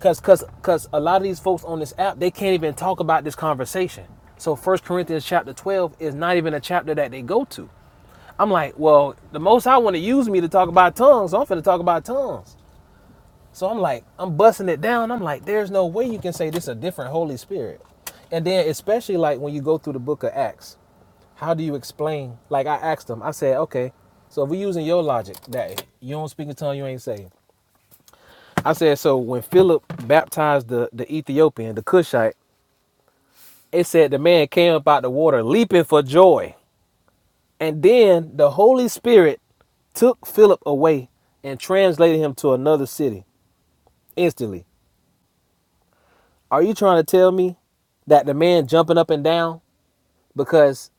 cause cause cause a lot of these folks on this app, they can't even talk about this conversation. So First Corinthians chapter 12 is not even a chapter that they go to. I'm like, well, the most I want to use me to talk about tongues, so I'm finna talk about tongues. So I'm like, I'm busting it down. I'm like, there's no way you can say this is a different Holy Spirit. And then especially like when you go through the book of Acts, how do you explain? Like I asked them, I said, okay, so if we're using your logic that you don't speak in tongue, you ain't saved. I said, so when Philip baptized the, the Ethiopian, the Cushite, it said the man came up out the water leaping for joy. And then the Holy Spirit took Philip away and translated him to another city instantly. Are you trying to tell me that the man jumping up and down because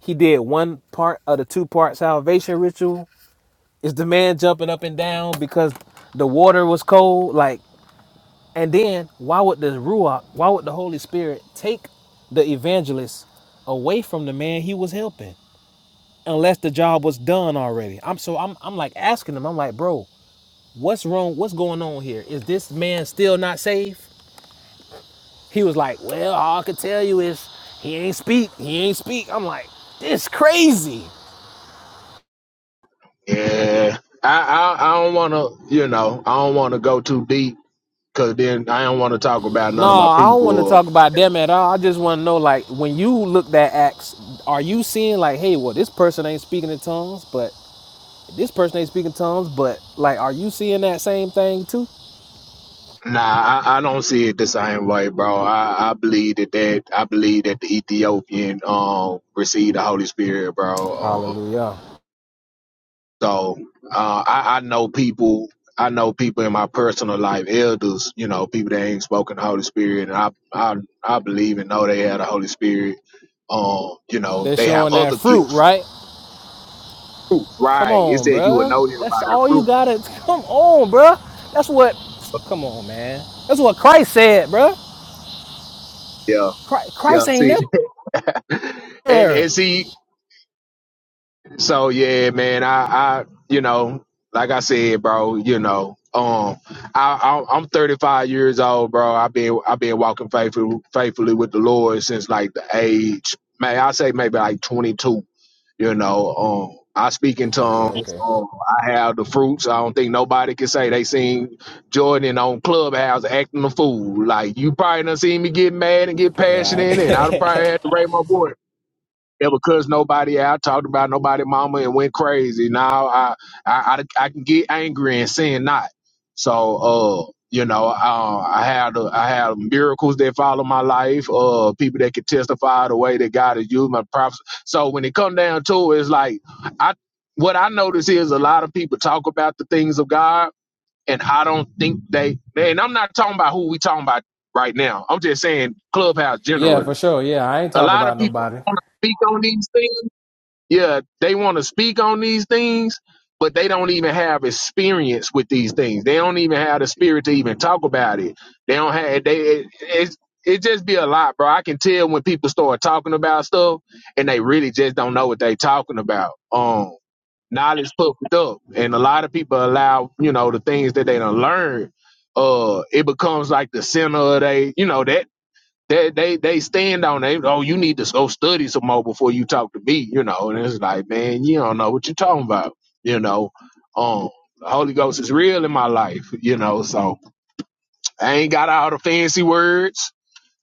he did one part of the two part salvation ritual Is the man jumping up and down because the water was cold? Like, and then why would the Ruach, why would the Holy Spirit take the evangelist away from the man he was helping? Unless the job was done already. I'm so I'm I'm like asking him, I'm like, bro, what's wrong? What's going on here? Is this man still not saved? He was like, Well, all I could tell you is he ain't speak, he ain't speak. I'm like, this crazy. Yeah, I I, I don't want to. You know, I don't want to go too deep because then I don't want to talk about No, none of my I don't want to people talk about them at all. I just want to know, like, when you look at Acts, are you seeing like, hey, well, this person ain't speaking in tongues, but this person ain't speaking tongues, but like, are you seeing that same thing too? Nah, I, I don't see it the same way, bro. I, I believe that, that I believe that the Ethiopian um received the Holy Spirit, bro. Um, Hallelujah. so uh, I, I know people. I know people in my personal life, elders. You know, people that ain't spoken the Holy Spirit, and I I I believe and know they have the Holy Spirit. Um, you know, They're they have showing that other fruit, gifts. right? Fruit, Come Right? It's on, that you will know them bruh. by That's their all you fruit. gotta. Come on, bruh. That's what. Come on, man. That's what Christ said, bruh. Yeah, yeah. Christ ain't See, never. and and see So yeah, man, I, I, you know, like I said, bro, you know, um, I, I I'm 35 years old, bro. I've been I've been walking faithfully faithfully with the Lord since like the age, may I say maybe like 22. You know, um, I speak in Okay, tongues. okay. Um, I have the fruits. I don't think nobody can say they seen Jordan on Clubhouse acting a fool. Like you probably done seen me get mad and get passionate, and I probably Right. had to raise my voice ever cussed nobody out, talked about nobody mama and went crazy. Now I I, I, I can get angry and sin not. So uh you know, uh, I had I had miracles that follow my life. Uh, people that can testify the way that God has used my prophets. So when it come down to it, it's like I what I notice is a lot of people talk about the things of God, and I don't think they. And I'm not talking about who we talking about right now. I'm just saying clubhouse yeah, for generally. sure. Yeah, I ain't A talking lot of about people nobody. want to speak on these things, yeah, they want to speak on these things, but they don't even have experience with these things. They don't even have the spirit to even talk about it. They don't have they. It, it's it just be a lot, bro. I can tell when people start talking about stuff and they really just don't know what they talking about. Um, knowledge puffed up, and a lot of people allow you know the things that they don't learn. Uh, it becomes like the center of they, you know, that they they they stand on it. Oh, you need to go study some more before you talk to me, you know. And it's like, man, you don't know what you're talking about, you know. Um, the Holy Ghost is real in my life, you know. So I ain't got all the fancy words.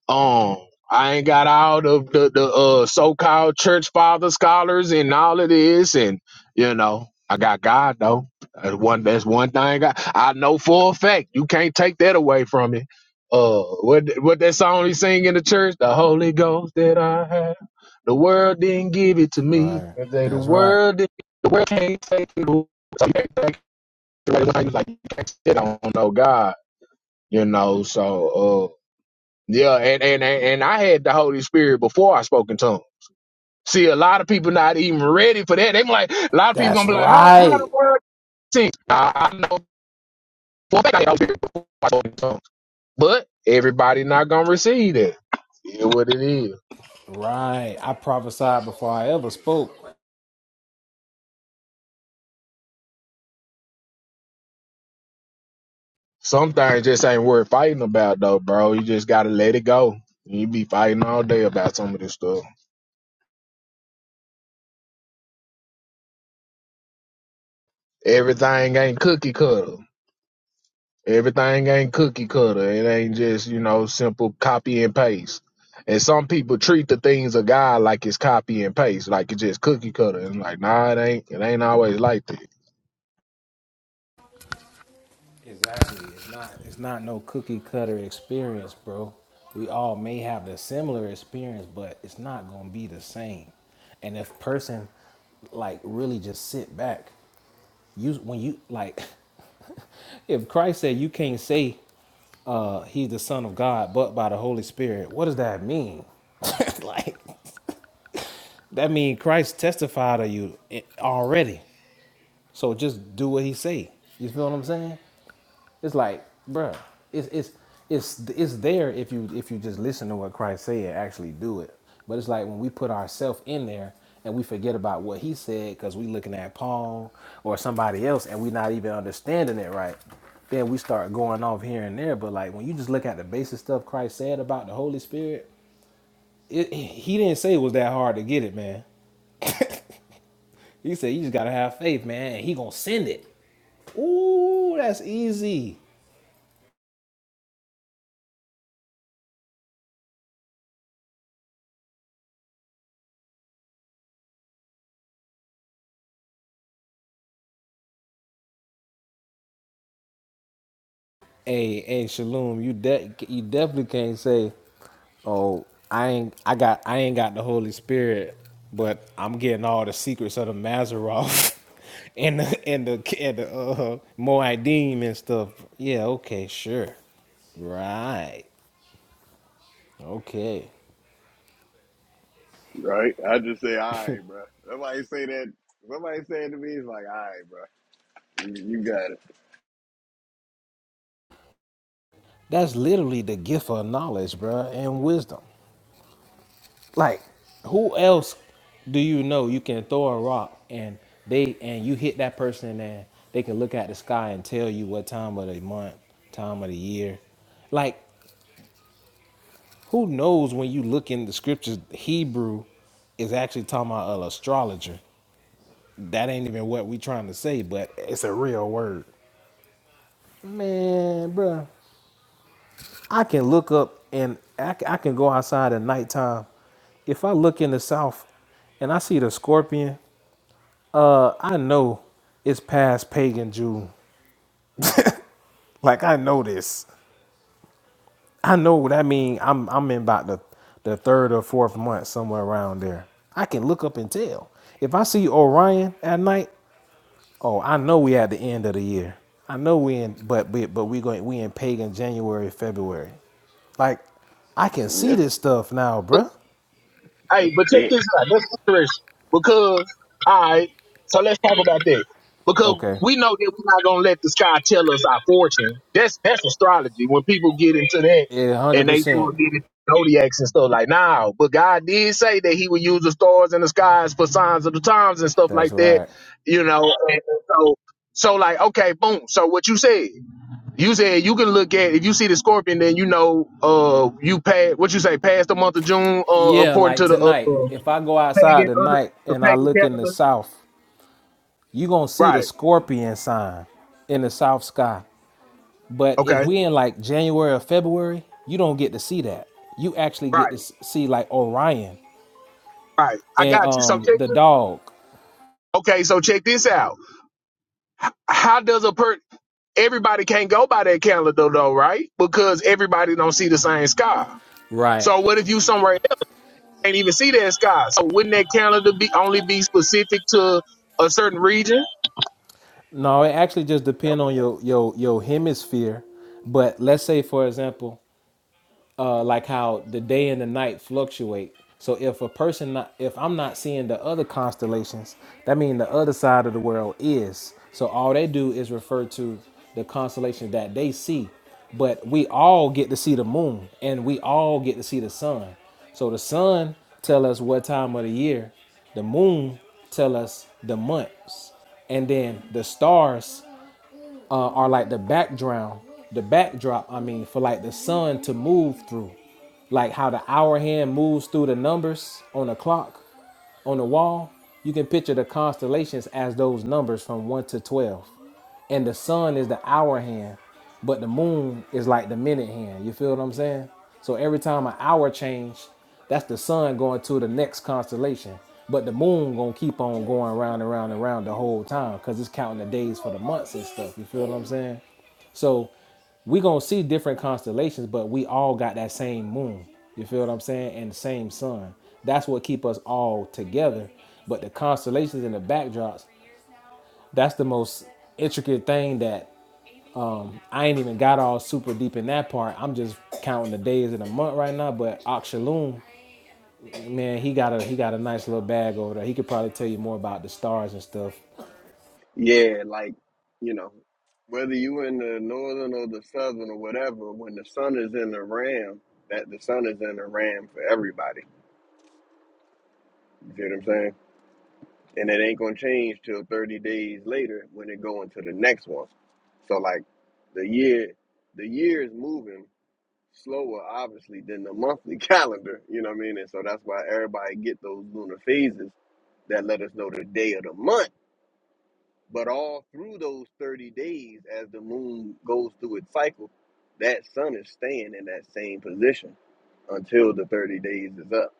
Um, I ain't got all of the the uh, so-called church father scholars and all of this, and you know, I got God though. That's one. That's one thing I I know for a fact. You can't take that away from me. Uh, what what that song he sing in the church? The Holy Ghost that I have, the world didn't give it to me. Right. And they- The That's right. world didn't, the world can't take it. away. So you can't take it away. It's Like you can't sit on no God, you know. So uh, yeah, and, and and and I had the Holy Spirit before I spoke in tongues. See, a lot of people not even ready for that. They be like, a lot of people That's gonna be like, how how the right. word sing? I, I know for a fact I had the Holy Spirit before I spoke in tongues, but everybody not gonna receive that. It what it is. Right. I prophesied before I ever spoke. Some things just ain't worth fighting about though, bro. You just gotta let it go. You be fighting all day about some of this stuff. Everything ain't cookie cutter. Everything ain't cookie cutter. It ain't just, you know, simple copy and paste. And some people treat the things of God like it's copy and paste, like it's just cookie cutter. And like, nah, it ain't it ain't always like that. Exactly. It's not it's not no cookie cutter experience, bro. We all may have the similar experience, but it's not gonna be the same. And if person like really just sit back, you when you like if Christ said you can't say uh, he's the son of God but by the Holy Spirit, what does that mean? like that mean Christ testified of you i- already. So just do what he say. You feel what I'm saying? It's like, bruh, it's it's it's it's there if you if you just listen to what Christ said and actually do it. But it's like when we put ourselves in there and we forget about what he said because we looking at Paul or somebody else and we not even understanding it right. Then we start going off here and there. But like when you just look at the basic stuff Christ said about the Holy Spirit, it, he didn't say it was that hard to get it, man. He said you just gotta have faith, man, and he gonna send it. Ooh, that's easy. Hey, hey, Shalom, you de- you definitely can't say, "Oh, I ain't I got I ain't got the Holy Spirit, but I'm getting all the secrets of the Mazaroff and the and the and the uh, Moedim and stuff." Yeah, okay, sure, right, okay. Right? I just say, all right, bro. Somebody say that. Somebody say it to me. It's like, all right, bro. You, you got it. That's literally the gift of knowledge, bruh, and wisdom. Like, who else do you know you can throw a rock and they and you hit that person and they can look at the sky and tell you what time of the month, time of the year. Like, who knows when you look in the scriptures, Hebrew is actually talking about an astrologer. That ain't even what we trying to say, but it's a real word. Man, bruh, I can look up and I, c- I can go outside at nighttime. If I look in the south and I see the scorpion I know it's past pagan June. Like I know this. I know what I mean. I'm I'm in about the the third or fourth month somewhere around there. I can look up and tell. If I see Orion at night, oh, I know we at the end of the year. I know we in but but, but we going we in pagan January, February. Like I can see Yep. this stuff now, bruh. Hey, yep. but check Hey. this out. That's interesting because all right. So let's talk about that because Okay. we know that we're not gonna let the sky tell us our fortune. That's that's astrology. When people get into that Yeah, hundred and they do percent. get into zodiacs and stuff like now, but God did say that He would use the stars and the skies for signs of the times and stuff That's like that. right. You know, and so so like okay, boom. So what you said. You said you can look at if you see the scorpion, then you know uh you pass what you say past the month of June uh Yeah, according like to the uh, tonight. uh, If I go outside pagan uh, tonight the and I pagan look in the calendar. south, you gonna see the Right. scorpion sign in the south sky. But if Okay. we in like January or February, you don't get to see that. You actually get to Right. see like Orion Right. I and got you. So um check. the dog. Okay. So check this out. How does a per everybody can't go by that calendar though, right? Because everybody don't see the same sky. Right. So what if you somewhere that can't even see that sky? So wouldn't that calendar be only be specific to a certain region? No, it actually just depend on your your your hemisphere. But let's say for example, uh, like how the day and the night fluctuate. So if a person, not, if I'm not seeing the other constellations, that means the other side of the world is. So all they do is refer to the constellations that they see. But we all get to see the moon, and we all get to see the sun. So the sun tell us what time of the year, the moon tell us the months, and then the stars uh, are like the background, the backdrop. I mean, for like the sun to move through, like how the hour hand moves through the numbers on the clock. On the wall, you can picture the constellations as those numbers from 1 to 12. And the sun is the hour hand, but the moon is like the minute hand. You feel what I'm saying? So every time an hour change, that's the sun going to the next constellation. But the moon gonna keep on going round and round and round the whole time because it's counting the days for the months and stuff. You feel what I'm saying? So we gonna see different constellations, but we all got that same moon. You feel what I'm saying? And the same sun. That's what keep us all together. But the constellations and the backdrops, that's the most intricate thing that I ain't even got all super deep in that part. I'm just counting the days in a month right now. But Akshalum, man, he got a he got a nice little bag over there. He could probably tell you more about the stars and stuff. Yeah, like, you know, whether you in the northern or the southern or whatever, when the sun is in the ram, that the sun is in the ram for everybody. You see what I'm saying? And it ain't gonna change till 30 days later when it go into the next one. So like the year the year is moving slower obviously than the monthly calendar, you know what I mean? And so that's why everybody get those lunar phases that let us know the day of the month But all through those 30 days, as the moon goes through its cycle, that sun is staying in that same position until the 30 days is up.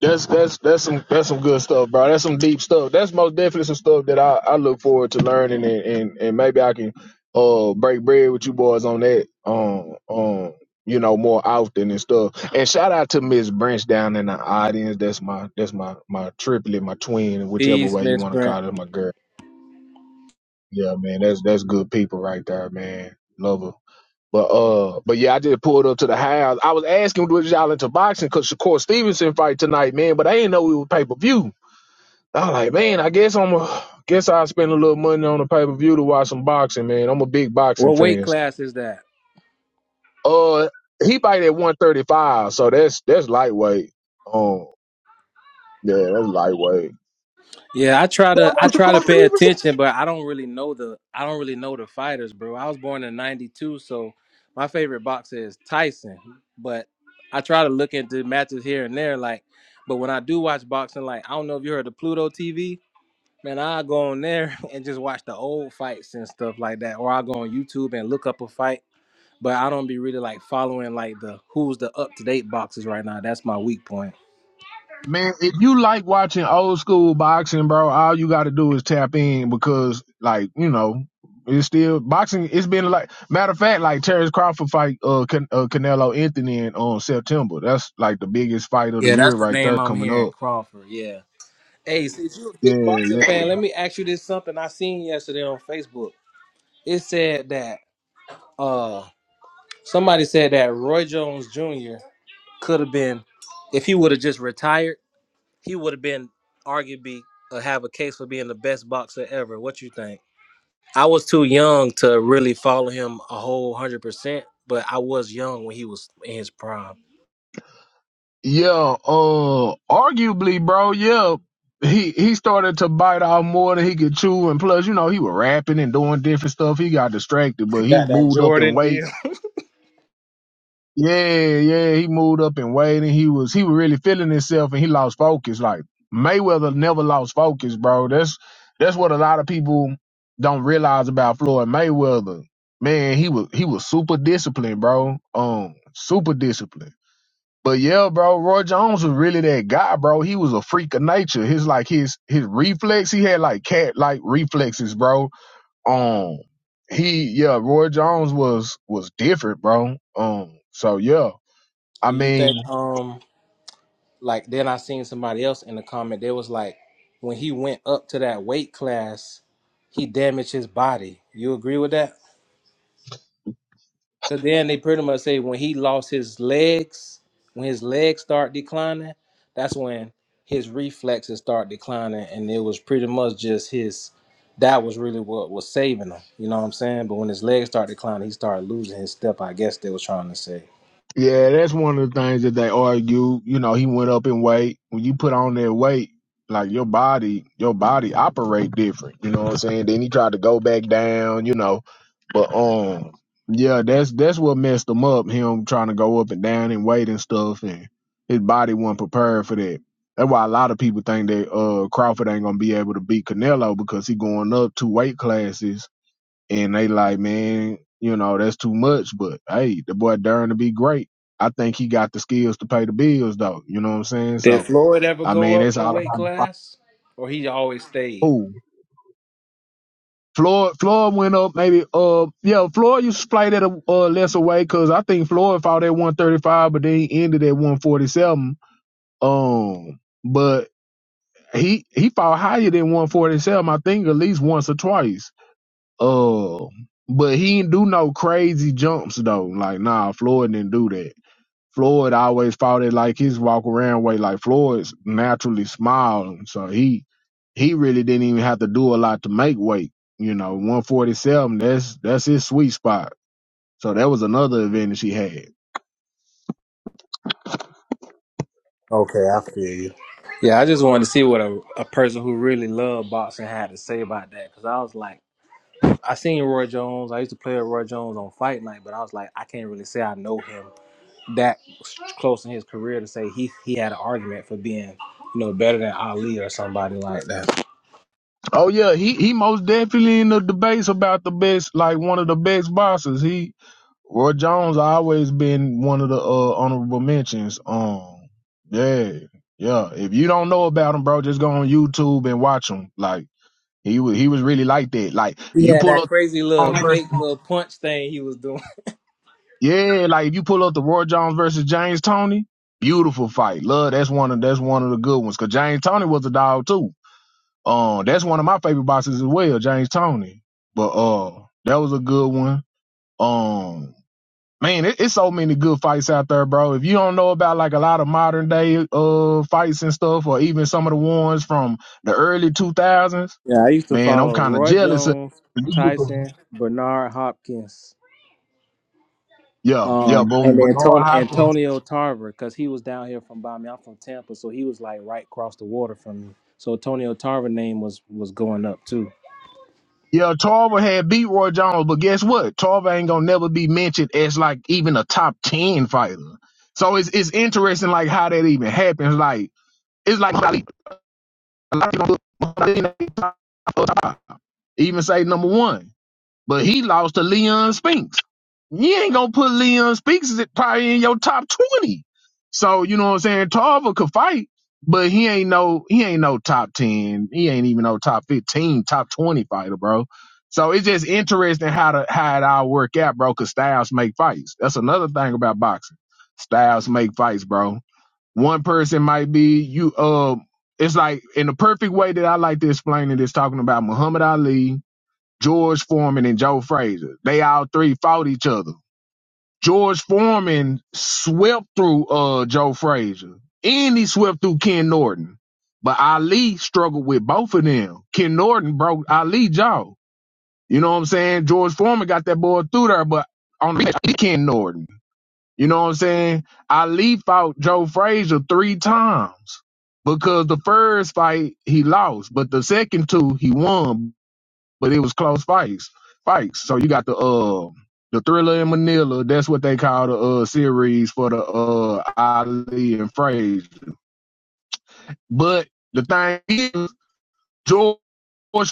That's that's that's some that's some good stuff, bro. That's some deep stuff. That's most definitely some stuff that I, I look forward to learning and, and, and maybe I can uh break bread with you boys on that um um you know more often and stuff. And shout out to Miss Branch down in the audience. That's my that's my my triplet, my twin, whichever Peace, way you Miss want to Brent. call it, my girl. Yeah, man, that's that's good people right there, man. Love her. But uh, but yeah, I just pulled up to the house. I was asking was y'all into boxing because Shakur Stevenson fight tonight, man. But I didn't know it was pay per view. I'm like, man, I guess I'm a, guess I'll spend a little money on a pay per view to watch some boxing, man. I'm a big boxing What weight fan. class is that? Uh, he fight at 135, so that's that's lightweight. Um, yeah, that's lightweight. Yeah, I try Yeah, to that I was the try to pay Stevenson. attention, but I don't really know the I don't really know the fighters, bro. I was born in '92, so my favorite boxer is Tyson. But I try to look into matches here and there, like. But when I do watch boxing, like I don't know if you heard of Pluto TV, man. I go on there and just watch the old fights and stuff like that, or I go on YouTube and look up a fight. But I don't be really like following like the who's the up to date boxers right now. That's my weak point. Man, if you like watching old school boxing, bro, all you got to do is tap in because, like, you know, it's still boxing. It's been like matter of fact, like Terrence Crawford fight uh, Can- uh Canelo Anthony in on September. That's like the biggest fight of the Yeah, year that's the right there name I'm coming hearing, up. Crawford. Yeah. Hey, since you're a Yeah, big yeah. boxing fan, let me ask you this something I seen yesterday on Facebook. It said that uh somebody said that Roy Jones Jr. could have been, if he would have just retired, he would have been arguably uh, have a case for being the best boxer ever. What you think? I was too young to really follow him a whole hundred percent, but I was young when he was in his prime. Yeah, uh, arguably, bro, yeah, he, he started to bite off more than he could chew. And plus, you know, he was rapping and doing different stuff. He got distracted, but he Got that moved up in Jordan weight. deal. Yeah, yeah, he moved up in weight and he was, he was really feeling himself and he lost focus. Like Mayweather never lost focus, bro. That's, that's what a lot of people don't realize about Floyd Mayweather. Man, he was, he was super disciplined, bro. Um, super disciplined. But yeah, bro, Roy Jones was really that guy, bro. He was a freak of nature. His like his his reflex, he had like cat like reflexes, bro. Um he yeah, Roy Jones was was different, bro. Um so yeah. I Do you mean think? Um, like then I seen somebody else in the comment. They was like, when he went up to that weight class, he damaged his body. You agree with that? Cause then they pretty much say when he lost his legs, when his legs start declining, that's when his reflexes start declining, and it was pretty much just his. That was really what was saving him. You know what I'm saying? But when his legs start declining, he started losing his step. I guess they was trying to say. Yeah, that's one of the things that they argue. You know, he went up in weight. When you put on that weight, like your body, your body operate different. You know what I'm saying? Then he tried to go back down. You know, but um, yeah, that's that's what messed him up. Him trying to go up and down in weight and stuff, and his body wasn't prepared for that. That's why a lot of people think that uh Crawford ain't gonna be able to beat Canelo because he going up two weight classes and they like, man, you know, that's too much. But hey, the boy Durn to be great. I think he got the skills to pay the bills though. You know what I'm saying? Did So Floyd ever I go mean, up it's a all weight about the fight. class, or he always stayed? Floyd. Floyd went up maybe. Uh, yeah, Floyd used to play that a uh, lesser weight because I think Floyd fought at 135, but then he ended at 147. Um, but he he fought higher than 147. I think at least once or twice. Uh, but he didn't do no crazy jumps though. Like nah, Floyd didn't do that. Floyd always fought it like his walk around way. Like Floyd's naturally smiling, so he he really didn't even have to do a lot to make weight. You know, one forty seven. That's that's his sweet spot. So that was another advantage he had. Okay, I feel you. Yeah, I just wanted to see what a, a person who really loved boxing had to say about that. Cause I was like, I seen Roy Jones. I used to play with Roy Jones on Fight Night, but I was like, I can't really say I know him that s- close in his career to say he he had an argument for being, you know, better than Ali or somebody like that. Oh yeah, he he most definitely in the debates about the best, like one of the best boxers. He Roy Jones always been one of the uh, honorable mentions. Um, yeah, yeah. If you don't know about him, bro, just go on YouTube and watch him. Like He was he was really like that. Like He you had pull that up crazy little Jones versus fake little punch thing he was doing. yeah, like if you pull up the Roy Jones versus James Tony, beautiful fight. Love that's one of that's one of the good ones. Cause James Tony was a dog too. Um, that's one of my favorite boxes as well, James Tony. But uh, that was a good one. Um, man, it, it's so many good fights out there, bro. If you don't know about like a lot of modern day uh fights and stuff, or even some of the ones from the early two thousands, Yeah, I used to man, I'm follow kind of Roy jealous. Of, Jones, Tyson, Bernard Hopkins. Yeah, yeah, Um, but, and but then Lord Tony, Hopkins. Antonio Tarver, because he was down here from by me. I'm from Tampa, so he was like right across the water from me. So Antonio Tarver name was was going up too. yeah, Tarver had beat Roy Jones, but guess what? Tarver ain't gonna never be mentioned as like even a top ten fighter. So it's it's interesting like how that even happens. Like it's like a lot of people don't even say number one. but he lost to Leon Spinks. You ain't gonna put Leon Spinks is probably in your top twenty. So you know what I'm saying. Tarver could fight, but he ain't no he ain't no top ten. He ain't even no top fifteen, top twenty fighter, bro. So it's just interesting how to how it all work out, bro. Cause styles make fights. That's another thing about boxing. Styles make fights, bro. One person might be you. Um, it's like in the perfect way that I like to explain it is talking about Muhammad Ali George Foreman and Joe Frazier. They all three fought each other. George Foreman swept through uh Joe Frazier and he swept through Ken Norton. But Ali struggled with both of them. Ken Norton broke Ali jaw. You know what I'm saying? George Foreman got that boy through there, but on the he Ken Norton. You know what I'm saying? Ali fought Joe Frazier three times because the first fight he lost, but the second two he won but it was close fights. Fights. So you got the uh the thriller in Manila. That's what they call the uh series for the uh Ali and Frazier. But the thing is, George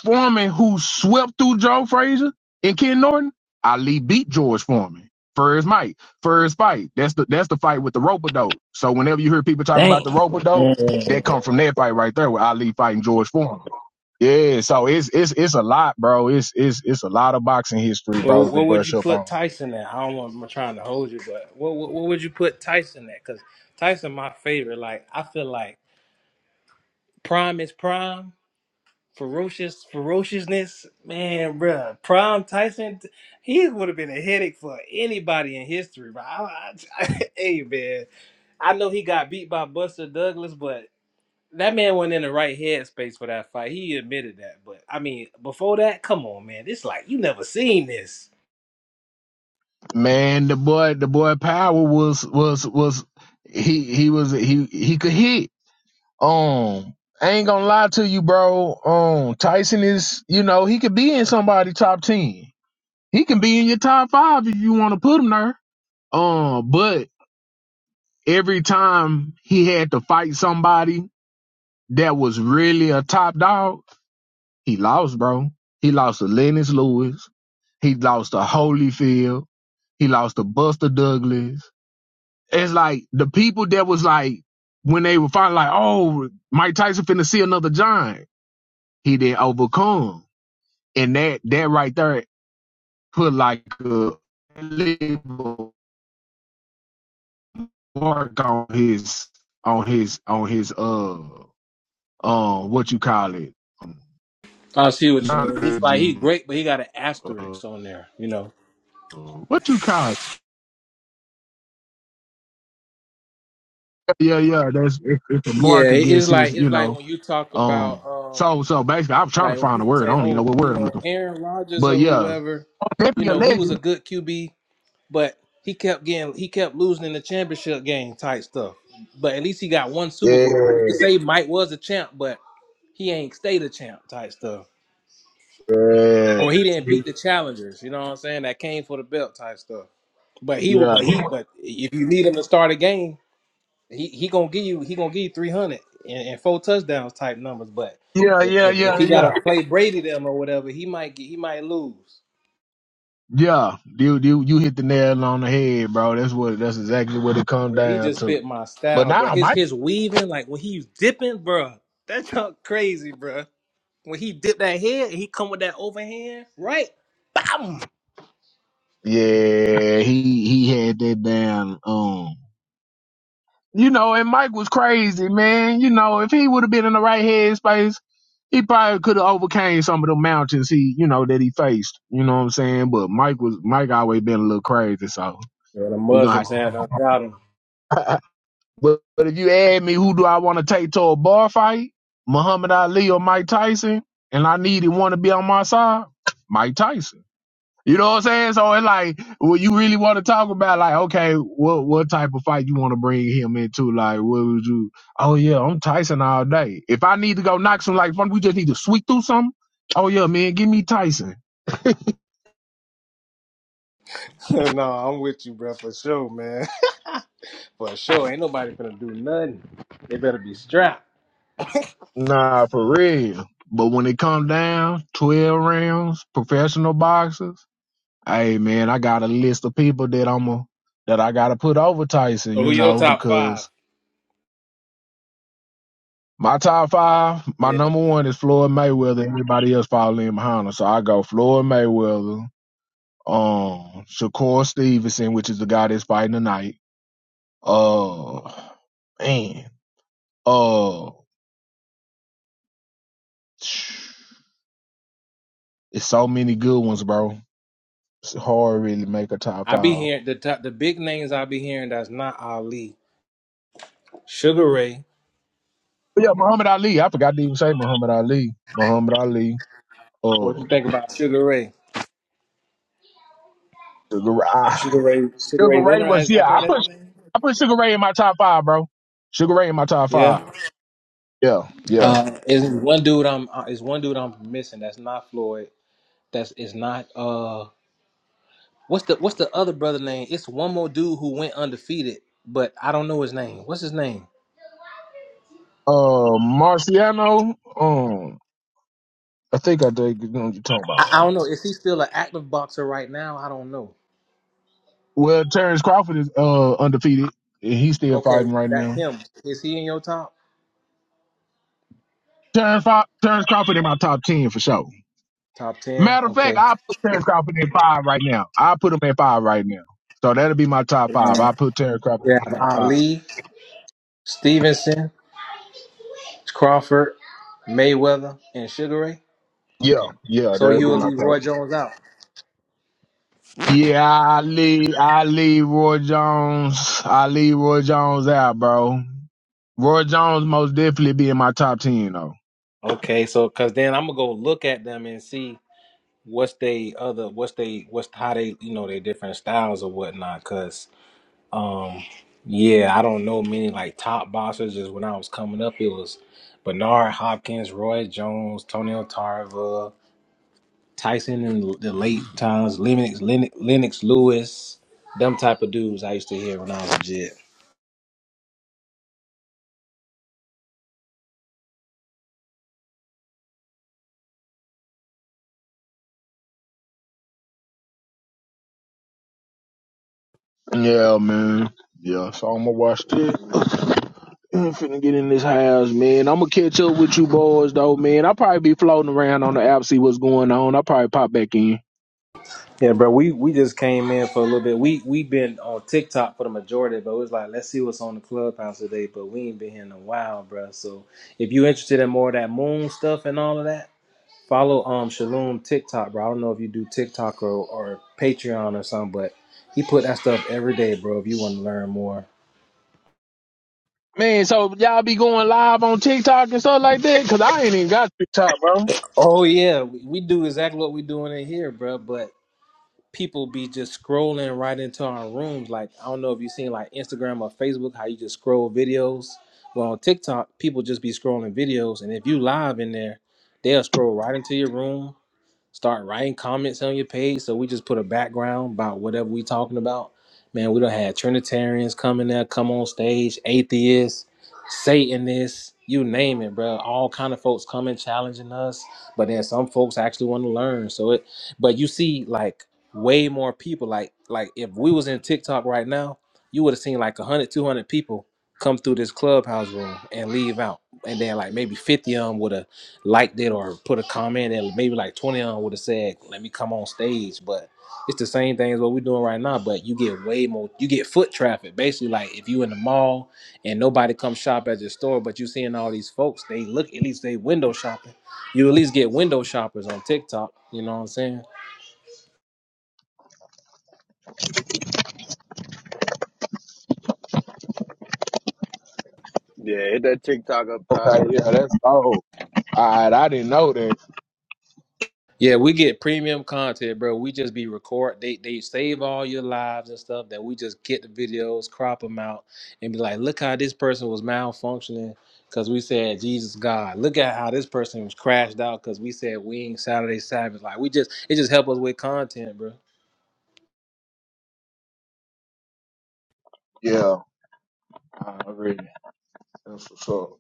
Foreman, who swept through Joe Frazier and Ken Norton, Ali beat George Foreman. First fight, first fight. That's the that's the fight with the rope dope. So whenever you hear people talk about Dang. the rope dope, Well, that come from that fight right there with Ali fighting George Foreman. Yeah, so it's it's it's a lot, bro. It's it's it's a lot of boxing history, bro. what would you Bishop on. put Tyson at? I don't know. if I'm trying to hold you, but what what, what would you put Tyson at? Because Tyson, my favorite. Like I feel like prime is prime. Ferocious, ferociousness, man, bruh. Prime Tyson, he would have been a headache for anybody in history, bro. I, I, hey, man. I know he got beat by Buster Douglas, but that man wasn't in the right headspace for that fight. He admitted that. But I mean, before that, come on, man. It's like you never seen this. Man, the boy, the boy Power was was was he he was he he could hit. Um, I ain't gonna lie to you, bro. Um, Tyson is you know he could be in somebody top ten. He can be in your top five if you want to put him there. Um, but every time he had to fight somebody that was really a top dog, he lost, bro. He lost to Lennox Lewis. He lost to Holyfield. He lost to Buster Douglas. it's like the people that was like when they were finally like, oh, Mike Tyson finna see another giant. He did overcome, and that that right there put like a little mark on his on his on his uh uh what you call it I see what you mean. not He's like he's legend great, but he got an uh, asterisk on there, you know. what you call it yeah yeah yeah, that's it's, it's a mark Yeah, it- it's against his like you it's like know when you talk um about um so so basically i was trying to like when find a people word I say, don't even know Oh, what you word I'm know, looking for Aaron Rodgers but or yeah whoever, you definitely a know, he was a legend good QB, but he kept getting he kept losing in the championship game type stuff. But at least he got one Super Bowl. Like you Yeah, could say Mike was a champ, but he ain't stay the champ type stuff, Yeah. or he didn't beat the challengers. You know what I'm saying? That came for the belt type stuff. But he would, Yeah, but he, but if you need him to start a game, he he gonna give you he gonna give you 300 and, and four touchdowns type numbers. But yeah, if yeah, if, if yeah, he yeah, gotta play Brady them or whatever, he might get he might lose. yeah. You you you hit the nail on the head, bro. That's what that's exactly what it come Yeah, he down just to. fit my But style, bro. now His Mike, his weaving, like when he's dipping, bro, that's not crazy, bro. When he dip that head, and he come with that overhand, right? yeah, he he had that damn um. You know, and Mike was crazy, man. You know, if he would have been in the right headspace, he probably could have overcame some of the mountains he, you know, that he faced. You know what I'm saying? But Mike was Mike always been a little crazy, so Yeah, the we're gonna. Muslims had uh, got him. But, but if you add me, who do I want to take to a bar fight? Muhammad Ali or Mike Tyson? And I needed one to be on my side? Mike Tyson. You know what I'm saying? So it's like, well, you really want to talk about like, okay, what what type of fight you want to bring him into? Like, what would you? Oh yeah, I'm Tyson all day. If I need to go knock some, like, we just need to sweep through something. Oh yeah, man, give me Tyson. no, I'm with you, bro, for sure, man. For sure. Ain't nobody gonna do nothing. They better be strapped. Nah, for real. But when it comes down, twelve rounds, professional boxers. hey man, I got a list of people that I'm a, that I gotta put over Tyson, So who you your know, top five? because my top five, my Yeah. number one is Floyd Mayweather. Everybody else fall in behind him, so I go Floyd Mayweather, um, Shakur Stevenson, which is the guy that's fighting tonight. Uh, man, uh, it's so many good ones, bro. It's hard to really make a top I be five. hearing the top the big names I be hearing that's not Ali. Sugar Ray. But yeah, Muhammad Ali. I forgot to even say Muhammad Ali. Muhammad Ali. What Uh, you think about Sugar Ray? the garage. Sugar Ray Sugar Sugar Ray Ray Leonard was as I yeah. think I put that's his name. I put Sugar Ray in my top five, bro. Sugar Ray in my top Yeah. five. Yeah, yeah. Uh is one dude I'm uh, is one dude I'm missing that's not Floyd. That's is not uh what's the what's the other brother name? It's one more dude who went undefeated, but I don't know his name. What's his name? Uh, Marciano. Um, I think I think you know what you're talking I, I about. don't Um, know. Is he still an active boxer right now? I don't know. well, Terrence Crawford is uh undefeated and he's still Okay, fighting right that now. him. Is he in your top? Terrence, Fo- Terrence Crawford in my top ten for sure. Top ten. Matter of fact, Okay. I put Terrence Crawford in five right now. I put him in five right now. So that'll be my top five. And I put Terrence Crawford in yeah, my top five. Ali, Stevenson, Crawford, Mayweather, and Sugar Ray. Yeah, Okay. yeah, So that'll you be will my top. leave Roy Jones out. Yeah, I leave, I leave Roy Jones. I leave Roy Jones out, bro. Roy Jones most definitely be in my top ten though. Okay, so cause then I'm gonna go look at them and see what's they other what's they what's how they you know their different styles or whatnot. because. Um, yeah, I don't know many like top boxers. Just when I was coming up, it was Bernard Hopkins, Roy Jones, Tony Tarver, Tyson in the late times, Lennox, Lennox, Lennox Lewis, them type of dudes I used to hear when I was legit. Yeah, man. Yeah, so I'ma watch this. I'm finna get in this house, man. I'ma catch up with you boys though, man. I'll probably be floating around on the app, see what's going on. I'll probably pop back in. Yeah, bro, we we just came in for a little bit. We we been on TikTok for the majority, but it was like let's see what's on the clubhouse today. But we ain't been here in a while, bro. So if you interested in more of that moon stuff and all of that. Follow um Shalom TikTok, bro. I don't know if you do TikTok or, or Patreon or something, but he put that stuff every day, bro. If you want to learn more. Man, so y'all be going live on TikTok and stuff like that? Cause I ain't even got TikTok, bro. Oh yeah, we, we do exactly what we doing in here, bro. But people be just scrolling right into our rooms. Like I don't know if you seen like Instagram or Facebook, how you just scroll videos. Well, on TikTok, people just be scrolling videos, and if you live in there, they'll scroll right into your room. start writing comments on your page. So we just put a background about whatever we talking about. Man, we don't have Trinitarians coming there, come on stage, atheists, Satanists, you name it, bro. All kind of folks coming challenging us. But then some folks actually want to learn. So it, but you see, like way more people. Like like if we was in TikTok right now, you would have seen like 100, 200 people come through this clubhouse room and leave out and then like maybe 50 of them would have liked it or put a comment and maybe like 20 of them would have said let me come on stage but it's the same thing as what we're doing right now but you get way more you get foot traffic basically like if you in the mall and nobody comes shop at your store but you seeing all these folks they look at least they window shopping you at least get window shoppers on tiktok you know what i'm saying Yeah, hit that TikTok up top. Okay, yeah, that's oh. Alright, I didn't know that. Yeah, we get premium content, bro. We just be record. They they save all your lives and stuff. That we just get the videos, crop them out, and be like, look how this person was malfunctioning because we said Jesus God. Look at how this person was crashed out because we said we ain't Saturday Sabbath. Like we just it just help us with content, bro. Yeah. Already. That's what's up.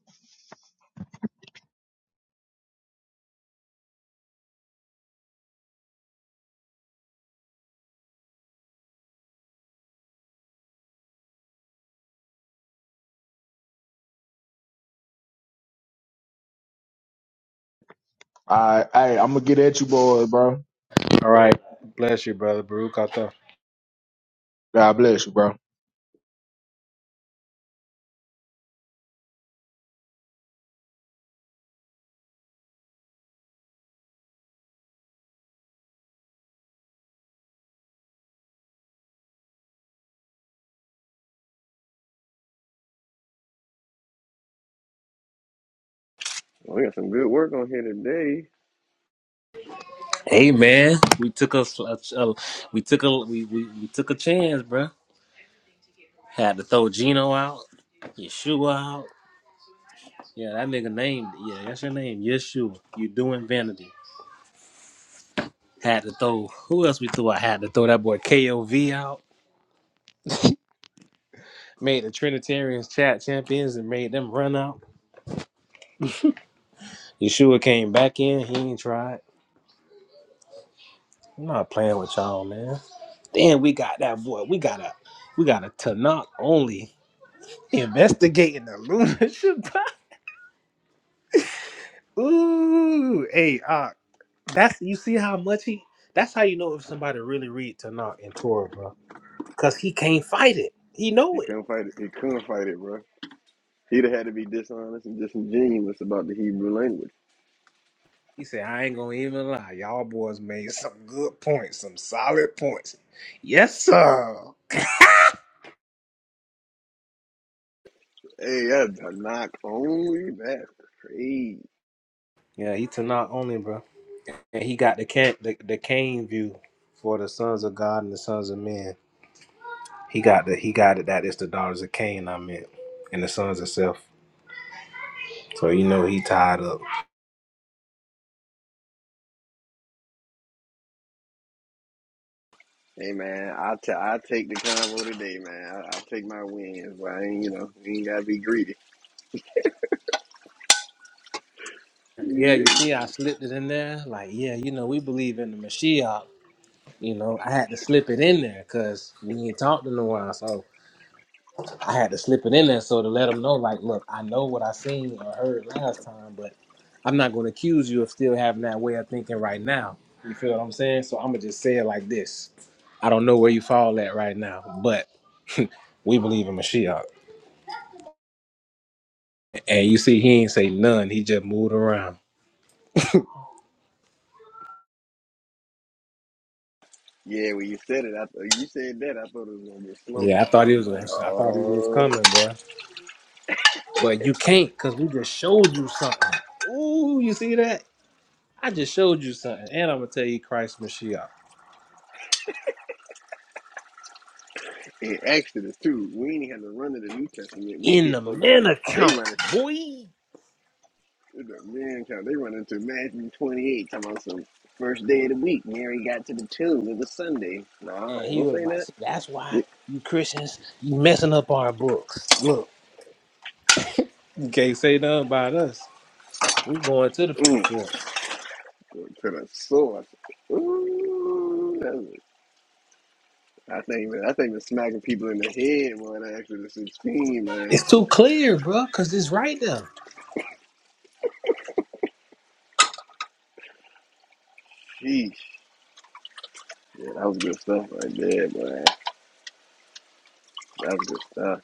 I, hey, I'm gonna get at you, boys, bro. All right. Bless you, brother. Baruch Atah. God bless you, bro. We got some good work on here today. Hey man, we took us a, a- we took a we, we we took a chance, bro. Had to throw Gino out, Yeshua out. Yeah, that nigga named yeah, that's your name. Yeshua. You doing vanity. Had to throw who else we threw? I had to throw that boy KOV out. Made the Trinitarians chat champions and made them run out. Yeshua came back in, he ain't tried. I'm not playing with y'all, man. Then we got that boy. We got a we got a Tanakh only investigating the Lunar Shabbat. Ooh, hey, uh, that's you see how much he that's how you know if somebody really read Tanakh and Torah, bro. Cause he can't fight it. He know He it. couldn't fight it. He couldn't fight it, bro. He'd have had to be dishonest and disingenuous about the Hebrew language. He said, I ain't gonna even lie. Y'all boys made some good points, some solid points. Yes, sir. Hey, that's a knock only. That's crazy. Yeah, he to not only, bro. And he got the can the, the Cain view for the sons of God and the sons of men. He got the he got it that it's the daughters of Cain I meant. And the sons of self. So you know he tied up. Hey man, I t- I take the convo today, man. I, I take my wins, but I ain't you know you ain't gotta be greedy. Yeah, Yeah. you see I slipped it in there. Like, yeah, you know, we believe in the Mashiach. You know, I had to slip it in there because we ain't talked in a while. So I had to slip it in there so to let them know, like, look, I know what I seen or heard last time, but I'm not going to accuse you of still having that way of thinking right now. You feel what I'm saying? So I'm gonna just say it like this: I don't know where you fall at right now, but we believe in Mashiach, and you see, he ain't say none. He just moved around. Yeah, when you said it, I th- you said that, I thought it was gonna be a Yeah, I slogan. I thought he was was like, going. to I thought he was oh, coming, boy. But you can't, cause we just showed you something. Ooh, you see that? I just showed you something, and I'm gonna tell you Christ Mashiach. and Exodus too. We ain't had to run to the New Testament. We in the hit folks man up. They account, run boy. into man, child, they run into Matthew twenty eight. Talking about some first day of the week. Mary got to the tomb. It was Sunday. Nah, And I ain't he gonna was say like, that. See, that's why We, you Christians, you messing up our books. Look, you can't say nothing about us. we going to the mm, precepts. go to the source. Ooh, that was, I think I think the smacking people in the head more than Exodus sixteen, man. It's too clear, bro, because it's right there. Sheesh. Yeah, that was good stuff right there, boy. That was good stuff.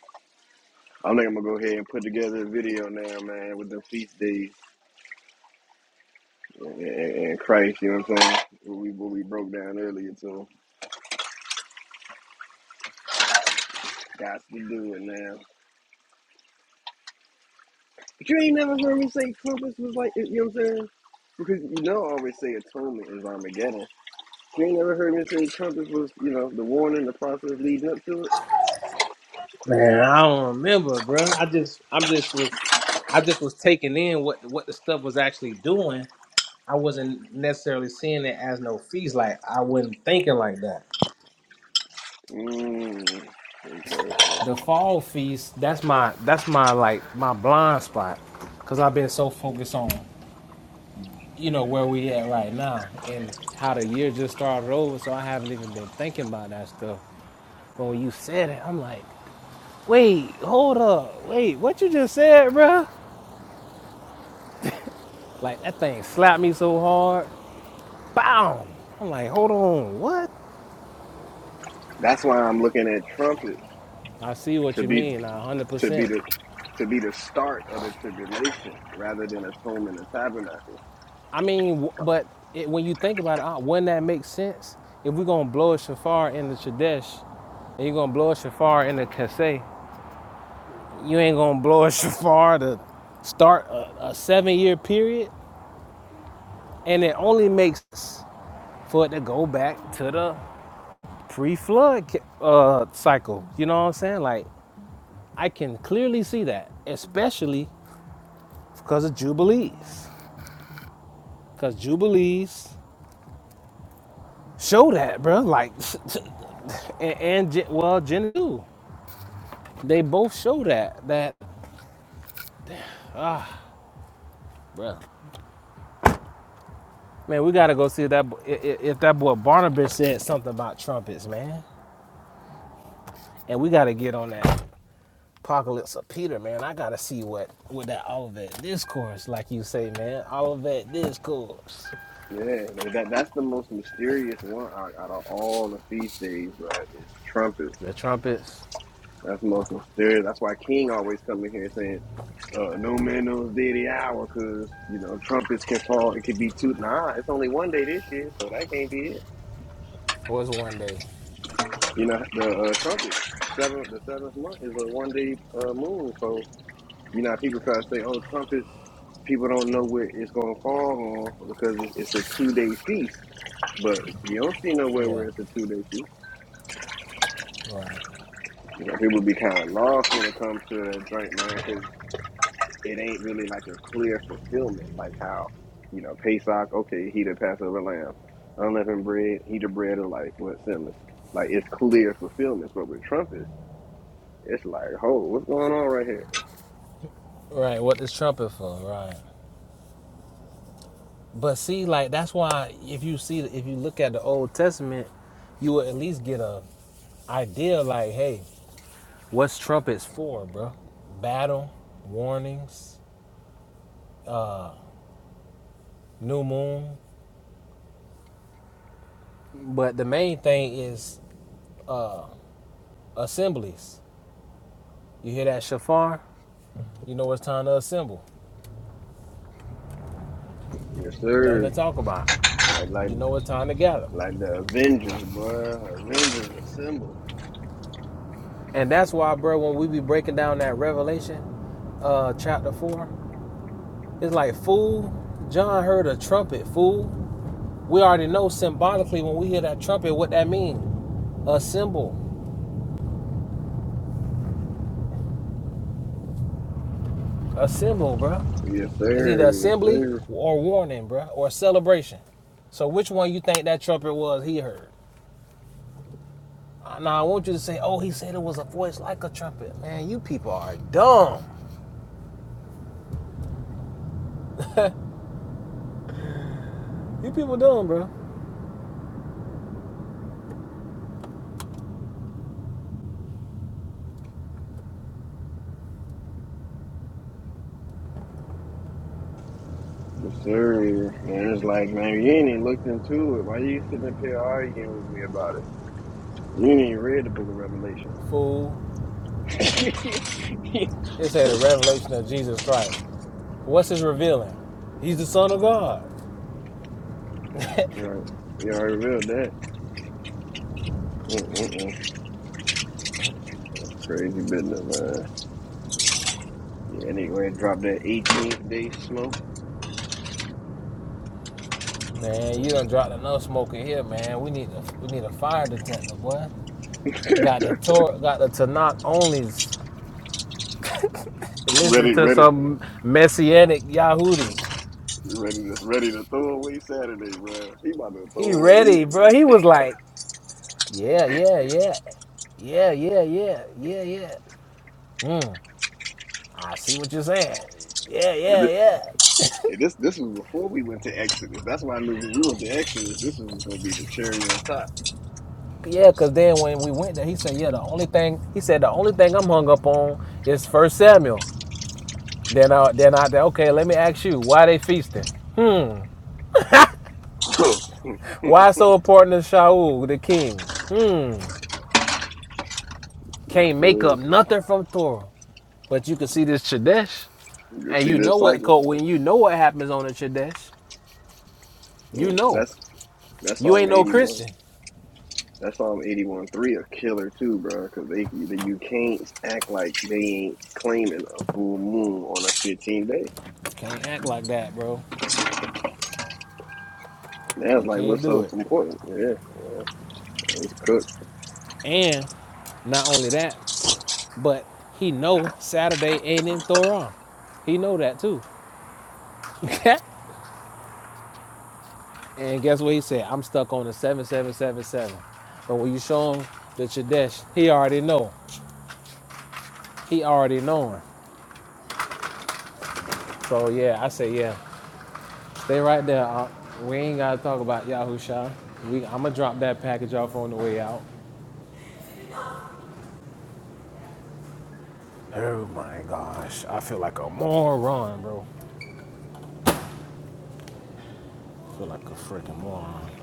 I think I'm gonna go ahead and put together a video now, man, with the feast days and, and, and Christ. You know what I'm saying? What we what we broke down earlier too. Got to do it now. But you ain't never heard me say Christmas was like you know what I'm saying? Because you know I always say atonement is Armageddon. You ain't never heard me say Trumpets was, you know, the warning, the process leading up to it. Man, I don't remember, bro. I just, I'm just, was- I just was taking in what what the stuff was actually doing. I wasn't necessarily seeing it as no feast. Like I wasn't thinking like that. Mm, okay. so the fall feast that's my that's my like my blind spot because i've been so focused on you know where we at right now and how the year just started over so i haven't even been thinking about that stuff but when you said it i'm like wait hold up wait what you just said bruh like that thing slapped me so hard bam! i'm like hold on what That's why I'm looking at trumpets i see what to you be. mean to be 100% the to be the start of the tribulation rather than atonement and tabernacle. I mean, but it, when you think about it, uh, wouldn't that make sense? If we're gonna blow a shafar in the Chadesh, and you're gonna blow a shafar in the Kaseh, you ain't gonna blow a shafar to start a, a seven-year period, and it only makes sense for it to go back to the pre-flood uh, cycle. You know what I'm saying? Like I can clearly see that, especially because of jubilees, because jubilees show that, bro. Like and, and well, Gen They both show that that bruh. Man, we gotta go see if that if that boy Barnabas said something about trumpets, man. And we gotta get on that apocalypse of Peter, man. I gotta see what what that Olivet discourse, like you say, man. Olivet discourse. Yeah, like that that's the most mysterious one out, out of all the feast days, bro. Is trumpet. The trumpets That's the most mysterious. That's why King always coming here saying, uh, "No man knows day or the hour," because you know trumpets can fall. It could be two. Nah, it's only one day this year, so that can't be it. was one day. You know the uh, trumpet. seventh the seventh month is a one day uh, moon, so You know, people try to say, "Oh, trumpets." People don't know what it's gonna fall on because it's it's a two day feast. But you don't see nowhere where Yeah. it's a two day feast. Right. You know, people be kind of lost when it comes to that drink, man, because it ain't really like a clear fulfillment, like how you know Pesach. Okay, he the Passover lamb, unleavened bread. He the bread of life. What sinless? Like it's clear fulfillments. But with trumpets, it's like, oh, what's going on right here? Right. What this trumpet for? Right. But see, like that's why if you see if you look at the Old Testament, you would at least get a idea, like, hey, What's trumpets for, bro? Battle, warnings, new moon. But the main thing is assemblies. You hear that shofar? You know it's time to assemble. Yes, Nothing to sir. talk about. Like, You like know it's time to gather. Like the Avengers, bro. Avengers assemble. And that's why, bro, when we be breaking down that Revelation uh, chapter 4, it's like, fool, John heard a trumpet, fool. We already know symbolically when we hear that trumpet what that means. Assemble. Assemble, bro. Yes, It's either sir. Yes, assembly sir. or warning, bruh, or celebration. So which one you think that trumpet was he heard? Uh, Now I want you to say, oh, he said it was a voice like a trumpet. Man, you people are dumb. you people dumb, bro. Yes, sir. And it's like, man, you ain't even looked into it. Why you sitting up here arguing with me about it? You ain't even read the book of Revelation. Fool. It said a revelation of Jesus Christ. What's his revealing? He's the Son of God. You already, you already revealed that. Mm-mm-mm. That's crazy business, man. Yeah, and they going to drop that 18th day smoke. Man, you done Man. dropped enough smoke in here, man. We need a, we need a fire detector, boy. Got the Torah, got the Tanakh onlys. Listen Ready, to ready, some messianic Yahudi. ready to ready to throw away Saturday, bro. He about to throw He away. ready, He, bro. He was like, yeah, yeah, yeah, yeah, yeah, yeah, yeah, yeah. Mm, I see what you're saying. Yeah, yeah, yeah. Yeah, this this was before we went to Exodus. That's why I knew when we went to Exodus, this was gonna be the cherry on Yeah, because then when we went there, he said, yeah, the only thing, he said, the only thing I'm hung up on is First Samuel. Then I, then I, okay, let me ask you, why they feasting? Hmm. top. Why so important to Shaul, the king? Hmm. Yes, Can't make sir. up nothing from Torah. But you can see this Chadesh. You And see you know this what, cycle? when you know what happens on the Chadesh, you Mm, know. That's that's You Psalm ain't no eighty one. Christian. That's Psalm eighty one three a killer too, bro. Because they you can't act like they ain't claiming a full moon on a fifteen day. You Can't act like that, bro. You That's like can't what's do so it. important? Yeah, it's cooked. And not only that, but he know Saturday ain't in Thoron. He know that too. and guess what he said? I'm stuck on the 7777. But when you show him the Chadesh, he already know. He already knowing. So yeah, I say yeah. Stay right there. Uh, we ain't gotta talk about Yahusha. We I'ma drop that package off on the way out. More run, bro. Feel like I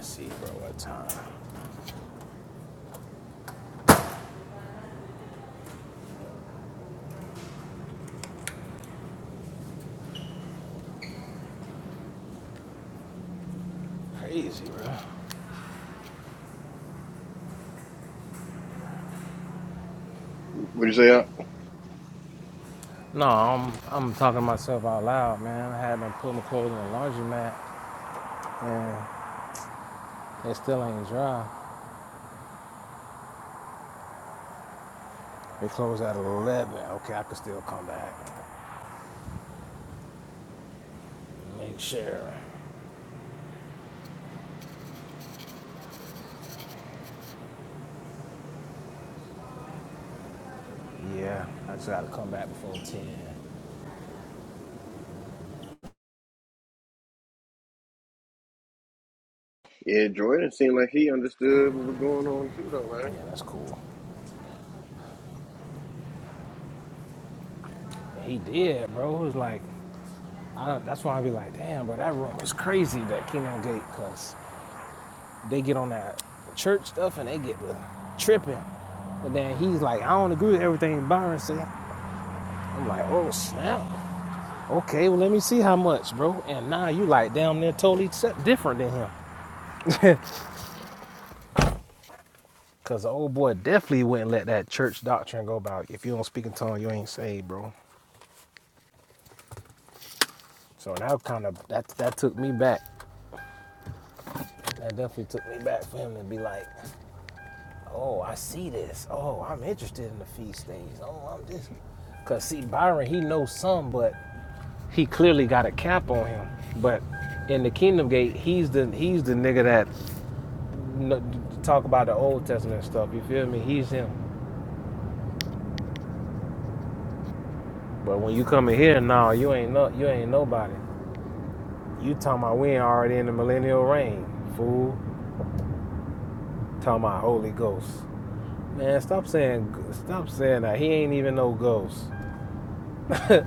see, bro. What time? Crazy, bro. What you say? Al? No, I'm I'm talking to myself out loud, man. I had to put my clothes in the laundromat and it still ain't dry. They close at eleven. Okay, I could still come back. Make sure. Yeah, I just gotta come back before ten. Yeah, Jordan seemed like he understood what was going on too, though, man. Yeah, that's cool. And he did, bro. It was like I don't, that's why I be like, damn, bro, that room is crazy, that Kingdom Gate, cause they get on that church stuff and they get the tripping. And then he's like, I don't agree with everything Byron said. I'm like, oh snap. Okay, well, let me see how much, bro. And now you like damn near totally different than him. Because the old boy definitely wouldn't let that church doctrine go about if you don't speak in tongues, you ain't saved, bro. So that kind of, that, that took me back. That definitely took me back for him to be like, oh, I see this. Oh, I'm interested in the feast days. Oh, I'm this. Because see, Byron, he knows some, but he clearly got a cap on him. But in the kingdom gate, he's the he's the nigga that talk about the Old Testament stuff. You feel me? He's him. But when you come in here, nah, you ain't no, you ain't nobody. You talking about we ain't already in the millennial reign, fool. Talking about Holy Ghost, man. Stop saying, stop saying that. He ain't even no ghost. My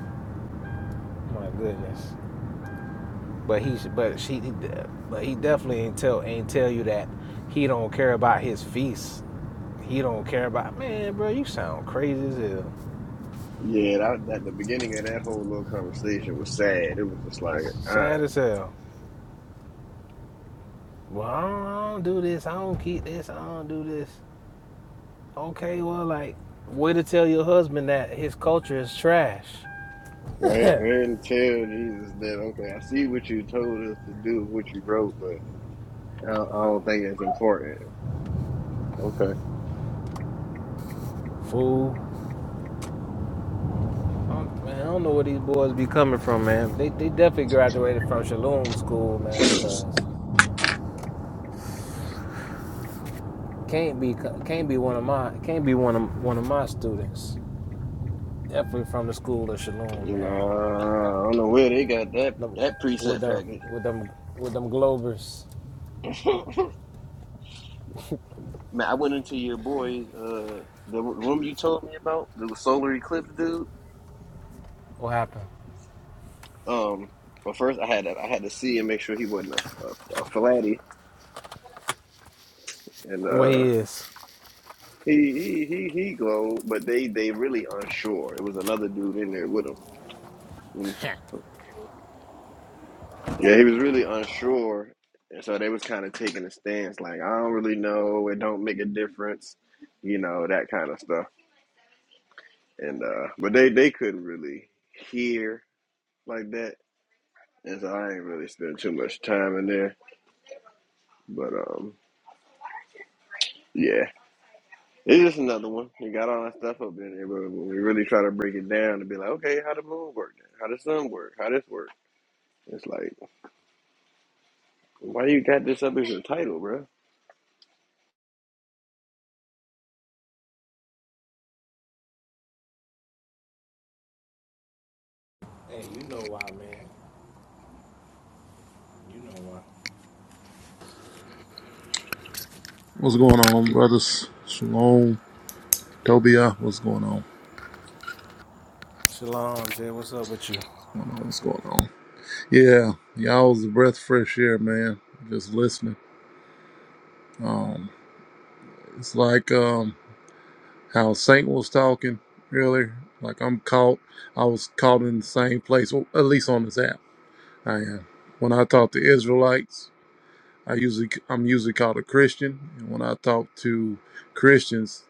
goodness. But he, but she, but he definitely ain't tell, ain't tell you that he don't care about his feast. He don't care about man, bro. You sound crazy as hell, Yeah, that, that the beginning of that whole little conversation was sad. It was just like, all right, sad as hell. Well, I don't, I don't do this. I don't keep this. I don't do this. Okay, well, like, way to tell your husband that his culture is trash. man. right? Until Jesus that. Okay, I see what you told us to do, what you wrote, but I don't, I don't think it's important. Okay, Fool. Um, Man, I don't know where these boys be coming from, man. They, they definitely graduated from Shalom School, man, cause can't be can't be one of my can't be one of one of my students. Definitely from the school of Shalom, man. nah, I don't know where they got that Them- that With preset them package. with them with them Globers, Man, I went into your boy's uh the room you told me about the solar eclipse dude. what happened? Um, but first I had to I had to see and make sure he wasn't a, a, a flatty, and What uh. he is? He he he he glowed, but they they really unsure. It was another dude in there with him. Mm. hey, Yeah, he was really unsure, and so they was kind of taking a stance like I don't really know. It don't make a difference, you know that kind of stuff. And uh, but they they couldn't really hear like that, and so I ain't really spend too much time in there. But um, yeah, it's just another one. We got all that stuff up in there, but when we really try to break it down and be like, okay, how the moon work? How the sun work? How this work? It's like Why you got this up as your title, bro? you know why, man. You know why. What's going on, brothers? Shalom, Tobia, what's going on? What's Shalom, Jay. What's up with you? going on? What's going on? Yeah, y'all was a breath of fresh air, man. Just listening. Um, it's like um how Saint was talking earlier. Like I'm caught. I was caught in the same place, or at least on this app. I am. When I talk to Israelites, I usually I'm usually called a Christian, and when I talk to Christians,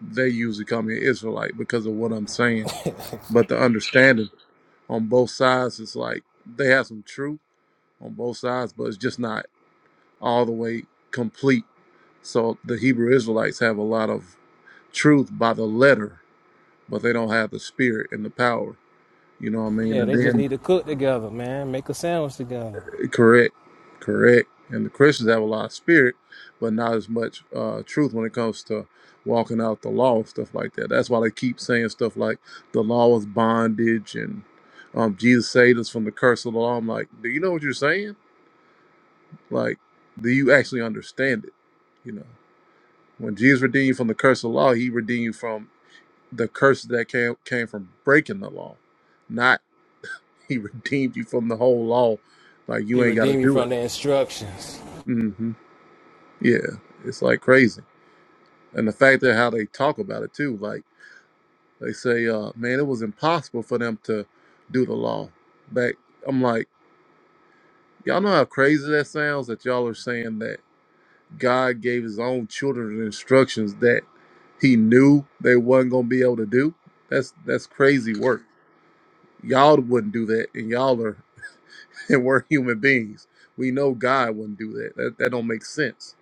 they usually call me an Israelite because of what I'm saying but the understanding on both sides is like they have some truth on both sides, but it's just not all the way complete. So the Hebrew Israelites have a lot of truth by the letter, but they don't have the spirit and the power. You know what I mean? Yeah, And they just then need to cook together, man. Make a sandwich together. Correct, correct. And the Christians have a lot of spirit, but not as much uh, truth when it comes to walking out the law and stuff like that. That's why they keep saying stuff like the law is bondage and um, Jesus saved us from the curse of the law. I'm like, do you know what you're saying? Like, do you actually understand it? You know, when Jesus redeemed you from the curse of the law, he redeemed you from the curse that came came from breaking the law, not he redeemed you from the whole law. Like He you ain't got to redeemed me do it. from the instructions. Mm-hmm. Yeah, it's like crazy. And the fact that how they talk about it too, like they say, uh, man, it was impossible for them to do the law. Back I'm like, y'all know how crazy that sounds that y'all are saying that God gave his own children instructions that he knew they wasn't gonna be able to do? That's that's crazy work. Y'all wouldn't do that and y'all are and we're human beings. We know God wouldn't do that. That that don't make sense.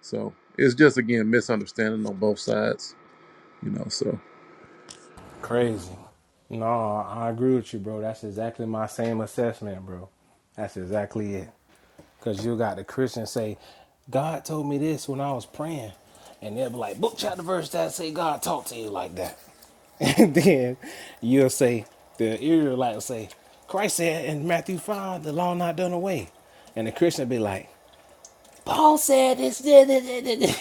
So it's just again misunderstanding on both sides, you know. So Crazy. No, I agree with you, bro. That's exactly my same assessment, bro. That's exactly it. Cause you got the Christian say, God told me this when I was praying, and they'll be like, book chapter verse that say God talked to you like that, and then you'll say the Israelite will say, Christ said in Matthew five, the law not done away, and the Christian will be like, Paul said this. this, this, this.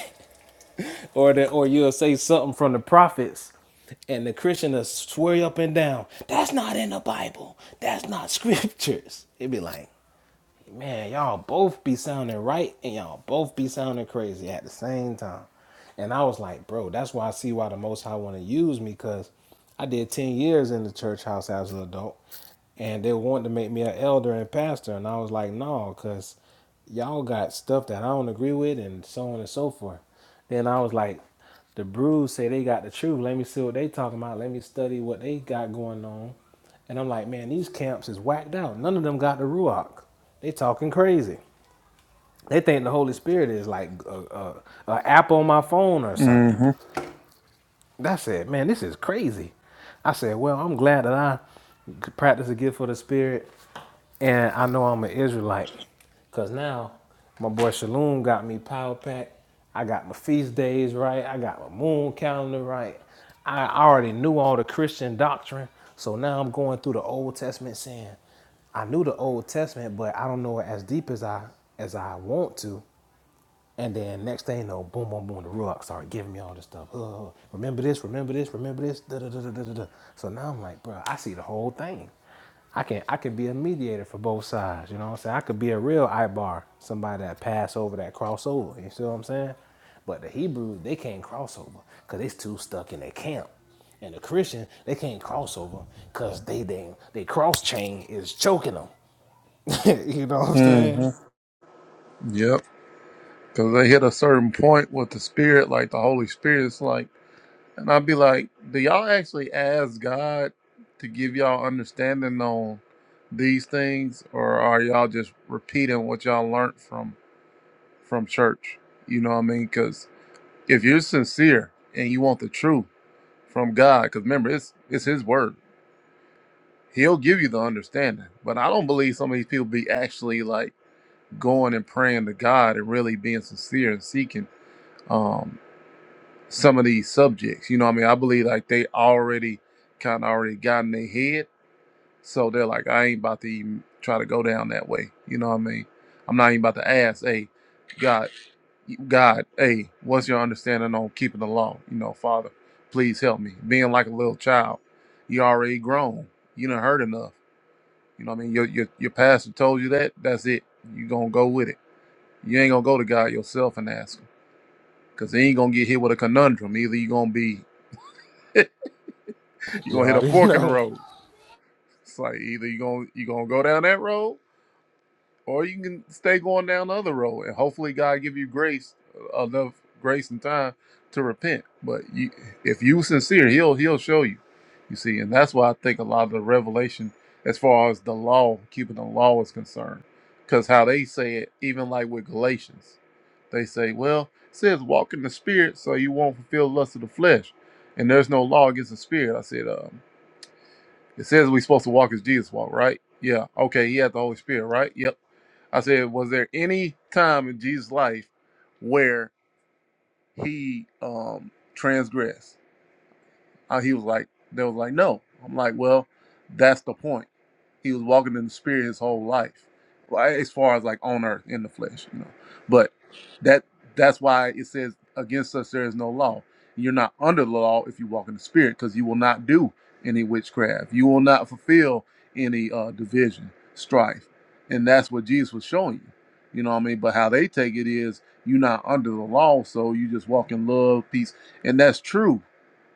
or the or you'll say something from the prophets and the Christian will swear you up and down. That's not in the Bible. That's not scriptures. It'd be like, man, y'all both be sounding right and y'all both be sounding crazy at the same time. And I was like, bro, that's why I see why the most high wanna use me, cause I did 10 years in the church house as an adult and they wanted to make me an elder and pastor, and I was like, no, cause y'all got stuff that I don't agree with, and so on and so forth. Then I was like, the brews say they got the truth. Let me see what they talking about. Let me study what they got going on. And I'm like, man, these camps is whacked out. None of them got the ruach. They talking crazy. They think the Holy Spirit is like a, a, a app on my phone or something. hmm I said, man. This is crazy. I said, well, I'm glad that I could practice the gift for the Spirit and I know I'm an Israelite. Cause now my boy Shalom got me power pack. I got my feast days right. I got my moon calendar right. I already knew all the Christian doctrine. So now I'm going through the Old Testament saying, I knew the Old Testament, but I don't know it as deep as I as I want to. And then next thing you know, boom, boom, boom, the Ruach started giving me all this stuff. Oh, remember this, remember this, remember this, da da da da da. da. So now I'm like, bro, I see the whole thing. I can I can be a mediator for both sides. You know what I'm saying? I could be a real bar, somebody that pass over that crossover. You see what I'm saying? But the Hebrews they can't cross over because they too stuck in their camp. And the Christian they can't cross over because they they they cross chain is choking them. you know what I'm hmm saying? Yep. Because they hit a certain point with the spirit, like the Holy Spirit. It's like, and I'd be like, do y'all actually ask God to give y'all understanding on these things, or are y'all just repeating what y'all learned from from church? You know what I mean? Because if you're sincere and you want the truth from God, because remember, it's it's His word. He'll give you the understanding. But I don't believe some of these people be actually like going and praying to God and really being sincere and seeking um, some of these subjects. You know, what I mean, I believe like they already kind of already got in their head, so they're like, I ain't about to even try to go down that way. You know, what I mean, I'm not even about to ask, hey, God, God, hey, what's your understanding on keeping the law? You know, Father, please help me. Being like a little child, you already grown. You done heard enough. You know, what I mean, your your your pastor told you that. That's it. You gonna go with it you ain't gonna go to God yourself and ask him. Cause he ain't gonna get hit with a conundrum. Either you gonna be you You gonna hit a already fork in the know. road. It's like either you gonna you gonna go down that road or you can stay going down the other road and hopefully god give you grace uh, enough grace and time to repent but you if you sincere he'll he'll show you you see and that's why i think a lot of the revelation as far as the law keeping the law is concerned because how they say it even like with galatians they say well it says walk in the spirit so you won't fulfill the lust of the flesh and there's no law against the spirit i said um. It says we're supposed to walk as Jesus walked, right? Yeah. Okay. He had the Holy Spirit, right? Yep. I said, was there any time in Jesus' life where he um transgressed? Uh, he was like, they was like, no. I'm like, well, that's the point. He was walking in the spirit his whole life, like, as far as like on earth in the flesh, you know. But that that's why it says against us there is no law. You're not under the law if you walk in the spirit, because you will not do any witchcraft. You will not fulfill any uh, division, strife, and that's what Jesus was showing you. You know what I mean? But how they take it is you're not under the law, so you just walk in love, peace, and that's true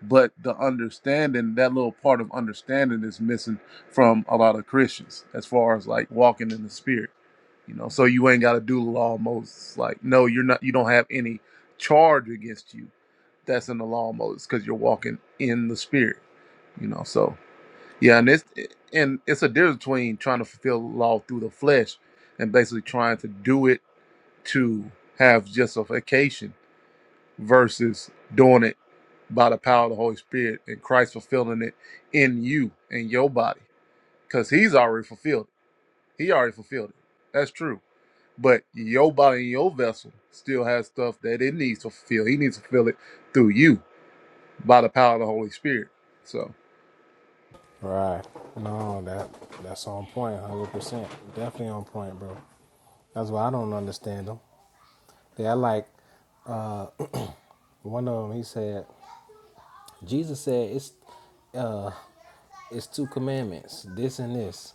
but the understanding that little part of understanding is missing from a lot of christians as far as like walking in the spirit you know so you ain't got to do the law of moses like no you're not you don't have any charge against you that's in the law of moses because you're walking in the spirit you know so yeah and it's and it's a difference between trying to fulfill the law through the flesh and basically trying to do it to have justification versus doing it by the power of the Holy Spirit and Christ fulfilling it in you in your body because he's already fulfilled it. He already fulfilled it. That's true. But your body and your vessel still has stuff that it needs to fulfill. He needs to fulfill it through you by the power of the Holy Spirit. So, Right. No, that that's on point, one hundred percent. Definitely on point, bro. That's why I don't understand them. Yeah, I like one of them. He said, Jesus said, "It's uh, it's two commandments, this and this.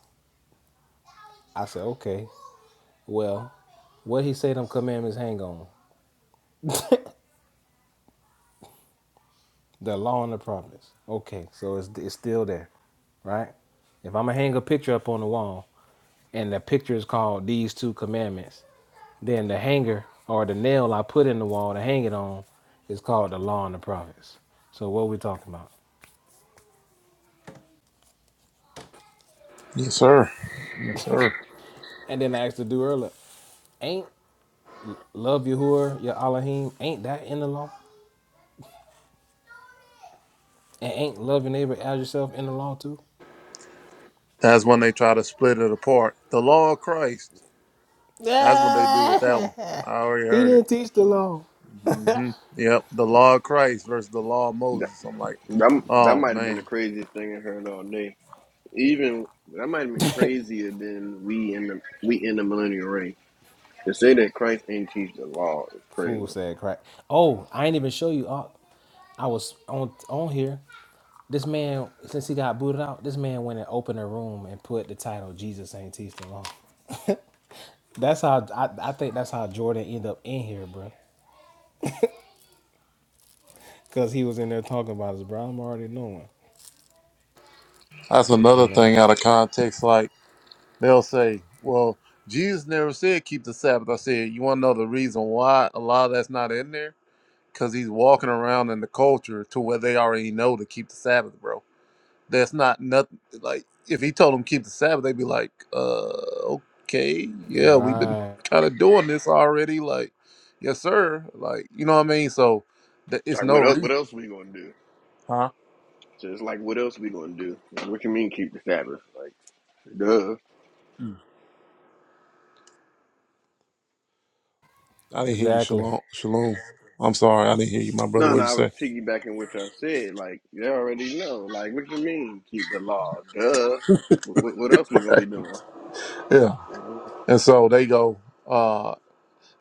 I said, okay, well, what he say them commandments hang on? The law and the prophets. Okay, so it's, it's still there, right? If I'm going to hang a picture up on the wall and the picture is called these two commandments, then the hanger or the nail I put in the wall to hang it on is called the law and the prophets. So what are we talking about? yes, sir. Yes, sir. And then I asked the dude earlier, ain't love Yahuwah your Elohim, ain't that in the law? And ain't love your neighbor as yourself in the law too? That's when they try to split it apart. The law of Christ. That's what they do with that Ah, one. I already he heard it. didn't teach the law. hmm Yep, the law of Christ versus the law of That, Moses. I'm like, that, that oh might have been man, the craziest thing I heard all day. Even that might have been crazier than we in the we in the millennial reign. To say that Christ ain't teach the law is Fool crazy. said crack. Oh, I ain't even show you. I, I was on on here. This man, since he got booted out, this man went and opened a room and put the title "Jesus Ain't Teach the Law." That's how I, I think that's how Jordan ended up in here, bro. Cause he was in there talking about his bro. I'm already knowing, that's you another know. thing out of context. Like they'll say, well, Jesus never said keep the Sabbath. I said, you want to know the reason why a lot of that's not in there? Because he's walking around in the culture to where they already know to keep the Sabbath, bro. That's not nothing. Like if he told them keep the Sabbath, they'd be like, uh, okay, yeah, we've been Right. kind of doing this already. Like, yes, sir. Like, you know what I mean? So. that It's Like no what else? reason. What else we gonna do? Huh? Just like what else we gonna do? Like, what you mean keep the Sabbath? Like duh. I didn't hear you, Exactly. Shalom. Shalom. I'm sorry, I didn't hear you, my brother. No, no. What'd you I was say? piggybacking what I said. Like they already know. Like what you mean keep the law? Duh. What, what else we gonna be doing? Yeah. And so they go. Uh,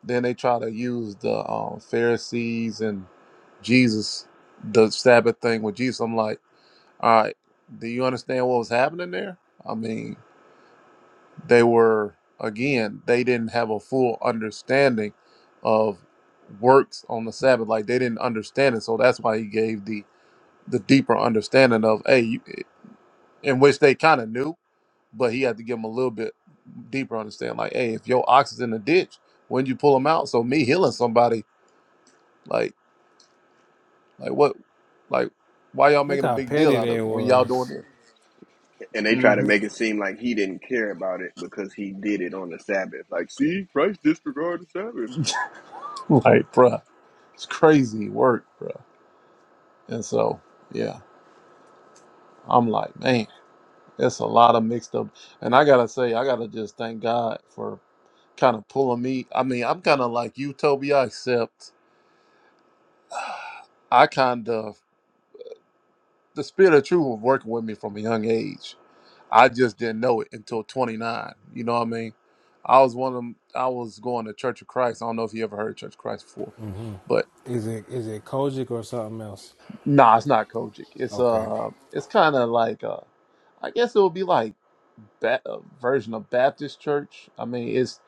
then they try to use the um, Pharisees and Jesus, the Sabbath thing with Jesus. I'm like, all right, do you understand what was happening there? I mean, they were again, they didn't have a full understanding of works on the Sabbath. Like they didn't understand it, so that's why he gave the the deeper understanding of, hey, you, eh," in which they kind of knew, but he had to give him a little bit deeper understand. Like, hey, if your ox is in the ditch, when you pull him out, so me healing somebody, like, like what, like, why y'all Look making a how big deal petty out of they it when y'all doing was. it? And they try to hmm make it seem like he didn't care about it because he did it on the Sabbath. Like, see, Christ disregarded the Sabbath. Like, bruh, it's crazy work, bruh. And so, yeah, I'm like, man, it's a lot of mixed up. And I gotta say, I gotta just thank God for kind of pulling me. I mean, I'm kind of like you, Toby, I accept. I kind of the spirit of truth was working with me from a young age. I just didn't know it until 29. You know what I mean? I was one of them. I was going to Church of Christ. I don't know if you ever heard Church of Christ before, but Is it is it Kojic or something else? nah, it's not Kojic. It's Okay. uh, it's kind of like uh, I guess it would be like ba- a version of Baptist church. I mean, it's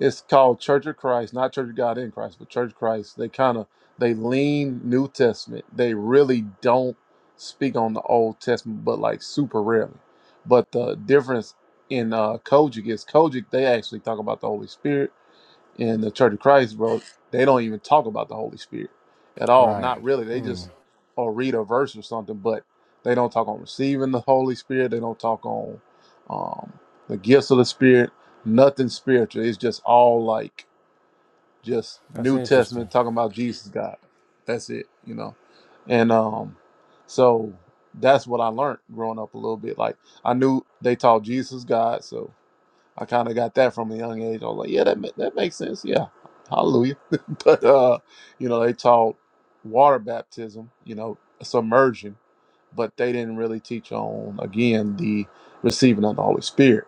It's called Church of Christ, not Church of God in Christ, but Church of Christ. They kind of they lean New Testament. They really don't speak on the Old Testament, but like super rarely. But the difference in uh, Kojic is Kojic they actually talk about the Holy Spirit in the Church of Christ, bro, they don't even talk about the Holy Spirit at all. Right. Not really. They Hmm. just or read a verse or something, but they don't talk on receiving the Holy Spirit. They don't talk on um, the gifts of the Spirit. Nothing spiritual. It's just all like just That's New interesting. Testament talking about Jesus God. That's it, you know. And um, so that's what I learned growing up a little bit. Like I knew they taught Jesus God, so I kind of got that from a young age. I was like, yeah, that ma- that makes sense. Yeah, hallelujah. but uh, you know, they taught water baptism, you know, submersion, but they didn't really teach on again the receiving of the Holy Spirit.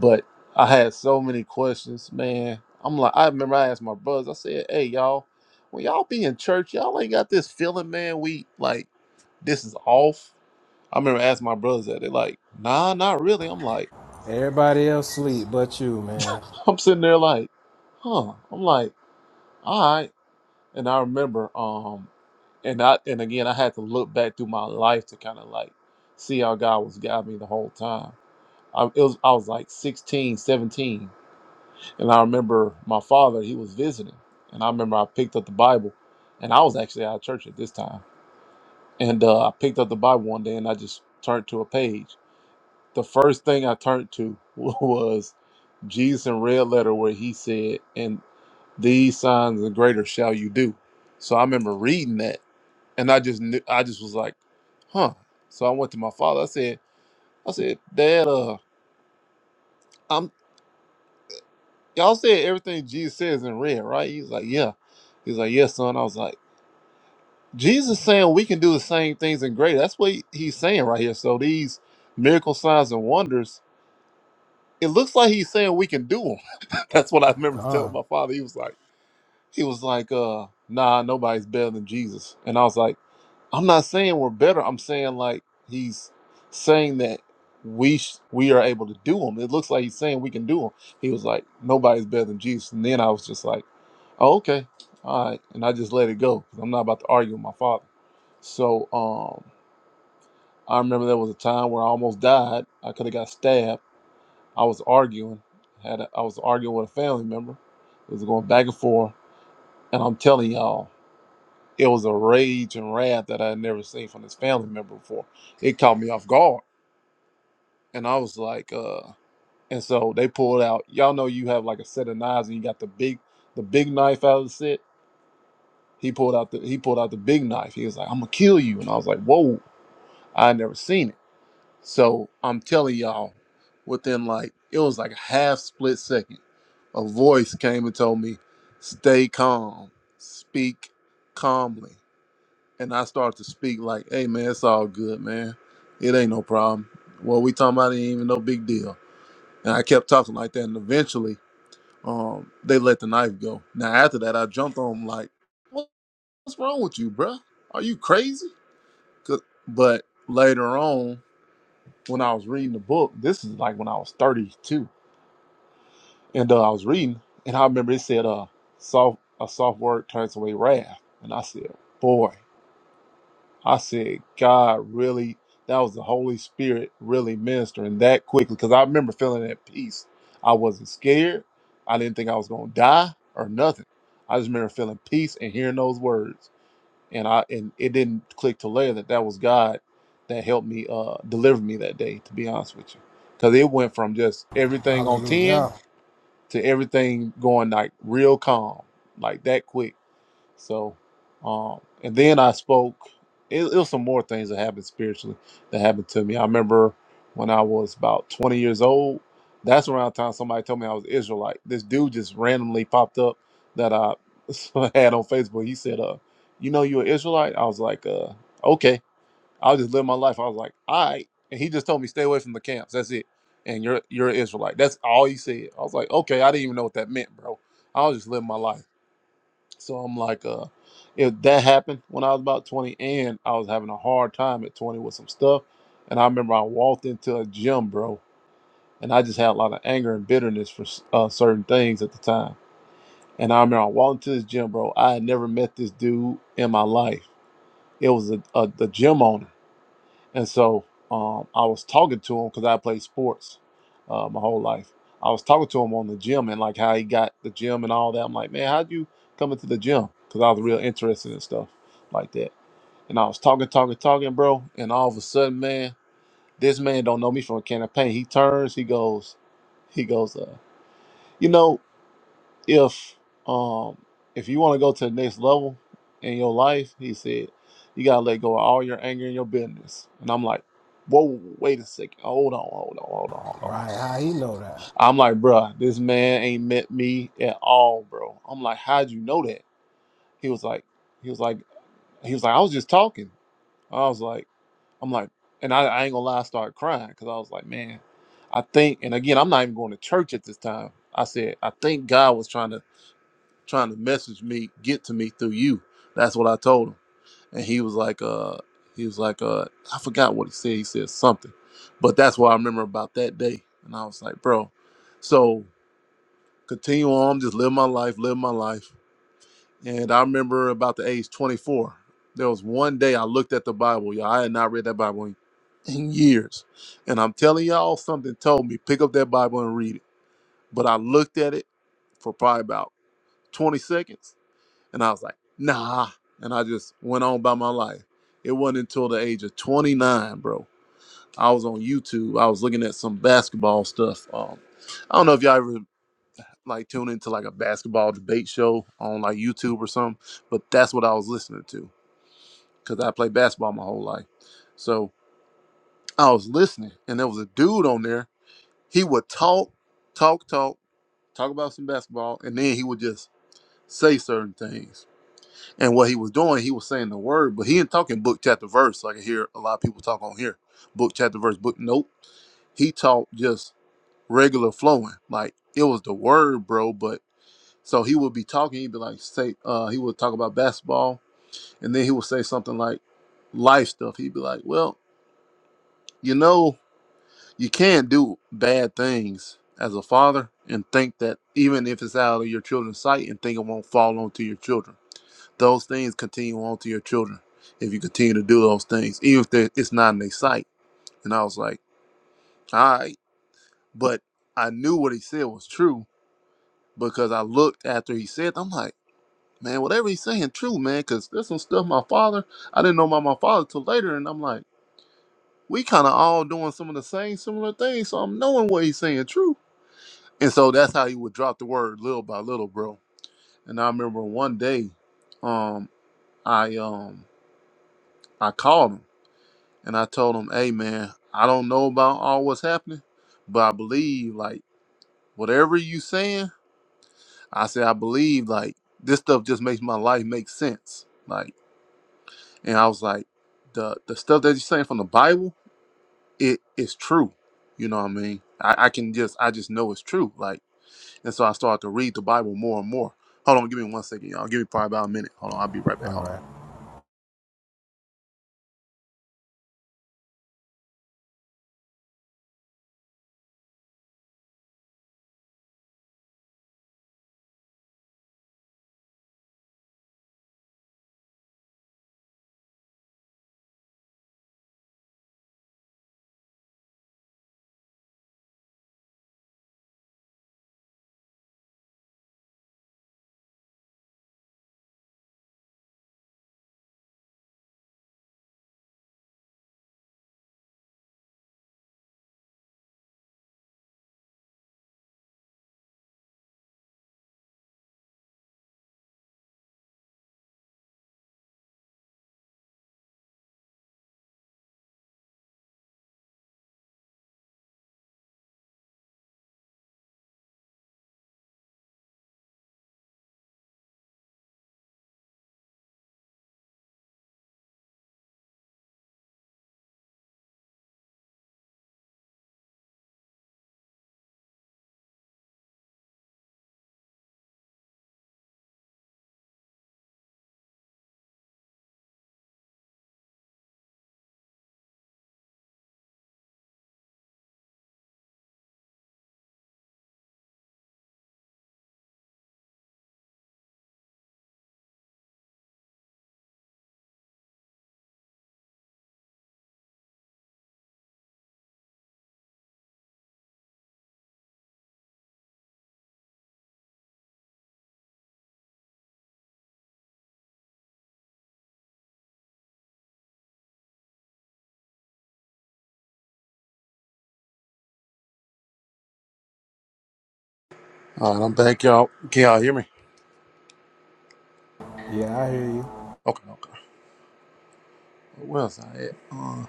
But I had so many questions, man. I'm like, I remember I asked my brothers. I said, hey, y'all, when y'all be in church, y'all ain't got this feeling, man. We like this is off. I remember asking my brothers that. They're like, nah, not really. I'm like. Everybody else sleep but you, man. I'm sitting there like, huh. I'm like, all right. And I remember, um, and I and again I had to look back through my life to kind of like see how God was guiding me the whole time. I it was I was like 16, 17, and I remember my father, he was visiting, and I remember I picked up the Bible, and I was actually out of church at this time. And uh, I picked up the Bible one day and I just turned to a page. The first thing I turned to was Jesus in red letter where he said, and. These signs and greater shall you do. So I remember reading that, and I just knew, I just was like, huh. So I went to my father. I said, I said, Dad, uh, I'm y'all said everything Jesus says in red, right? He's like, yeah. He's like, yes, son. I was like, Jesus saying we can do the same things in greater. That's what he- he's saying right here. So these miracle signs and wonders, it looks like he's saying we can do them. That's what I remember telling Gone. my father. He was like. He was like, uh, nah, nobody's better than Jesus. And I was like, I'm not saying we're better. I'm saying like he's saying that we sh- we are able to do them. It looks like he's saying we can do them. He was like, nobody's better than Jesus. And then I was just like, oh, okay, all right. And I just let it go. 'cause I'm not about to argue with my father. So um, I remember there was a time where I almost died. I could have got stabbed. I was arguing. Had a, I was arguing with a family member. It was going back and forth. And I'm telling y'all. It was a rage and wrath that I had never seen from this family member before. It caught me off guard. And I was like, uh and so they pulled out, y'all know you have like a set of knives and you got the big the big knife out of the set. He pulled out the he pulled out the big knife. He was like, I'm gonna kill you. And I was like, Whoa, I had never seen it. So I'm telling y'all, within like it was like a half split second, a voice came and told me, Stay calm, speak calmly. and I start to speak like, "Hey man, it's all good, man. It ain't no problem. What we talking about ain't even no big deal." And I kept talking like that, and eventually, um, they let the knife go. Now after that, I jumped on 'em like, "What- "What's wrong with you, bruh? Are you crazy?" 'Cause- But later on, when I was reading the book, this is like when I was thirty-two, and uh, I was reading, and I remember it said, "Uh, soft a soft word turns away wrath," and I said, "Boy." I said, God really, that was the Holy Spirit really ministering that quickly. Cause I remember feeling at peace. I wasn't scared. I didn't think I was gonna die or nothing. I just remember feeling peace and hearing those words. And I and it didn't click till later that that was God that helped me uh deliver me that day, to be honest with you. Cause it went from just everything on 10 hallelujah. to everything going like real calm, like that quick. So, um, and then I spoke. It, it was some more things that happened spiritually that happened to me. I remember when I was about 20 years old. That's around the time somebody told me I was Israelite. This dude just randomly popped up that I had on Facebook. He said, "Uh, you know you're Israelite." I was like, "Uh, okay." I'll just live my life. I was like, "All right," and he just told me, "Stay away from the camps. That's it." And you're you're an Israelite. That's all he said. I was like, "Okay." I didn't even know what that meant, bro. I was just living my life. So I'm like, uh, if that happened when I was about 20, and I was having a hard time at 20 with some stuff, and I remember I walked into a gym, bro, and I just had a lot of anger and bitterness for s- uh, certain things at the time. And I remember I walked into this gym, bro. I had never met this dude in my life. It was a, a the gym owner. And so um, I was talking to him because I played sports uh, my whole life. I was talking to him on the gym and like how he got the gym and all that. I'm like, man, how'd you come into the gym? Because I was real interested in stuff like that. And I was talking, talking, talking, bro. And all of a sudden, man, this man don't know me from a can of paint. He turns, he goes, he goes, uh, you know if um if you want to go to the next level in your life, he said, you gotta let go of all your anger and your bitterness. And I'm like, whoa, wait a second, hold on, hold on, hold on, hold on. hold on." Right, how he know that? I'm like, bruh, this man ain't met me at all, bro. I'm like, how'd you know that? He was like, he was like, he was like, I was just talking. I was like, I'm like, and I, I ain't gonna lie, I started crying because I was like, man, I think, and again, I'm not even going to church at this time. I said, I think God was trying to trying to message me, get to me through you. That's what I told him. And he was like, uh, he was like, uh, I forgot what he said. He said something, but that's what I remember about that day. And I was like, bro, so continue on, just live my life, live my life. And I remember about the age 24, there was one day I looked at the Bible. Y'all, I had not read that Bible in, in years. And I'm telling y'all, something told me, pick up that Bible and read it. But I looked at it for probably about 20 seconds and I was like, nah. And I just went on by my life. It wasn't until the age of 29, bro. I was on YouTube. I was looking at some basketball stuff. Um, I don't know if y'all ever like tune into like a basketball debate show on like YouTube or something, but that's what I was listening to because I played basketball my whole life. So I was listening, and there was a dude on there. He would talk, talk, talk, talk about some basketball, and then he would just say certain things And what he was doing, he was saying the word, but he ain't talking book, chapter, verse, like I hear a lot of people talk on here. Book, chapter, verse, book. Nope. He taught just regular flowing. Like it was the word, bro. But so he would be talking, he'd be like, say, uh, he would talk about basketball, and then he would say something like life stuff. He'd be like, well, you know, you can't do bad things as a father and think that even if it's out of your children's sight and think it won't fall onto your children those things continue on to your children if you continue to do those things, even if they- it's not in their sight. And I was like, all right. But I knew what he said was true because I looked after he said, I'm like, man, whatever he's saying, true, man, because there's some stuff my father, I didn't know about my father till later. And I'm like, we kind of all doing some of the same similar things. So I'm knowing what he's saying, true. And so that's how he would drop the word little by little, bro. And I remember one day, um, I um I called him and I told him, "Hey, man, I don't know about all what's happening, but I believe like whatever you saying. I say I believe like this stuff just makes my life make sense. Like, and I was like, the the stuff that you're saying from the Bible, it is true. You know what I mean? I, I can just I just know it's true. Like, and so I started to read the Bible more and more. Hold on, give me one second, y'all. Give me probably about a minute. Hold on, I'll be right back. All Hold on. right. All right, I'm back, y'all. Can y'all hear me? Yeah, I hear you. Okay, okay. Where was I at? Uh,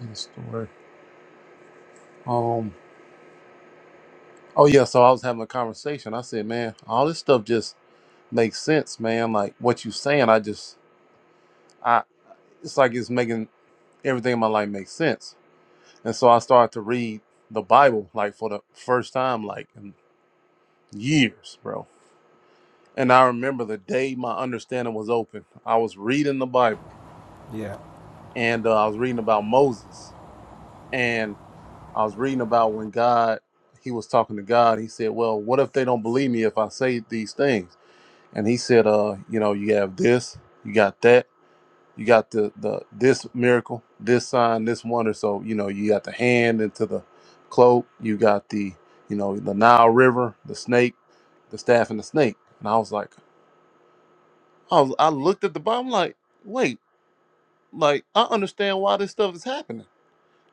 in the story. Oh yeah, so I was having a conversation. I said, man, all this stuff just makes sense, man. Like what you saying, I just I it's like it's making everything in my life make sense. And so I started to read the Bible like for the first time like in years, bro. And I remember the day my understanding was open. I was reading the Bible Yeah. and uh, I was reading about Moses and I was reading about when God he was talking to God. He said, "Well, what if they don't believe me if I say these things?" and he said, uh, you know, you have this, you got that, you got the the this miracle, this sign, this wonder. So you know, you got the hand into the cloak, you got the you know the Nile River, the snake, the staff, and the snake. And I was like, I was, I looked at the Bible, I'm like, wait, like I understand why this stuff is happening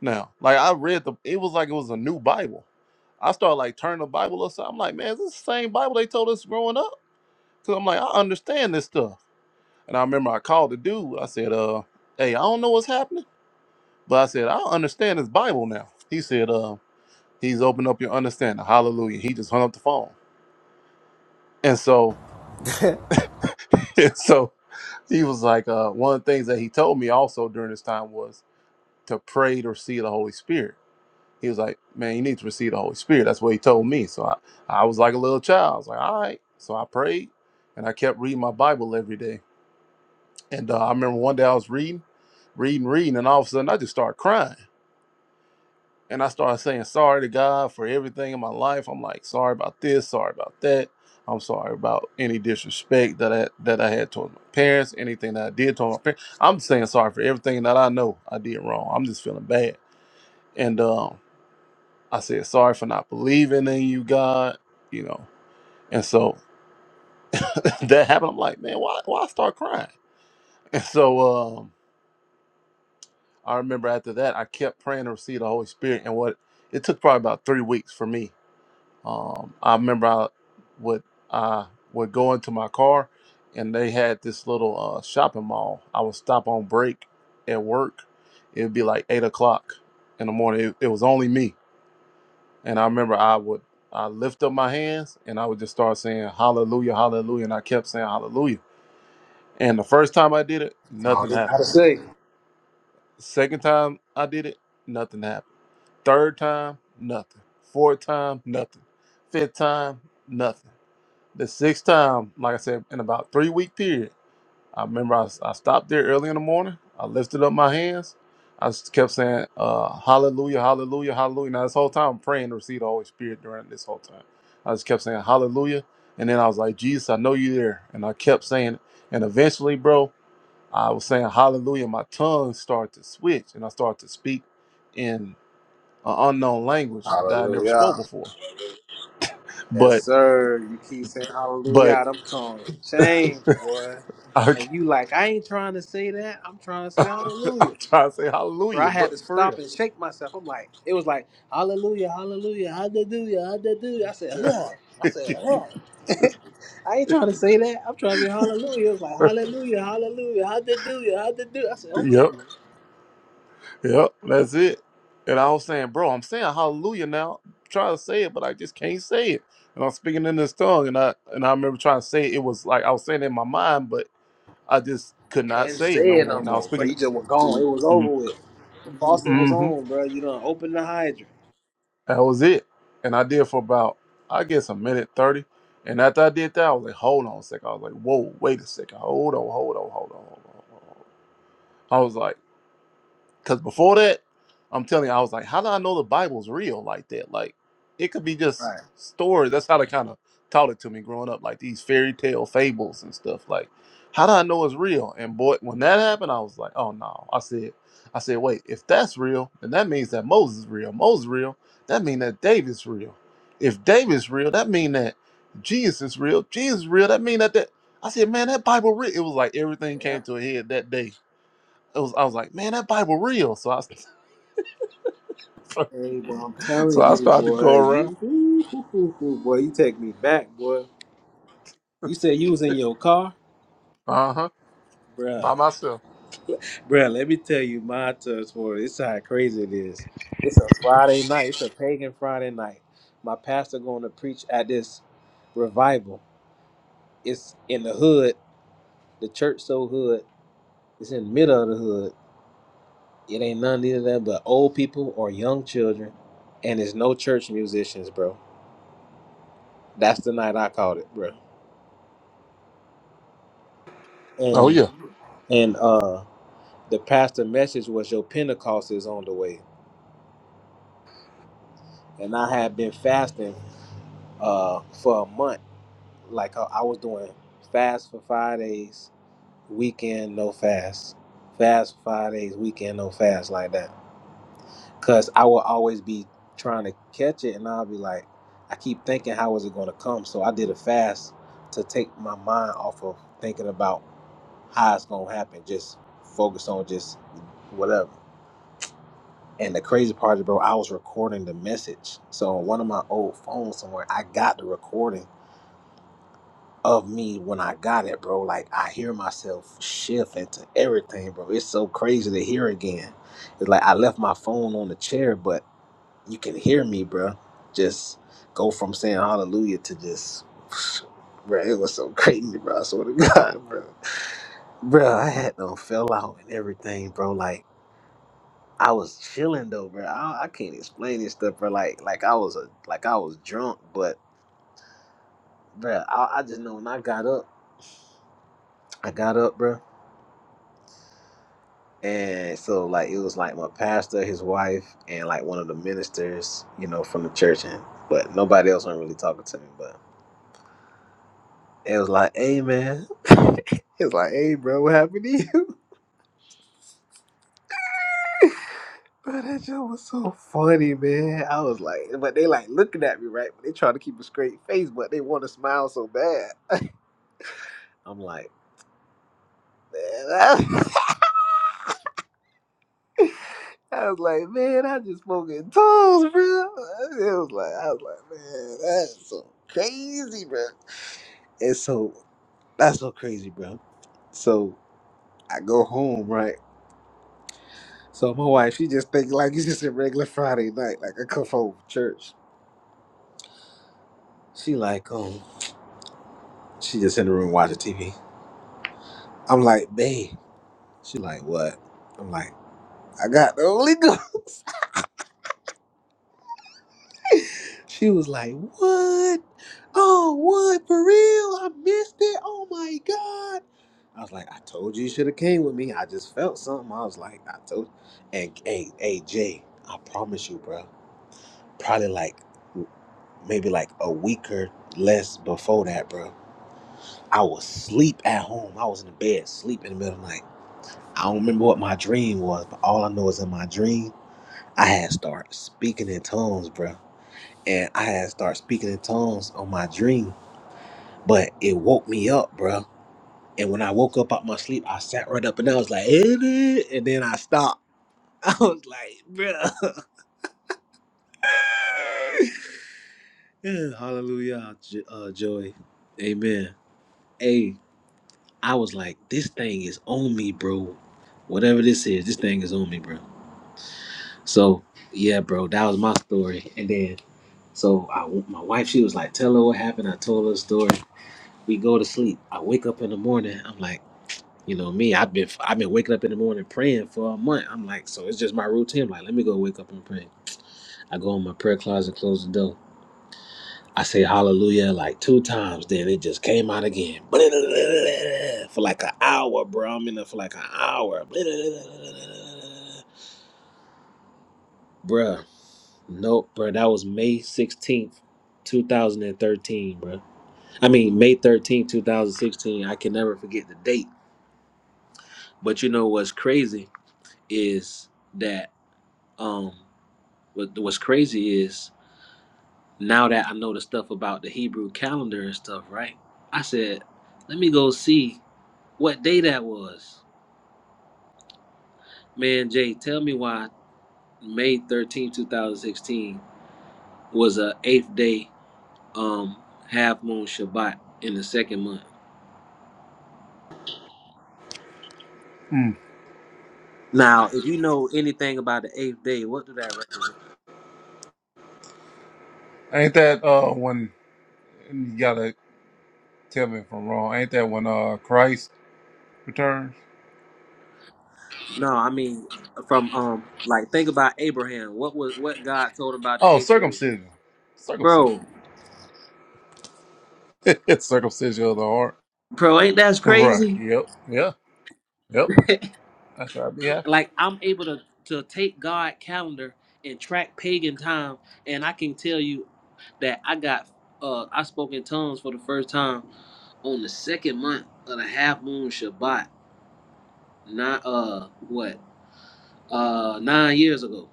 now. Like I read the, it was like it was a new Bible. I started like turning the Bible upside. I'm like, man, is this the same Bible they told us growing up? Cause I'm like, I understand this stuff. And I remember I called the dude. I said, uh, hey, I don't know what's happening, but I said, I understand this Bible now. He said, uh, he's opened up your understanding. Hallelujah. He just hung up the phone. And so, and so he was like, uh, one of the things that he told me also during this time was to pray to receive the Holy Spirit. He was like, man, you need to receive the Holy Spirit. That's what he told me. So I, I was like a little child. I was like, all right. So I prayed and I kept reading my Bible every day. And uh, I remember one day I was reading, reading, reading, and all of a sudden I just started crying. and I started saying sorry to God for everything in my life. I'm like, sorry about this, sorry about that. I'm sorry about any disrespect that I that I had towards my parents, anything that I did towards my parents. I'm saying sorry for everything that I know I did wrong. I'm just feeling bad. And um, I said sorry for not believing in you, God. You know, and so that happened. I'm like, man, why why I start crying? And so um, I remember after that, I kept praying to receive the Holy Spirit, and what it took probably about three weeks for me Um, I remember I would I would go into my car, and they had this little uh, shopping mall. I would stop on break at work. It would be like eight o'clock in the morning. It, it was only me, and I remember I would I lift up my hands and I would just start saying Hallelujah, Hallelujah, and I kept saying Hallelujah. And the first time I did it, nothing You happened. Gotta say, Second time I did it, nothing happened. Third time, nothing. Fourth time, nothing. Fifth time, nothing The sixth time, like I said, in about three week period, I remember I, I stopped there early in the morning. I lifted up my hands. I s- kept saying, uh, Hallelujah, Hallelujah, Hallelujah. Now, this whole time, I'm praying to receive the Holy Spirit during this whole time. I just kept saying, Hallelujah. And then I was like, Jesus, I know you're there. And I kept saying it. And eventually, bro, I was saying, Hallelujah. My tongue started to switch and I started to speak in an unknown language that I never spoke before. But, er, you keep saying hallelujah. but, out Them tongues change, boy. And you like, I ain't trying to say that. I'm trying to say I'm hallelujah. trying to say Bro, hallelujah, I bro, had to for stop real. and shake myself. I'm like, it was like hallelujah, hallelujah, hallelujah, hallelujah. I said, huh. I said, huh. I ain't trying to say that. I'm trying to say hallelujah. It was like hallelujah, hallelujah, hallelujah, hallelujah. I said, hold yep, on. yep, that's it. And I was saying, bro, I'm saying hallelujah now. I'm trying to say it, but I just can't say it. And I'm speaking in this tongue, and I and I remember trying to say it. It was like I was saying it in my mind, but I just could not say it no more. And I was speaking, Oh, it was over mm-hmm, with. Boston was mm-hmm, on, bro. You done opened the hydrant. that was it. And I did for about, I guess, a minute thirty. And after I did that, I was like, hold on a second. I was like, whoa, wait a second. Hold on, hold on, hold on, hold on. Hold on. I was like. Because before that, I'm telling you, I was like, how do I know the Bible's real like that? Like, it could be just stories. That's how they kind of taught it to me growing up, like these fairy tale fables and stuff. Like, how do I know it's real? And boy, when that happened, I was like, oh no. I said, I said, wait, if that's real, then that means that Moses is real. Moses real. That means that David's real. If David's real, that means that Jesus is real. Jesus is real. That means that that. I said, man, that Bible real. It was like everything came to a head that day it was I was like, man, that Bible real. So I so Telling I you, started to boy. go around, You, hoo, hoo, hoo, hoo, boy. You take me back, boy. You said you was in your car, uh huh, by bruh. myself. Bruh, let me tell you my touch for it. It's how crazy it is. It's a Friday night. It's a pagan Friday night. My pastor going to preach at this revival. It's in the hood. The church so hood. It's in the middle of the hood. It ain't none either that but old people or young children, and there's no church musicians, bro That's the night I caught it, bro. Oh And yeah, and uh the pastor message was your Pentecost is on the way. And I had been fasting uh for a month. Like I, I was doing fast for five days, weekend no fast. Fast for five days, weekend no fast like that. Cause I will always be trying to catch it and I'll be like, I keep thinking how is it gonna come? So I did a fast to take my mind off of thinking about how it's gonna happen. Just focus on just whatever. And the crazy part is, bro, I was recording the message. So on one of my old phones somewhere, I got the recording of me when I got it, bro. Like I hear myself shift into everything, bro. It's so crazy to hear again. It's like I left my phone on the chair, but you can hear me, bro. Just go from saying hallelujah to just, bro. It was so crazy, bro. I swear to God, bro. Bro, I had them fell out and everything, bro. Like. I was chilling though, bro. I, I can't explain this stuff, bro. Like, like I was a, like I was drunk, but, bro, I, I just know when I got up, I got up, bro. And so, like, it was like my pastor, his wife, and like one of the ministers, you know, from the church, and but nobody else wasn't really talking to me. But it was like, hey, man, it was like, hey, bro, what happened to you? Bro, that joke was so funny, man. I was like, but they like looking at me, right? But they trying to keep a straight face, but they want to smile so bad. I'm like. I was like, man, I just spoke in tongues, bro. It was like, I was like, man, that's so crazy, bro. And so that's so crazy, bro. So I go home, right? So my wife, she just think like it's just a regular Friday night, like I come home from church. She like, oh, she just in the room watching TV. I'm like, babe. She like, what? I'm like, I got the Holy Ghost. She was like, What? Oh, what? For real? I missed it. Oh my God. I was like, I told you you should have came with me. I just felt something. I was like, I told and hey, hey, Jay, I promise you, bro. Probably like maybe like a week or less before that, bro. I was asleep at home. I was in the bed, sleep in the middle of the night. I don't remember what my dream was, but all I know is in my dream, I had started speaking in tongues, bro and I had started speaking in tongues on my dream, but it woke me up, bruh. And when I woke up, I must sat right up and then I stopped. Anyway, amen. Hey, I was like, this is on me, bro. This thing is on me, bro. So yeah, so Lord, we go to sleep. I wake up in the morning. I'm like, you know me, I've been I've been waking up in the morning praying for a month. I'm like, so it's just my routine. I'm like, let me go wake up and pray. I go in my prayer closet, close the door. I say hallelujah like two times, then it just came out again. For like an hour, bro. I'm in there for like an hour. Bruh. Nope, bruh. That was May 16th, 2013, bruh. I mean, May 13th, 2016. I can never forget the date. But you know what's crazy is that, um, what, what's crazy is now that I know the stuff about the Hebrew calendar and stuff, right? I said, let me go see what day that was. Man, Jay, tell me why May thirteenth, two 2016 was a eighth day um half moon Shabbat in the second month. Mm. Now, if you know anything about the eighth day, what do that represent? Ain't that uh when you gotta tell me if I'm wrong? Ain't that when uh Christ returns? No, I mean from um like think about Abraham. What was what God told him about the Oh, eighth day? circumcision, circumcision, Bro, circumcision of the heart. bro, ain't that Right. crazy? Yep. Yeah. Yep. That's right. Yeah. like I'm able to to take God calendar and track pagan time, and I can tell you that I got uh I spoke in tongues for the first time on the second month of the half moon Shabbat. What? look,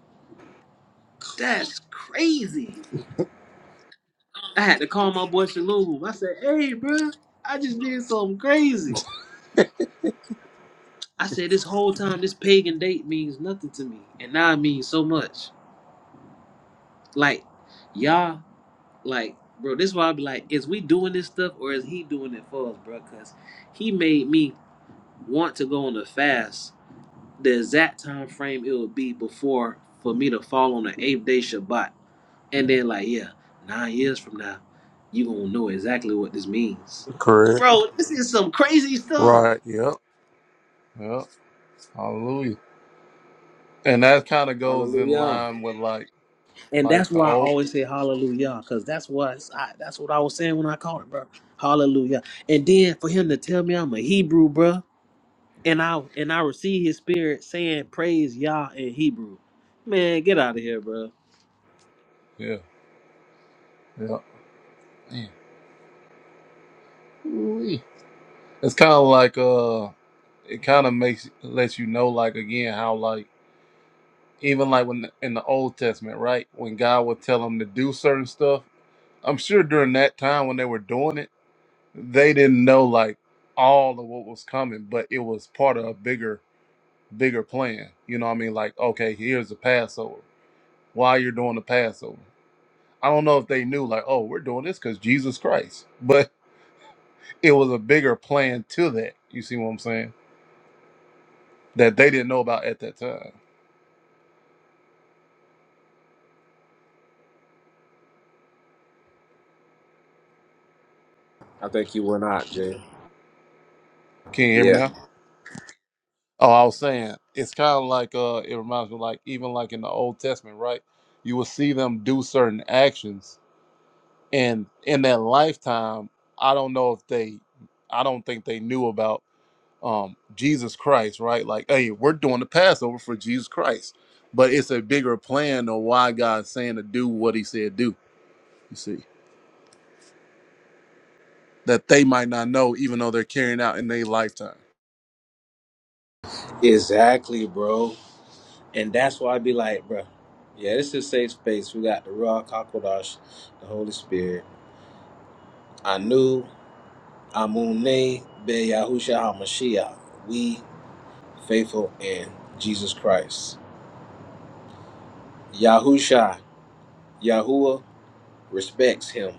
And that's like y'all like bro, because he made me want to go on a fast the exact time frame it would be before for me to fall on the eighth day Shabbat. And then like, yeah, nine years from now, you gonna know exactly what this means. correct, Bro, this is some crazy stuff. right, yep, Yep. Hallelujah. And that kind of goes in line with like And like that's the why I old. always say hallelujah, because that's what I, that's what I was saying when I called it, bro. Hallelujah. And then for him to tell me I'm a Hebrew, bro, and I and I receive his spirit saying praise Yah in Hebrew. Man, get out of here, bro. Yeah. Yeah. Man. Ooh-wee. It's kind of like uh, it kind of makes lets you know like again how like even like when in the Old Testament, right? When God would tell them to do certain stuff, I'm sure during that time when they were doing it, they didn't know like all of what was coming, but it was part of a bigger bigger plan. You know what I mean? Like okay, here's the Passover. Why you're doing the Passover? I don't know if they knew like oh we're doing this because Jesus Christ, but it was a bigger plan to that. You see what I'm saying? That they didn't know about at that time. Can you hear me Yeah, now? Oh, I was saying it's kind of like uh, it reminds me of, like even like in the Old Testament, right? You will see them do certain actions, and in their lifetime, I don't know if they, I don't think they knew about um Jesus Christ, right? Like, hey, we're doing the Passover for Jesus Christ, but it's a bigger plan of why God's saying to do what He said do. You see that they might not know, even though they're carrying out in their lifetime. exactly, bro. And that's why I be like, bro, yeah, this is safe space. We got the Raw Kakodash, the Holy Spirit. Anu Amune Be Yahusha HaMashiach. We faithful in Jesus Christ. Yahusha, Yahuwah respects him.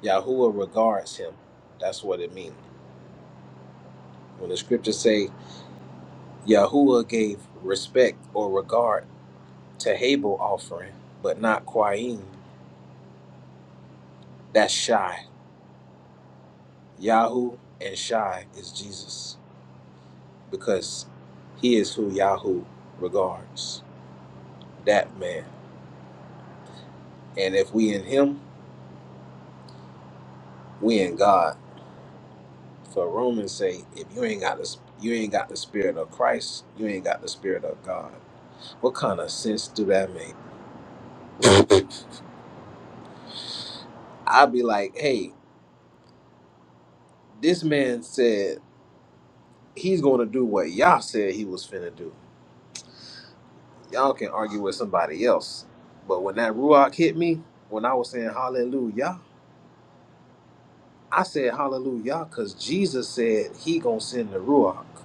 Yahuwah regards him. That's what it means. When the scriptures say Yahuwah gave respect or regard to Habel offering, but not Quayim, that's Shai. Yahu and Shai is Jesus because he is who Yahu regards. That man. And if we in him, we in God. For Romans say, if you ain't got the you ain't got the spirit of Christ, you ain't got the spirit of God. What kind of sense do that make? I'd be like, hey, this man said he's going to do what y'all said he was finna do. Y'all can argue with somebody else, but when that ruach hit me, when I was saying hallelujah, I said hallelujah because Jesus said he gonna send the ruach.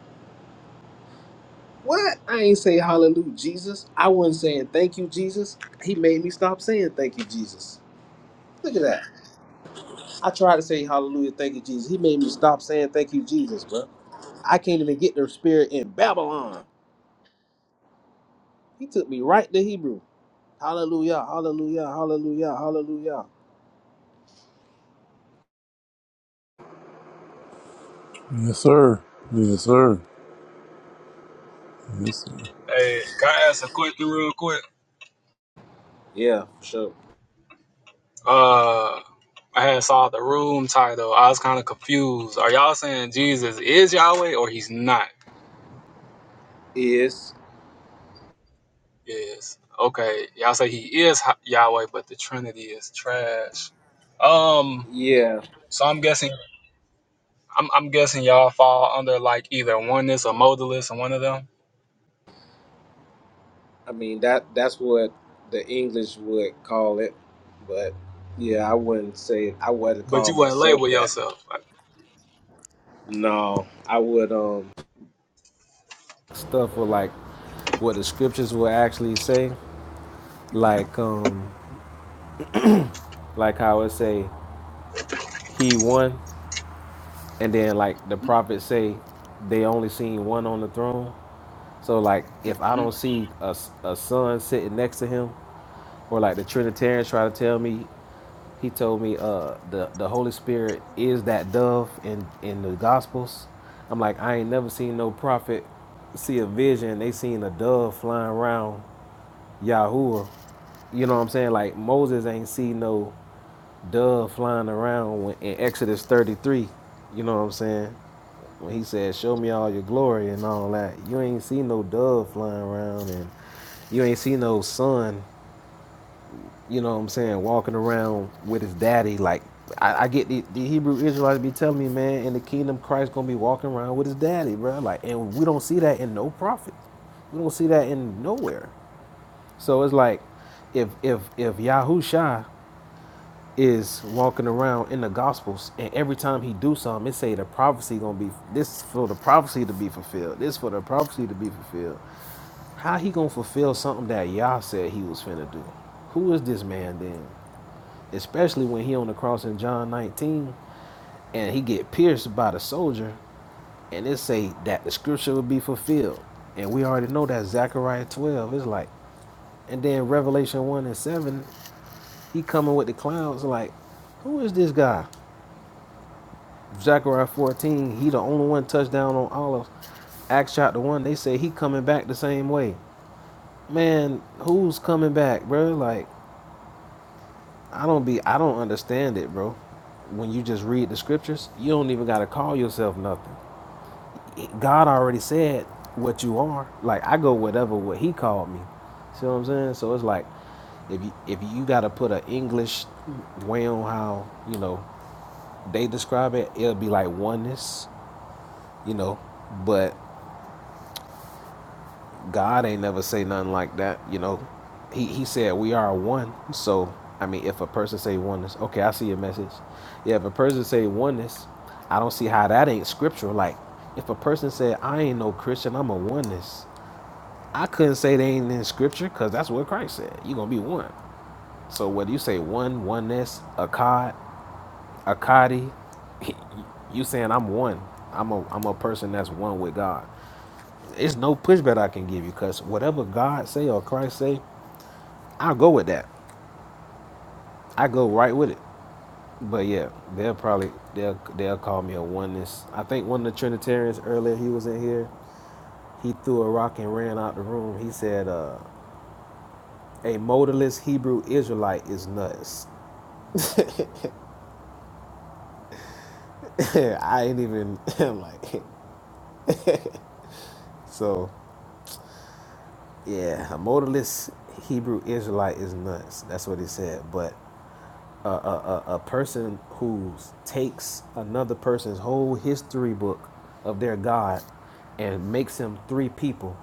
What? I ain't say hallelujah, Jesus. I wasn't saying thank you, Jesus. He made me stop saying thank you, Jesus. Look at that. I tried to say hallelujah, thank you, Jesus. He made me stop saying thank you, Jesus, bro. I can't even get the spirit in Babylon. He took me right to Hebrew. Hallelujah, hallelujah, hallelujah, hallelujah. Yes, sir. Yes, sir. Yes, sir. Hey, can I ask a question real quick? Yeah, for sure. Uh, I had saw the room title. I was kind of confused. Are y'all saying Jesus is Yahweh or he's not? Is Yes. Okay. Y'all say he is Ha- Yahweh, but the Trinity is trash. Um. yeah. So I'm guessing. I'm, I'm guessing y'all fall under like either oneness or modalist or one of them. I mean that that's what the English would call it. But yeah, I wouldn't say I wouldn't But call you wouldn't myself label that. yourself. Like, No, I would. Um, stuff with like what the scriptures will actually say, like um like how it say he won, and then like the prophets say they only seen one on the throne. So like if I Mhm. don't I see a a son sitting next to him, or like the Trinitarians try to tell me, he told me uh the the Holy Spirit is that dove in in the Gospels. I'm like I ain't never seen no prophet see a vision. They seen a dove flying around Yahuwah You know what I'm saying? Like Moses ain't see no dove flying around when, in Exodus 33. You know what I'm saying? When he said, "Show me all your glory and all that," you ain't see no dove flying around, and you ain't see no son. You know what I'm saying? Walking around with his daddy. Like I, I get the, the Hebrew Israelites be telling me, man, in the kingdom Christ gonna be walking around with his daddy, bro. Like, and we don't see that in no prophet. We don't see that in nowhere. So it's like, if if if Yahusha is walking around in the gospels and every time he do something it say the prophecy gonna be this for the prophecy to be fulfilled this for the prophecy to be fulfilled how he gonna fulfill something that yah said he was finna do who is this man then especially when he on the cross in john 19 and he get pierced by the soldier and it say that the scripture will be fulfilled and we already know that zechariah 12 is like and then revelation 1 and 7 he coming with the clouds like who is this guy Zechariah 14, he the only one touchdown on Olive. Acts chapter 1, they say he coming back the same way. Man, who's coming back, bro? Like, I don't be, I don't understand it, bro. When you just read the scriptures, you don't even got to call yourself nothing. God already said what you are. Like, I go whatever what he called me. See what I'm saying? So it's like, if you, if you got to put an English way on how, you know, they describe it, it'll be like oneness, you know, but God ain't never say nothing like that, you know. He he said we are one. So I mean, if a person say oneness, okay, I see your message. Yeah, if a person say oneness, I don't see how that ain't scriptural. Like, if a person said I ain't no Christian, I'm a oneness. I couldn't say they ain't in scripture because that's what Christ said. you gonna be one. So whether you say one, oneness, akkad, akkadi, you saying I'm one. I'm a I'm a person that's one with God. It's no pushback I can give you because whatever God say or Christ say, I'll go with that. I go right with it. But yeah, they'll probably they'll they'll call me a oneness. I think one of the Trinitarians earlier he was in here. He threw a rock and ran out the room. He said, uh, "A modalist Hebrew Israelite is nuts." I ain't even. I'm like, so yeah, a modalist Hebrew Israelite is nuts. That's what he said. But a, a, a, person who takes another person's whole history book of their God and makes him three people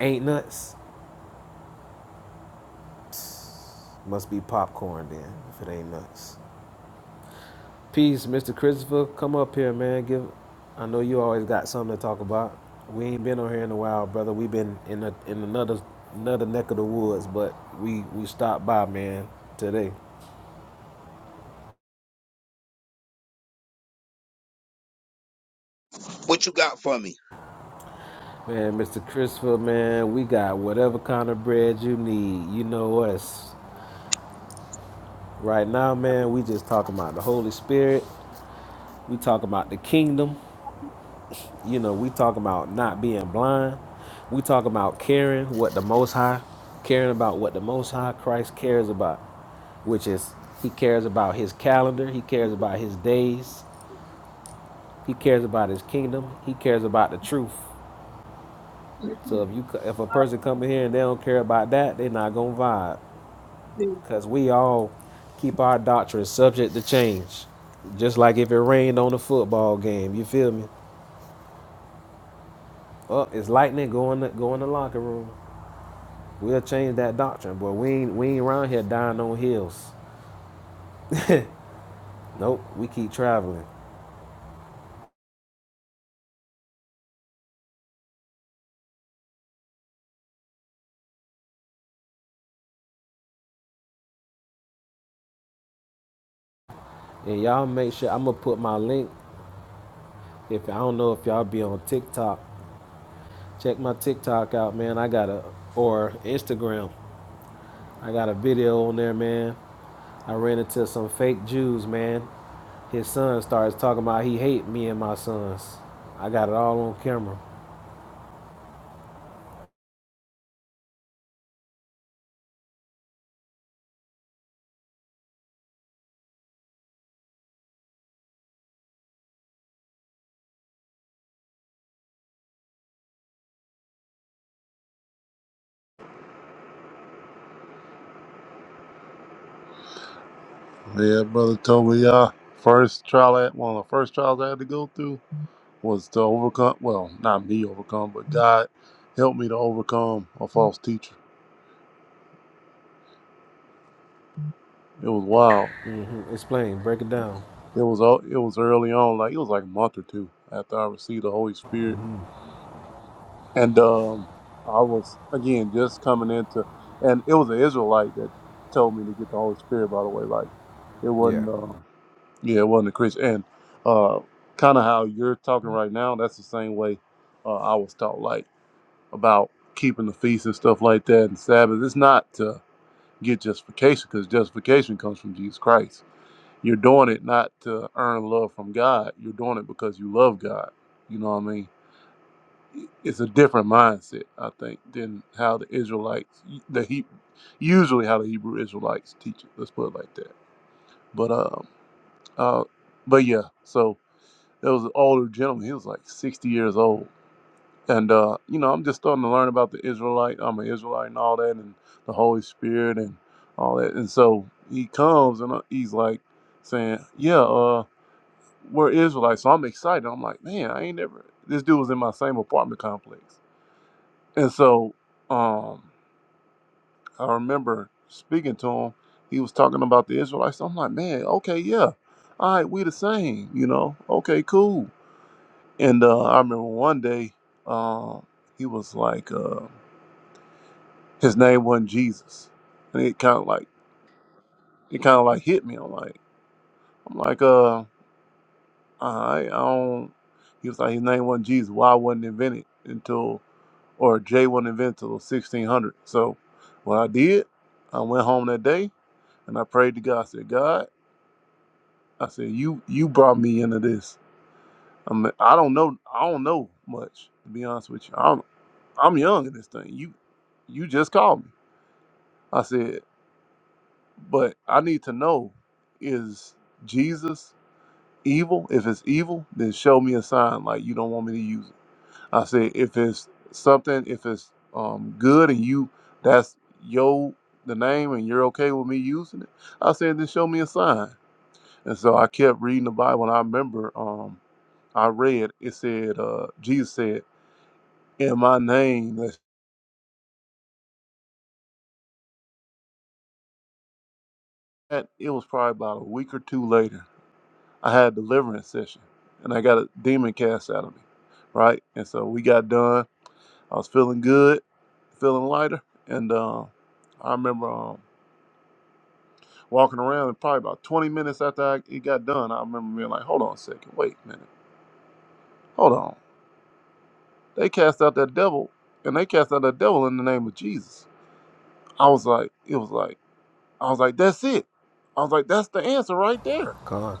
ain't nuts. Must be popcorn then, if it ain't nuts. Peace, Mr. Christopher. Come up here, man. Give. I know you always got something to talk about. We ain't been on here in a while, brother. We been in a, in another another neck of the woods, but we we stopped by, man, today. What you got for me? Man, Mr. Christopher, man, we got whatever kind of bread you need. You know us. Right now, man, we just talking about the Holy Spirit. We talking about the kingdom. You know, we talking about not being blind. We talking about caring what the Most High, caring about what the Most High Christ cares about, which is He cares about His calendar. He cares about His days. He cares about His kingdom. He cares about the truth. So if you if a person come in here and they don't care about that, they are not gonna vibe. Because we all keep our doctrine subject to change. Just like if it rained on a football game, you feel me? Oh, it's lightning, go in the, go in the locker room. We'll change that doctrine, but we ain't, we ain't around here dying on hills. Nope, we keep traveling. And y'all make sure, I'm going to put my link. If I don't know if y'all be on TikTok, check my TikTok out, man. I got a, or Instagram. I got a video on there, man. I ran into some fake Jews, man. His son starts talking about he hate me and my sons. I got it all on camera. Yeah, brother Toby, yeah. First trial, I, one of the first trials I had to go through was to overcome, well, not me overcome, but God helped me to overcome a false teacher. It was wild. hmm Explain, break it down. It was o- it was early on, like it was like a month or two after I received the Holy Spirit, and um, I was again just coming into, and it was an Israelite that told me to get the Holy Spirit. By the way, like it Yeah. wasn't. Uh, Yeah, it wasn't a Christian. And uh, kind of how you're talking right now, that's the same way uh, I was taught, like about keeping the feast and stuff like that and Sabbath. It's not to get justification because justification comes from Jesus Christ. You're doing it not to earn love from God. You're doing it because you love God. You know what I mean? It's a different mindset, I think, than how the Israelites, the he, usually how the Hebrew Israelites teach it. Let's put it like that. But um, uh, but yeah. So There was an older gentleman. He was like 60 years old. And, uh, you know, I'm just starting to learn about the Israelite. I'm an Israelite and all that, and the Holy Spirit and all that. And so he comes and I- he's like saying, Yeah, uh, we're Israelites. So I'm excited. I'm like, Man, I ain't never. This dude was in my same apartment complex. And so um, I remember speaking to him. He was talking about the Israelites. I'm like, Man, okay, yeah. All right, we the same, you know? Okay, cool. And uh, I remember one day, um, he was like, uh, his name wasn't Jesus, and it kind of like it kind of like hit me. I'm like, I'm like, uh, I, I don't. He was like, his name wasn't Jesus. Why wasn't invented until, or J wasn't invented until 1600. So, what I did, I went home that day and I prayed to God. I said, God, I said, you you brought me into this. I'm, I don't know. I don't know much to be honest with you. I'm young in this thing. You you just called me. I said, but I need to know is Jesus evil? If it's evil, then show me a sign like you don't want me to use it. I said, if it's something, if it's um, good and you that's your the name and you're okay with me using it, I said, then show me a sign. And so I kept reading the Bible and I remember um, I read it said uh, Jesus said, In my name, that's it was probably about a week or two later I had a deliverance session and I got a demon cast out of me, right? And so we got done. I was feeling good, feeling lighter. And uh, I remember um, walking around and probably about 20 minutes after I, it got done, I remember being like, hold on a second, wait a minute, hold on. They cast out that devil and they cast out that devil in the name of Jesus. I was like, it was like, I was like, that's it. I was like, that's the answer right there. Con.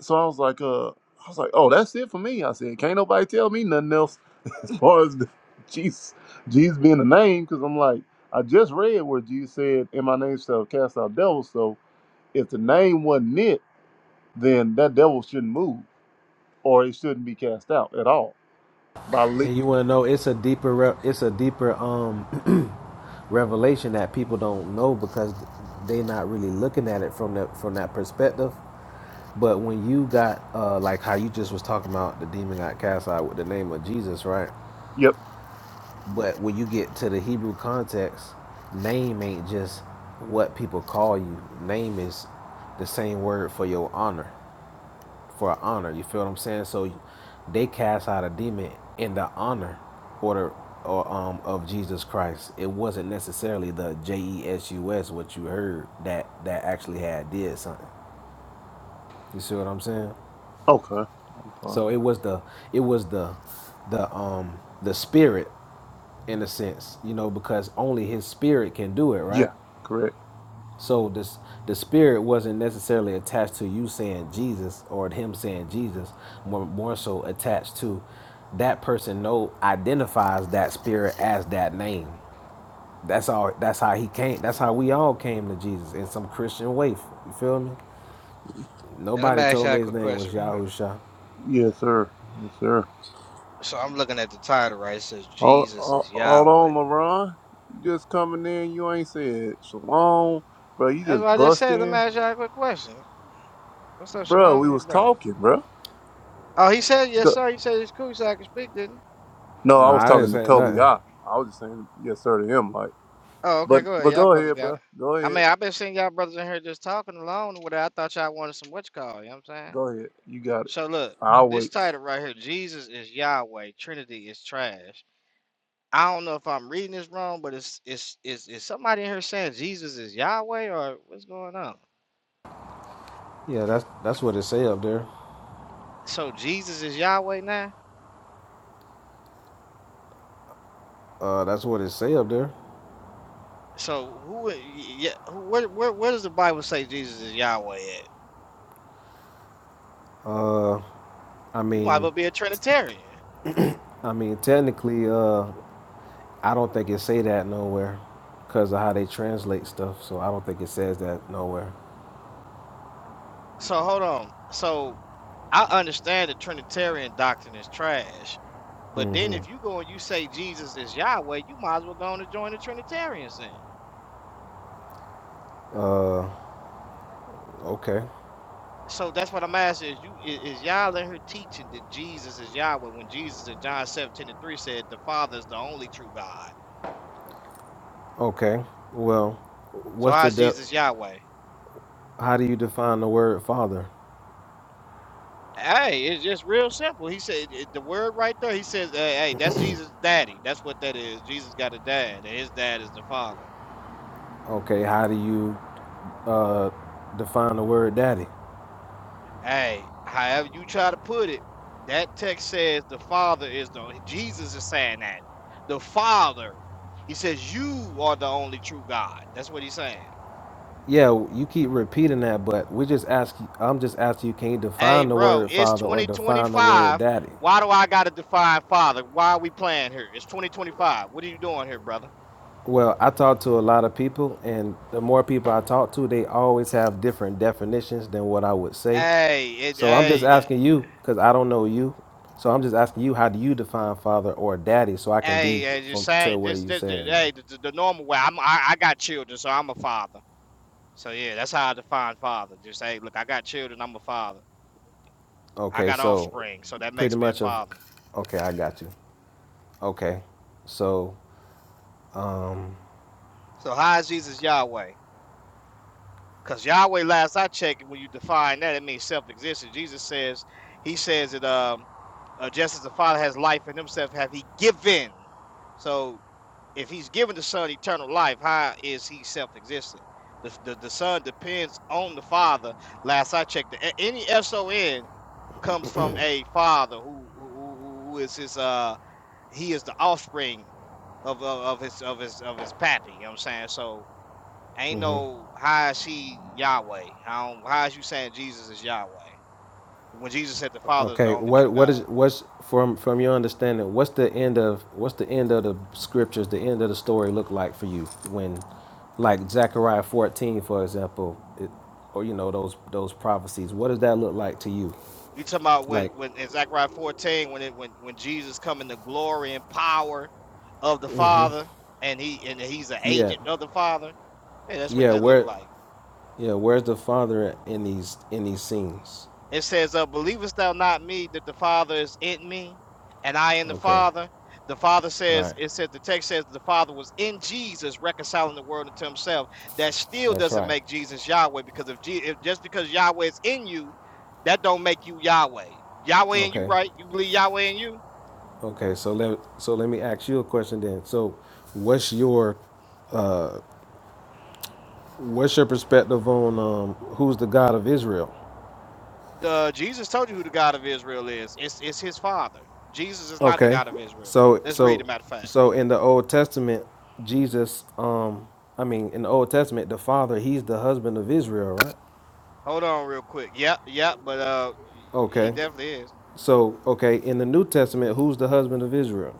so I was like, uh, I was like, oh, that's it for me. I said, can't nobody tell me nothing else as far as the Jesus, Jesus being the name, because I'm like, I just read where Jesus said, in my name shall cast out devils. So if the name wasn't it, then that devil shouldn't move or it shouldn't be cast out at all. By le- And you want to know it's a deeper re- it's a deeper um revelation that people don't know because they not really looking at it from that from that perspective. But when you got uh like how you just was talking about the demon got cast out with the name of Jesus, right? yep. But when you get to the Hebrew context, name ain't just what people call you. Name is the same word for your honor. for honor. You feel what I'm saying? So they cast out a demon in the honor order or um of Jesus Christ. It wasn't necessarily the J E S U S what you heard that that actually had did something. You see what I'm saying? Okay. Fine. So it was the it was the the um the spirit in a sense, you know, because only his spirit can do it, right? Yeah. Correct. So this the spirit wasn't necessarily attached to you saying Jesus or him saying Jesus, more more so attached to that person know identifies that spirit as that name. That's all that's how he came that's how we all came to Jesus in some Christian way. You feel me? And let me Nobody ask told y'all me a his quick name was question, real quick. Yahusha. Yes, sir. Yes, sir. So I'm looking at the title, right? It says Hold, Jesus hold is hold on, Yahweh. LeBron. You just coming in. You ain't said shalom, bro. You That's what just I just said. Let busting. me ask y'all a quick question. What's up, Bro, we Shalom, your was brother? talking, bro. Oh, he said yes, Go- sir. He said it's cool, so I can speak, didn't he? No, I No, was I didn't talking to say Toby. nothing. I, I was just saying yes sir to him, like. Oh, okay, But go ahead. but Y'all go brothers ahead, got it. bro. Go I mean, ahead. I've been seeing y'all brothers in here just talking alone. With it. I thought y'all wanted some what you call. You know what I'm saying? Go ahead. You got it. So look, I'll this wait. title right here, Jesus is Yahweh, Trinity is trash. I don't know if I'm reading this wrong, but it's it's is is somebody in here saying Jesus is Yahweh or what's going on? Yeah, that's that's what it say up there. So Jesus is Yahweh now. Uh that's what it say up there. So who? Yeah, who, where, where where does the Bible say Jesus is Yahweh at? Uh I You might mean well be a Trinitarian. I mean technically uh I don't think it say that nowhere because of how they translate stuff. So I don't think it says that nowhere. So hold on. So I understand the Trinitarian doctrine is trash, but then Mm-hmm. if you go and you say Jesus is Yahweh, you might as well go on and join the Trinitarians then. Uh, okay, So that's what I'm asking: is you is, is y'all in her teaching that Jesus is Yahweh when Jesus in John 17 and 3 said the Father is the only true God? okay. Well, So what's the how's de- Jesus Yahweh? How do you define the word father? Hey, it's just real simple. He said it- the word right there. He says, "Hey, hey, that's Jesus' daddy. That's what that is. Jesus got a dad, and his dad is the father." Okay, how do you uh define the word daddy? Hey, however you try to put it, that text says the father is the. Jesus is saying that the father. He says you are the only true God. That's what he's saying. Yeah, you keep repeating that, but we just ask. I'm just asking you, can you Hey, define the bro, word it's father or define the word 2025. daddy? Why do I gotta define father? Why are we playing here? It's 2025. What are you doing here, brother? Well, I talk to a lot of people, and the more people I talk to, they always have different definitions than what I would say. Hey, it, So I'm just hey. th- asking you because I don't know you. So I'm just asking you, how do you define father or daddy, so I can be Hey, uh, just from say to where just, you just, just- saying hey that? the, the the normal way. I'm I, I got children, so I'm a father. So yeah, that's how I define father. Just say, look, I got children. I'm a father. I Okay, got so offspring, so that pretty makes me a much of father. okay, I got you. Okay, so um, So how is Jesus Yahweh? Because Yahweh, last I checked, when you define that, it means self-existent. Jesus says, he says that um, uh, just as the Father has life in himself, have he given. So if he's given the Son eternal life, how is he self-existent? The, the, the Son depends on the Father. Last I checked, A- any S-O-N comes from a Father who, who, who who is his, uh, he is the offspring of, of, of his, of his, of his pappy. You know what I'm saying? So, ain't mhm. no how is he Yahweh? How how is you saying Jesus is Yahweh? When Jesus said the Father is the okay, only what true what is God. what's from from your understanding? What's the end of what's the end of the scriptures? The end of the story look like for you when, like Zechariah 14, for example, it, or you know those those prophecies. What does that look like to you? You talking about when Like, when in Zechariah 14 when it when when Jesus come in the glory and power of the Father and he and he's an yeah, agent of the Father. Yeah, that's what Yeah, that looked where like. yeah, where's the father in these in these scenes? It says, uh, Believest thou not me that the Father is in me and I in the Okay. Father? The Father says, Right. it says, the text says the Father was in Jesus reconciling the world unto himself. That still That's doesn't right. make Jesus Yahweh because if, Je- if just because Yahweh is in you, that don't make you Yahweh. Yahweh in you, Okay. right? You believe Yahweh in you? Okay. So let so let me ask you a question then. So what's your what's your perspective on um who's the God of Israel? The Jesus told you who the God of Israel is. It's it's his father. Jesus is not the Okay. God of Israel. So Let's read a so matter of fact. so in the Old Testament, Jesus um I mean in the Old Testament, the Father, he's the husband of Israel, right? Hold on real quick. Yep, yep, but uh he Okay. definitely is. So okay, in the New Testament, who's the husband of Israel?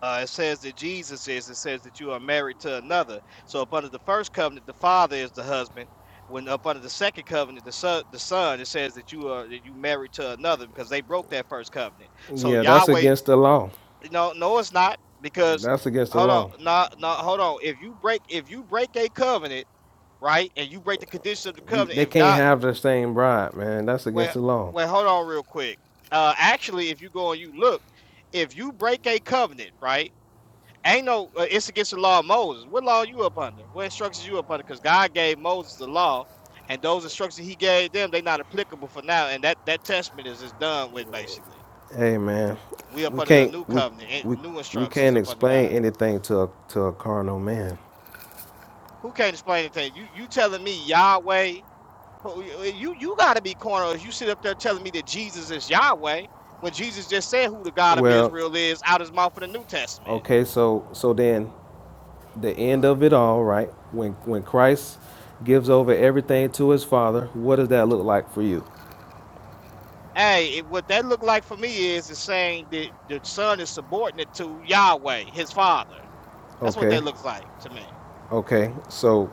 Uh, it says that Jesus is. It says that you are married to another. So up under the first covenant, the father is the husband. When up under the second covenant, the son, the son, it says that you are that you married to another because they broke that first covenant. So Yeah, that's Yahweh, against the law. no, no, it's not because That's against the hold on, law. no, no, hold on. If you break, if you break a covenant, right, and you break the condition of the You covenant, they if can't God, have the same bride, man. That's well, against the law. well, hold on, real quick. Uh, actually, if you go and you look, if you break a covenant, right Ain't no, uh, it's against the law of Moses. What law are you up under? What instructions you up under? Because God gave Moses the law, and those instructions He gave them, they not applicable for now. And that that testament is is done with basically. Hey, man, We up we under the can't new we covenant, and we new we instructions can't up under explain God. anything to a, to a carnal man. Who can't explain anything? You you telling me Yahweh? You you you gotta be cornered. if You sit up there telling me that Jesus is Yahweh when Jesus just said who the God of Well, Israel is out his mouth in the New Testament. okay, so so then the end of it all, right? When when Christ gives over everything to his Father, what does that look like for you? Hey, it, what that looked like for me is is saying that the son is subordinate to Yahweh, his father. That's what Okay, that looks like to me. okay. So,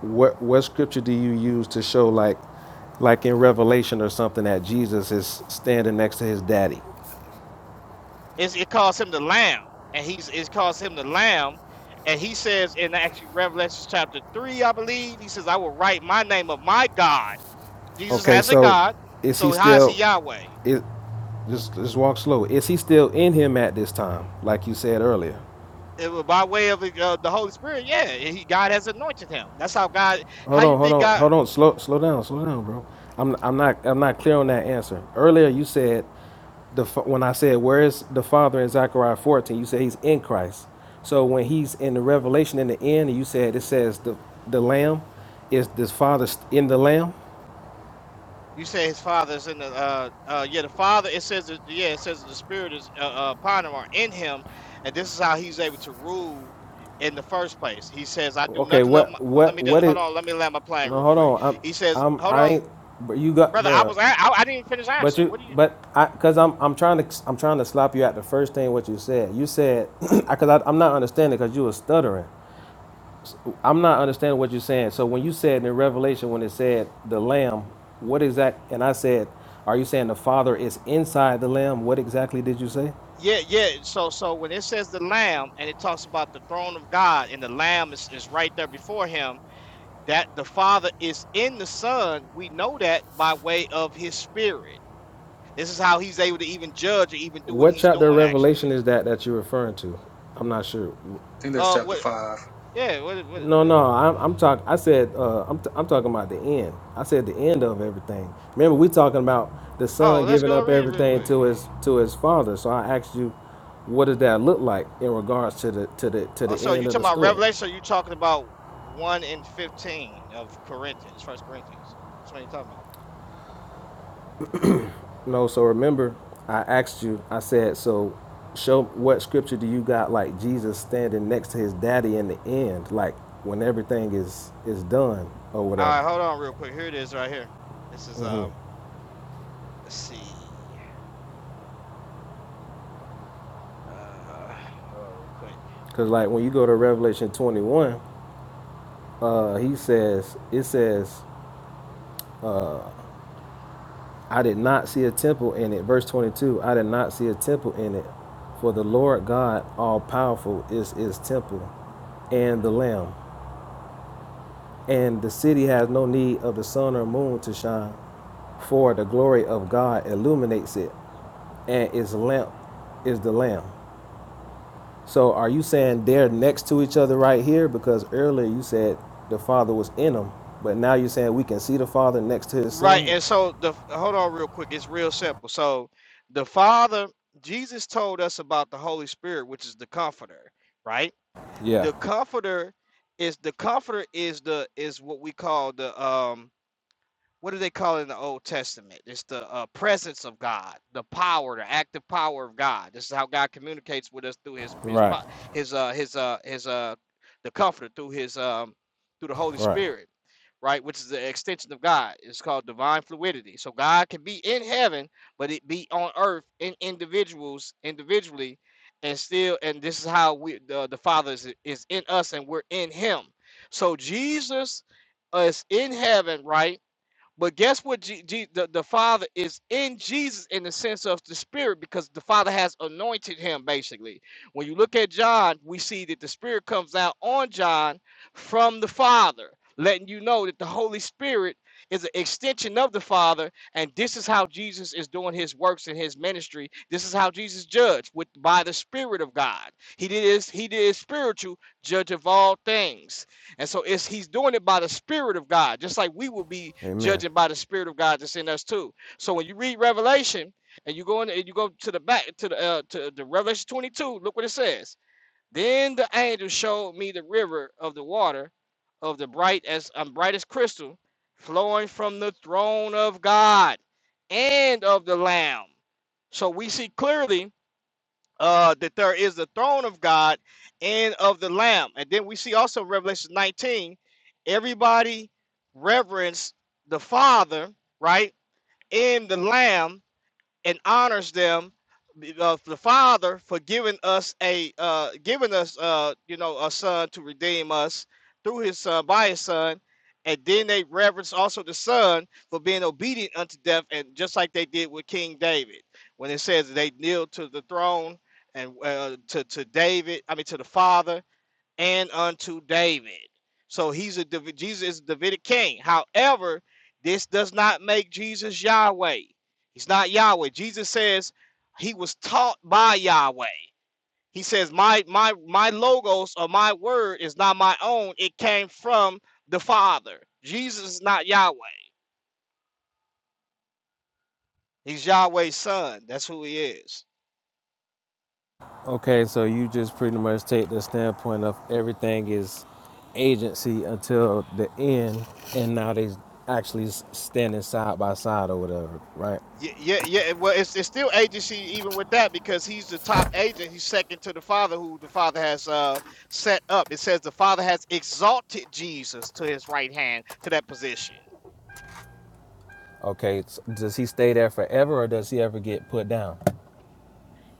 what what scripture do you use to show like like in Revelation or something that Jesus is standing next to his daddy? It's, it calls him the lamb, and he's it calls him the lamb, and he says in actually Revelation chapter three, I believe, he says, "I will write my name of my God." Jesus Okay, has a so God, is he so how is he still? Yahweh? It just just walk slow. Is he still in him at this time? Like you said earlier. It was by way of uh, the Holy Spirit, yeah. He, God has anointed him. That's how God. How Hold you on, hold think on, God? hold on. Slow slow down, slow down, bro. I'm I'm not I'm not clear on that answer. Earlier you said the fa- when I said where is the Father in Zechariah 14, you said he's in Christ. So when he's in the Revelation in the end, you said it says the the Lamb is this Father st- in the Lamb. You say his father is in the uh uh yeah the father it says that, yeah it says that the spirit is uh, uh, upon him or in him, and this is how he's able to rule in the first place. He says, "I do Okay, nothing of my." what uh, Let what me do, what hold is? on. Let me land my plane No, real hold quick. on. I'm He says, I'm "Hold I on, ain't. But you got, brother. I bro. was a- I, I didn't finish But answering. you, What do you?" but I, cause I'm, I'm trying to, I'm trying to slap you at the first thing what you said. You said, cause I, I'm not understanding, cause you were stuttering. I'm not understanding what you're saying. So when you said in Revelation, when it said the Lamb, what exact? And I said, are you saying the Father is inside the Lamb? What exactly did you say? Yeah, yeah. So so when it says the lamb and it talks about the throne of God and the lamb is, is right there before him, that the father is in the son. We know that by way of his spirit This is how he's able to even judge or even do what What he's chapter of doing, Revelation actually. is that that you're referring to? I'm not sure. think that's Uh, chapter what? five. Yeah, what? What? No, what no, I'm, I'm talking. I said, uh, I'm, t- I'm talking about the end. I said the end of everything. Remember, we talking about the oh, son let's giving go and up read it real everything quick. to his to his father. So I asked you, what does that look like in regards to the to the to Oh, the so end you of the talking about story? Revelation? Or you talking about one and fifteen of Corinthians, First Corinthians? Which one are you talking about? No, so remember, I asked you. I said, so show what scripture do you got like Jesus standing next to his daddy in the end, like when everything is is done or All whatever. right, hold on real quick. Here it is, right here. This is um. Let's see. Uh, hold on real quick. Because like when you go to Revelation 21. uh, he says, it says, uh, I did not see a temple in it. Verse 22, I did not see a temple in it. For the Lord God, all powerful, is his temple and the Lamb. And the city has no need of the sun or moon to shine, for the glory of God illuminates it, and its lamp is the Lamb. So are you saying they're next to each other right here? Because earlier you said the Father was in them, but now you're saying we can see the Father next to his Right, Son? and so the hold on real quick. It's real simple. So the Father, Jesus told us about the Holy Spirit, which is the Comforter, right? Yeah, the comforter is the comforter is the is what we call the um what do they call it in the Old Testament? It's the uh, presence of God, the power, the active power of God. This is how God communicates with us through His His right. po- His uh His uh His uh the Comforter through His um through the Holy Right. Spirit, right? Which is the extension of God. It's called divine fluidity. So God can be in heaven, but it be on earth in individuals individually, and still. And this is how we the the Father is is in us, and we're in Him. So Jesus is in heaven, right? But guess what? G- G- the, the Father is in Jesus in the sense of the Spirit because the Father has anointed him, basically. When you look at John, we see that the Spirit comes out on John from the Father, letting you know that the Holy Spirit is an extension of the Father. And this is how Jesus is doing his works in his ministry. This is how Jesus judged with by the Spirit of God. He did his, he did his spiritual judge of all things. And so it's he's doing it by the Spirit of God, just like we will be Amen. judging by the Spirit of God that's in us too. So when you read Revelation and you go in and you go to the back to the uh, to the Revelation 22, look what it says. Then the angel showed me the river of the water of the bright as um, bright as crystal, flowing from the throne of God and of the Lamb. So we see clearly uh, that there is the throne of God and of the Lamb. And then we see also Revelation 19, everybody reverence the Father, right, and the Lamb and honors them uh, the father for giving us a uh, giving us uh, you know a son to redeem us through his son by his son and then they reverence also the son for being obedient unto death and just like they did with king david when it says they kneel to the throne and uh, to, to david i mean to the father and unto David. So he's a Jesus is a Davidic king. However, this does not make Jesus Yahweh. He's not Yahweh. Jesus says he was taught by Yahweh. He says my my my logos or my word is not my own. It came from the Father. Jesus is not Yahweh. He's Yahweh's son. That's who he is. Okay, so you just pretty much take the standpoint of everything is agency until the end, and now they actually s- standing side by side or whatever, right? Yeah, yeah, yeah. Well, it's it's still agency even with that because he's the top agent. He's second to the Father, who the Father has uh set up. It says the Father has exalted Jesus to His right hand to that position. Okay, s- does he stay there forever or does he ever get put down?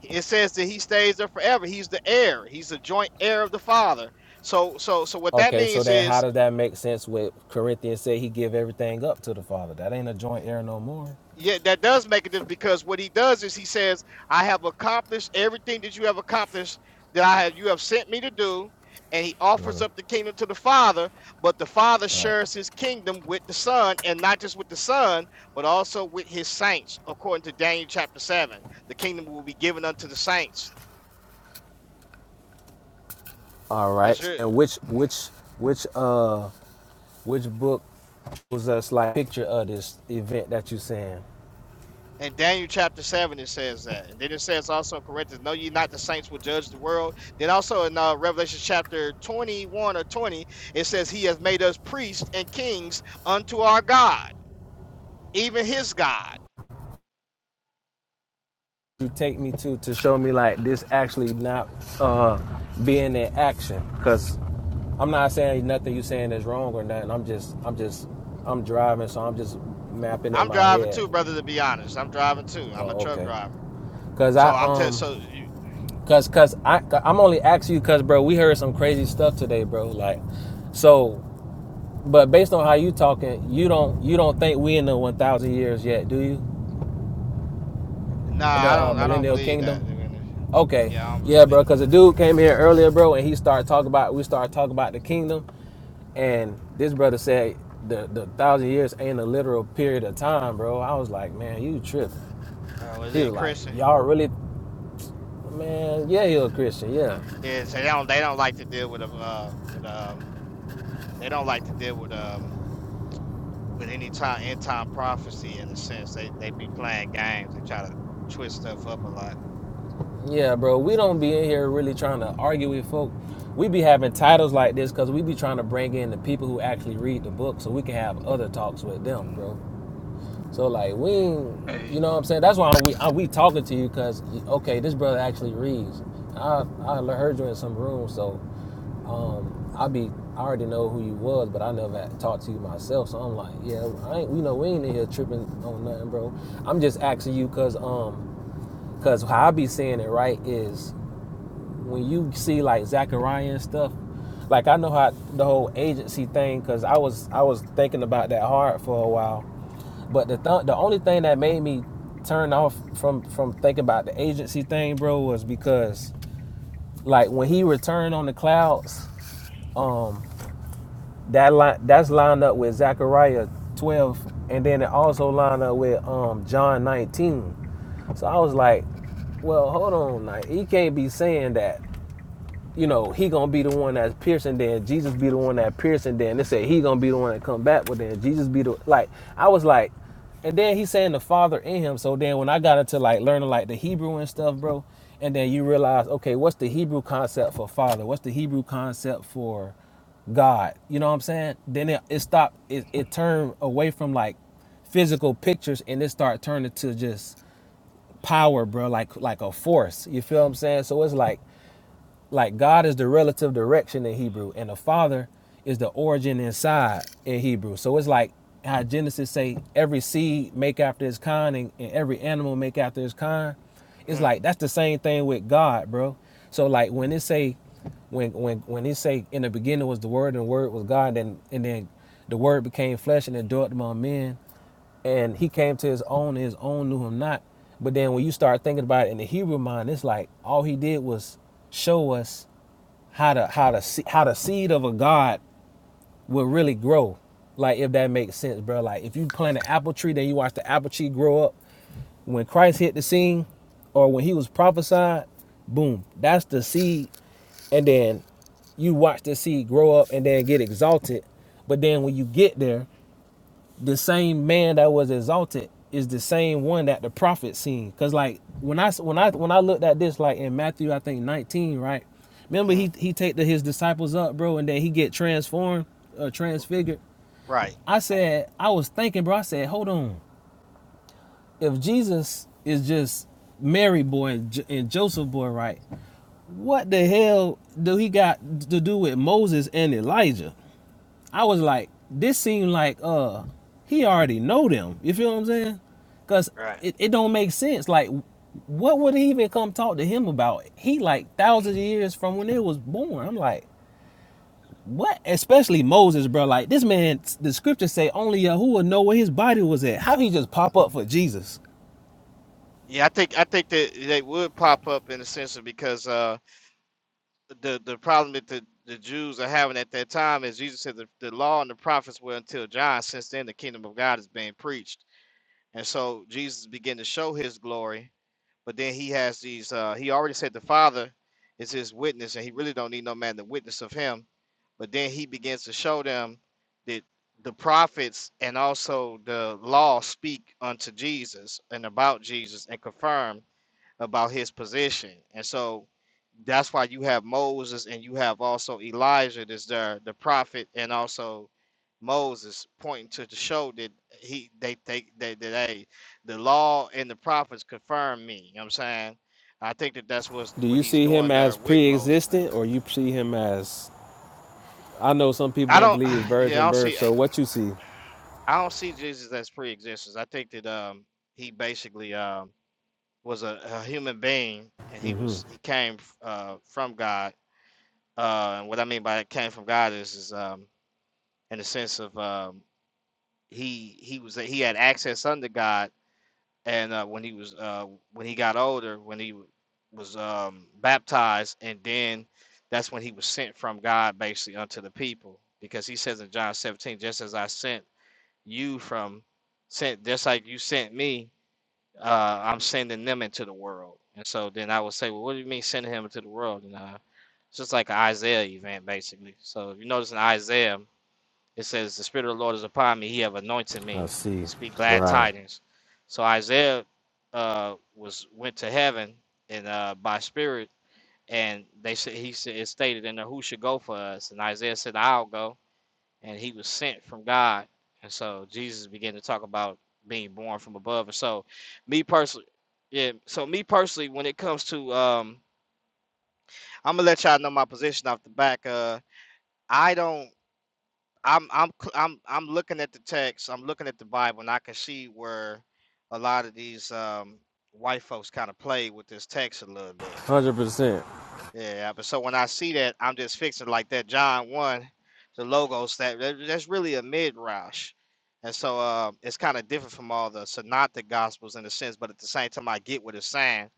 It says that He stays there forever. He's the heir. He's the joint heir of the Father. So, so, so what that Okay, so means then is how does that make sense with Corinthians say he give everything up to the Father? That ain't a joint heir no more. Yeah, that does make a difference because what he does is he says, I have accomplished everything that you have accomplished that I have you have sent me to do. And he offers up the kingdom to the Father, but the Father Right. shares his kingdom with the Son, and not just with the Son, but also with his saints, according to Daniel chapter 7. The kingdom will be given unto the saints. All right. That's it. And which which which uh which book was us like picture of this event that you saying? In Daniel chapter 7, it says that. And then it says also in Corinthians, Know ye not the saints will judge the world? Then also in uh, Revelation chapter 21 or 20, it says, He has made us priests and kings unto our God, even his God. you take me to to show me like this actually not uh being in action because i'm not saying nothing you saying is wrong or nothing i'm just i'm just i'm driving so i'm just mapping in I'm my driving head too, brother, to be honest. I'm driving too. I'm a oh truck okay driver. because So i I'm telling, so um you, because because i i'm only asking you because bro we heard some crazy stuff today bro like so but based on how you talking you don't you don't think we in the 1000 years yet do you nah, the I uh, don't, I don't millennial believe kingdom that. Okay, Yeah, I don't believe yeah, we're in bro. the Cause a millennial dude kingdom. came Yeah. here earlier, bro, and he started talking about we started talking about the kingdom, and this brother said the the thousand years ain't a literal period of time, bro. I was like, man, you tripping. Uh, was He it a was like, Christian? y'all really, man, yeah, he a Christian, yeah, Yeah, so they don't, they don't like to deal with, a, uh, with, um, they don't like to deal with, um, with any time end time prophecy in a sense. They they be playing games. They try to twist stuff up a lot. yeah, bro. We And don't be in here really trying to argue with folk. We be having titles like this because we be trying to bring in the people who actually read the book so we can have other talks with them, bro. So like we, yeah. ain't, you know what I'm saying? That's why we I, we talking to you because okay, this brother actually reads. I I heard you in some room, so um I be I already know who you was, but I never had talked to you myself. So I'm like, yeah, I ain't you know we ain't in here tripping on nothing, bro. I'm just asking you because um because how I be seeing it right is when you see like Zachariah and stuff. Like I know how the whole agency thing, cause I was I was thinking about that hard for a while, but the th- the only thing that made me turn off from from thinking about the agency thing, bro, was because like when he returned on the clouds, um, that line that's lined up with Zechariah twelve, and then it also lined up with um John nineteen. So I was like, well, hold on, like he can't be saying that you know, he gonna be the one that's piercing, then Jesus be the one that piercing, then they say he gonna be the one that come back, but then Jesus be the like I was like, and then he's saying the Father in him. So then when I got into like learning like the Hebrew and stuff, bro, and then you realize, okay, what's the Hebrew concept for Father? What's the Hebrew concept for God? You know what I'm saying? Then it, it stopped. It, it turned away from like physical pictures and it started turning to just power, bro, like like a force. You feel what I'm saying? So it's like like God is the relative direction in Hebrew, and the Father is the origin inside in Hebrew. So it's like how Genesis say every seed make after its kind, and, and every animal make after its kind. It's like that's the same thing with God, bro. So like when it say when when when it say in the beginning was the word and the word was God and and then the word became flesh and dwelt among men and he came to his own and his own knew him not. But then when you start thinking about it in the Hebrew mind, it's like all he did was show us how to how to see how the seed of a god will really grow. Like if that makes sense, bro. Like if you plant an apple tree, then you watch the apple tree grow up. When Christ hit the scene, or when he was prophesied, boom, that's the seed. And then you watch the seed grow up and then get exalted. But then when you get there, the same man that was exalted is the same one that the prophet seen. Cause like when I when I when I looked at this, like in Matthew, I think nineteen, right? Remember hmm he he take the, his disciples up, bro, and then he get transformed, uh, transfigured. Right. I said I was thinking, bro. I said, hold on, if Jesus is just Mary boy and, J- and Joseph boy, right? What the hell do he got to do with Moses and Elijah? I was like, this seemed like uh he already know them. You feel what I'm saying? Cause Right. it, it don't make sense. Like what would he even come talk to him about? He like thousands of years from when they was born. I'm like, what? Especially Moses, bro. Like this man, the scriptures say only Yahuwah know where his body was at. How he just pop up for Jesus? Yeah, I think I think that they would pop up in a sense of because uh the the problem that the the Jews are having at that time is Jesus said the, the law and the prophets were until John. Since then, the kingdom of God is being preached, and so Jesus began to show His glory. But then He has these. uh He already said the Father is His witness, and He really don't need no man to witness of Him But then he begins to show them that the prophets and also the law speak unto Jesus and about Jesus and confirm about his position. And so that's why you have Moses and you have also Elijah that's there, the prophet, and also Moses pointing to the show that he they think that they, they they the law and the prophets confirm me. You know what I'm saying? I think that that's what's, Do what you he's see doing him there as with Moses now. pre-existent, or you see him as? I know some people I don't don't, believe yeah, I virgin don't birth. see. So what you see? I don't see Jesus as pre-existence. I think that um he basically um was a, a human being and he Mm-hmm. was he came uh from God. Uh and what I mean by came from God is is um in the sense of um he he was he had access under God and uh when he was uh when he got older when he was um baptized and then that's when he was sent from God basically unto the people because he says in John 17 just as I sent you from sent just like you sent me uh i'm sending them into the world and so then i would say well what do you mean sending him into the world and uh it's just like an isaiah event basically so if you notice in isaiah it says the spirit of the lord is upon me he have anointed I me to see, speak glad Right. tidings so isaiah uh was went to heaven and uh by spirit and they said he said it stated in there who should go for us and isaiah said i'll go and he was sent from God. And so Jesus began to talk about being born from above. And so me personally, yeah, so me personally, when it comes to um I'm gonna let y'all know my position off the back. Uh I don't I'm I'm cl- I'm I'm looking at the text, I'm looking at the Bible and I can see where a lot of these um white folks kind of play with this text a little bit. hundred percent. Yeah, but so when I see that, I'm just fixing like that John one, the logos that, that that's really a midrash, and so uh, it's kind of different from all the synoptic gospels in a sense. But at the same time, I get what it's saying,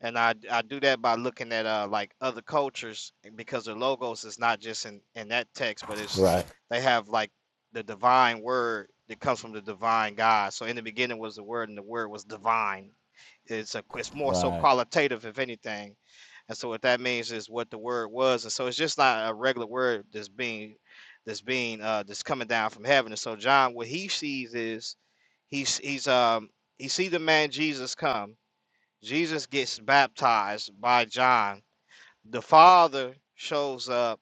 and I I do that by looking at uh like other cultures and because their logos is not just in in that text, but it's Right. they have like the divine word that comes from the divine God. So in the beginning was the word, and the word was divine it's a it's more so Right, qualitative if anything. And so what that means is what the word was. And so it's just not a regular word that's being that's being uh that's coming down from heaven. And so John, what he sees is he's he's um he sees the man Jesus come. Jesus gets baptized by John. The Father shows up.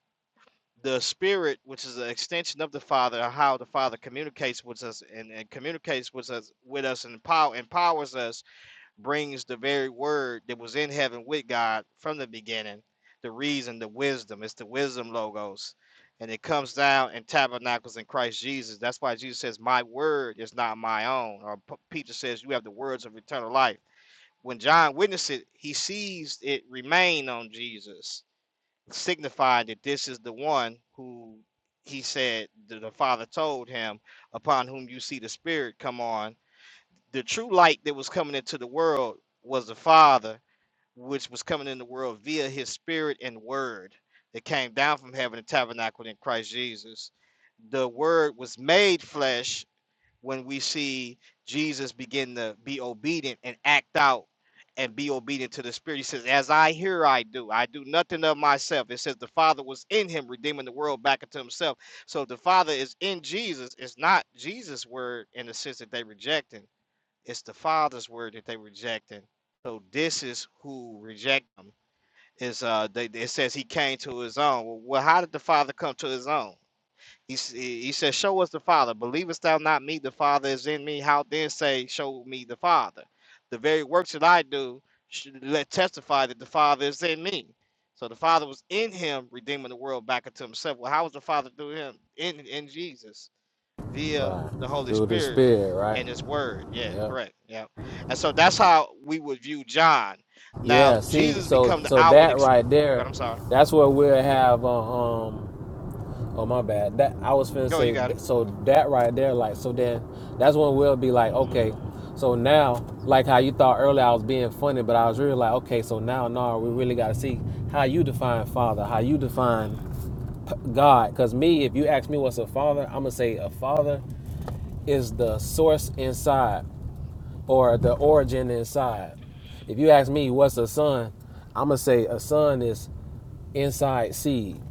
The Spirit, which is an extension of the Father, how the Father communicates with us and, and communicates with us with us and empower, empowers us brings the very word that was in heaven with God from the beginning, the reason, the wisdom. It's the wisdom logos. And it comes down and tabernacles in Christ Jesus. That's why Jesus says, My word is not my own. Or Peter says, You have the words of eternal life. When John witnessed it, he sees it remain on Jesus, signifying that this is the one who he said the Father told him, upon whom you see the Spirit come on the true light that was coming into the world was the Father, which was coming in the world via his spirit and word that came down from heaven and tabernacled in Christ Jesus. The word was made flesh when we see Jesus begin to be obedient and act out and be obedient to the spirit. He says, As I hear, I do. I do nothing of myself. It says the Father was in him, redeeming the world back into himself. So if the Father is in Jesus, it's not Jesus' word in the sense that they rejecting it's the Father's word that they rejecting. So this is who reject them Is uh, they, it says he came to his own. Well, well, how did the Father come to his own? He he says, "Show us the Father. Believest thou not me? The Father is in me. How then say, Show me the Father? The very works that I do should let testify that the Father is in me." So the Father was in him, redeeming the world back into Himself. Well, how was the Father through him in in Jesus? via right. the Holy Through the Spirit spirit, right? and his word. Yeah, Yep. correct. Yeah. And so that's how we would view John. Now, Yeah. See, Jesus so become the so outward that ex- right God, there, I'm sorry. that's what we'll have. Uh, um. Oh my bad. That I was finna Go, you say. got it. th- So that right there, like, so then that's when we'll be like, okay. So now, like how you thought earlier, I was being funny, but I was really like, okay. So now, no, we really got to see how you define father, how you define God. Cause me, if you ask me what's a father, I'm gonna say a father is the source inside. or the origin inside. If you ask me what's a sun, I'm gonna say a sun is inside seed.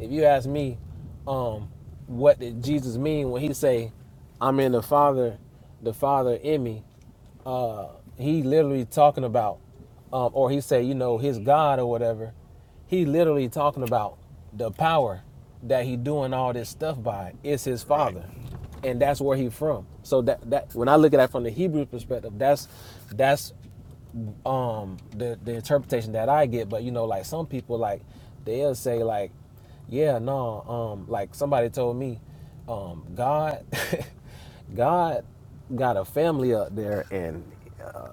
If you ask me, um, what did Jesus mean when he say, "I'm in the Father, the Father in me," uh, he literally talking about, um, or he said, you know, his God or whatever. He literally talking about the power that he doing all this stuff by is his Right. father, and that's where he from. So that that when I look at that from the Hebrew perspective, that's that's um the the interpretation that I get. But you know, like some people like they'll say like, yeah, no, um, like somebody told me, um, God, God got a family up there, and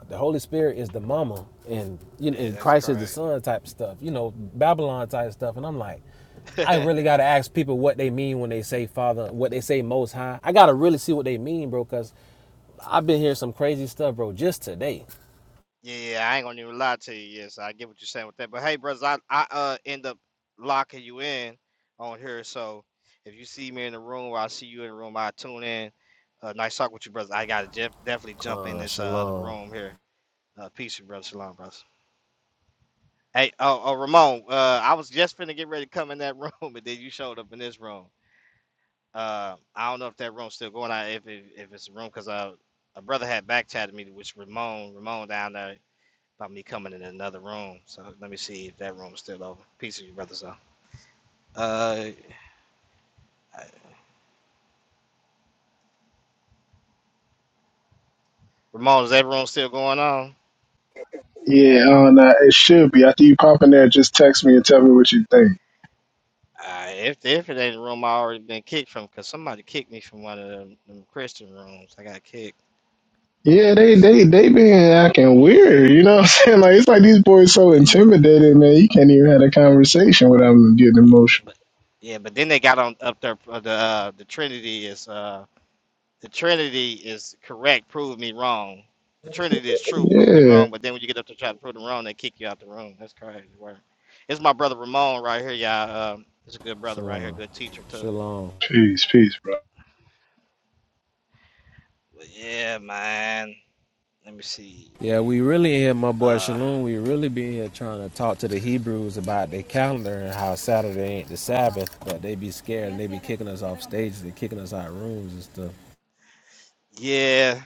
the Holy Spirit is the mama, and you know, Yeah, and that's Christ is the crazy. son type stuff. You know, Babylon type stuff. And I'm like, I really gotta ask people what they mean when they say Father, what they say Most High. I gotta really see what they mean, bro, because I've been hearing some crazy stuff, bro, just today. yeah, I ain't gonna even lie to you. Yes, I get what you're saying with that. But hey, brothers, I, I uh end up locking you in on here. So if you see me in the room or I see you in the room, I tune in. Uh, nice talk with you, brothers. I gotta jef- definitely jump in Con, this uh, other shalom, room here. Uh, peace brother, shalom, brothers. Hey, oh, oh Ramon, uh, I was just finna get ready to come in that room, and then you showed up in this room. Uh, I don't know if that room's still going. on. if it, if it's a room, cause uh, a brother had back chatted me, which Ramon, Ramon down there about me coming in another room. So let me see if that room's still open. Peace to you, brother. So, uh, Ramon, is that room still going on? Yeah, uh, nah, it should be. After you pop in there, just text me and tell me what you think. Uh, if if it ain't a room, I already been kicked from, cause somebody kicked me from one of them, them Christian rooms. I got kicked. Yeah, they Let's they see, they what's the room? been acting weird. You know what I'm saying? Like it's like these boys so intimidated, man. You can't even have a conversation without them getting emotional. But yeah, but then they got on up there. Uh, the uh, the Trinity is uh, the Trinity is correct. Prove me wrong. The Trinity is true. Prove me Yeah. wrong. But then when you get up to try to prove them wrong, they kick you out the room. That's crazy work. It's my brother Ramon right here, y'all. Um, it's a good brother right here. shalom, Good teacher too. shalom. Peace, peace, bro. But yeah, man. Let me see. Yeah, we really in here, my boy Uh, Shalom. We really be here trying to talk to the Hebrews about their calendar and how Saturday ain't the Sabbath, but they be scared and they be kicking us off stages and kicking us out of rooms and stuff. yeah.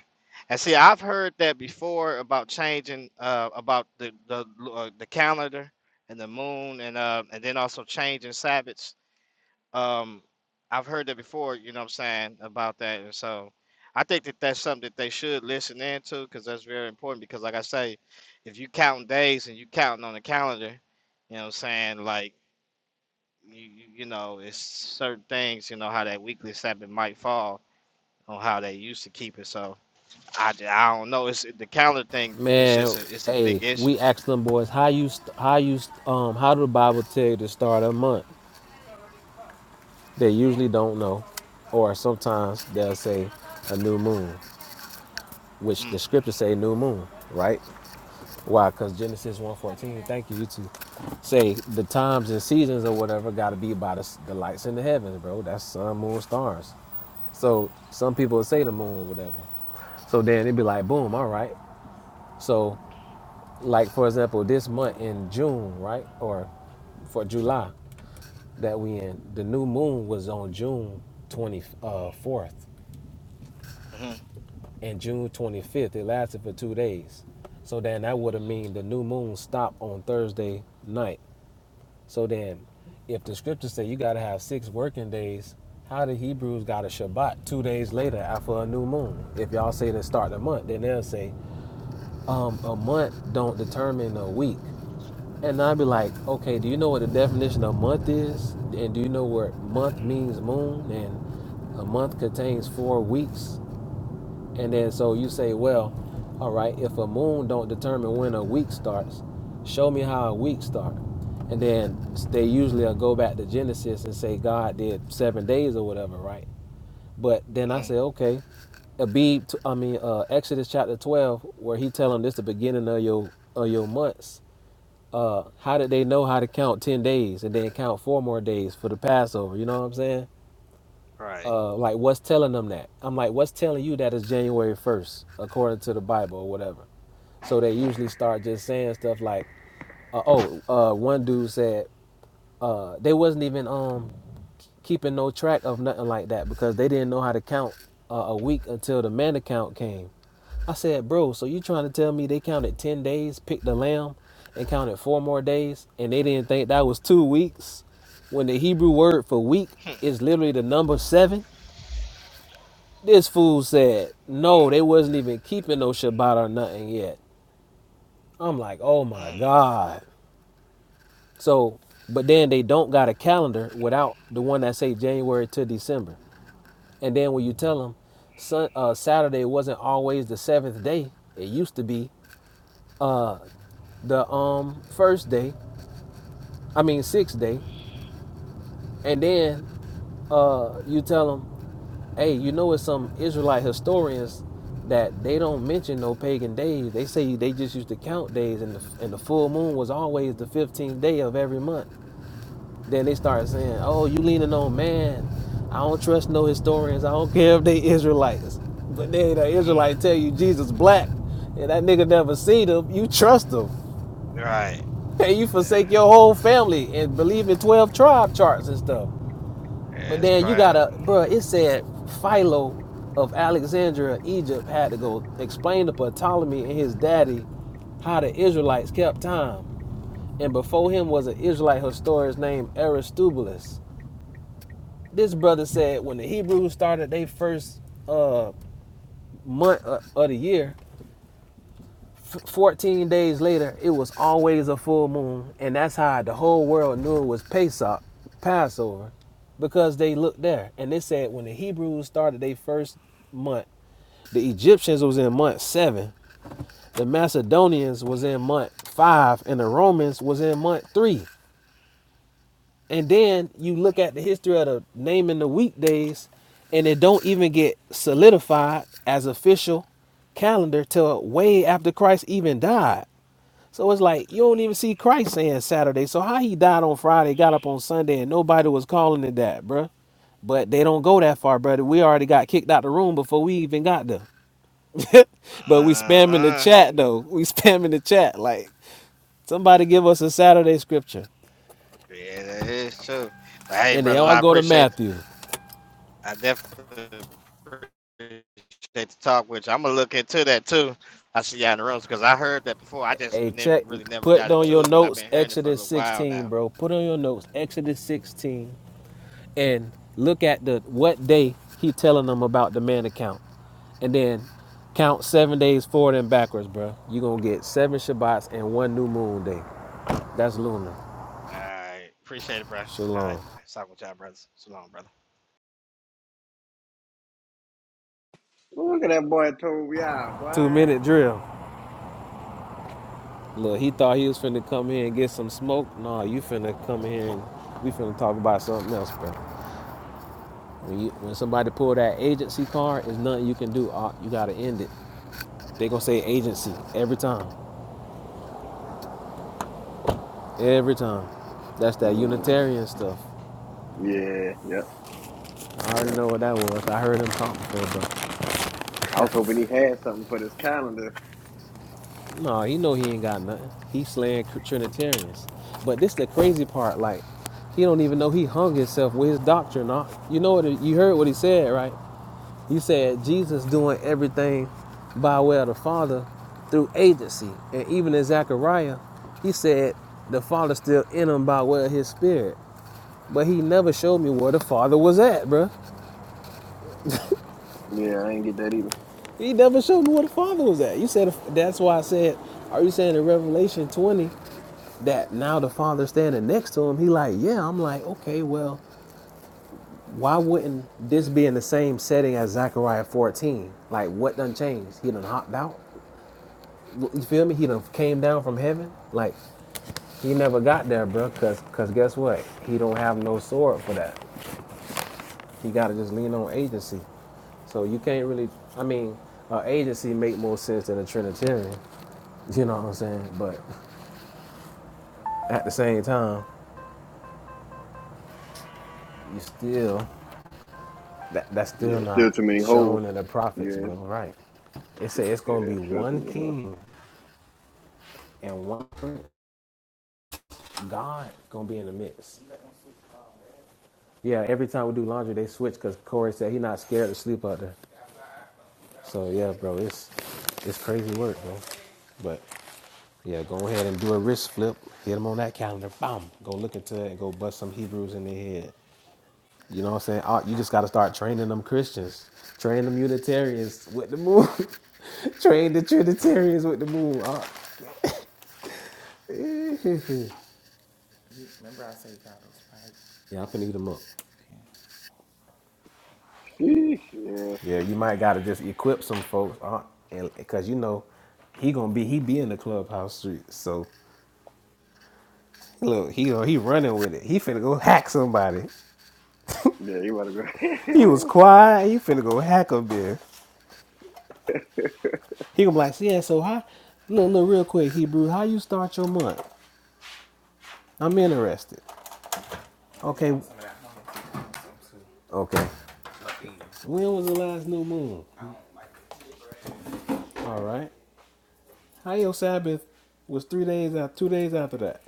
And see, I've heard that before about changing uh, about the the uh, the calendar and the moon and uh, and then also changing Sabbaths Um, I've heard that before, you know what I'm saying, about that. And so I think that that's something that they should listen into because that's very important. Because, like I say, if you counting days and you counting on the calendar, you know what I'm saying, like, you, you you know, it's certain things, you know, how that weekly Sabbath might fall on how they used to keep it. So I, j- I don't know. It's the calendar thing. It's Man, just a it's a big hey, issue. we asked them boys how you st- how you st- um how do the Bible tell you to start a month? They usually don't know, or sometimes they'll say a new moon, which Mm. the scriptures say new moon, right? Why? Because Genesis one fourteen. Thank you, you two. Say the times and seasons or whatever got to be by the, s- the lights in the heavens, bro. That's sun, moon, stars. So some people would say the moon or whatever. So then it'd be like, boom, all right. So like for example, this month in June, right, or for July that we in. The new moon was on June 24th Mm-hmm. and June 25th. It lasted for two days. So then that would have mean the new moon stopped on Thursday night. So then if the scriptures say you got to have six working days, how the Hebrews got a Shabbat two days later after a new moon? If y'all say to start the month, then they'll say um, a month don't determine a week. And I'd be like, okay, do you know what the definition of month is? And do you know what month means moon? And a month contains four weeks. And then so you say, well, all right, if a moon don't determine when a week starts, show me how a week starts. And then they usually will go back to Genesis and say God did seven days or whatever, right? But then I hmm say, okay, Abib, I mean uh, Exodus chapter twelve, where he telling this the beginning of your of your months uh, how did they know how to count 10 days and then count four more days for the Passover? You know what I'm saying? Right. Uh, like, what's telling them that? I'm like, what's telling you that it's January 1st, according to the Bible or whatever? So they usually start just saying stuff like, uh, oh, uh, one dude said uh, they wasn't even um, keeping no track of nothing like that because they didn't know how to count uh, a week until the man account came. I said, bro, so you trying to tell me they counted 10 days, picked the lamb, and counted four more days, and they didn't think that was two weeks? When the Hebrew word for week Hmm. is literally the number seven? This fool said, no, Mm-hmm. they wasn't even keeping no Shabbat or nothing yet. I'm like, oh my God. So, but then they don't got a calendar without the one that say January to December. And then when you tell them sun, uh, Saturday wasn't always the seventh day, it used to be. Uh, the um first day, I mean sixth day, and then uh you tell them, hey, you know it's some Israelite historians that they don't mention no pagan days. They say they just used to count days, and the and the full moon was always the fifteenth day of every month. Then they start saying, oh, you leaning on man. I don't trust no historians. I don't care if they Israelites. But then the Mm-hmm. Israelite mm-hmm. tell you Jesus black, and that nigga never seen him. You trust him. Right. And you Yeah. forsake your whole family and believe in 12 tribe charts and stuff. That's But it's then you crazy. gotta, bruh, it said Philo of Alexandria, Egypt, had to go explain to Ptolemy and his daddy how the Israelites kept time. And before him was an Israelite historian named Aristobulus. This brother said when the Hebrews started their first uh, month of of the year, 14 days later, it was always a full moon, and that's how the whole world knew it was Pesach, Passover, because they looked there and they said when the Hebrews started their first month, the Egyptians was in month seven, the Macedonians was in month five, and the Romans was in month three. And then you look at the history of the naming the weekdays, and it don't even get solidified as official calendar till way after Christ even died. So it's like you don't even see Christ saying Saturday. So how he died on Friday, got up on Sunday, and nobody was calling it that, bruh. But they don't go that far, brother. We already got kicked out the room before we even got there. Uh but we spamming the uh. chat though. We spamming the chat like somebody give us a Saturday scripture, Yeah, that is true. But hey, and they brothers, all I go to appreciate. Matthew. I definitely appreciate the talk with you. I'm gonna look into that too. I see y'all in the rooms because I heard that before. I just Hey, check. didn't really never Put got on into your it, but I've notes been hearing it for a Exodus little while 16, now. bro. Put on your notes Exodus 16, and look at the what day he telling them about the man account. and then count seven days forward and backwards, bro. You gonna get seven Shabbats and one new moon day. That's lunar. All right, appreciate it, bro. All right, Shalom. let's talk with y'all, brothers. So long, brother. Well, Look at that boy, Tobiah, Two boy. minute drill. Look, he thought he was finna come here and get some smoke. Nah, you finna come here and we finna talk about something else, bro. When you when somebody pull that agency card, there's nothing you can do. Ah, You gotta end it. They gonna say agency every time, every time. That's that Mm, Unitarian stuff. yeah, yep, I already yep. know what that was. I heard him talk before, bro. I was hoping he had something for this calendar. No, he know he ain't got nothing. He slaying Trinitarians. But this the crazy part. Like, he don't even know he hung himself with his doctrine. Nah. You know what? You heard what he said, right? He said Jesus doing everything by way of the Father through agency. And even in Zechariah, he said the Father still in him by way of his spirit. But he never showed me where the Father was at, bruh. Yeah, I ain't get that either. He never showed me where the Father was at. You said, that's why I said, are you saying in Revelation 20 that now the father standing next to him, he like, yeah, I'm like, okay, well, why wouldn't this be in the same setting as Zechariah 14? Like, what done changed? He done hopped out. You feel me? He done came down from heaven. Like, he never got there, bro. Cause, cause guess what? He don't have no sword for that. He gotta just lean on agency. So you can't really. I mean, an agency make more sense than a Trinitarian. You know what I'm saying? But at the same time, you still That that's still Yeah, not still too many holes. shown in the prophets, Yeah, bro. Right? It said it's gonna yeah, be still too one many holes. king and one prince. God gonna be in the midst. Yeah. Every time we do laundry, they switch because Corey said he not scared to sleep out there. So yeah, bro, it's it's crazy work, bro. But yeah, go ahead and do a wrist flip. Hit them on that calendar. Bam. Go look into it and go bust some Hebrews in their head. You know what I'm saying? Ah, You just got to start training them Christians, train them Unitarians with the moon, train the Trinitarians with the moon. Ah, yeah, I can eat them up. Sheesh, yeah, Yeah, you might got to just equip some folks, ah, and because you know he gonna be he be in the clubhouse street. So look, he he running with it. He finna go hack somebody. yeah, you about to He was go. quiet. He finna go hack a bit. He gonna be like, yeah. So how? Look, look, real quick, Hebrew. How you start your month? I'm interested. Okay, okay. When was the last new moon? All right. How your Sabbath was three days out, two days after that,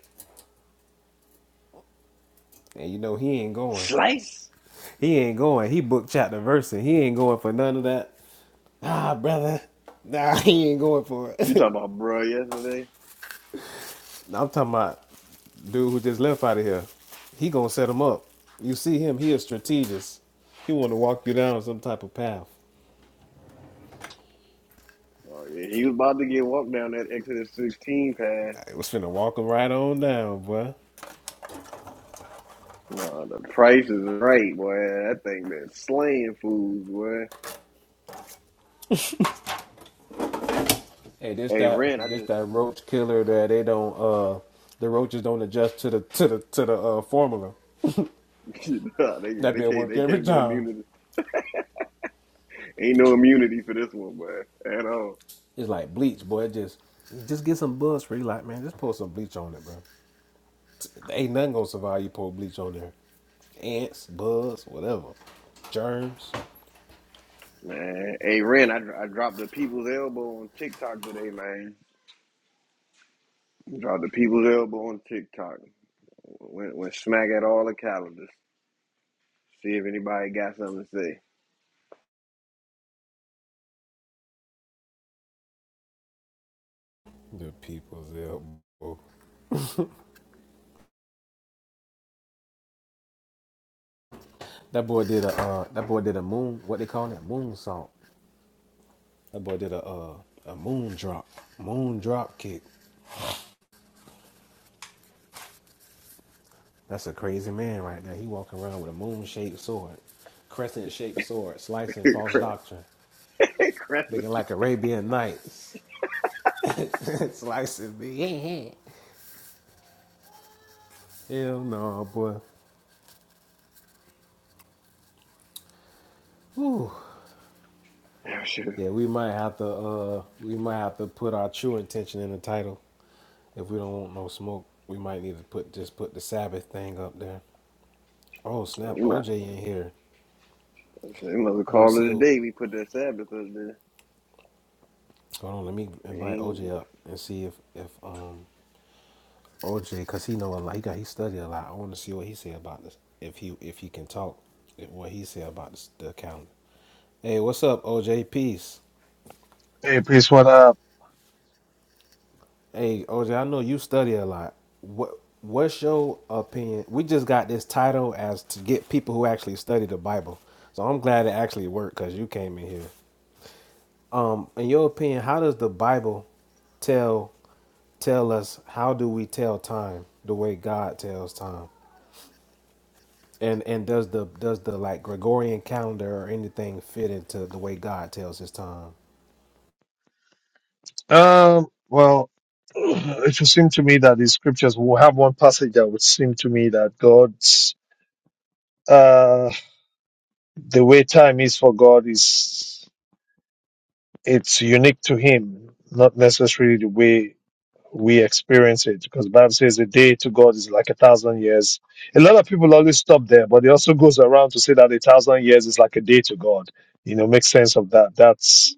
and you know he ain't going. Slice? He ain't going. He booked chapter verse, and he ain't going for none of that. Nah, brother. Nah, he ain't going for You it. talking about bro yesterday? I'm talking about dude who just left out of here. He gonna set him up. You see him? He a strategist. He want to walk you down some type of path. Oh, yeah, he was about to get walked down that Exodus 16 path. It was finna walk him right on down, boy. Nah, the price is right, boy. That thing been slaying fools, boy. Hey, this Hey, that Ren, I this just that roach killer that they don't uh the roaches don't adjust to the to the to the uh formula. nah, they yeah, they can't they can't get immunity. Ain't no immunity for this one, boy, at all. It's like just pull some ants, whatever. Worms, Man, hey Ren, I, dro- I dropped the people's elbow on TikTok today, man. Dropped the people's elbow on TikTok. Went, went smack at all the calendars. See if anybody got something to Kick. That's a crazy man right there. He walking around with a moon shaped sword, crescent shaped sword, slicing say. false doctrine, Crap, crap. looking like Arabian Nights, slicing me. Hell no, boy. Yeah, sure. Yeah, we might have to uh we might have to put our true intention in the title if we don't want no smoke. We might need to put just put the Sabbath thing up there. Oh We snap! might, OJ in here. we must have I want to called see. it a O- day. We put that Sabbath up there. Hold on, let me invite Ain't. OJ up and see if if um OJ, cause he know a lot. He got he studied a lot. I want to see what he say about this. If he if he can talk, if- what he say about this, the calendar. Hey, what's up, OJ? Peace. Hey, peace. What up? Hey, OJ, I know you study a lot. What what's your opinion? We just got this title as to get people who actually study the Bible. So I'm glad it actually worked because you came in here. In your opinion, how does the Bible tell? tell us how do we tell time the way God tells time? And and does the does the like Gregorian calendar or anything fit into the way God tells his time? Um, well, it would seem to me that the scriptures will have one passage that would seem to me that God's, uh, the way time is for God is, it's unique to Him, not necessarily the way we experience it. Because the Bible says a day to God is like a thousand years. A lot of people always stop there, but it also goes around to say that a thousand years is like a day to God. You know, make sense of that. That's,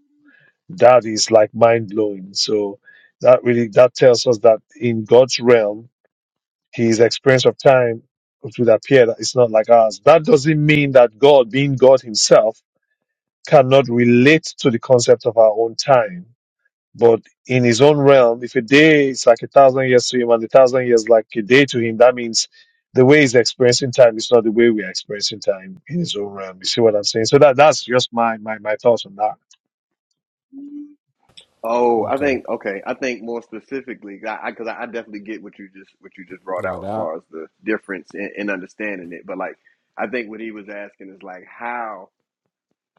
that is like mind blowing. So that really that tells us that in God's realm, His experience of time would appear that it's not like ours. That doesn't mean that God, being God Himself, cannot relate to the concept of our own time. But in His own realm, if a day is like a thousand years to Him and a thousand years like a day to Him, that means the way He's experiencing time is not the way we are experiencing time in His own realm. You see what I'm saying? So that that's just my my my thoughts on that. Oh, I think okay. I think more specifically, because I, I, 'cause I I definitely get what you just what you just brought out as far as the difference in, in understanding it. But like, I think what he was asking is like, how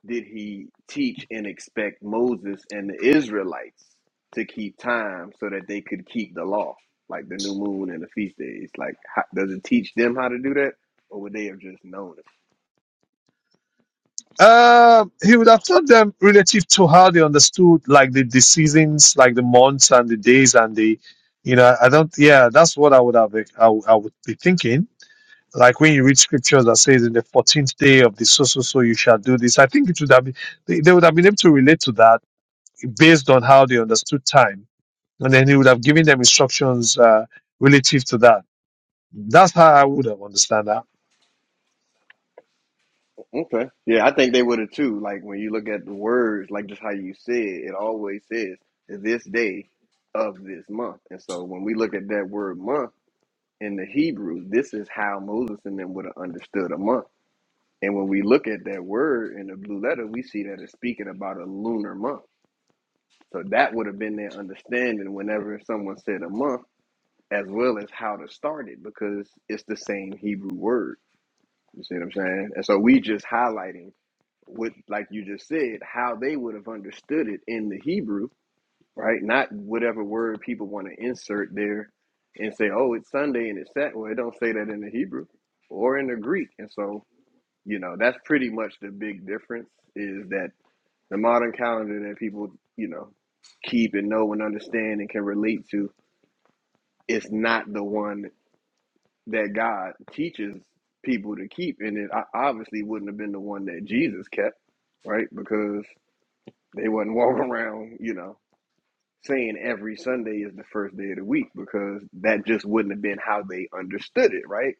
did he teach and expect Moses and the Israelites to keep time so that they could keep the law, like the new moon and the feast days? Like, how, does it teach them how to do that, or would they have just known Uh, he would have taught them relative to how they understood like the, the seasons, like the months and the days and the, you know, I don't, yeah, that's what I would have, I, would- I would be thinking. Like when you read scriptures that says in the 14th day of the so, so, so you shall do this. I think it would have been, they, they would have been able to relate to that based on how they understood time. And then he would have given them instructions, uh, relative to that. That's how I would have understand that. Okay. Yeah, I think they would have too. Like when you look at the words, like just how you said, it always says this day of this month. And so when we look at that word month in the Hebrew, this is how Moses and them would have understood a month. And when we look at that word in the blue letter, we see that it's speaking about a lunar month. So that would have been their understanding whenever someone said a month, as well as how to start it, because it's the same Hebrew word. You see what I'm saying? And so we just highlighting what, like you just said, how they would have understood it in the Hebrew, right? Not whatever word people want to insert there and say, oh, it's Sunday and it's Saturday." Well, it don't say that in the Hebrew or in the Greek. And so, you know, that's pretty much the big difference is that the modern calendar that people, you know, keep and know and understand and can relate to is not the one that God teaches people to keep, and it o- obviously wouldn't have been the one that Jesus kept, right? Because they wasn't walking around, you know, saying every Sunday is the first day of the week, because that just wouldn't have been how they understood it, right?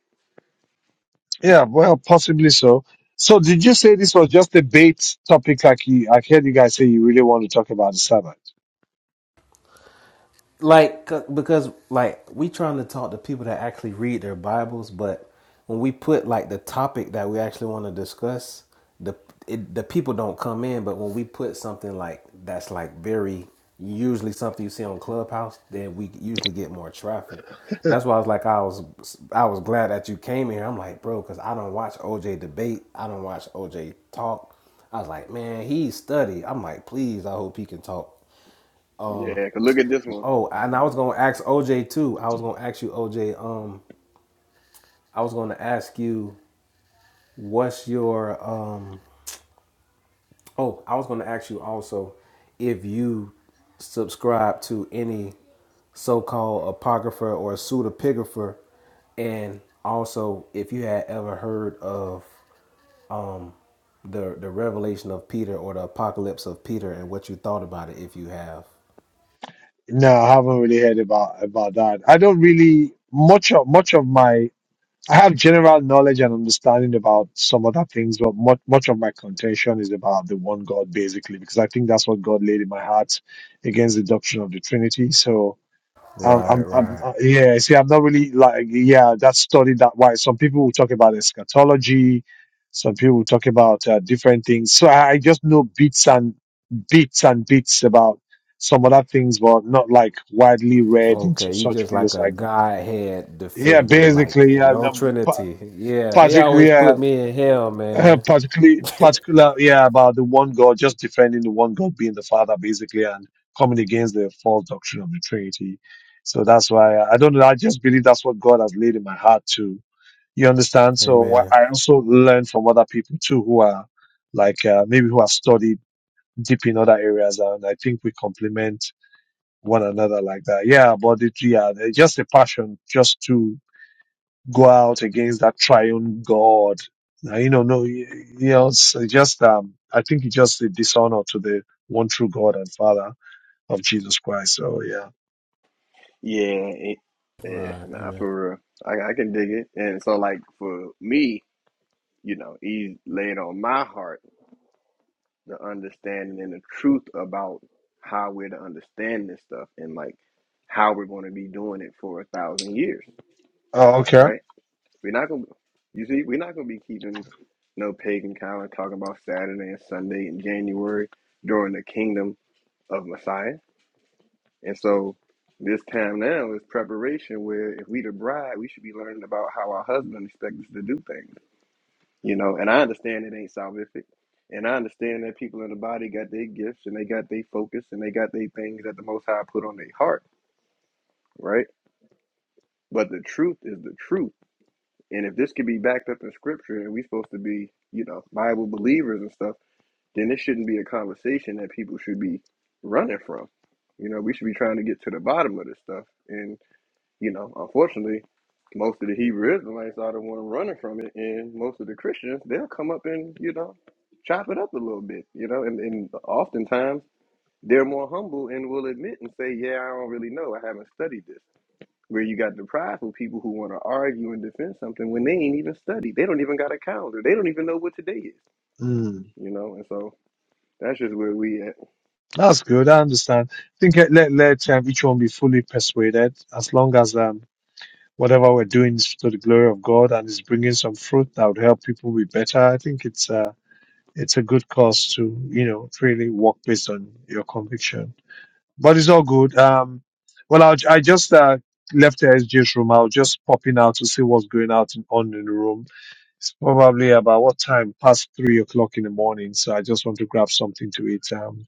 Yeah, well, possibly so. So, did you say this was just a bait topic? Like you, I heard you guys say you really want to talk about the Sabbath. Like because like we trying to talk to people that actually read their bibles but when we put like the topic that we actually want to discuss the it, the people don't come in but when we put something like that's like very usually something you see on clubhouse then we usually get more traffic that's why I was like I was I was glad that you came here I'm like bro because I don't watch OJ debate I don't watch OJ talk I was like man he studied I'm like please I hope he can talk Yeah, 'cause look at this one. Oh, and I was gonna ask OJ too. I was gonna ask you, OJ. Um, I was gonna ask you, what's your um? Oh, I was gonna ask you also if you subscribe to any so-called apocrypher or pseudepigrapher, and also if you had ever heard of um the the revelation of Peter or the apocalypse of Peter and what you thought about it, if you have. No, I haven't really heard about about that. I don't really much of much of my. I have general knowledge and understanding about some other things, but much much of my contention is about the one God, basically, because I think that's what God laid in my heart against the doctrine of the Trinity. So, i Right, I'm, I'm, right. uh, yeah, see, I'm not really like, yeah, that's studied that wide. Some people will talk about eschatology, some people will talk about uh, different things. So I, I just know bits and bits and bits about some other things, but not like widely read into Okay, you such just like fields a like that. Godhead Yeah, defender, like basically, yeah, no the, pa- Trinity. Yeah, they always particularly, put me in hell, uh, man. particularly, particular, yeah, about the one God, just defending the one God being the Father, basically, and coming against the false doctrine of the Trinity. So that's why I, I don't know. I just believe that's what God has laid in my heart to. You understand? So what amen. I also learn from other people too, who are like uh, maybe who have studied deep in other areas, and I think we complement one another like that. Yeah, but it, yeah, there's just a passion just to go out against that triune God. Now, you know, no, you you know, it's just, um, I think it's just a dishonor to the one true God and Father of Jesus Christ. So, yeah. Yeah, it, yeah, Right, nah, amen. for real, I, I can dig it. And so, like for me, you know, He laid on my heart the understanding and the truth about how we're to understand this stuff and like how we're going to be doing it for a thousand years, Oh, okay. right? We're not going to, you see, we're not going to be keeping no pagan calendar talking about Saturday and Sunday in January during the kingdom of Messiah. And so this time now is preparation where if we the bride, we should be learning about how our husband expects us to do things you know, and I understand it ain't salvific. And I understand that people in the body got their gifts and they got their focus and they got their things that the Most High put on their heart, right? But the truth is the truth. And if this could be backed up in scripture and we supposed to be, you know, Bible believers and stuff, then this shouldn't be a conversation that people should be running from. You know, we should be trying to get to the bottom of this stuff. and. You know, unfortunately, most of the Hebrew Israelites are the one running from it, and most of the Christians they'll come up and you know chop it up a little bit. You know, and, and oftentimes they're more humble and will admit and say, "Yeah, I don't really know. I haven't studied this." Where you got the prideful people who want to argue and defend something when they ain't even studied. They don't even got a calendar. They don't even know what today is. Mm, You know, and so that's just where we at. that's good. I understand. I think uh, let, let um, each one be fully persuaded as long as, um, whatever we're doing is to the glory of God and is bringing some fruit that would help people be better. I think it's, uh, it's a good cause to, you know, really work based on your conviction. but it's all good. Um, well, I'll, I just uh, left the SJ's room. I was just popping out to see what's going out in, on in the room. It's probably about what time? Past three o'clock in the morning. So I just want to grab something to eat. Um,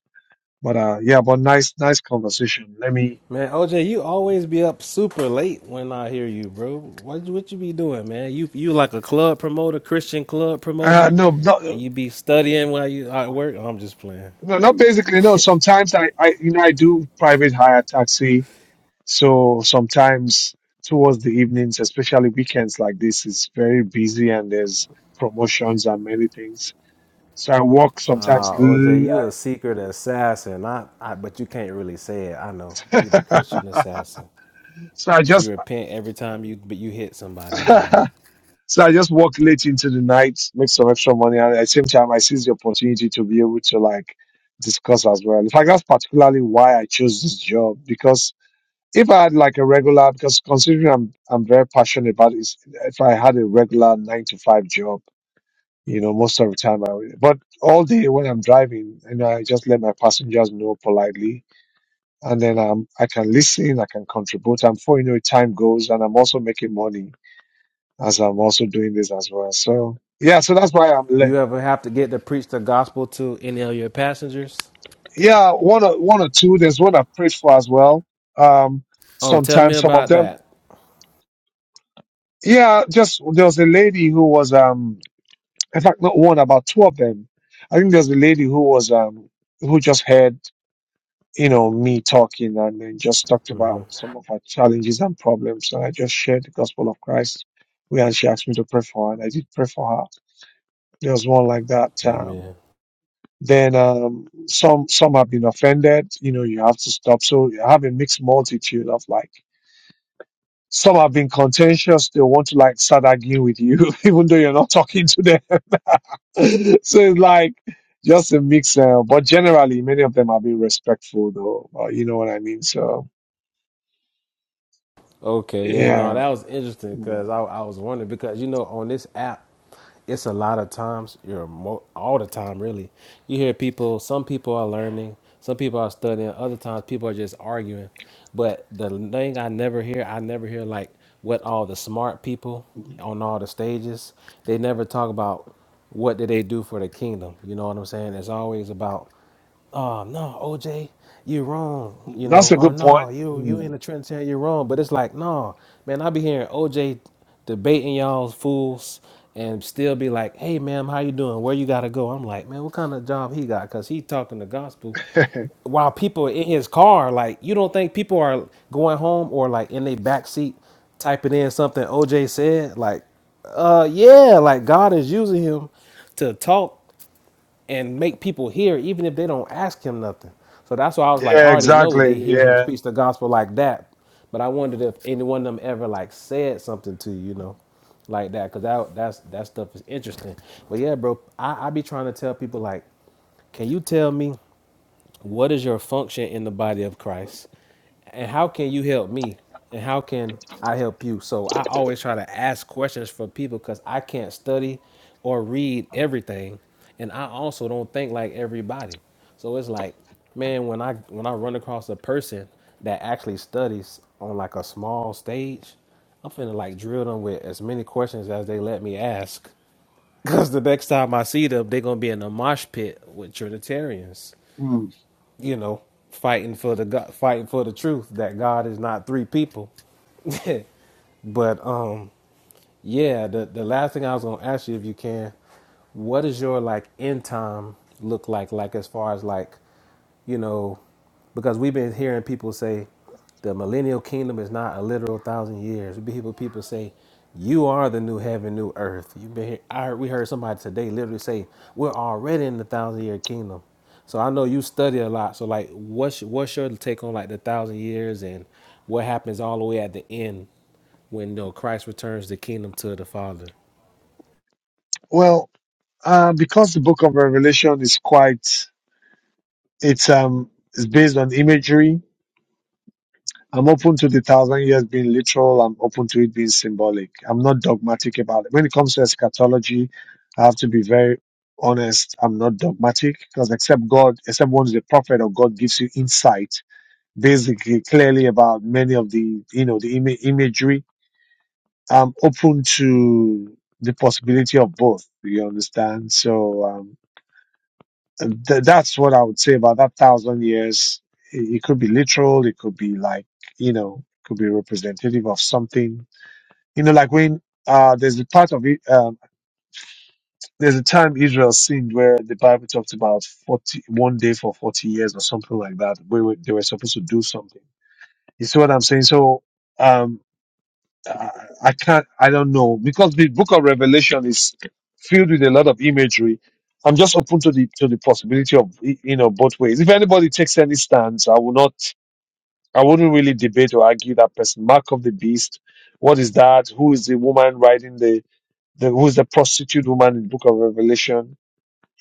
but uh, yeah, but nice, nice conversation. Let me. Man, OJ, you always be up super late when I hear you, bro. What you- what you be doing, man? You you like a club promoter, Christian club Uh, promoter, no, not and you no, be studying while you at work. I'm just playing. not basically. No, sometimes I, I, you know, I do private hire taxi. So sometimes towards the evenings, especially weekends like this, it's very busy and there's promotions and many things. So I walk sometimes. Uh, OJ, l- you a secret assassin. I, I but you can't really say it. I know you the Christian assassin. so I You just repent every time you but you hit somebody, man. so I just walk late into the night, make some extra money, and at the same time I seize the opportunity to be able to like discuss as well. In fact, that's particularly why I chose this job because if I had like a regular, because considering I'm I'm very passionate about it, if I had a regular nine to five job, you know, most of the time I would, but all day when I'm driving, you know, I just let my passengers know politely and then um, I can listen, I can contribute. And before you know it, time goes, and I'm also making money as I'm also doing this as well. So yeah, so that's why I'm Do late. you ever have to get to preach the gospel to any of your passengers? Yeah, one or one or two. There's one I prayed for as well. Um, Oh, tell me sometimes some of about them. that. Yeah, just there was a lady who was um, in fact not one, about two of them. I think there's a lady who was um, who just heard. you know, me talking and then just talked Mm-hmm. about some of our challenges and problems. And I just shared the gospel of Christ. We and she asked me to pray for her, and I did pray for her. There was one like that. Amen. Um, then um, some some have been offended. You know, you have to stop. So you have a mixed multitude of like some have been contentious. They want to like start arguing with you, even though you're not talking to them. so it's like just a mix. Uh, but generally, many of them have been respectful, though. Uh, you know what I mean? So Okay, yeah, no, Yeah. that was interesting Mm. because I, I was wondering because you know on this app, it's a lot of times you're mo- all the time really. You hear people. Some people are learning. Some people are studying. Other times people are just arguing. But the thing I never hear, I never hear like what all the smart people on all the stages. They never talk about what did they do for the kingdom. You know what I'm saying? It's always about oh no, OJ, you're wrong, you know, That's a or good no, point. you you in Mm. the trench here, you're wrong. But it's like, no, man, I be hearing OJ debating y'all fools and still be like, hey ma'am, how you doing? Where you gotta go? I'm like, man, what kind of job he got? Cause he talking the gospel while people in his car, like, you don't think people are going home or like in their back seat typing in something OJ said? Like, uh yeah, like God is using him to talk and make people hear, even if they don't ask him nothing. So that's why I was like, I Yeah, already know they exactly. hear him Yeah. speak the gospel like that. But I wondered if any one of them ever like said something to you, you know, like that, because that that's that stuff is interesting. But yeah, bro, I, I be trying to tell people like, can you tell me what is your function in the body of Christ? and how can you help me and how can i help you so i always try to ask questions for people because i can't study or read everything and i also don't think like everybody so it's like man when i when i run across a person that actually studies on like a small stage i'm finna like drill them with as many questions as they let me ask because the next time i see them they're gonna be in a mosh pit with trinitarians Mm. you know, fighting for the fighting for the truth that God is not three people. but um, yeah, the the last thing I was gonna ask you, if you can, what does your like end time look like? Like as far as like you know, because we've been hearing people say the millennial kingdom is not a literal thousand years. We people people say you are the new heaven, new earth. You've been here. I heard, we heard somebody today literally say we're already in the thousand year kingdom. So I know you study a lot. So like, what's what's your take on like the thousand years and what happens all the way at the end when you know, Christ returns the kingdom to the Father? Well, uh, because the book of Revelation is quite, it's, um, it's based on imagery. I'm open to the thousand years being literal. I'm open to it being symbolic. I'm not dogmatic about it. When it comes to eschatology, I have to be very honest. I'm not dogmatic because except God, except one is a prophet or God gives you insight basically clearly about many of the, you know, the ima- imagery I'm open to the possibility of both. You understand? So um, and th- that's what I would say about that thousand years. It, it could be literal. It could be like you know, it could be representative of something. You know, like when uh, there's a part of it. Um, there's a time Israel sinned where the Bible talks about forty one day for forty years or something like that. Where we- they were supposed to do something. You see what I'm saying? So. Um, uh, I can't, I don't know, because the book of Revelation is filled with a lot of imagery. I'm just open to the to the possibility of y- you know both ways. If anybody takes any stance, I will not, I wouldn't really debate or argue that person. Mark of the beast, what is that? Who is the woman riding the, the who is the prostitute woman in the book of Revelation?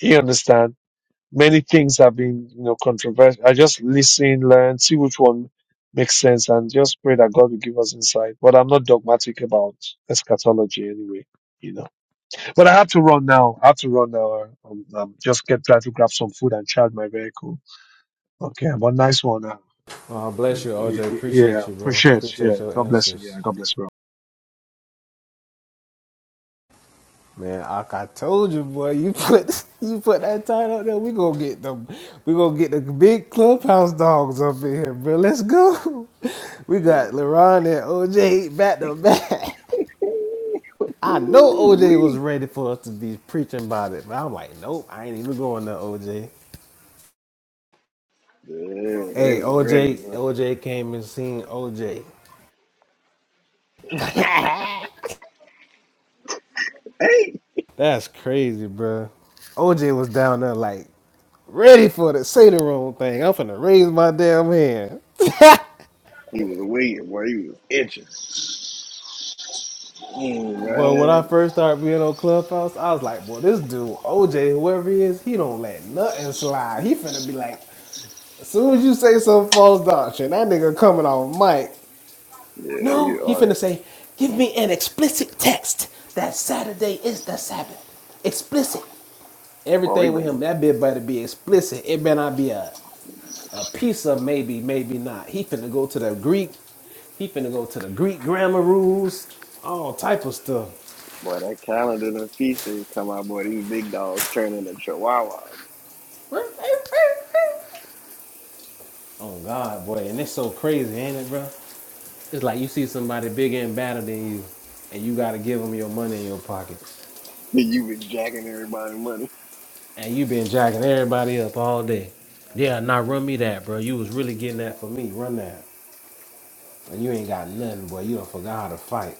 You understand? many things have been, you know, controversial. I just listen, learn, see which one makes sense, and just pray that God will give us insight. But I'm not dogmatic about eschatology anyway, you know. But I have to run now. I have to run now. Um, um, just get try to grab some food and charge my vehicle. Okay, but nice one. Uh, Oh, really. I yeah, yeah, appreciate you, bro. appreciate. Appreciate Yeah, God bless you. Yeah, God bless you. Man, like I told you, boy, you put you put that title up there, we gonna get them we gonna get the big clubhouse dogs up in here, bro. Let's go. We That's- got LeRon and OJ back to back. I know Ooh, OJ was we. ready for us to be preaching about it, but I'm like, nope, I ain't even going to OJ. Yeah, they was ready. man. He was waiting, boy. He was itching. Mm, But when I man. first started being on Clubhouse, I was like, boy, this dude, OJ, whoever he is, he don't let nothing slide. He finna be like, as soon as you say some false doctrine, that nigga coming off mic. Yeah, he No, he on finna say, give me an explicit text that Saturday is the Sabbath. Explicit. Boy, we Everything with bring him, that bit better be explicit. It better not be a, a piece of maybe, maybe not. He finna go to the Greek. He finna go to the Greek grammar rules. All type of stuff. boy that calendar and feast days come out, boy. These big dogs turn into chihuahuas. Oh God, boy, and it's so crazy, ain't it, bro? It's like you see somebody bigger and badder than you, and you gotta give them your money in your pocket. you been jacking everybody money. And you been jacking everybody up all day. Yeah, now run me that, bro. You was really getting that for me. Run that. And you ain't got nothing, boy. You done forgot how to fight.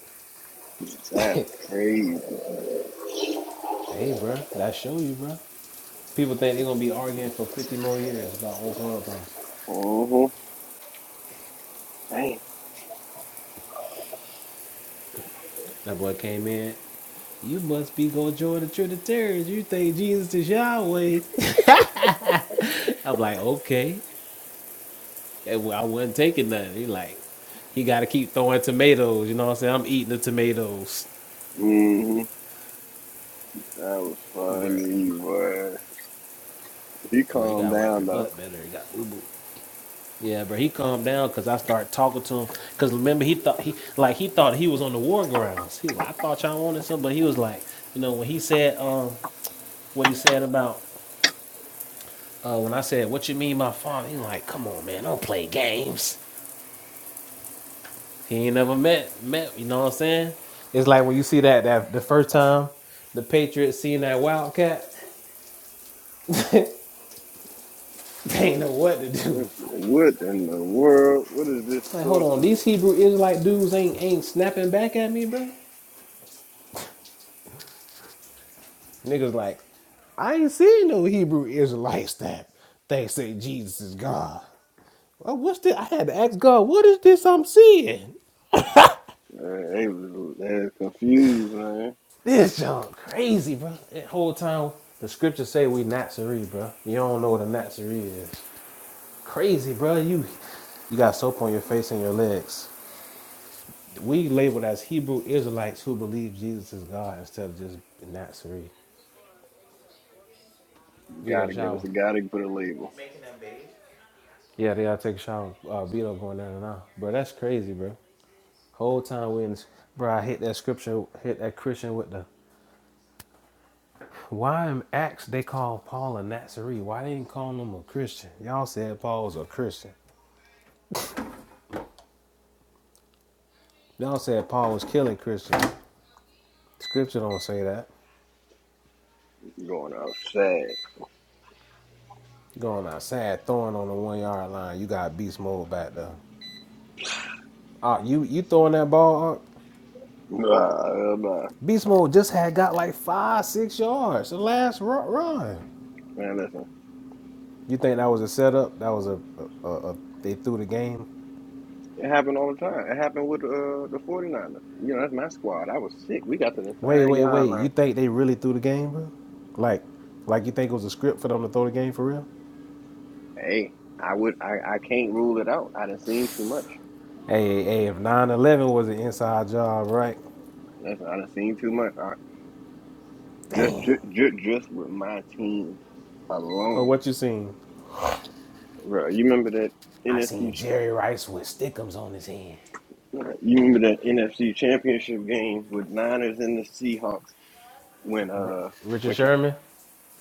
That's crazy. Hey, bro, that show you, bro. People think they gonna be arguing for 50 more years about old clubhouse. Uh-huh. Dang. That boy came in. You must be gonna join the Trinitarians. You think Jesus is Yahweh. I'm like, okay. And well, I wasn't taking nothing. He like, he got to keep throwing tomatoes. You know what I'm saying? I'm eating the tomatoes. Mm-hmm. That was funny, boy. He Bro, you calmed gotta wipe your down though. butt better. You got ubu. Yeah, bro, he calmed down because I started talking to him. Because remember, he thought he like he thought he was on the war grounds. He was like, I thought y'all wanted something, but he was like, you know, when he said um what he said about uh when I said what you mean my father, he like, come on man, don't play games. He ain't never met met. You know what I'm saying? It's like when you see that that the first time the Patriots seen that Wildcat, they ain't know what to do. What in the world? What is this Like, hold on, sorcery? these Hebrew Israelite dudes ain't ain't snapping back at me, bro. Niggas like. I ain't seen no Hebrew Israelites that they say Jesus is God. Well, what's this? I had to ask God, what is this I'm seeing? Man, they was they was confused, man. This junk crazy, bro. That whole time the scriptures say we Nazarene, bro. You don't know what a Nazarene is. Crazy, bro. You you got soap on your face and your legs. We labeled as Hebrew Israelites who believe Jesus is God instead of just Nazarene. Vito Gotta give shower. us a gotta put a label. Yeah, they gotta take a shower. Uh, Vito going down and out. Bro, that's crazy, bro. Whole time we in, bro, I hit that scripture, hit that Christian with the why in Acts they call Paul a Nazarene. Why they didn't call him a Christian? Y'all said Paul was a Christian. Y'all said Paul was killing Christians. Scripture don't say that. Going outside. Going outside, throwing on the one yard line. You got beast mode back there. Ah, you you throwing that ball? Nah, nah. Beast mode just had got like five, six yards the last run. Man, listen. You think that was a setup? That was a, a, a, a they threw the game It happened all the time. It happened with uh, the 49ers. You know, that's my squad. I was sick. We got to the Wait, side wait, wait. yard You line. think they really threw the game, bro? Like, like you think it was a script for them to throw the game for real? Hey, I would I, I can't rule it out. I done seen too much. Hey, if nine of job, Listen, I done seen too much. I, just, just just just with my team alone. Bro, you remember that I seen NFC ch- Jerry Rice with stickums on his hand. you remember that NFC championship game with Niners and the Seahawks when R- uh Richard when Ka- Sherman,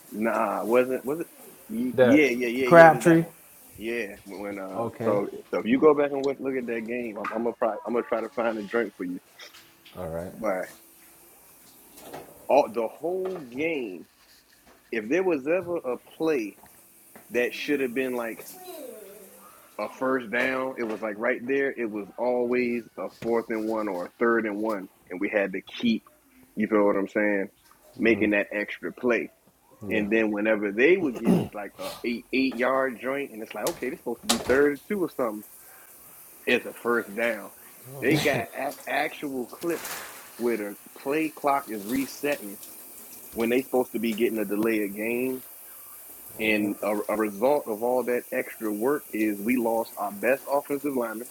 Nah, wasn't was it? y- Yeah, that yeah, yeah, yeah. It was that Crabtree. one. Yeah, when uh, Okay, so so if you go back and look look at that game, I'm, I'm gonna probably, I'm gonna try to find a drink for you. all right, But all the whole game, if there was ever a play that should have been like a first down, it was like right there. It was always a fourth and one or a third and one, and we had to keep, you feel what I'm saying, making that extra play. yeah. And then whenever they would get like a eight eight yard joint, and it's like, okay, this supposed to be third and two or something. It's a first down. They got a- actual clips where the play clock is resetting when they supposed to be getting a delay of game. And a, a result of all that extra work is we lost our best offensive lineman,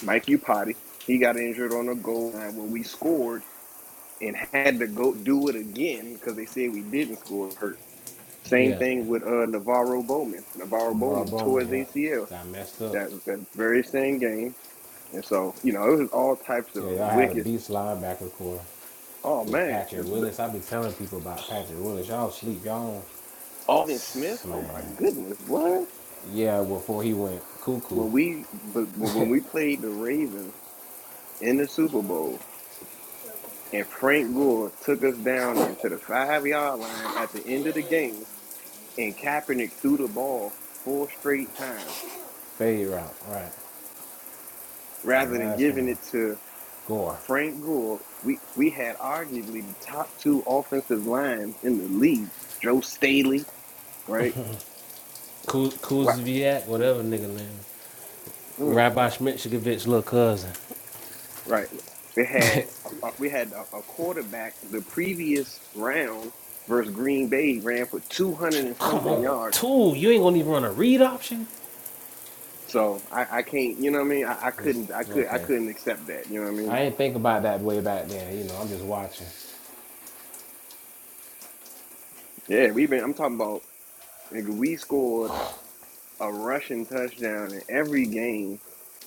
Mike Upati. He got injured on the goal line when we scored and had to go do it again because they said we didn't score hurt. Same Yeah. thing with uh, Navarro Bowman. Navarro Bowman tore his ACL that, that very same game. And so, you know, it was all types of wickets. Oh, With man. The, Patrick the, Willis, I be telling people about Patrick Willis. Y'all sleep, y'all Alden Smith? Oh, my man. goodness. What? Yeah, before he went cuckoo, When we but when we played the Ravens in the Super Bowl and Frank Gore took us down there to the five-yard line at the end of the game and Kaepernick threw the ball four straight times fade route, right? That rather than last one, giving it to– Gore. Frank Gore, we, we had arguably the top two offensive lines in the league. Joe Staley, right? Kuz- Wow. Kuzviak, whatever nigga name. Mm, Rabbi Schmitchikovich, little cousin. right. We had a, we had a, a quarterback the previous round versus Green Bay ran for two hundred and Come something on, yards. two. You ain't gonna even run a read option. So I, I can't, you know what I mean? I, I Just- couldn't, I could, I okay. couldn't accept that. You know what I mean? I ain't think about that way back then. You know, I'm just watching. Yeah, we've been. I'm talking about. nigga, We scored. a rushing touchdown in every game.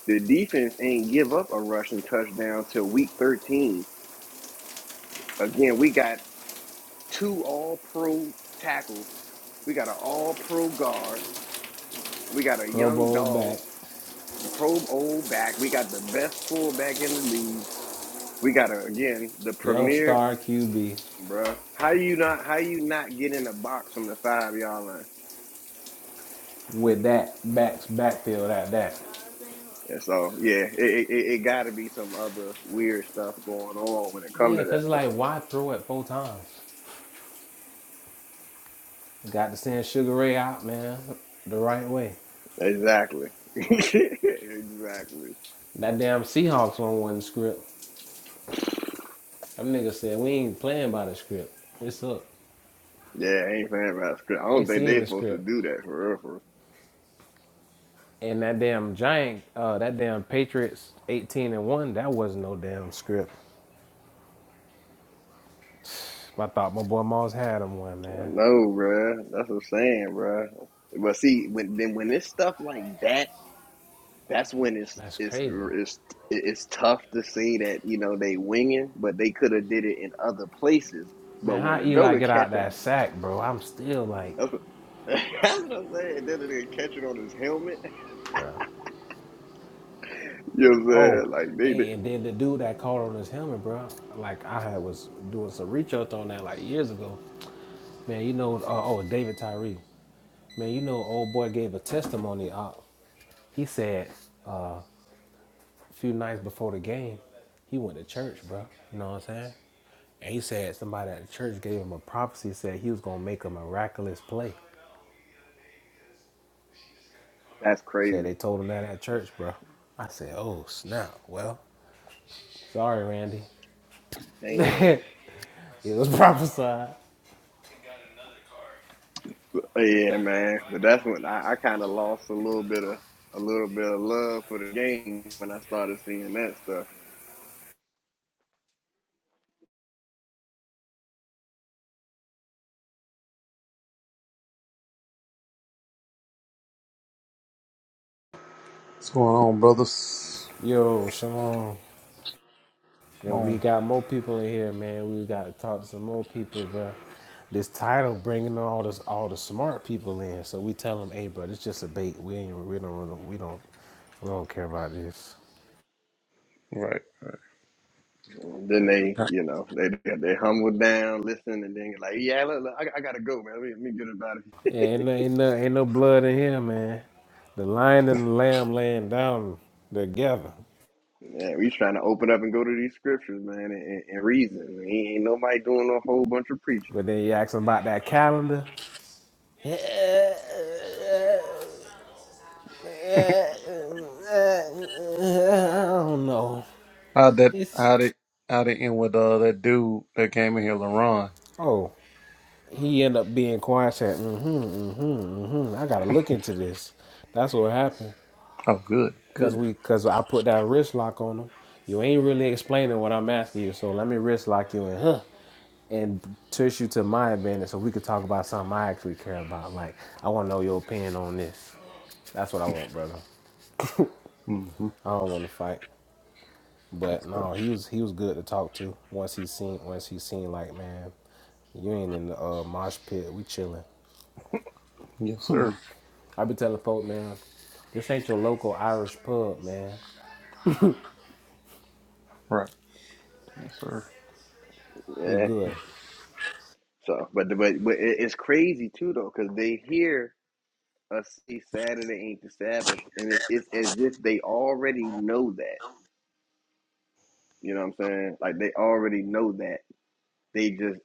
The defense ain't give up a rushing touchdown till week 13. Again, we got two all pro tackles. We got an all pro guard. We got a Pro young Bowl dog, back, pro old back. We got the best fullback in the league. We got a, again the young premier, star QB bro. How you not? How you not get in a box from the five yard line? with that backs backfield at that. And so yeah, it it, it got to be some other weird stuff going on when it comes Yeah, to cause that stuff. like why throw it four times? Got to send Sugar Ray out, man, the right way. Exactly. exactly. That damn Seahawks one wasn't the script. Them niggas said we ain't playing by the script. It's up. Yeah, I ain't saying about script. I They don't think seen they the supposed to script. do that for real. For real. And that damn giant, uh, that damn Patriots 18 and 1, that wasn't no damn script. I thought my boy Moss had him one, I man. know, bruh. That's what I'm saying, bruh. But see, when then when it's stuff like that, that's when it's That's it's crazy. it's it's tough to say that you know they winging, but they could have did it in other places. But Man, when how a Eli Joker get catch out a, that sack, bro? I'm still like, that's what, that's what I'm saying. Then they catch it on his helmet. bro. You know what I'm Oh, saying? Like they, did hey, and then the dude that caught on his helmet, bro. Like I had was doing some research on that like years ago. Man, you know, uh, oh David Tyree. Man, you know, old boy gave a testimony. Uh, he said a few nights before the game, he went to church, bro. You know what I'm saying? And he said somebody at the church gave him a prophecy, said he was gonna make a miraculous play. that's Said crazy. they told him that at church, bro. I said, oh snap. Well, sorry, Randy. Damn. It was prophesied. Yeah, man. But that's when I, I kind of lost a little bit of a little bit of love for the game when I started seeing that stuff. What's going on, brothers? Yo, shalom. What's And we going got more people in here, man. We got to talk to some more people, bro. This title bringing all this all the smart people in. So we tell them, hey, bro, it's just a bait. We ain't we don't really- we don't we don't care about this. on? Right. And then they, you know, they they humbled down, listen, and then like, yeah, look, look, I, I gotta go, man. Let me, let me get about it. Yeah, ain't, no- ain't, no, ain't no blood in here, man. The lion and the lamb laying down together. Yeah, we trying to open up and go to these scriptures, man, and, and, and reason. Ain't ain't nobody doing a whole bunch of But preaching. then you ask them about that calendar. I don't know. How'd that It's how'd it how'd it end with uh that dude that came in here, LaRon? oh, he end up being quiet. Said, mm-hmm, mm-hmm, mm-hmm. I gotta look into this. That's what happened. Oh good, Cause good. we, cause I put that wrist lock on him. You ain't really explaining what I'm asking you, so let me wrist lock you in. huh? and push you to my advantage so we could talk about something I actually care about. Like, I want to know your opinion on this. That's what I want, brother. Mm-hmm. I don't want to fight. Yes, But sir. no, he was he was good to talk to. Once he seen once he seen like, man, you ain't in the uh, mosh pit. We chilling. Yes, sir. I be telling folk, man, this ain't your local Irish pub, man. Right. Yes, sir. We Yeah. good. So, but but but it, it's crazy too though, because they hear us say Saturday ain't the Sabbath, and it, it's as if they already know that You know what I'm saying? Like they already know that. They just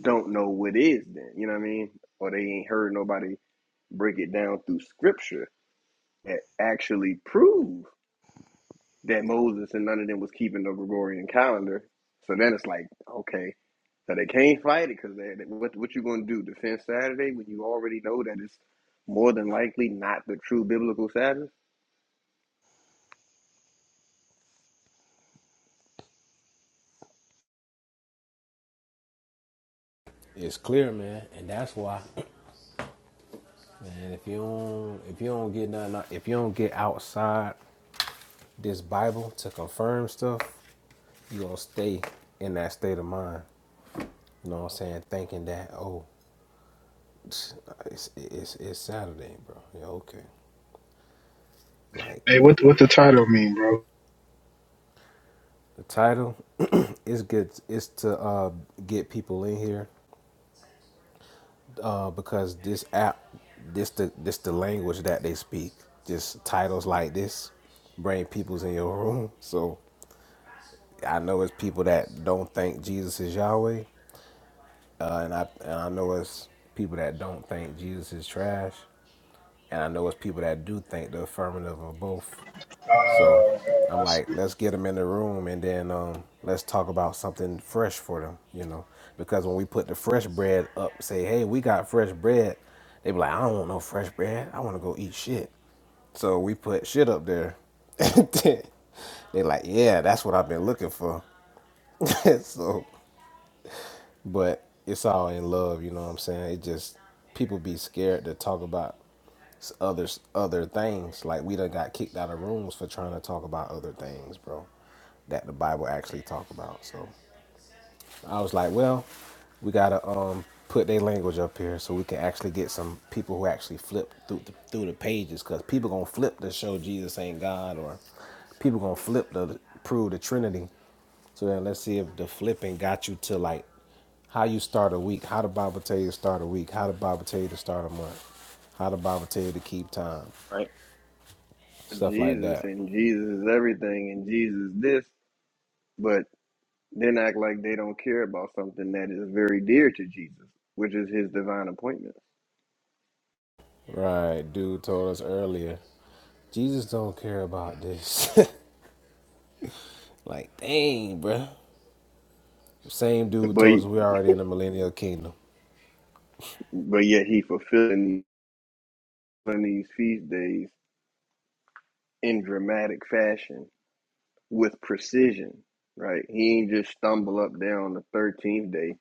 don't know what is then. You know what I mean? Or they ain't heard nobody break it down through scripture that actually prove that Moses and none of them was keeping the Gregorian calendar. So then it's like, okay, so they can't fight it because they, they- what what you gonna do? Defend Saturday when you already know that it's more than likely not the true biblical Sabbath, It's clear, man, and that's why, man. If you don't, if you don't get nothing, out- if you don't get outside this Bible to confirm stuff, you're gonna stay in that state of mind. You know what I'm saying? Thinking that oh, it's it's it's sad Hey, what what the title mean, bro? because this app, this the this the language that they speak. Just titles like this bring peoples in your room. So I know it's people that don't think Jesus is Yahweh, uh, and I and I know it's people that don't think Jesus is trash, and I know it's people that do think the affirmative of both. So Uh, I'm I see. like, let's get them in the room and then um, let's talk about something fresh for them, you know. Because when we put the fresh bread up, say, hey, we got fresh bread, they be like, I don't want no fresh bread. I want to go eat shit. So we put shit up there. they like, yeah, that's what I've been looking for. so, but it's all in love, you know what I'm saying? It just people be scared to talk about others other things. Like we done got kicked out of rooms for trying to talk about other things, bro. That the Bible actually talk about. So I was like, well, we gotta um put their language up here so we can actually get some people who actually flip through the, through the pages because people gonna flip to show Jesus ain't God or people gonna flip to prove the Trinity. So then let's see if the flipping got you to like how you start a week, how the Bible tell you to start a week, how the Bible tell you to start a month, how the Bible tell you to keep time, right? stuff like Jesus that. and Jesus is everything and Jesus this, but Then act like they don't care about something that is very dear to Jesus, which is his divine appointment. Right, dude told us earlier, Jesus don't care about this. like, dang, bruh. Same dude But told us we already in the millennial kingdom. but yet he fulfilling these these feast days in dramatic fashion with precision, right? He ain't just stumble up there on the thirteenth day,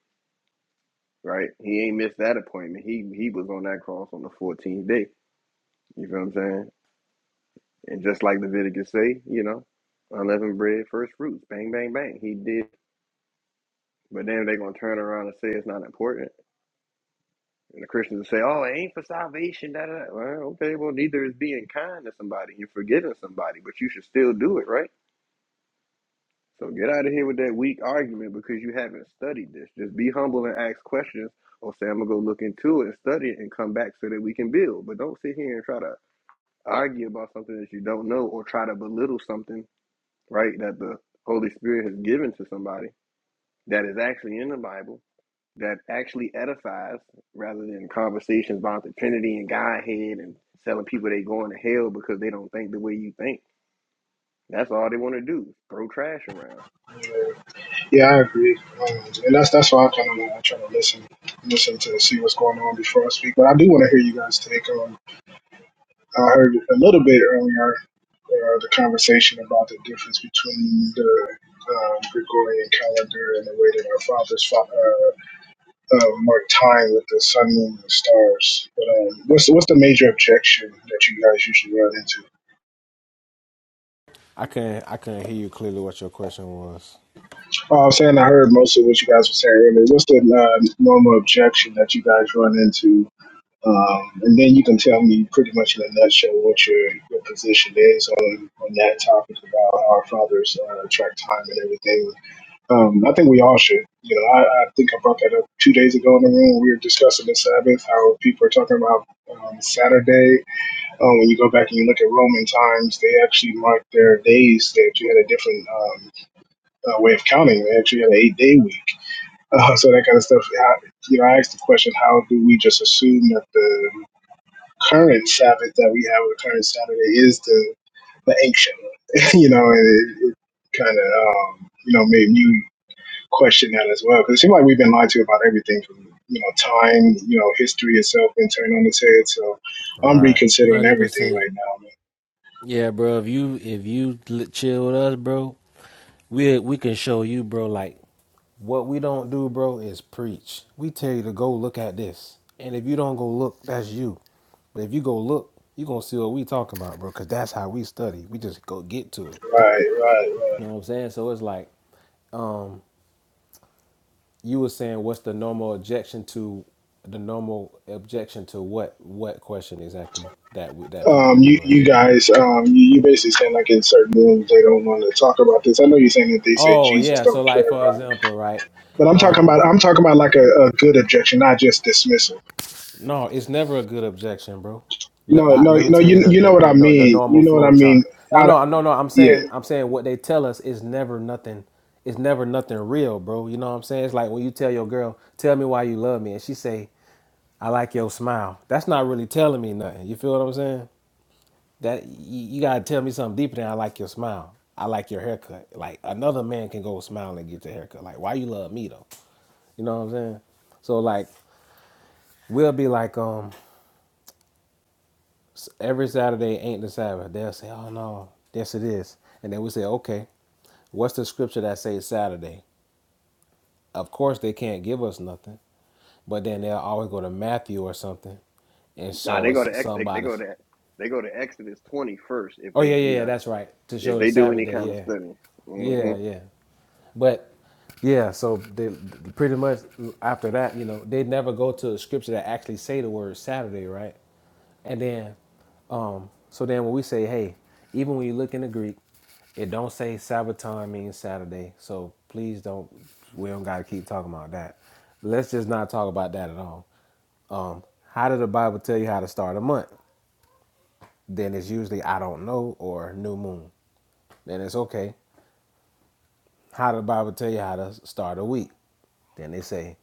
right? He ain't missed that appointment. He he was on that cross on the fourteenth day. You feel what I'm saying? And just like Leviticus say, you know, unleavened bread, first fruits, bang, bang, bang. He did. But then they're gonna turn around and say it's not important And the Christians will say, "Oh, it ain't for salvation." Da, da, da. Well, okay, well, neither is being kind to somebody and forgiving somebody, but you should still do it, right? So get out of here with that weak argument because you haven't studied this. Just be humble and ask questions, or say, "I'm gonna go look into it and study it and come back so that we can build." But don't sit here and try to argue about something that you don't know, or try to belittle something, right? That the Holy Spirit has given to somebody that is actually in the Bible that actually edifies rather than conversations about the Trinity and Godhead and telling people they going to hell because they don't think the way you think. That's all they want to do. Throw trash around. yeah, I agree, um, and that's that's why I kind of like I try to listen, listen to see what's going on before I speak. But I do want to hear you guys take on I heard a little bit earlier uh, the conversation about the difference between the um, Gregorian calendar and the way that our fathers fo- uh, uh, mark time with the sun, moon, and stars. But um, what's what's the major objection that you guys usually run into? I couldn't I couldn't hear you clearly what your question was. Oh, I'm saying I heard most of what you guys were saying earlier. What's the uh, normal objection that you guys run into Um, and then you can tell me pretty much in a nutshell what your, your position is on, on that topic about our father's uh, track time and everything. Um, I think we all should. You know, I, I think I brought that up two days ago in the room. We were discussing the Sabbath, how people are talking about um, Saturday. Um, when you go back and you look at Roman times, they actually marked their days. They actually had a different um, uh, way of counting. They actually had an eight day week. Uh, so that kind of stuff. I, you know, I asked the question, how do we just assume that the current Sabbath that we have, or the current Saturday, is the the ancient one. you know, and it, it kind of um, you know made me question that as well because it seems like we've been lied to about everything from you know time, you know, history itself been turned on its head. So I'm Right. one reconsidering Hundred everything percent. right now. Man. Yeah, bro. If you if you chill with us, bro, we we can show you, bro. Like What we don't do, bro, is preach. We tell you to go look at this. And if you don't go look, that's you. But if you go look, you going to see what we talking about, bro, because that's how we study. We just go get to it. Right, right. right. You know what I'm saying? So it's like, um, you were saying what's the normal objection to the normal objection to what what question exactly that would that people Um, give you us you guys, um, you, you basically saying like in certain rooms they don't want to talk about this. I know you're saying that they said oh Jesus yeah so don't like care for about, it. example right but I'm talking um about I'm talking about like a, a good objection, not just dismissal no it's never a good objection bro let, No, like, no, let me no. tell you You the you know the, what the I no- the mean. normal You know what flow I mean. chart no I, no no no i'm yeah, saying i'm saying what they tell us is never nothing it's never nothing real bro you know what i'm saying it's like when you tell your girl tell me why you love me and she say i like your smile that's not really telling me nothing you feel what i'm saying That you, you gotta tell me something deeper than I like your smile. I like your haircut. Like another man can go smile and get your haircut. Like why you love me though? You know what I'm saying? So like we'll be like um every Saturday ain't the Sabbath. They'll say oh no yes it is, and then we say okay what's the scripture that says Saturday? Of course they can't give us nothing, but then they'll always go to Matthew or something and Nah, show they go us to Ex they, they somebody. go to they go to Exodus twenty first if Oh they yeah you yeah yeah know that's right to if show the they do Sabbath any day. kind of yeah study. Mm-hmm. yeah yeah. But Yeah, so they pretty much after that, you know, they never go to a scripture that actually say the word Saturday, right? And then, um, so then when we say, hey, even when you look in the Greek, it don't say Sabbaton means Saturday. So please don't, we don't got to keep talking about that. Let's just not talk about that at all. How did the Bible tell you how to start a month? Then it's usually I don't know or new moon. Then it's okay. How did the Bible tell you how to start a week? Then they say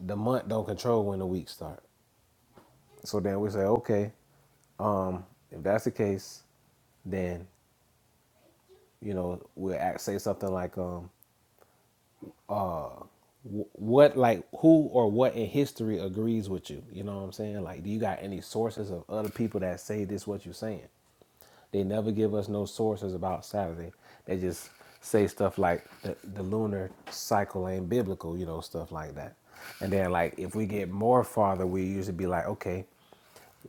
the month don't control when the week start. So then we say, okay, if that's the case, then you know we'll act, say something like, um, wh- what, like, who or what in history agrees with you? You know what I'm saying? Like, do you got any sources of other people that say this what you're saying? They never give us no sources about Saturday. They just say stuff like the, the lunar cycle ain't biblical, you know, stuff like that. And then like if we get more farther, we usually be like, okay,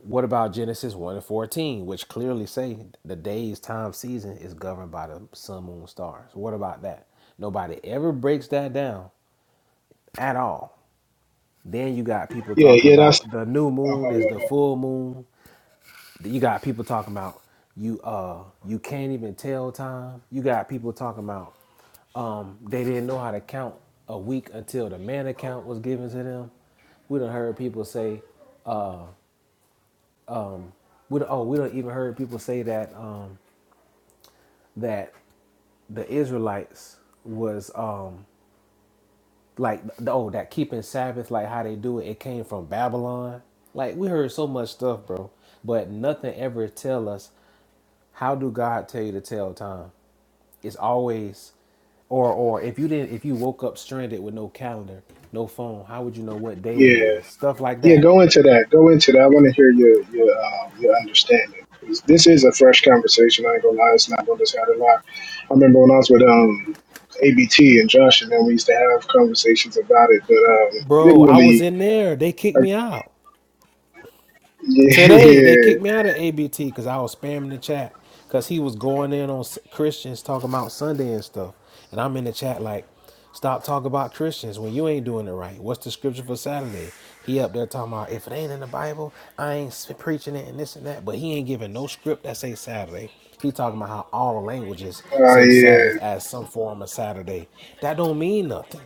What about Genesis 1 and 14, which clearly say the days, time, season is governed by the sun, moon, stars? What about that? Nobody ever breaks that down at all. Then you got people yeah, talking yeah. That's about the new uh, moon is the full moon. You got people talking about you uh you can't even tell time. You got people talking about they didn't know how to count a week until the man account was given to them. We done heard people say we done, oh we don't even heard people say that um that the Israelites was um like oh that keeping Sabbath like how they do it it came from Babylon. Like we heard so much stuff, bro, but nothing ever tell us how do God tell you to tell time. It's always or or if you didn't if you woke up stranded with no calendar, no phone, how would you know what day it yeah, is? Stuff like yeah. that. Go into that. Go into that. I want to hear your your uh, your understanding. 'Cause This is a fresh conversation. I ain't gonna lie. It's not gonna just happen. lot. I remember when I was with um ABT and Josh, and then we used to have conversations about it, but um Bro, didn't I was really. in there. They kicked me out. yeah, Today they yeah, kicked me out of ABT because I was spamming the chat because he was going in on s- Christians talking about Sunday and stuff, and I'm in the chat like, stop talking about Christians when you ain't doing it right. What's the scripture for Saturday? He up there talking about if it ain't in the Bible, I ain't s- preaching it and this and that, but he ain't giving no script that say Saturday. He talking about how all languages uh, say yeah. Sabbath as some form of Saturday. That don't mean nothing.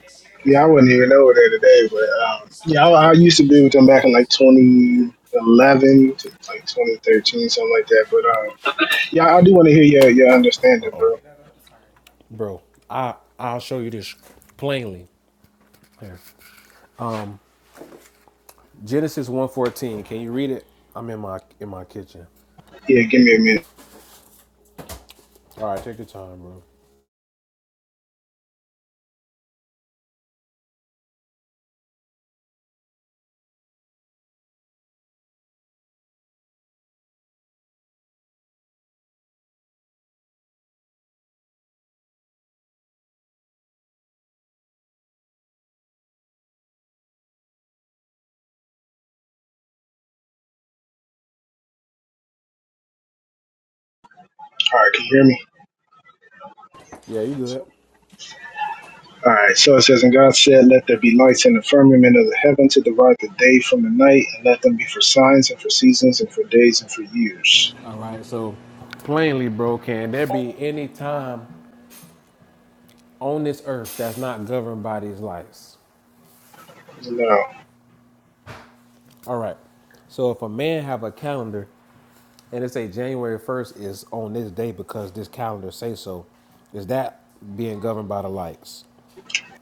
Yeah, I wouldn't even know that today, but um, yeah, I, I used to be with them back in like 2011 to like 2013, something like that. But um, yeah, I do want to hear your, your Uh understanding, oh, bro. bro, I I'll show you this plainly. Here. Genesis one fourteen. Can you read it? I'm in my in my kitchen. Yeah, give me a minute. All right, take your time, bro. All right, can you hear me? All right, so it says, And God said, Let there be lights in the firmament of the heaven to divide the day from the night, and let them be for signs and for seasons and for days and for years. All right, so plainly, bro, can there be any time on this earth that's not governed by these lights? No. All right. So if a man have a calendar and it say January first is on this day because this calendar say so, is that being governed by the lights?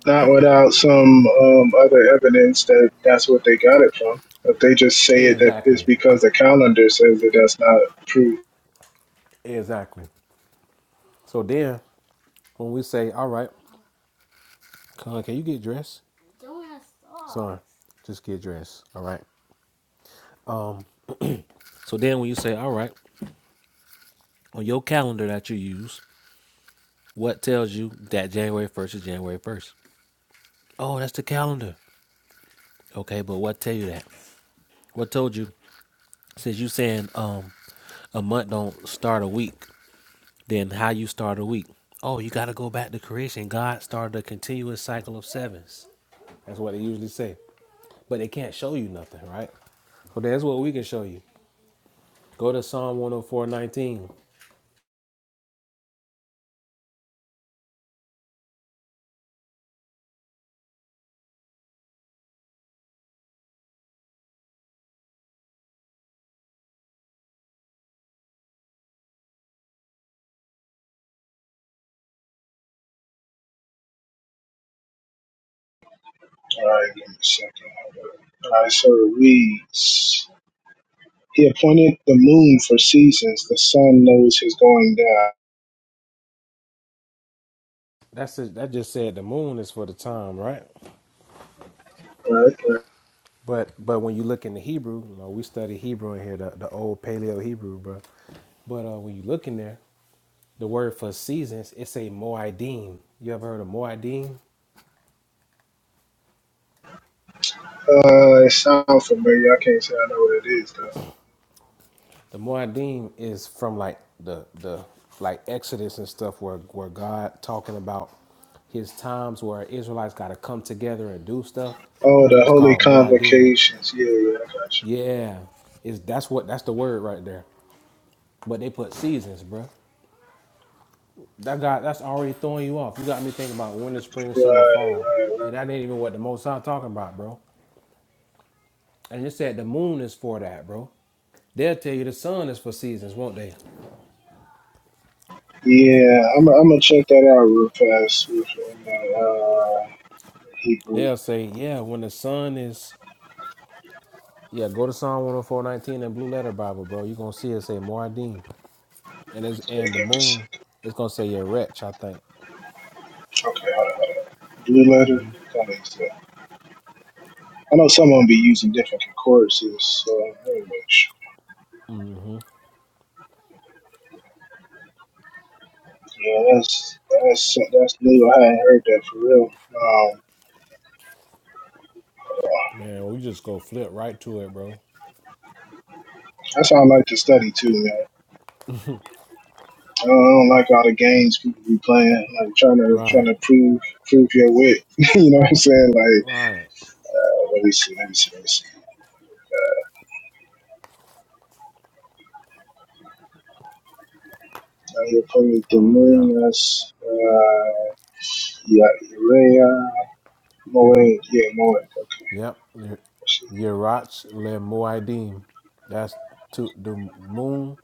Not without some um, other evidence that that's what they got it from. If they just say it, that it's Exactly. because the calendar says that that's not true. Exactly. So then when we say, all right, Con, can you get dressed? All right, just get dressed. All right. So then when you say, all right, on your calendar that you use, what tells you that January 1st is January 1st? Oh, that's the calendar. Okay, but what tell you that? What told you? Since you saying um a month don't start a week, then how you start a week? Oh, you got to go back to creation. God started a continuous cycle of sevens. That's what they usually say. But they can't show you nothing, right? So that's what we can show you. Go to Psalm 104:19. All right, give me a second. All right, so it reads. He appointed the moon for seasons. The sun knows his going down. That's it. that just said the moon is for the time, right? Right, right. But but when you look in the Hebrew, you know, we study Hebrew in here, the, the old Paleo Hebrew, bro. But uh, when you look in there, the word for seasons, it's a moedim. You ever heard of moedim? Uh, it sounds familiar. I can't say I know what it is though. The moedim is from like the the like Exodus and stuff, where where God talking about his times where Israelites got to come together and do stuff. Oh, the It's holy called moedim. convocations. Yeah, yeah, I got you. Yeah, is that's what that's the word right there. But they put seasons, bro. That guy, that's already throwing you off. You got me thinking about winter, spring, summer, Right, fall, right, right. and that ain't even what the most I'm talking about, bro. And you said the moon is for that, bro. They'll tell you the sun is for seasons, won't they? Yeah, I'm, I'm gonna check that out real fast. Real fast. Uh, Hebrew. They'll say, yeah, when the sun is, yeah, go to Psalm 104:19 in Blue Letter Bible, bro. You're gonna see it say Moedim, and it's They and the give me s- moon, it's gonna say your wretch. I think. okay, hold on, hold on. Blue letter? That makes sense. I know some of them be using different concordances, so very much. Yeah, that's that's that's new. I hadn't heard that for real. Um, Man, we just go flip right to it, bro. that's how I like to study too, man. I don't, I don't like all the games people be playing, like trying to trying Right, to prove prove your wit. you know what I'm saying? Like, right. uh, let me see, let me see, let me see. Now you're playing the Hallelujah. moon. That's uh, yeah, Urea, Moed, yeah, Moed. Okay, Yep. let's see. Yerach le Moedim. That's to the moon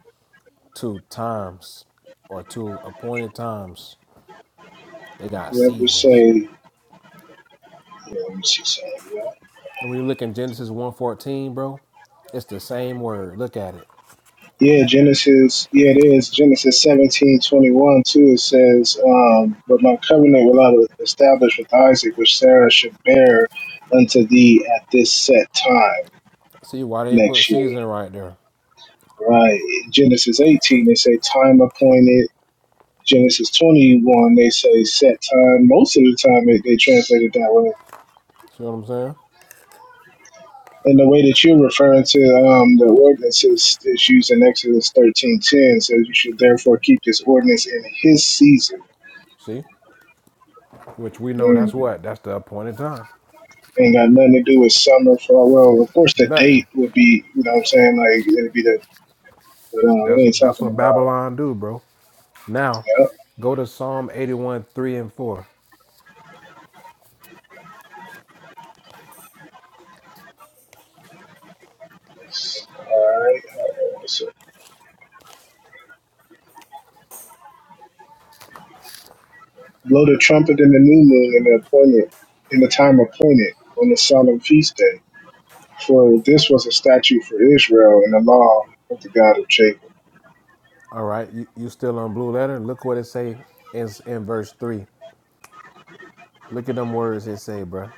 to times or to appointed times. They got Never seasons. say. Yeah, let me see something. And when you look in Genesis 114, bro, it's the same word. Look at it. Yeah, Genesis. Yeah, it is Genesis seventeen twenty one too. It says, um, "But my covenant will I establish with Isaac, which Sarah should bear unto thee at this set time See why they put next year." season right there. Right. Genesis eighteen, they say time appointed. Genesis twenty one, they say set time. Most of the time, it, they translate it that way. See what I'm saying? And the way that you're referring to um, the ordinances is used in Exodus thirteen ten says you should therefore keep this ordinance in his season. See? Which we know Mm. that's what? That's the appointed time. Ain't got nothing to do with summer for well, of course the Nothing. date would be you know what I'm saying, like it'd be the but um, we That's ain't that's talking what about Babylon do, bro. Now, yeah. go to Psalm 81, 3 and 4. All right. Uh, So, blow the trumpet in the new moon in the appointed in the time appointed on the solemn feast day. For this was a statute for Israel in the law of the God of Jacob. All right, you, you still on blue letter? Look what it say in in verse three. Look at them words it say, bruh.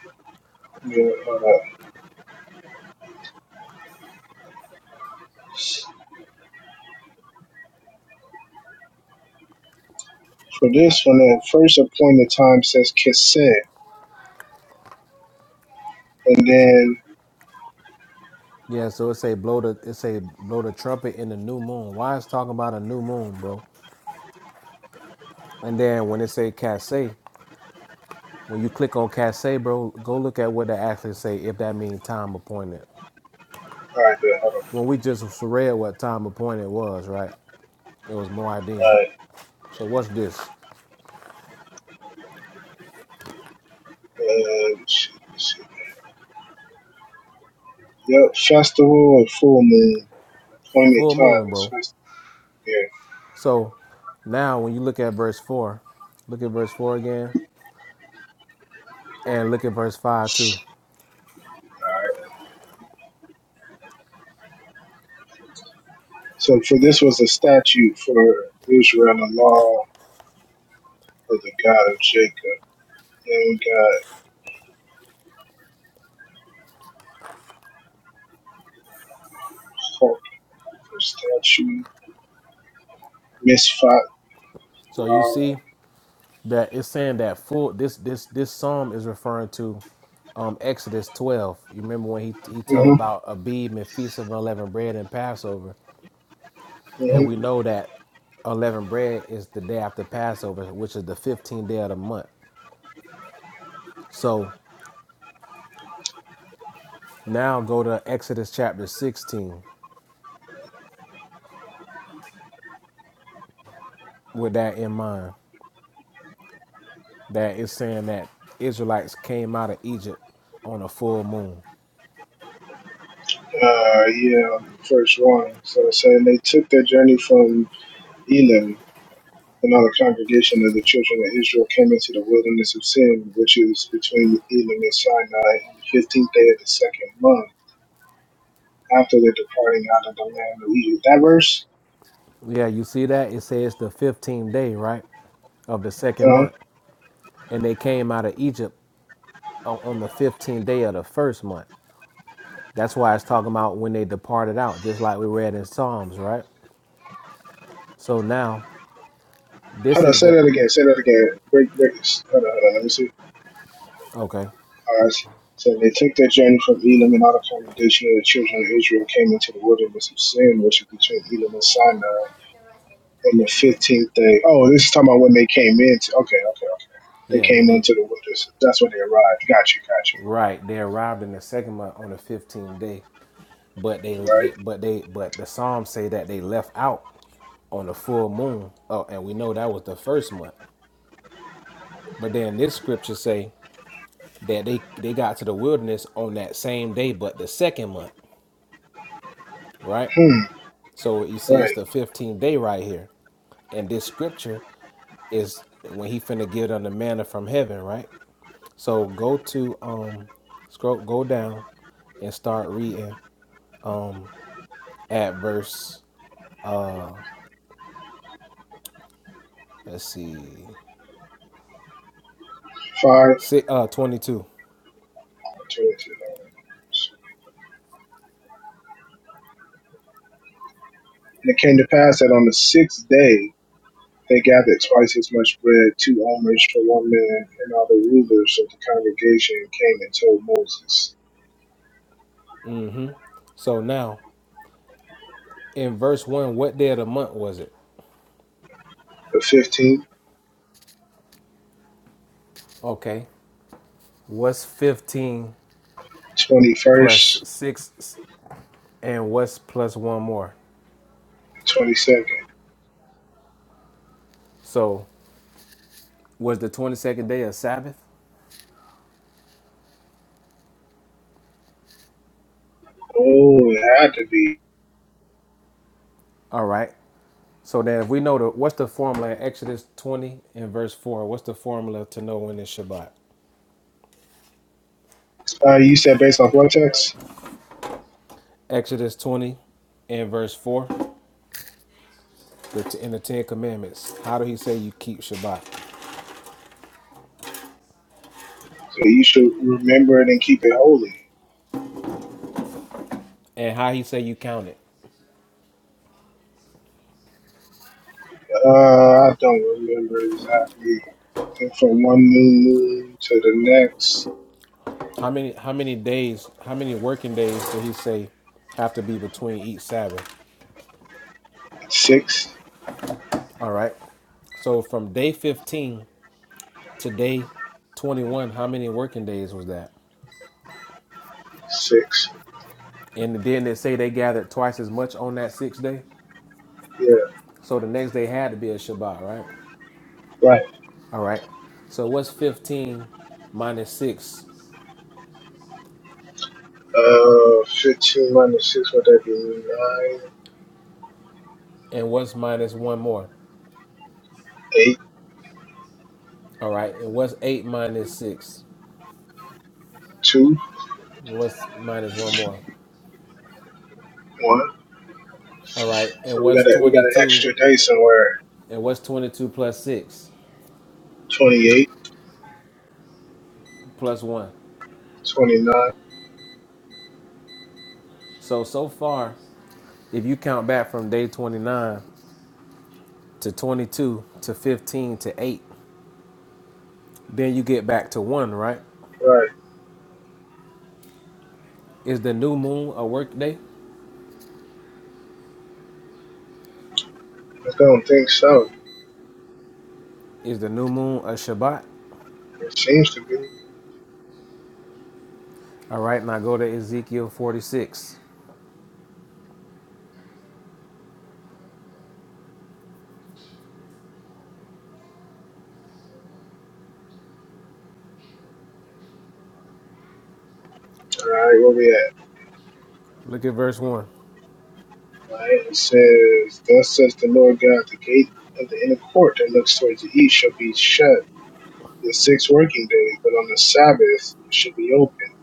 Yeah, all right. For this one, at first appointed time says cassette, and then Yeah, so it say blow the it say blow the trumpet in the new moon. Why is talking about a new moon, bro? And then when it say casse, when you click on casse, bro, go look at what they actually say if that means time appointed. all right, then hold on. When we just read what time appointed was, right? It was Moedim. All right, So what's this? uh, let's see, let's see. yep, festival and full moon. Appointed Full time moon, is bro. festival. Yeah. So now when you look at verse four, look at verse four again, and look at verse five too. So for this was a statute for Israel, the law of the God of Jacob. Then we got hope for statute, misfot, So you law. see that it's saying that full this this this psalm is referring to um Exodus 12. You remember when he he tell Mm-hmm, about Abib and feast of unleavened bread and Passover, and hmm we know that unleavened bread is the day after Passover, which is the 15th day of the month. So now go to Exodus chapter 16 with that in mind. That it's saying that Israelites came out of Egypt on a full moon. Uh, yeah, first one. So it's saying they took their journey from Elam And all the congregation of the children of Israel came into the wilderness of Sin, which is between Elim and Sinai, on the fifteenth day of the second month, after their departing out of the land of Egypt. That verse? Yeah, you see that? It says the 15th day, right? Of the second Uh-huh. month. and they came out of Egypt o- on the 15th day of the first month. That's why it's talking about when they departed out, just like we read in Psalms, right? So now this Hold on, is say the that again, say that again. Break, break. this. Hold on, hold on, let me see. okay, All right. So they took their journey from Elim, and all the congregation of the children of Israel came into the wilderness of Sin, which is between Elim and Sinai, on the fifteenth day. Oh, this is talking about when they came in. Okay, okay, okay. They yeah. came When they into the wilderness. That's when they arrived. Got you, got you. right, they arrived in the second month on the 15th day, but they, right? they but they but the Psalms say that they left out on the full moon. Oh, and we know that was the first month. But then this scripture say that they they got to the wilderness on that same day, but the second month, right? Hmm, So you see, it's right. the 15th day right here. And this scripture is when he finna give them the manna from heaven, right? So go to um scroll go down and start reading at verse let's see Five, six, uh 22. twenty-two. And it came to pass that on the sixth day they gathered twice as much bread, two omers for one man, and all the rulers of the congregation came and told Moses. Mm-hmm. So now in verse one, what day of the month was it? The fifteenth, Okay. What's 15 twenty plus first, six and what's plus one more? twenty second. So was the 22nd day a Sabbath? Oh, it had to be. All right. So then, if we know the what's the formula in Exodus 20 and verse 4, what's the formula to know when it's Shabbat? Uh, you said based off what text? Exodus 20 and verse 4, the in the 10 commandments. How do he say you keep Shabbat? So you should remember it and keep it holy. And how he say you count it? Uh, I don't remember exactly. And from one new moon to the next, How many how many days, how many working days did he say have to be between each Sabbath? six, All right. So from day 15 to day 21, how many working days was that? six. And then they say they gathered twice as much on that sixth day. Yeah. So the next day had to be a Shabbat, right? Right. All right. So what's 15 minus 6? Uh, 15 minus 6, what that be? 9, And what's minus one more? eight, All right. And what's 8 minus 6? two, And what's minus one more? one? All right. And So we what's got a, we got an 22? extra day somewhere. And what's 22 plus 6? Twenty-eight, Plus 1. twenty-nine. So, so far, if you count back from day 29 to 22 to 15 to 8, then you get back to 1, right? Right. Is the new moon a work day? I don't think so. Is the new moon a Shabbat? It seems to be. All All right, now go to Ezekiel 46. right, where we at? Look at verse 1. All right, it says, Thus says the Lord God, the gate of the inner court that looks towards the east shall be shut the six working days, but on the Sabbath it shall be open.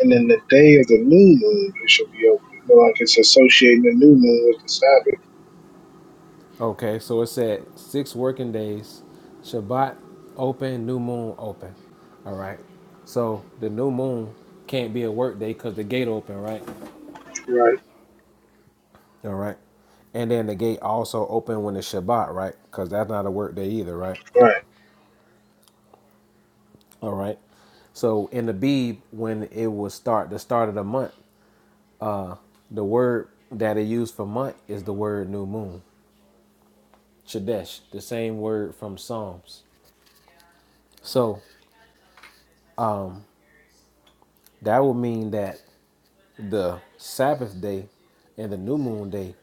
And in the day of the new moon it shall be open. You know, like it's associating the new moon with the Sabbath. Okay, so it said, six working days, Shabbat open, new moon open. All right, so the new moon can't be a work day because the gate open, right? Right, All right, and then the gate also open when it's Shabbat, right? Because that's not a work day either, right? right. All right, so in the Bib, when it was start, the start of the month, the word that it used for month is the word new moon. Chodesh, the same word from Psalms. So that would mean that the Sabbath day and the new moon day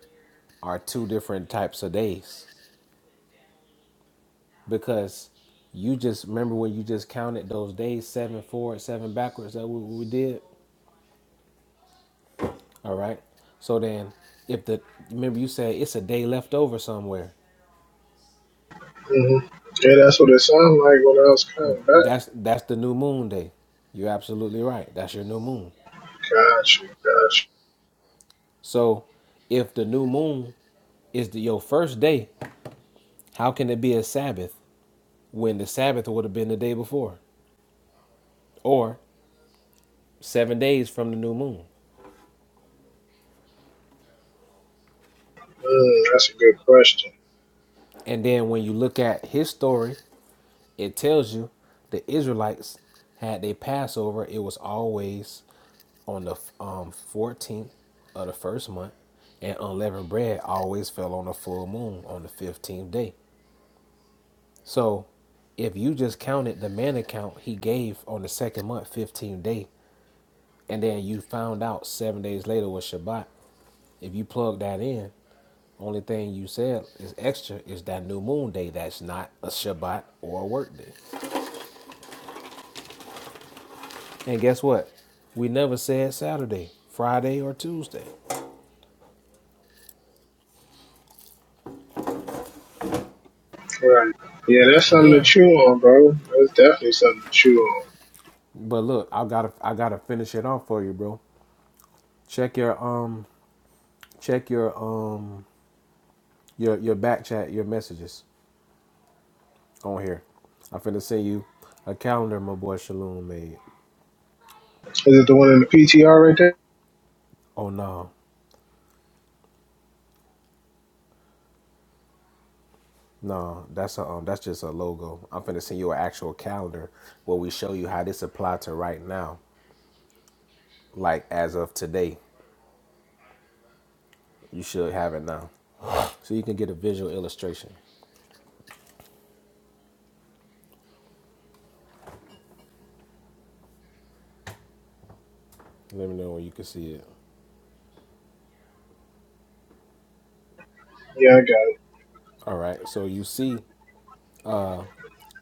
are two different types of days because you just remember when you just counted those days seven forward, seven backwards. That what we did. All right. So then, if the remember you said it's a day left over somewhere. hmm Yeah, that's what it sounded like when I was coming back. That's that's the new moon day. You're absolutely right. That's your new moon. Gotcha, gotcha. So, if the new moon is the, your first day, how can it be a Sabbath when the Sabbath would have been the day before? Or seven days from the new moon. Mm, that's a good question. And then when you look at his story, it tells you the Israelites had their Passover. It was always on the um, 14th of the first month, and unleavened bread always fell on the full moon on the 15th day. So if you just counted the man account he gave on the second month, 15th day, and then you found out seven days later was Shabbat, if you plug that in, Only thing you said is extra is that new moon day that's not a Shabbat or a work day. And guess what? We never said Saturday, Friday, or Tuesday. Right. Yeah, that's And something to then, chew on, bro. That's definitely something to chew on. but look, I gotta I gotta finish it off for you, bro. Check your um check your um your your back chat, your messages on here. I'm finna send you a calendar my boy Shalom made. Is it the one in the PTR right there? Oh no, no, that's a um that's just a logo. I'm finna send you an actual calendar where we show you how this apply to right now. like as of today. You should have it now. So you can get a visual illustration. Let me know when you can see it. Yeah, I got it. All right. So you see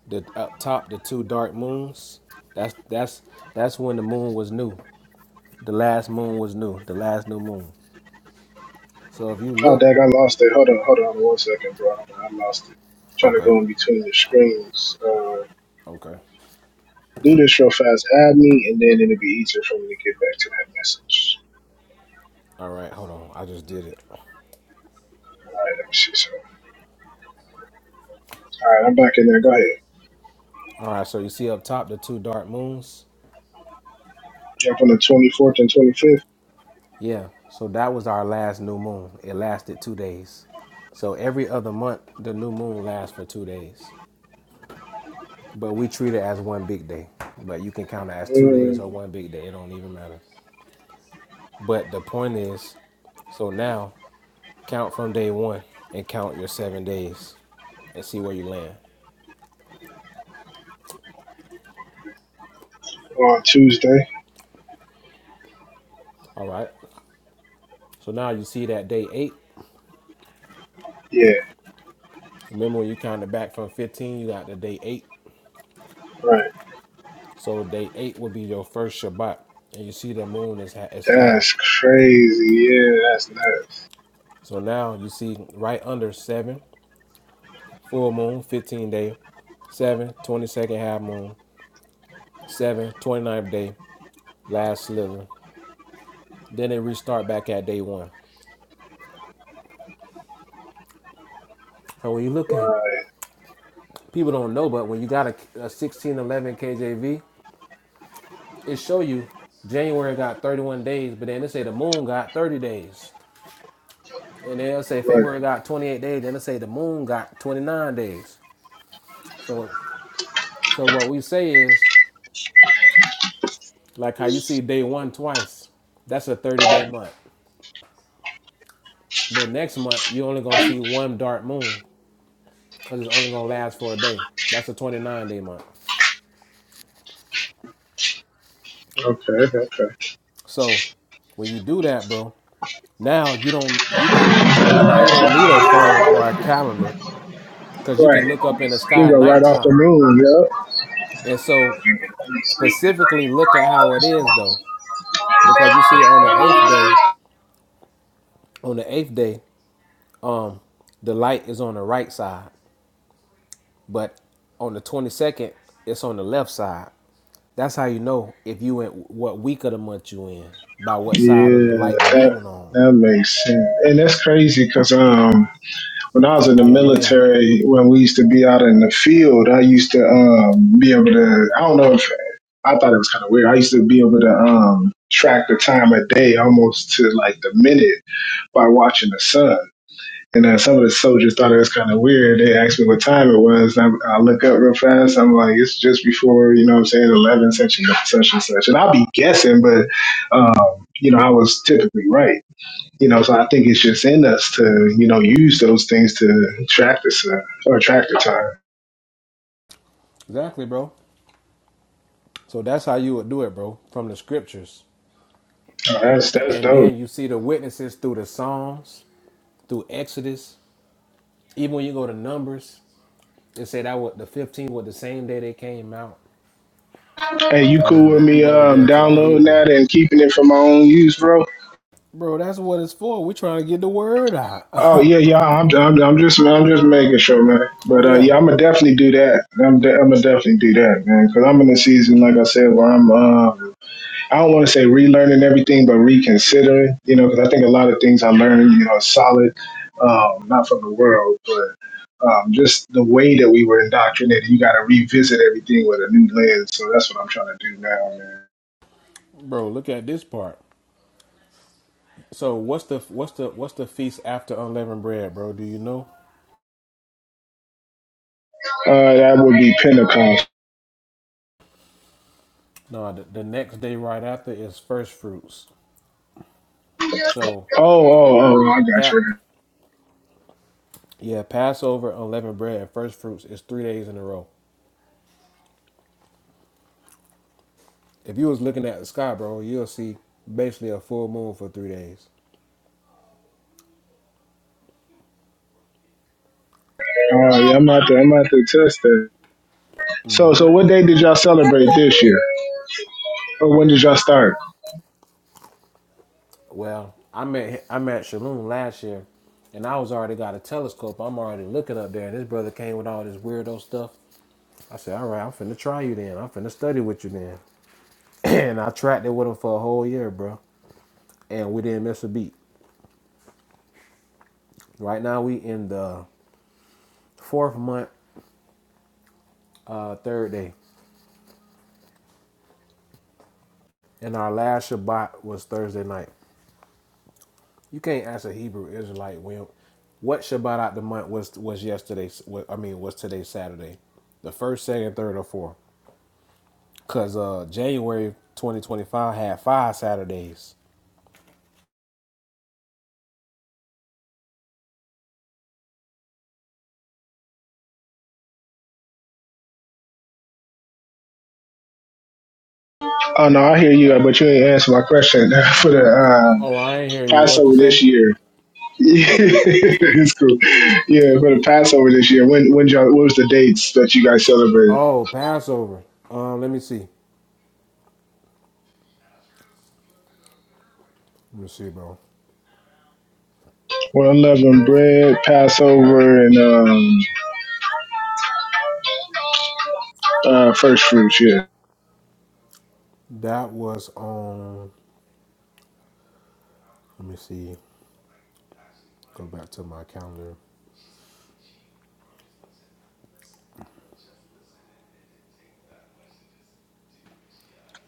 the up top the two dark moons. That's that's that's when the moon was new. The last moon was new. The last new moon. So if you Oh, look, dag, I lost it. Hold on, hold on one second, bro. I lost it. trying to okay, go in between the screens. Uh, okay. do this real fast. Add me, and then it'll be easier for me to get back to that message. All right, hold on. I just did it. All right, let me see. So, all right, I'm back in there. Go ahead. All right, so you see up top the two dark moons? Jump on the 24th and 25th. Yeah. So that was our last new moon. It lasted 2 days. So every other month the new moon lasts for 2 days. But we treat it as one big day. But you can count it as two days Mm. or one big day. It don't even matter. But the point is, so now count from day one and count your seven days and see where you land. on Tuesday. All right. So now you see that day eight. Yeah, Remember when you counted back from 15, you got the day eight. right. So day eight will be your first Shabbat. And you see the moon is, ha- is half. That's crazy. Yeah, that's nuts. So now you see right under seven, full moon, 15 day, seven, twenty second half moon, seven, twenty ninth day, last sliver, Then they restart back at day one. So when you look at Right, People don't know, but when you got a, a 16 KJV, it show you January got 31 days, but then they say the moon got 30 days. And they'll say right. February got 28 days, then they say the moon got 29 days. So so what we say is like how you see day one twice, that's a 30 day month. But next month you only gonna see one dark moon because it's only gonna last for a day. That's a 29 day month. Okay, okay. So when you do that, bro, Now you don't you can now you don't need a phone or a calendar because you Right. can look up in the You can sky at go right off the nighttime. moon. Yep. And so specifically look at how it is though. Because you see on the eighth day, on the eighth day, um, the light is on the right side. But on the twenty second, it's on the left side. That's how you know if you in what week of the month you in, by what side of the light the Yeah, that moon on. that makes sense. And that's crazy because um, when I was in the Hallelujah. military, when we used to be out in the field, I used to um be able to. I don't know if I thought it was kind of weird. I used to be able to um track the time of day almost to like the minute by watching the sun. And then some of the soldiers thought it was kind of weird. They asked me what time it was. I, I look up real fast. I'm like, it's just before, you know what I'm saying, 11, such and such and such. And I'll be guessing, but, um, you know, I was typically right. You know, so I think it's just in us to, you know, use those things to track the sun or track the time. Exactly, bro. So that's how you would do it, bro, from the scriptures. Oh, that's, that's And dope. then you see the witnesses through the Psalms, through Exodus. Even when you go to Numbers, it said that was the 15 was the same day they came out. Hey, you I mean, cool with but me people don't get um, into that downloading Hebrew. that and keeping it for my own use, bro? Bro, that's what it's for. We're trying to get the word out. Oh yeah, yeah. I'm, I'm, I'm just, I'm just making sure, man. oh But uh, yeah. yeah, I'm gonna definitely do that. I'm, de- I'm gonna definitely do that, man. Because I'm in a season, like I said, where I'm, uh, I don't want to say relearning everything, but reconsidering. You know, because I think a lot of things I learned, you know, solid, um, not from the world, but um, just the way that we were indoctrinated. You got to revisit everything with a new lens. So that's what I'm trying to do now, man. Bro, look at this part. So what's the what's the what's the feast after unleavened bread, bro? Do you know? Uh, that would be Pentecost. No, the, the next day right after is first fruits. So Oh, oh, oh! I got Pat you. yeah, Passover, unleavened bread, and first fruits is three days in a row. If you was looking at the sky, bro, you'll see basically a full moon for three days. Oh, yeah, I'm out there. I'm out there test that. So, so what day did y'all celebrate this year, or when did y'all start? Well, I'm at I'm at Shalom last year, and I was already got a telescope. I'm already looking up there, and this brother came with all this weirdo stuff. I said, "All right, I'm finna try you then. I'm finna study with you then." and I tracked it with him for a whole year, bro, and we didn't miss a beat. Right now, we in the fourth month, uh, third day, and our last Shabbat was Thursday night. You can't ask a Hebrew Israelite when what Shabbat out the month was was yesterday. wa- I mean, was today Saturday, the first, second, third, or fourth? Cause uh, January 2025 had five Saturdays. Oh no, I hear you, but you ain't answer my question for the um, Oh, I ain't hear you. What you Passover say? this year. it's cool. Yeah, for the Passover this year, when when y'all what was the dates that you guys celebrated? Oh, Passover. Um, let me see. Let me see, bro. Well, unleavened bread, Passover, and um, uh, first fruits. Yeah. That was on. Let me see. Go back to my calendar.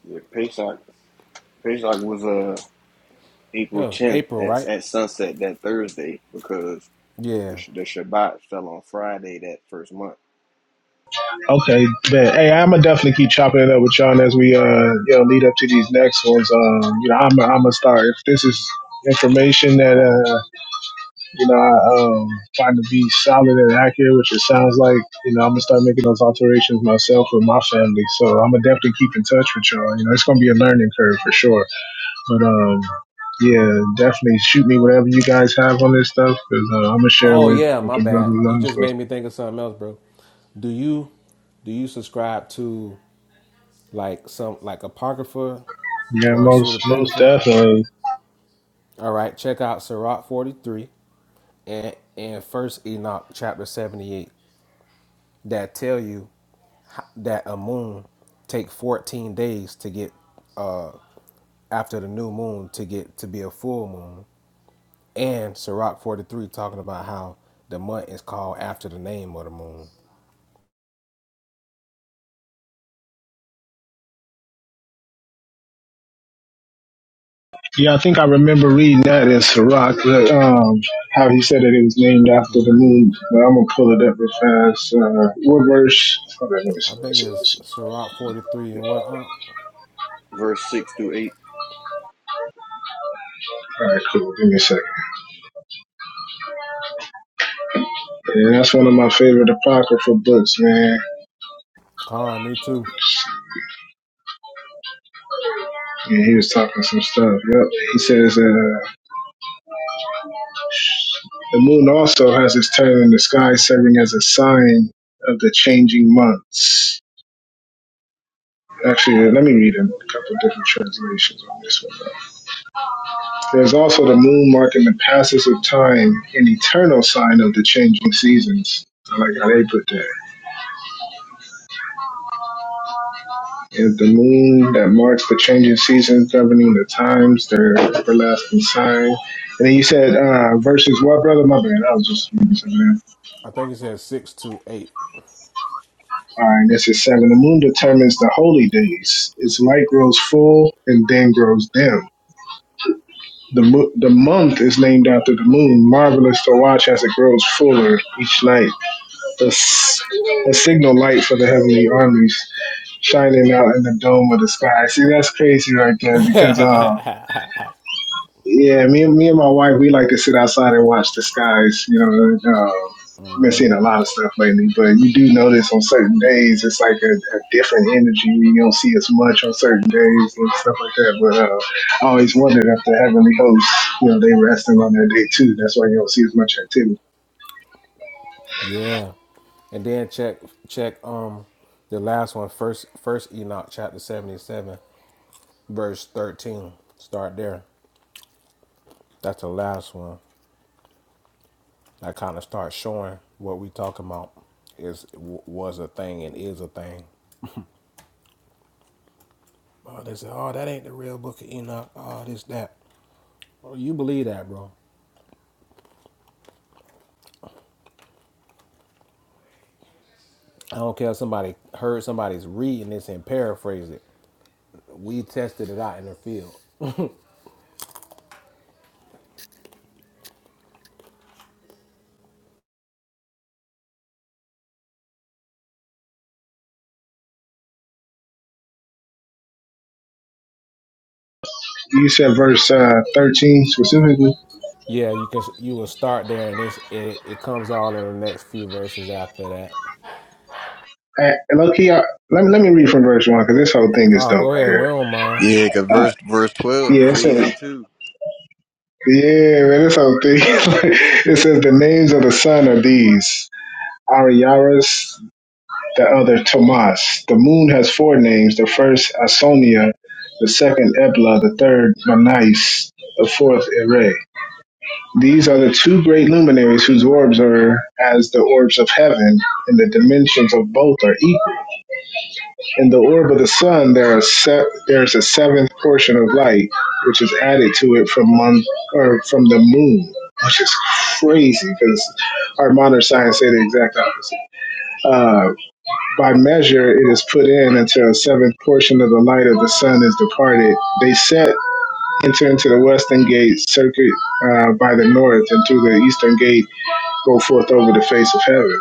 Yeah, Pesach Pesach was uh It April was tenth April, at right? at sunset that Thursday because the, Yeah. Sh- the Shabbat fell on Friday that first month. Okay, bet. Hey, I'm gonna definitely keep chopping it up with y'all as we uh, you know, lead up to these next ones. Um, you know, I'm I'm gonna start if this is information that uh You know, I um, find to be solid and accurate, which it sounds like. You know, I'm gonna start making those alterations myself with my family. So I'm gonna definitely keep in touch with y'all. You know, it's gonna be a learning curve for sure. But um, yeah, definitely shoot me whatever you guys have on this stuff because uh, I'm gonna share it Oh with yeah, with my the brothers bad. You and just sisters. made me think of something else, bro. Do you do you subscribe to like some like apocrypha Yeah, or most most pseudepigrapha. definitely. All right, check out Sirach 43 and and First Enoch chapter 78 that tell you that a moon take 14 days to get uh after the new moon to get to be a full moon. And Sirach 43 talking about how the month is called after the name of the moon. Yeah, I think I remember reading that in Sirach, that, um, how he said that it was named after the Mm-hmm. moon. But I'm gonna pull it up real fast. Uh, what verse? Hold on, let me I see. Let me think see. Let me it's see. Sirach 43 Yeah. and what? Uh, Verse six through eight All right, cool. Give me a second. Yeah, that's one of my favorite apocryphal books, man. Con, me too. Yeah, he was talking some stuff. Yep. He says uh, the moon also has its turn in the sky, serving as a sign of the changing months. Actually, uh, let me read a couple of different translations on this one. There's also the moon marking the passage of time, an eternal sign of the changing seasons. I like how they put that. is the moon that marks the changing seasons governing the times, their everlasting sign. And then you said uh, verses what, brother? My bad. I was just reading something. else. I think it says 6 to All right, this is seven. The moon determines the holy days. Its light grows full and then grows dim. The, mo- the month is named after the moon, marvelous to watch as it grows fuller each night. A, s- a signal light for the heavenly armies shining out in the dome of the sky. See, that's crazy right there because uh, 8. Yeah, me and me and my wife, we like to sit outside and watch the skies. You know, uh, I've been seeing a lot of stuff lately, but you do notice on certain days it's like a, a different energy. You don't see as much on certain days and stuff like that. But uh, I always wondered if the heavenly hosts, you know, they resting on that day too. That's why you don't see as much activity. Yeah. And then check check um the last one, first first Enoch chapter seventy seven, verse thirteen. Start there. That's the last one. That kind of starts showing what we talking about is w- was a thing and is a thing. Oh, they say, oh, that ain't the real book of Enoch. Oh, this that. Oh, you believe that, bro? I don't care if somebody heard somebody's reading this and paraphrase it. We tested it out in the field. You said verse uh, thirteen specifically. Yeah, you can. You will start there, and it's, it it comes all in the next few verses after that. Uh, Low key, uh, let me let me read from verse one because this whole thing is Oh, dope go right ahead. here. We don't mind. Yeah, cause Uh, verse verse twelve yeah, it says crazy too. Yeah, man, this whole thing. it says the names of the sun are these Ariaras, the other Tomas. The moon has four names the first, Asonia, the second, Ebla, the third, Manais, the fourth, Ere. These are the two great luminaries whose orbs are as the orbs of heaven, and the dimensions of both are equal. In the orb of the sun, there are se- there is a seventh portion of light, which is added to it from mon- or from the moon, which is crazy because our modern science say the exact opposite. Uh, by measure, it is put in until a seventh portion of the light of the sun is departed. They set enter into the western gate, circuit uh, by the north, and through the eastern gate go forth over the face of heaven.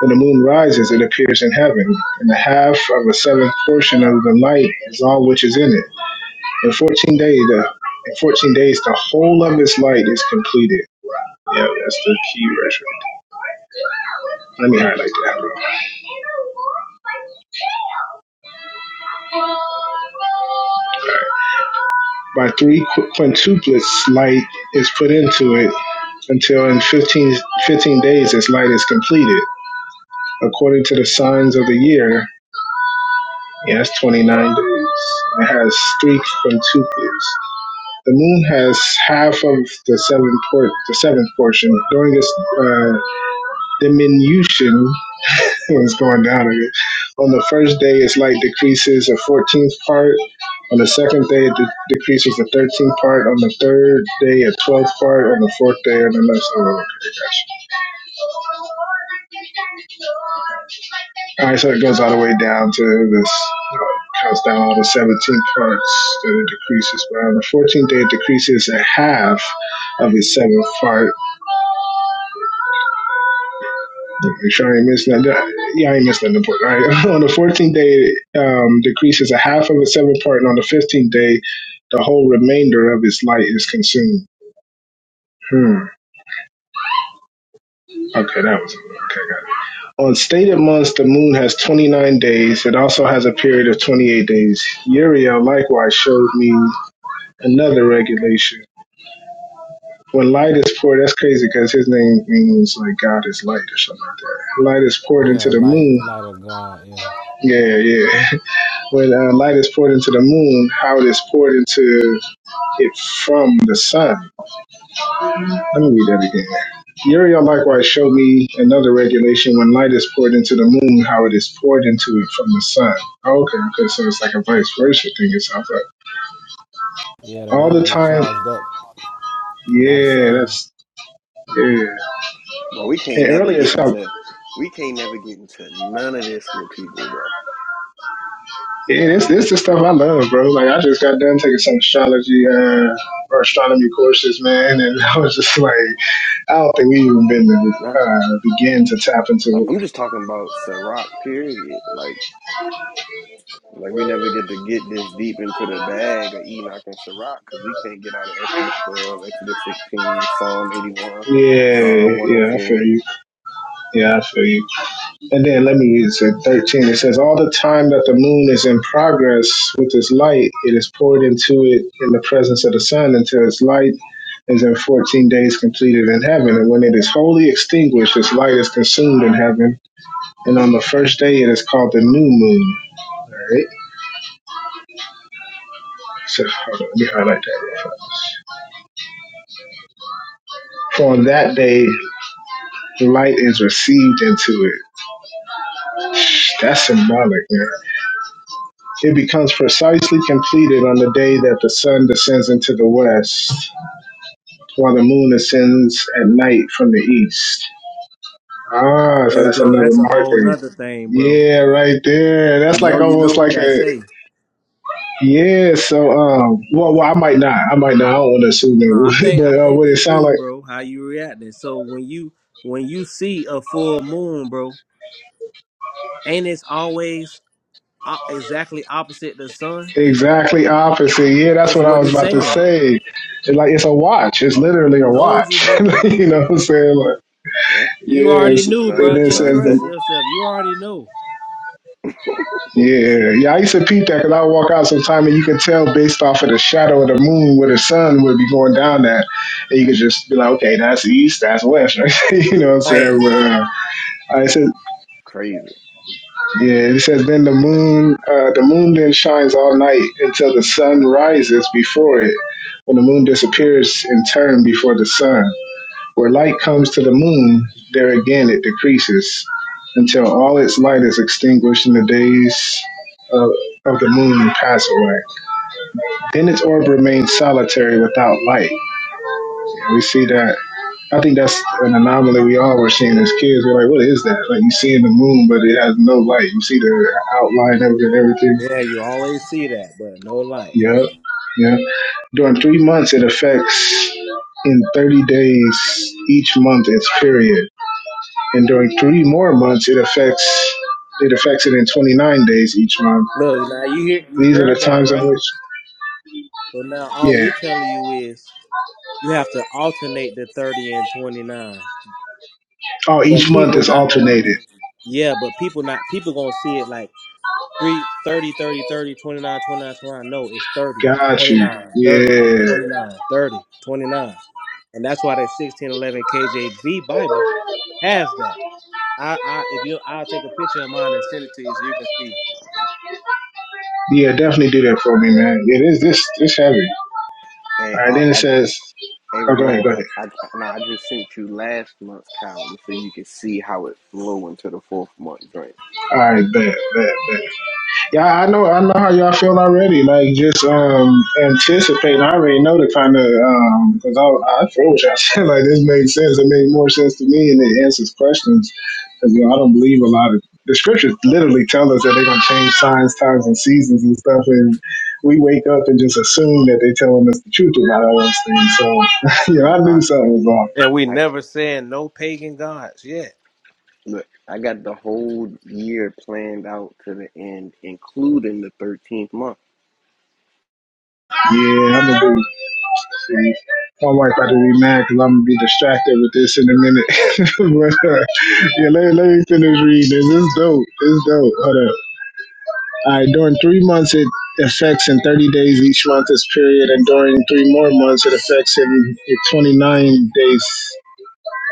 When the moon rises, it appears in heaven, and the half of a seventh portion of the light is all which is in it. In fourteen days, the in fourteen days, the whole of its light is completed. Yeah, that's the key verse. right Let me highlight that. By three qu- quintuplets, light is put into it until in 15 15 days its light is completed, according to the signs of the year. Yeah, that's twenty nine days. It has three quintuplets. The moon has half of the seventh por- the seventh portion. During this uh, diminution, It's going down again. On the first day, it's light decreases a 14th part. On the second day, it de- decreases a 13th part. On the third day, a 12th part. On the fourth day, and the next one. Okay, gotcha. All right, so it goes all the way down to this, you know, counts down all the 17 parts that it decreases by. On the 14th day, it decreases a half of its seventh part. Make Sure, I ain't missing that. Yeah, I ain't missing that. important. All right. on the 14th day, um, decreases a half of its seven part, and on the 15th day, the whole remainder of its light is consumed. Hmm. Okay, that was okay. Got it. On stated months, the moon has 29 days. It also has a period of 28 days. Uriel likewise showed me another regulation. When light is poured, that's crazy because his name means like God is light or something like that. Light is poured Yeah, into the light, moon. light of God. Yeah, Yeah, yeah. when uh, light is poured into the moon, how it is poured into it from the sun. Let me read that again. Uriel likewise showed me another regulation when light is poured into the moon, how it is poured into it from the sun. Oh, okay, okay, so it's like a vice versa thing. It's up yeah. The all the moon get time. charged up by the Yeah, sun. that's yeah. But we can't And never earlier get stuff. into we can't never get into none of this with people, bro. Yeah, this this the stuff I love, bro. Like I just got done taking some astrology uh, or astronomy courses, man, and I was just like. I don't think we even been to, Nah. uh, begin to tap into. I'm just talking about Ciroc, period. Like like we never get to get this deep into the bag of Enoch and Ciroc because we can't get out of Exodus twelve, Exodus sixteen, Psalm eighty it. one, Psalm one Yeah, oh yeah, I four. feel you. Yeah, I feel you. And then let me read it. At Thirteen, it says, "All the time that the moon is in progress with its light, it is poured into it in the presence of the sun until its light is in fourteen days completed in heaven. And when it is wholly extinguished, its light is consumed in heaven. And on the first day, it is called the new moon." All right. So hold on, let me highlight that. real fast. For on that day, light is received into it That's symbolic, man. It becomes precisely completed on the day that the sun descends into the west, while the moon ascends at night from the east. Ah, so Hey, that's bro, another that's a whole marker. nother thing, bro. Yeah, right there. I That's know like you know almost what like that a say. yeah. So, um, well, well, I might not. I might not. I don't want to assume No, I it, think I but uh, think would it you sound do, like bro. How you reacting? So when you when you see a full moon, bro, ain't it's always o- exactly opposite the sun? exactly opposite? Yeah, that's That's what I what was it's about to saying. say. It's like it's a watch. It's literally a Told you, watch. bro. you know what I'm saying? Like, Yeah. You already yes, knew, and bro. Sun then it Just sun says the trust setting. yourself. You already know. Yeah, yeah, I used to peep that because I would walk out sometime and you could tell based off of the shadow of the moon where the sun would be going down at. And you could just be like, okay, that's east, that's west, right? you know what I'm saying? Hey, But, uh, I said, Crazy. yeah, it says, then the moon, uh, the moon then shines all night until the sun rises before it, when the moon disappears in turn before the sun. Where light comes to the moon, there again it decreases until all its light is extinguished and the days of, of the moon pass away. Then its orb remains solitary without light. And we see that. I think that's an anomaly we all were seeing as kids. We're like, what is that? Like, you see in the moon, but it has no light. You see the outline of it and everything. yeah, you always see that, but no light. Yep. yeah. During three months, it affects in 30 days each month its period. and during three more months it affects it affects it in 29 days each month. Look, now you hear you These are the heard that, times in right? which, So now all yeah. we telling you is you have to alternate the thirty and twenty-nine. Oh, But each Mhm. month people is not alternated. gonna Yeah, but people not people gonna see it like 3, 30, 30, 30, twenty-nine, twenty-nine, twenty-nine. No, it's 30, Got you. 29, 30, Yeah. 29, 30, twenty-nine, And that's why that 1611 KJV Bible has that. I, I if you I'll take a picture of mine and send it to you so you can see. Yeah, definitely do that for me, man. Yeah, this this this heavy. Hey, All right, Ock, then it I, says, Hey oh, go ahead, Ramon, go I, ahead. I nah, I just sent you last month's calendar so you can see how it flow into the fourth month drink. All right, bet, bet, bet. Yeah, I know, I know how y'all feel already. Like just um anticipating. I already know the kind of um because I I feel what y'all said. Like this made sense. It made more sense to me, and it answers questions. Because you know, I don't believe a lot of the scriptures. Literally tell us that they're gonna change signs, times, and seasons and stuff, and we wake up and just assume that they're telling us the truth about all those things. So, you know, I Man, I knew something was off. And we I never saying no pagan gods yet. look, I got the whole year planned out to the end, including the thirteenth month. Yeah, I'm a And my wife about to be mad because I'm gonna be distracted with this in a minute. but uh, yeah, let, let me finish reading this. This is dope. This is dope. Hold up. All right, during three months it affects in 30 days each month is period, and during three more months it affects in, in 29 days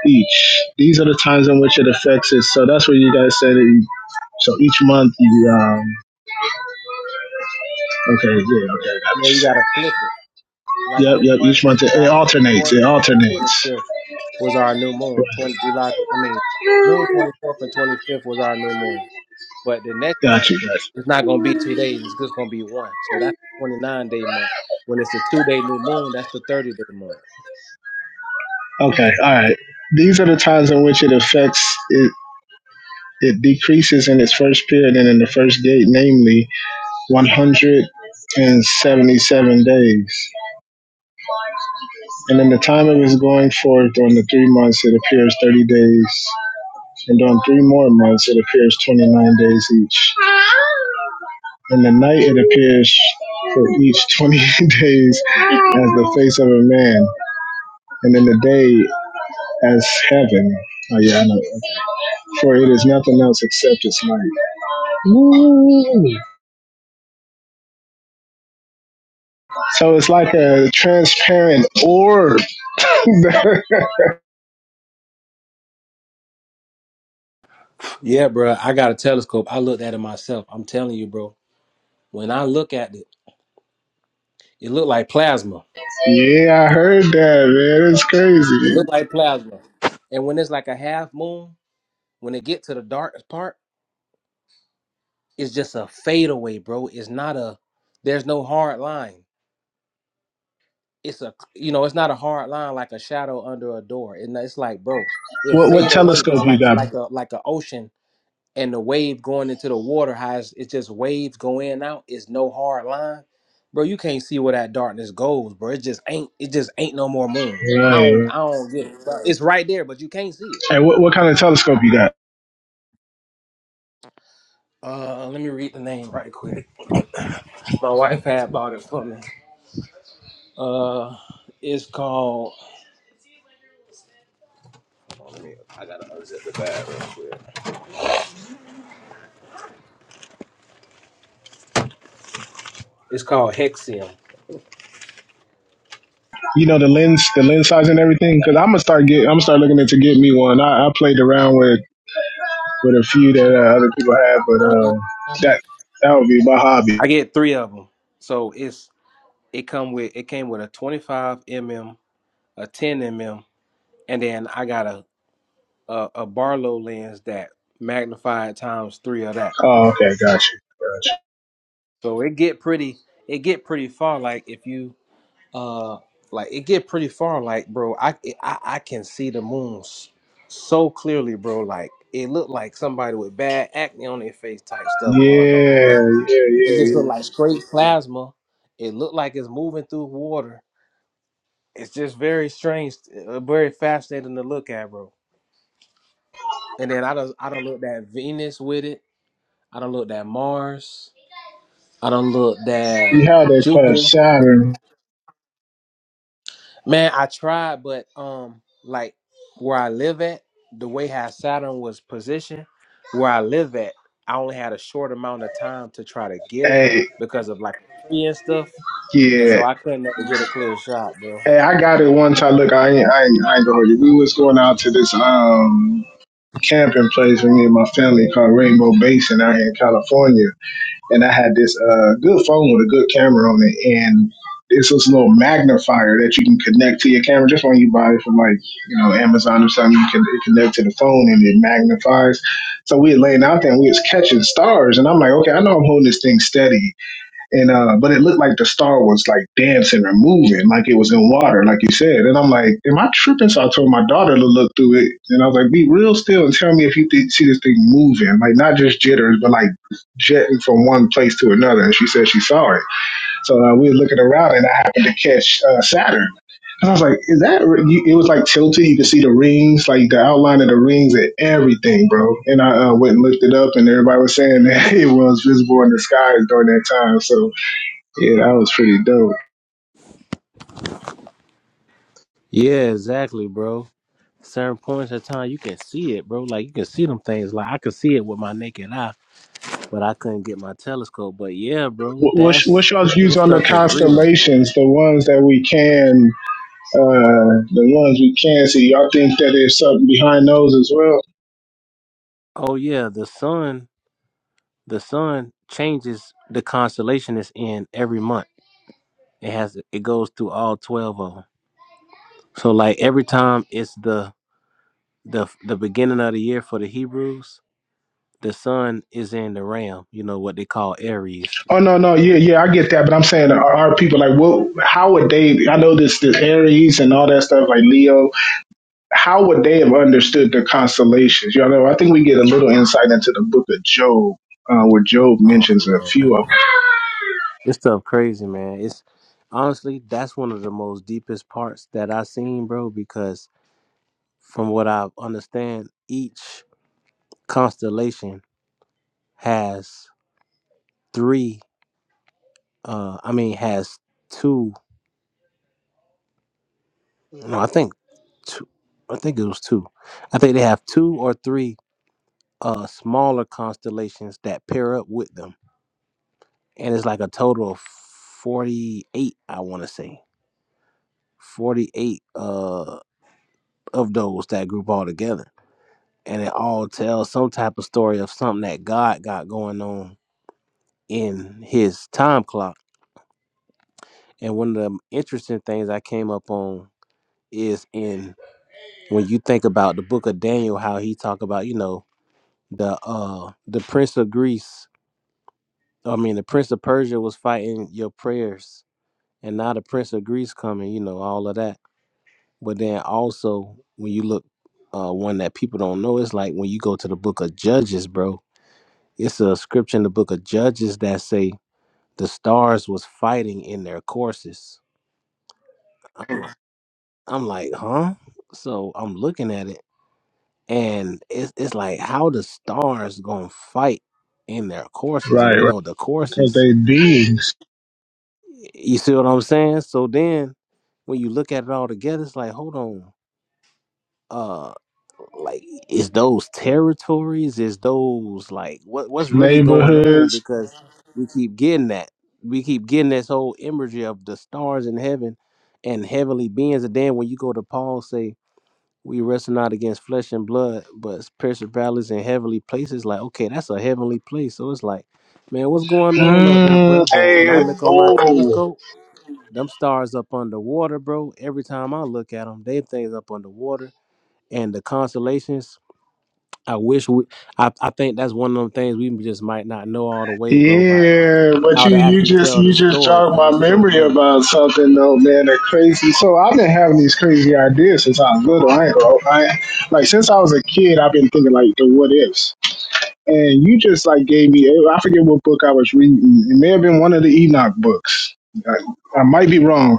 each. These are the times in which it affects it. So that's what you guys said. That you, so each month you um okay yeah okay I got what Yeah, you you said. gotta flip it. Like Yep this yep. one Each on month it, it July twenty alternates. fourth It and was twenty alternates. fifth was our new Right. moon. Twenty July I mean June twenty fourth and twenty fifth was our new moon. But the next Got one you. Got you. it's not gonna be two days, it's just gonna be one. So that's twenty nine day month. When it's a two day new moon, that's the thirty day month. Okay, all right. These are the times in which it affects it. It decreases in its first period and in the first gate, namely 177 days. And in the time of his going forth on the three months, it appears 30 days. And on three more months, it appears 29 days each. In the night, it appears for each 20 days as the face of a man. and in the day as heaven. Oh, yeah, I know. For it is nothing else except its light. Woo. So it's like a transparent orb. yeah, Yeah, bro. I got a telescope. I looked at it myself. I'm telling you, bro. When I look at it, it looked like plasma. I heard that, man. It's It crazy. look like plasma. And when it's like a half moon, when it get to the dark part, it's just a fadeaway, bro. It's not a there's no hard line. It's a you know, it's not a hard line like a shadow under a door. And it's like, bro, it What what fade away, bro, telescope you like got? like a like a ocean and the wave going into the water how it's, it's just waves go in and out. It's no hard line. Bro, you can't see where that darkness goes, bro. It just ain't it just ain't no more moon. I don't Right. I don't get it. It's right there, but you can't see it. And what, what kind of telescope you got? Uh, let me read the name right. 'cause My wife had bought it for me. You know the lens, the lens size and everything. Because I'm gonna start get, I'm gonna start looking into get me one. I, I played around with with a few that uh, other people have, but um, that that would be my hobby. I get three of them, so it's it come with it came with a 25 mm, a 10 mm, and then I got a a, a Barlow lens that magnified times three of that. Oh, okay, got you. Got So it get pretty it get pretty far. Like if you uh like it get pretty far. Like bro, I I, I can see the moons so clearly, bro. Like it looked like somebody with bad acne on their face type stuff you. going on, Yeah, but yeah, it's yeah, yeah. plasma water. Very smooth to look at, bro. And then I don't I don't look at Venus with it. I don't look that look that You had that class Jupiter. Saturn. Man, I tried, but um like where I live at, the way how Saturn was positioned, where I live at, I only had a short amount of time to try to get it Hey, because of like a tree and stuff. And so yeah. I couldn't never get a clear shot, bro. Hey, I got it one time. Look, I ain't, I ain't, I ain't gonna hurt you. We was going out to this um camping place with me and my family called Rainbow Basin out here in California. and I had this uh, good phone with a good camera on it, and it's this little magnifier that you can connect to your camera. Just when you buy it from like you know Amazon or something, you can it connect to the phone and it magnifies. So we were laying out there and we was catching stars, and I'm like, okay, I know I'm holding this thing steady, and uh, but it looked like the star was like dancing or moving, like it was in water, like you said. And I'm like, am I tripping? So I told my daughter to look through it, and I was like, be real still and tell me if you thi- see this thing moving, like not just jitters, but like jetting from one place to another. And she said she saw it. So uh, we were looking around, and I happened to catch uh, Saturn, and I was like, is that? re- you- It was like tilted. You could see the rings, like the outline of the rings and everything, bro. And I uh, went and looked it up, and everybody was saying that it was visible in the skies during that time. So. Yeah, that was pretty dope. Yeah, exactly, bro. Certain points of time you can see it, bro. Like you can see them things. Like I can see it with my naked eye but I couldn't get my telescope. But yeah, bro, Wh- that What's, what's y'all's views on the constellations, the ones that we can, uh, the ones we can see? Y'all think that there's something behind those as well? ram. Oh no, no, yeah, yeah, I get that, but I'm saying are, are people like, what? How would they? I know this, this Aries and all that stuff, like Leo. How would they have understood the constellations? You all know, I think we get a little insight into the Book of Job, uh, where Job mentions a few of It's stuff is crazy, man. It's honestly that's one of the most deepest parts that I seen, bro. Because from what I understand, constellation has three. Uh, I mean, has two. No, I think two. I think it was two. I think they have two or three uh smaller constellations that pair up with them, and it's like a total of forty-eight. I want to say forty-eight. Uh of those that group all together and it all tells some type of story of something that god got going on in his time clock and one of the interesting things i came up on is in when you think about the book of daniel how he talk about you know the uh the prince of greece i mean the prince of persia was fighting your prayers and now the prince of greece coming you know all of that but then also when you look uh one that people don't know it's like when you go to the book of judges bro It's a scripture in the book of Judges that say the stars was fighting in their courses. I'm, I'm like, huh? So I'm looking at it, and it's it's like how the stars gonna fight in their them. courses, and Right, we right, know the because courses. they beings, You see what I'm saying? So then when you look at it all together, it's like, hold on. uh, like is those territories is those like what what's really going on neighborhoods because we keep getting that we keep getting this whole imagery of the stars in heaven and heavenly beings and then when you go to paul say we wrestle not against flesh and blood but principalities in heavenly places like okay that's a heavenly place so it's like man what's going on up there Mm, bro but when i hey, look on my oh, telescope them stars up underwater bro every time i look at them they things up underwater and the constellations I wish we. I, I think that's one of them things we just might not know all the way, bro. About like yeah. But how you, to you actually just, tell the you just story jogged because my it's so memory many. about something though, man. That crazy. So I've been having these crazy ideas since I was little. I ain't gonna, I, like since I was a kid, I've been thinking like the what ifs. And you just like gave me, I forget what book I was reading. It may have been one of the Enoch books. I, I might be wrong,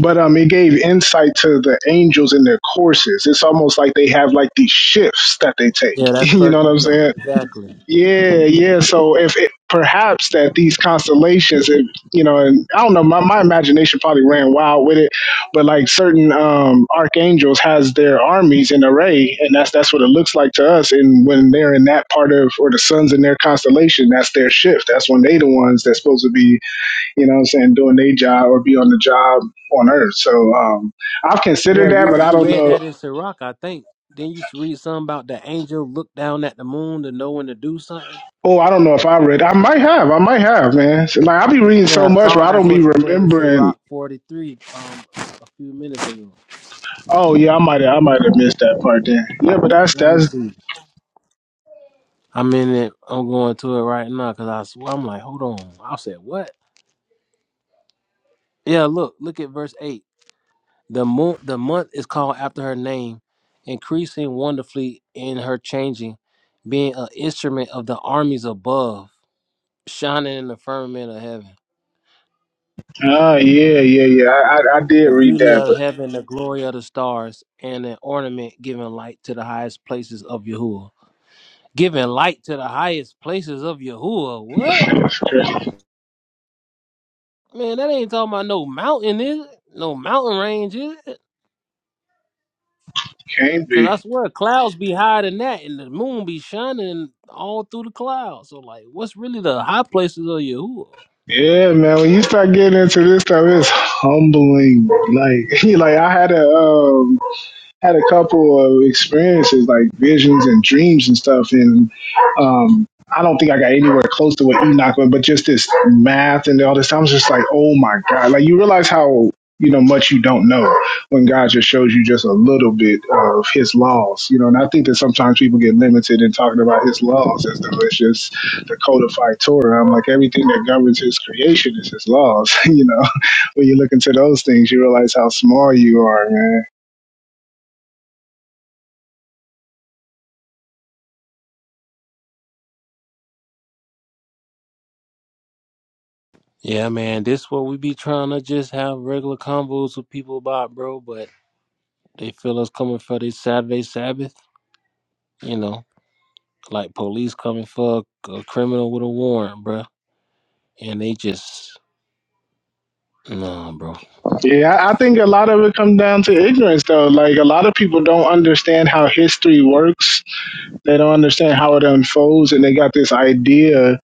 but um, it gave insight to the angels in their courses. It's almost like they have like these shifts that they take. Yeah, that's You first know what I'm Enoch. saying? Exactly. Yeah, yeah. So if it, perhaps that these constellations, if, you know, and I don't know, my, my imagination probably ran wild with it, but like certain um, archangels has their armies in array, and that's that's what it looks like to us. And when they're in that part of or the sun's in their constellation, that's their shift. That's when they the ones that's supposed to be, you know, what I'm saying doing their job or be on the job on Earth. So um, I've Yeah, considered that, you but I you don't read know that in Sirach, I think. Then you read something about the angel looked down at the moon to know when to do something. Oh, I don't know if I read. I might have. I might have, man. So, Like I be reading so Yeah, I much, but thought I that's don't be what you read in remembering. Sirach forty three um a few minutes ago. Oh yeah, I might. have I might have missed that part then. Yeah, but that's Let me that's. see. I'm in it. I'm going to it right now because I swear I'm like, hold on. I said what? Yeah, look, look at verse eight. The moon, the month is called after her name, increasing wonderfully in her changing, being an instrument of the armies above, shining in the firmament of heaven. Ah, yeah, yeah, yeah. I, I I did The read beauty that, of but heaven, the glory of the stars, and an ornament giving light to the highest places of Yahuwah. Giving light to the highest places of Yahuwah. What? it Man, that ain't talking about no mountain, is it? No mountain range, is it? can't Cause be. I swear clouds be higher than that, and the moon be shining all through the clouds. So like, what's really the high places of Yahuwah? Yeah, man. When you start getting into this stuff, it's humbling. Like, like I had a um had a couple of experiences like visions and dreams and stuff and um I don't think I got anywhere close to what Enoch was, but just this math and all this, I was just like, oh my God. Like, you realize how, you know, much you don't know when God just shows you just a little bit of his laws, you know. And I think that sometimes people get limited in talking about his laws as though it's just the codified Torah. I'm like, everything that governs his creation is his laws, you know. When you look into those things, you realize how small you are, man Yeah, man, this what we be trying to just have regular convos with people about, bro. But they feel us coming for this Saturday Sabbath, you know, like police coming for a, a criminal with a warrant, bro. And they just nah, bro. Yeah, I I think a lot of it comes down to ignorance, though. Like a lot of people don't understand how history works. They don't understand how it unfolds, and they got this idea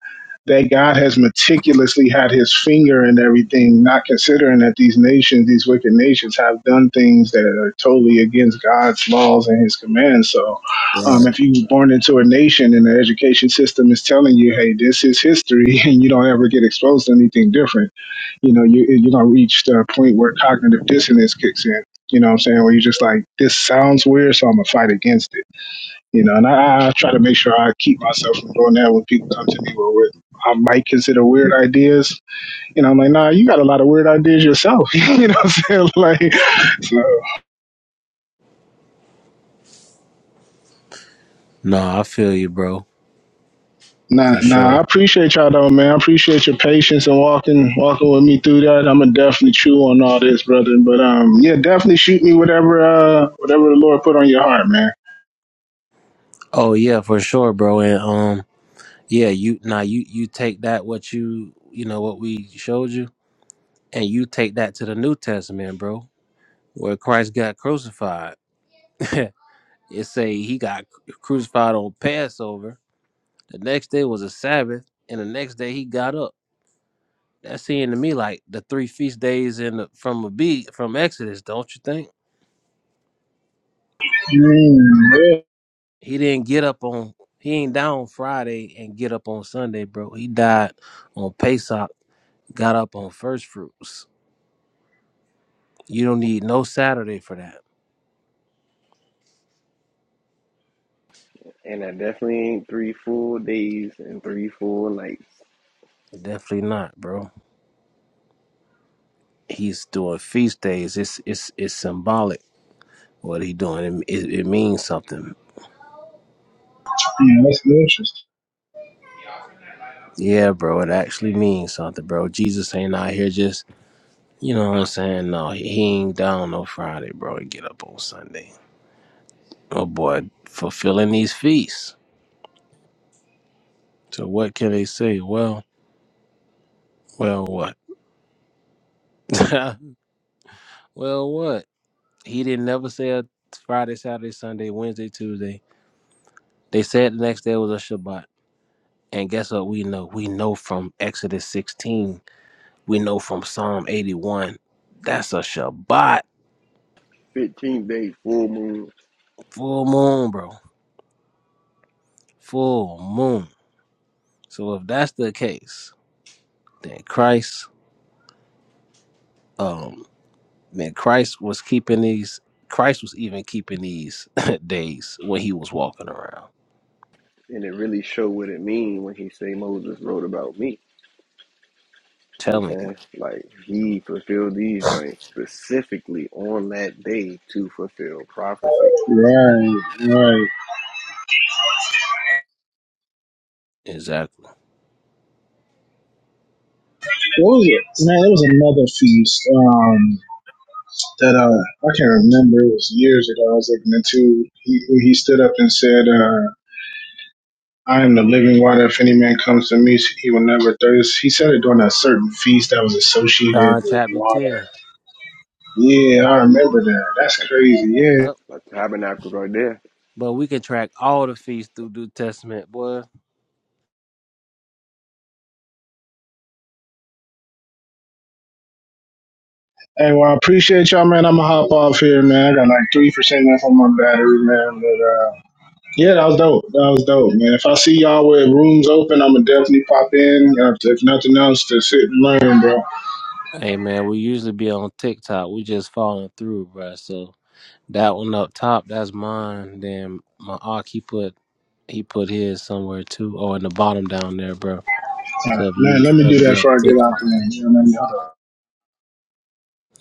that God has meticulously had His finger in everything, not considering that these nations, these wicked nations, have done things that are totally against God's laws and His commands. So, um, Right. if you were born into a nation and the education system is telling you, "Hey, this is history," and you don't ever get exposed to anything different you know, you, you're going to reach the point where cognitive dissonance kicks in. You know what I'm saying? Where you're just like, this sounds weird, so I'm going to fight against it. You know, and I, I try to make sure I keep myself from doing that when people come to me with I might consider weird ideas. You know, I'm like, nah, you got a lot of weird ideas yourself. you know what I'm saying? Like, so, Nah, I feel you, bro, nah, for nah, I sure. appreciate y'all though, man. I appreciate your patience and walking, walking with me through that. I'm going to definitely chew on all this, brother. But, um, yeah, definitely shoot me whatever, uh, whatever the Lord put on your heart, man. Oh yeah, for sure, bro. And um. Yeah, you now you you take that what you you know what we showed you, and you take that to the New Testament, bro, where Christ got crucified. it say he got crucified on Passover. The next day was a Sabbath, and the next day he got up. That seemed to me like the three feast days in the, from a beat from Exodus, don't you think? Mm, yeah, He didn't get up on he ain't down Friday and get up on Sunday, bro. He died on Pesach, got up on first fruits. You don't need no Saturday for that. And I definitely ain't three full days and three full nights. Definitely not, bro. He's doing feast days. It's it's it's symbolic. What he doing? It, it, it means something. yeah, that's interesting. Yeah, bro. It actually means something, bro. Jesus ain't out here just you know what I'm saying. No, he he ain't down no Friday, bro. He get up on Sunday. Oh boy, fulfilling these feasts. So what can they say? Well, well, what? well, what? He didn't never say a Friday, Saturday, Sunday, Wednesday, Tuesday. They said the next day was a Shabbat. And guess what we know? We know from Exodus 16, we know from Psalm 81. That's a Shabbat Fifteen days full moon. full moon, bro. Full moon. So if that's the case, then Christ, um, then Christ was keeping these. Christ was even keeping these days when he was walking around. And it really show what it mean when he say Moses wrote about me. You know what Telling I'm you saying? Like he fulfilled these dreams specifically on that day to fulfill prophecy. Right, right. exactly. What was it? Man, there was another feast um, that uh, I can't remember. It was years ago. I was looking into. He he stood up and said, uh, "I am the living water. If any man comes to me, he will never thirst." He said it during a certain feast that was associated John with chapter water. ten. Yeah, I remember that. That's That's, crazy. Yeah. that's, Yep. that's tabernacles right there. But we can track all the feasts through New Testament, boy. Hey, well, I appreciate y'all, man. I'm gonna hop off here, man. I got like three percent left on my battery, man. But uh, Yeah, that was dope. That was dope, man. If I see y'all with rooms open, I'm gonna definitely pop in. If, if nothing else, to sit and learn, bro. Hey man, we usually be on TikTok. We just falling through, bro. So That one up top, that's mine. Then my arc, he put he put his somewhere too. Oh, bro, Uh, so if Man, let me ever do that before I took get out there. You know what I mean? Hold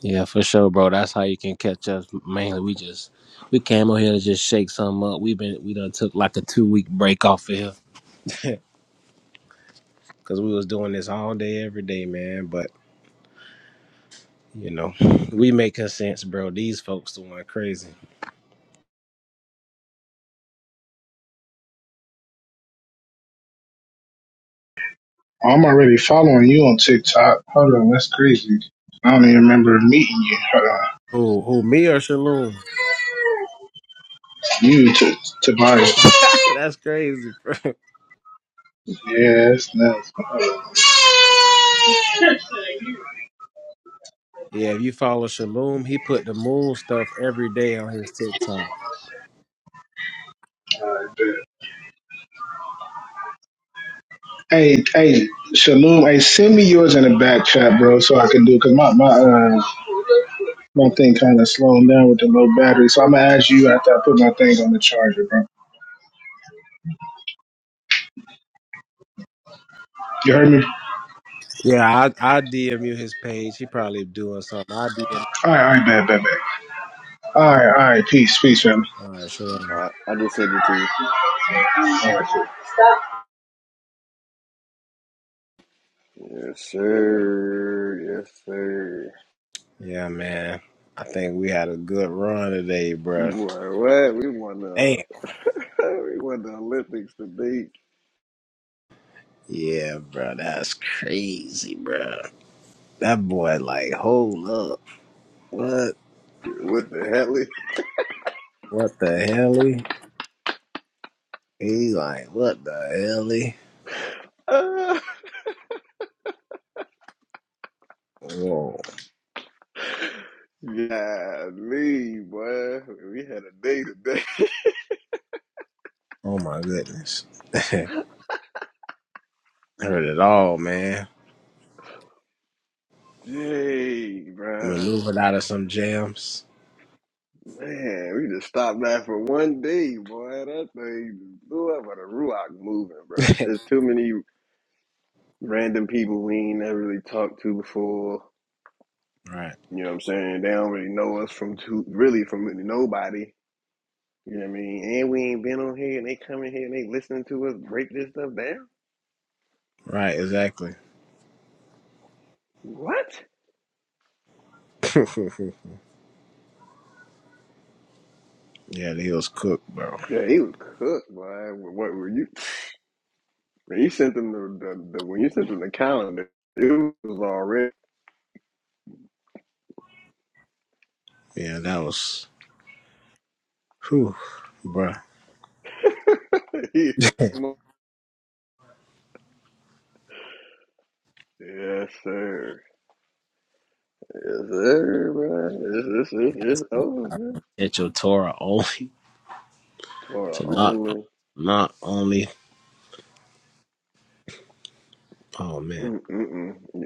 yeah, we just we came on here to just shake something up. We been we done took like a two week break off of here. No, we make us these folks the one crazy. on. I'm already following you on TikTok. Hold on, that's crazy. I don't even remember meeting you. Hold on. Who who me or Shalom? You to Tobias. that's crazy, bro. Yeah, that's nuts. Hold on. Yeah, if you follow Shalom, he put the moon stuff every day on his TikTok. Hey, hey, Shalom. Hey, send me yours in the back chat, bro, so I can do. Cause my my uh, My thing kind of slowing down with the low battery, so I'm gonna ask you after I put my thing on the charger, bro. You heard me? Yeah, I I DM you his page. He probably doing something. I All right, all right, bad, bad, bad. All right, all right, peace, peace, family. I, I just sent it to you. All right. Yes, sir. Yes, sir. Yeah, man. I think we had a good run today, Boy, bro. what? We won the Damn. we won the Olympics today. Yeah, bro. That's crazy, bro. That boy, like, hold up. What? What the hell? is- What the hell? He He like, what the hell? He? Ah, Whoa. yeah, me, boy. We had a day today. Oh, my goodness. Heard it all, man. Dang, bruh. Maneuvered out of some jams. Man, we just stopped that for one day, boy. That thing just blew up with a Ruach moving, bruh. There's too many random people we ain't never really talked to before. right. You know what I'm saying? They don't really know us from two, really from nobody. You know what I mean? And we ain't been on here, and they coming here and they listening to us break this stuff down. What? yeah, he was. Yeah, he was cooked, boy. What were you? When you sent them the, the, the when you sent them the calendar, it was already. Yeah, that was. Whew, bro. he was smoking. yes, sir. Yes, sir, bro. It's, it's, it's, it's over, bro. Hit your Torah only Torah to not, only. not only. Oh, man. Mm, mm, mm.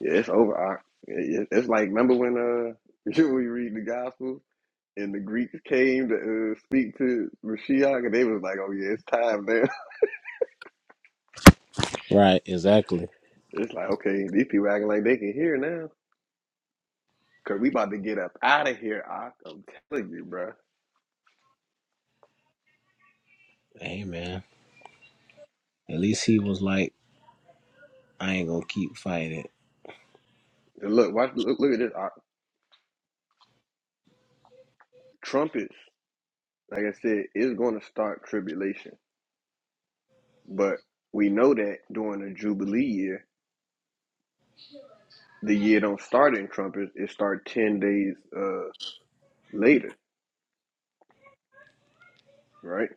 Yeah, it's over. I, it, it's like remember when uh you know, we read the gospel and the Greeks came to uh, speak to Mashiach, and they was like, "Oh yeah, it's time now." Right, exactly. It's like, okay, these people acting like they can hear now, cause we about to get up out of here. I, I'm telling you, bro. Hey man. At least he was like, I ain't gonna keep fighting. And look, watch, look, look at this. Ock. trumpets, like I said, is going to start tribulation, but we know that during the Jubilee year, the year don't start in trumpets; it start ten days uh later, right?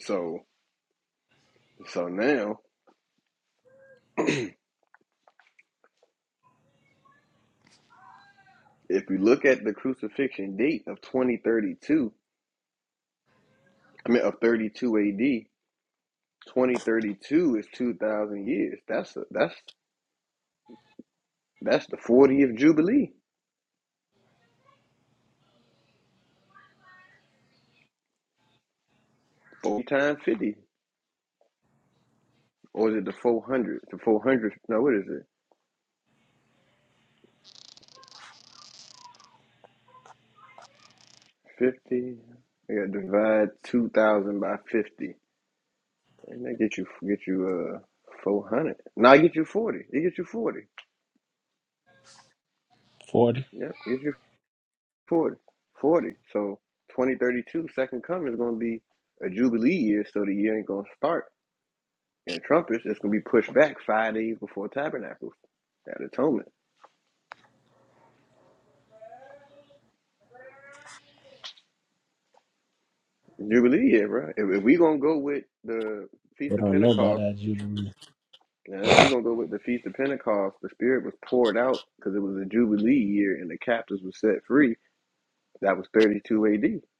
So, so now. If we look at the crucifixion date of 2032, I mean, of 32 AD, 2032 is 2,000 years. That's a, that's that's the 40th Jubilee, 40 times 50. Or is it the 400? The 400, no, what is it? 50? You gotta divide 2,000 by 50. And that get you, get you, uh, 400. Now I get you 40. It gets you 40. Forty. Yep, get you 40. 40. So 2032, second coming is gonna be a Jubilee year, so the year ain't gonna start. And trumpets is going to be pushed back five days before Tabernacles at Atonement. Jubilee, yeah, bro. If, if we going to go with the Feast of Pentecost, yeah, if we going to go with the Feast of Pentecost, the Spirit was poured out because it was a Jubilee year and the captives were set free. That was 32 AD.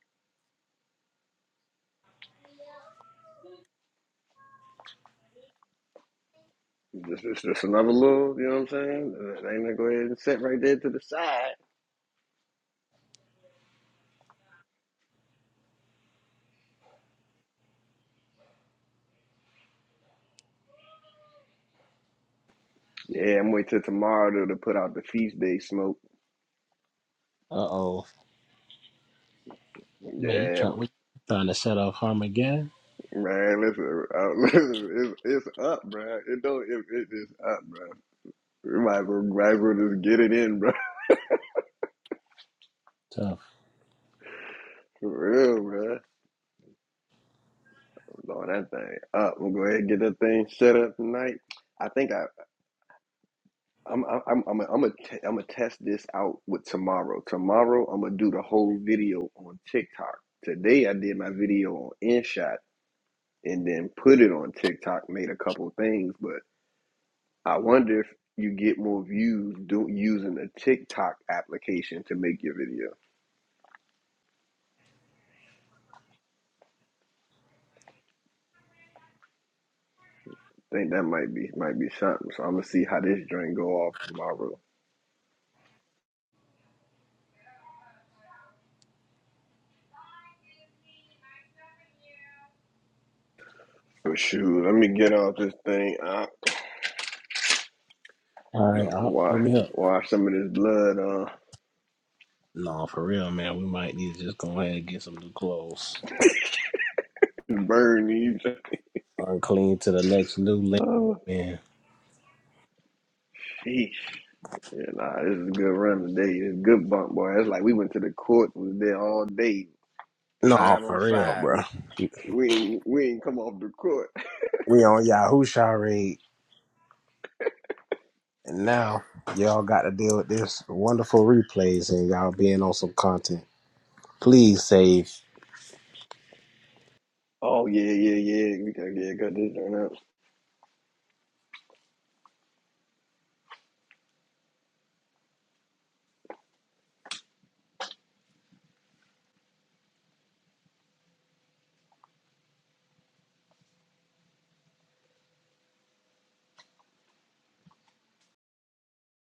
Just, just, just another little, you know what I'm saying? Uh, They going to go ahead and set right there to the side. Yeah, I'm waiting till tomorrow to, to put out the feast day smoke. Uh oh. Man, you Yeah, trying we trying to set off Armageddon? Man, listen, uh, listen, it's, it's up, bruh. It don't, it, it is up, bruh. We might as well, might as well just get it in, bruh. Tough. For real, bruh. I'm blowing that thing up. I'm gonna go ahead and get that thing set up tonight. I think I, I'm, I'm, I'm, I'm, I'm gonna, t- I'm gonna test this out with tomorrow. Tomorrow, I'm gonna do the whole video on TikTok. Today, I did my video on InShot and then put it on TikTok, made a couple things, but. I wonder if you get more views do, using a TikTok application to make your video. I think that might be might be something. So I'm gonna see how this drink go off tomorrow. But shoot, let me get off this thing. Uh, All right, I'll why give me up. wash some of this blood uh No, for real, man. We might need to just go ahead and get some new clothes. burn these Unclean to the next new link, oh man. jeez. Yeah, nah, this is a good run today. It's a good bump, boy. It's like we went to the court, We was there all day, No, five on for real, five. bro. We ain't we ain't come off the court. We on y'all and now y'all got to deal with this wonderful replays and y'all being on some content. Please save Oh yeah, yeah, yeah. We gotta yeah, got this done up.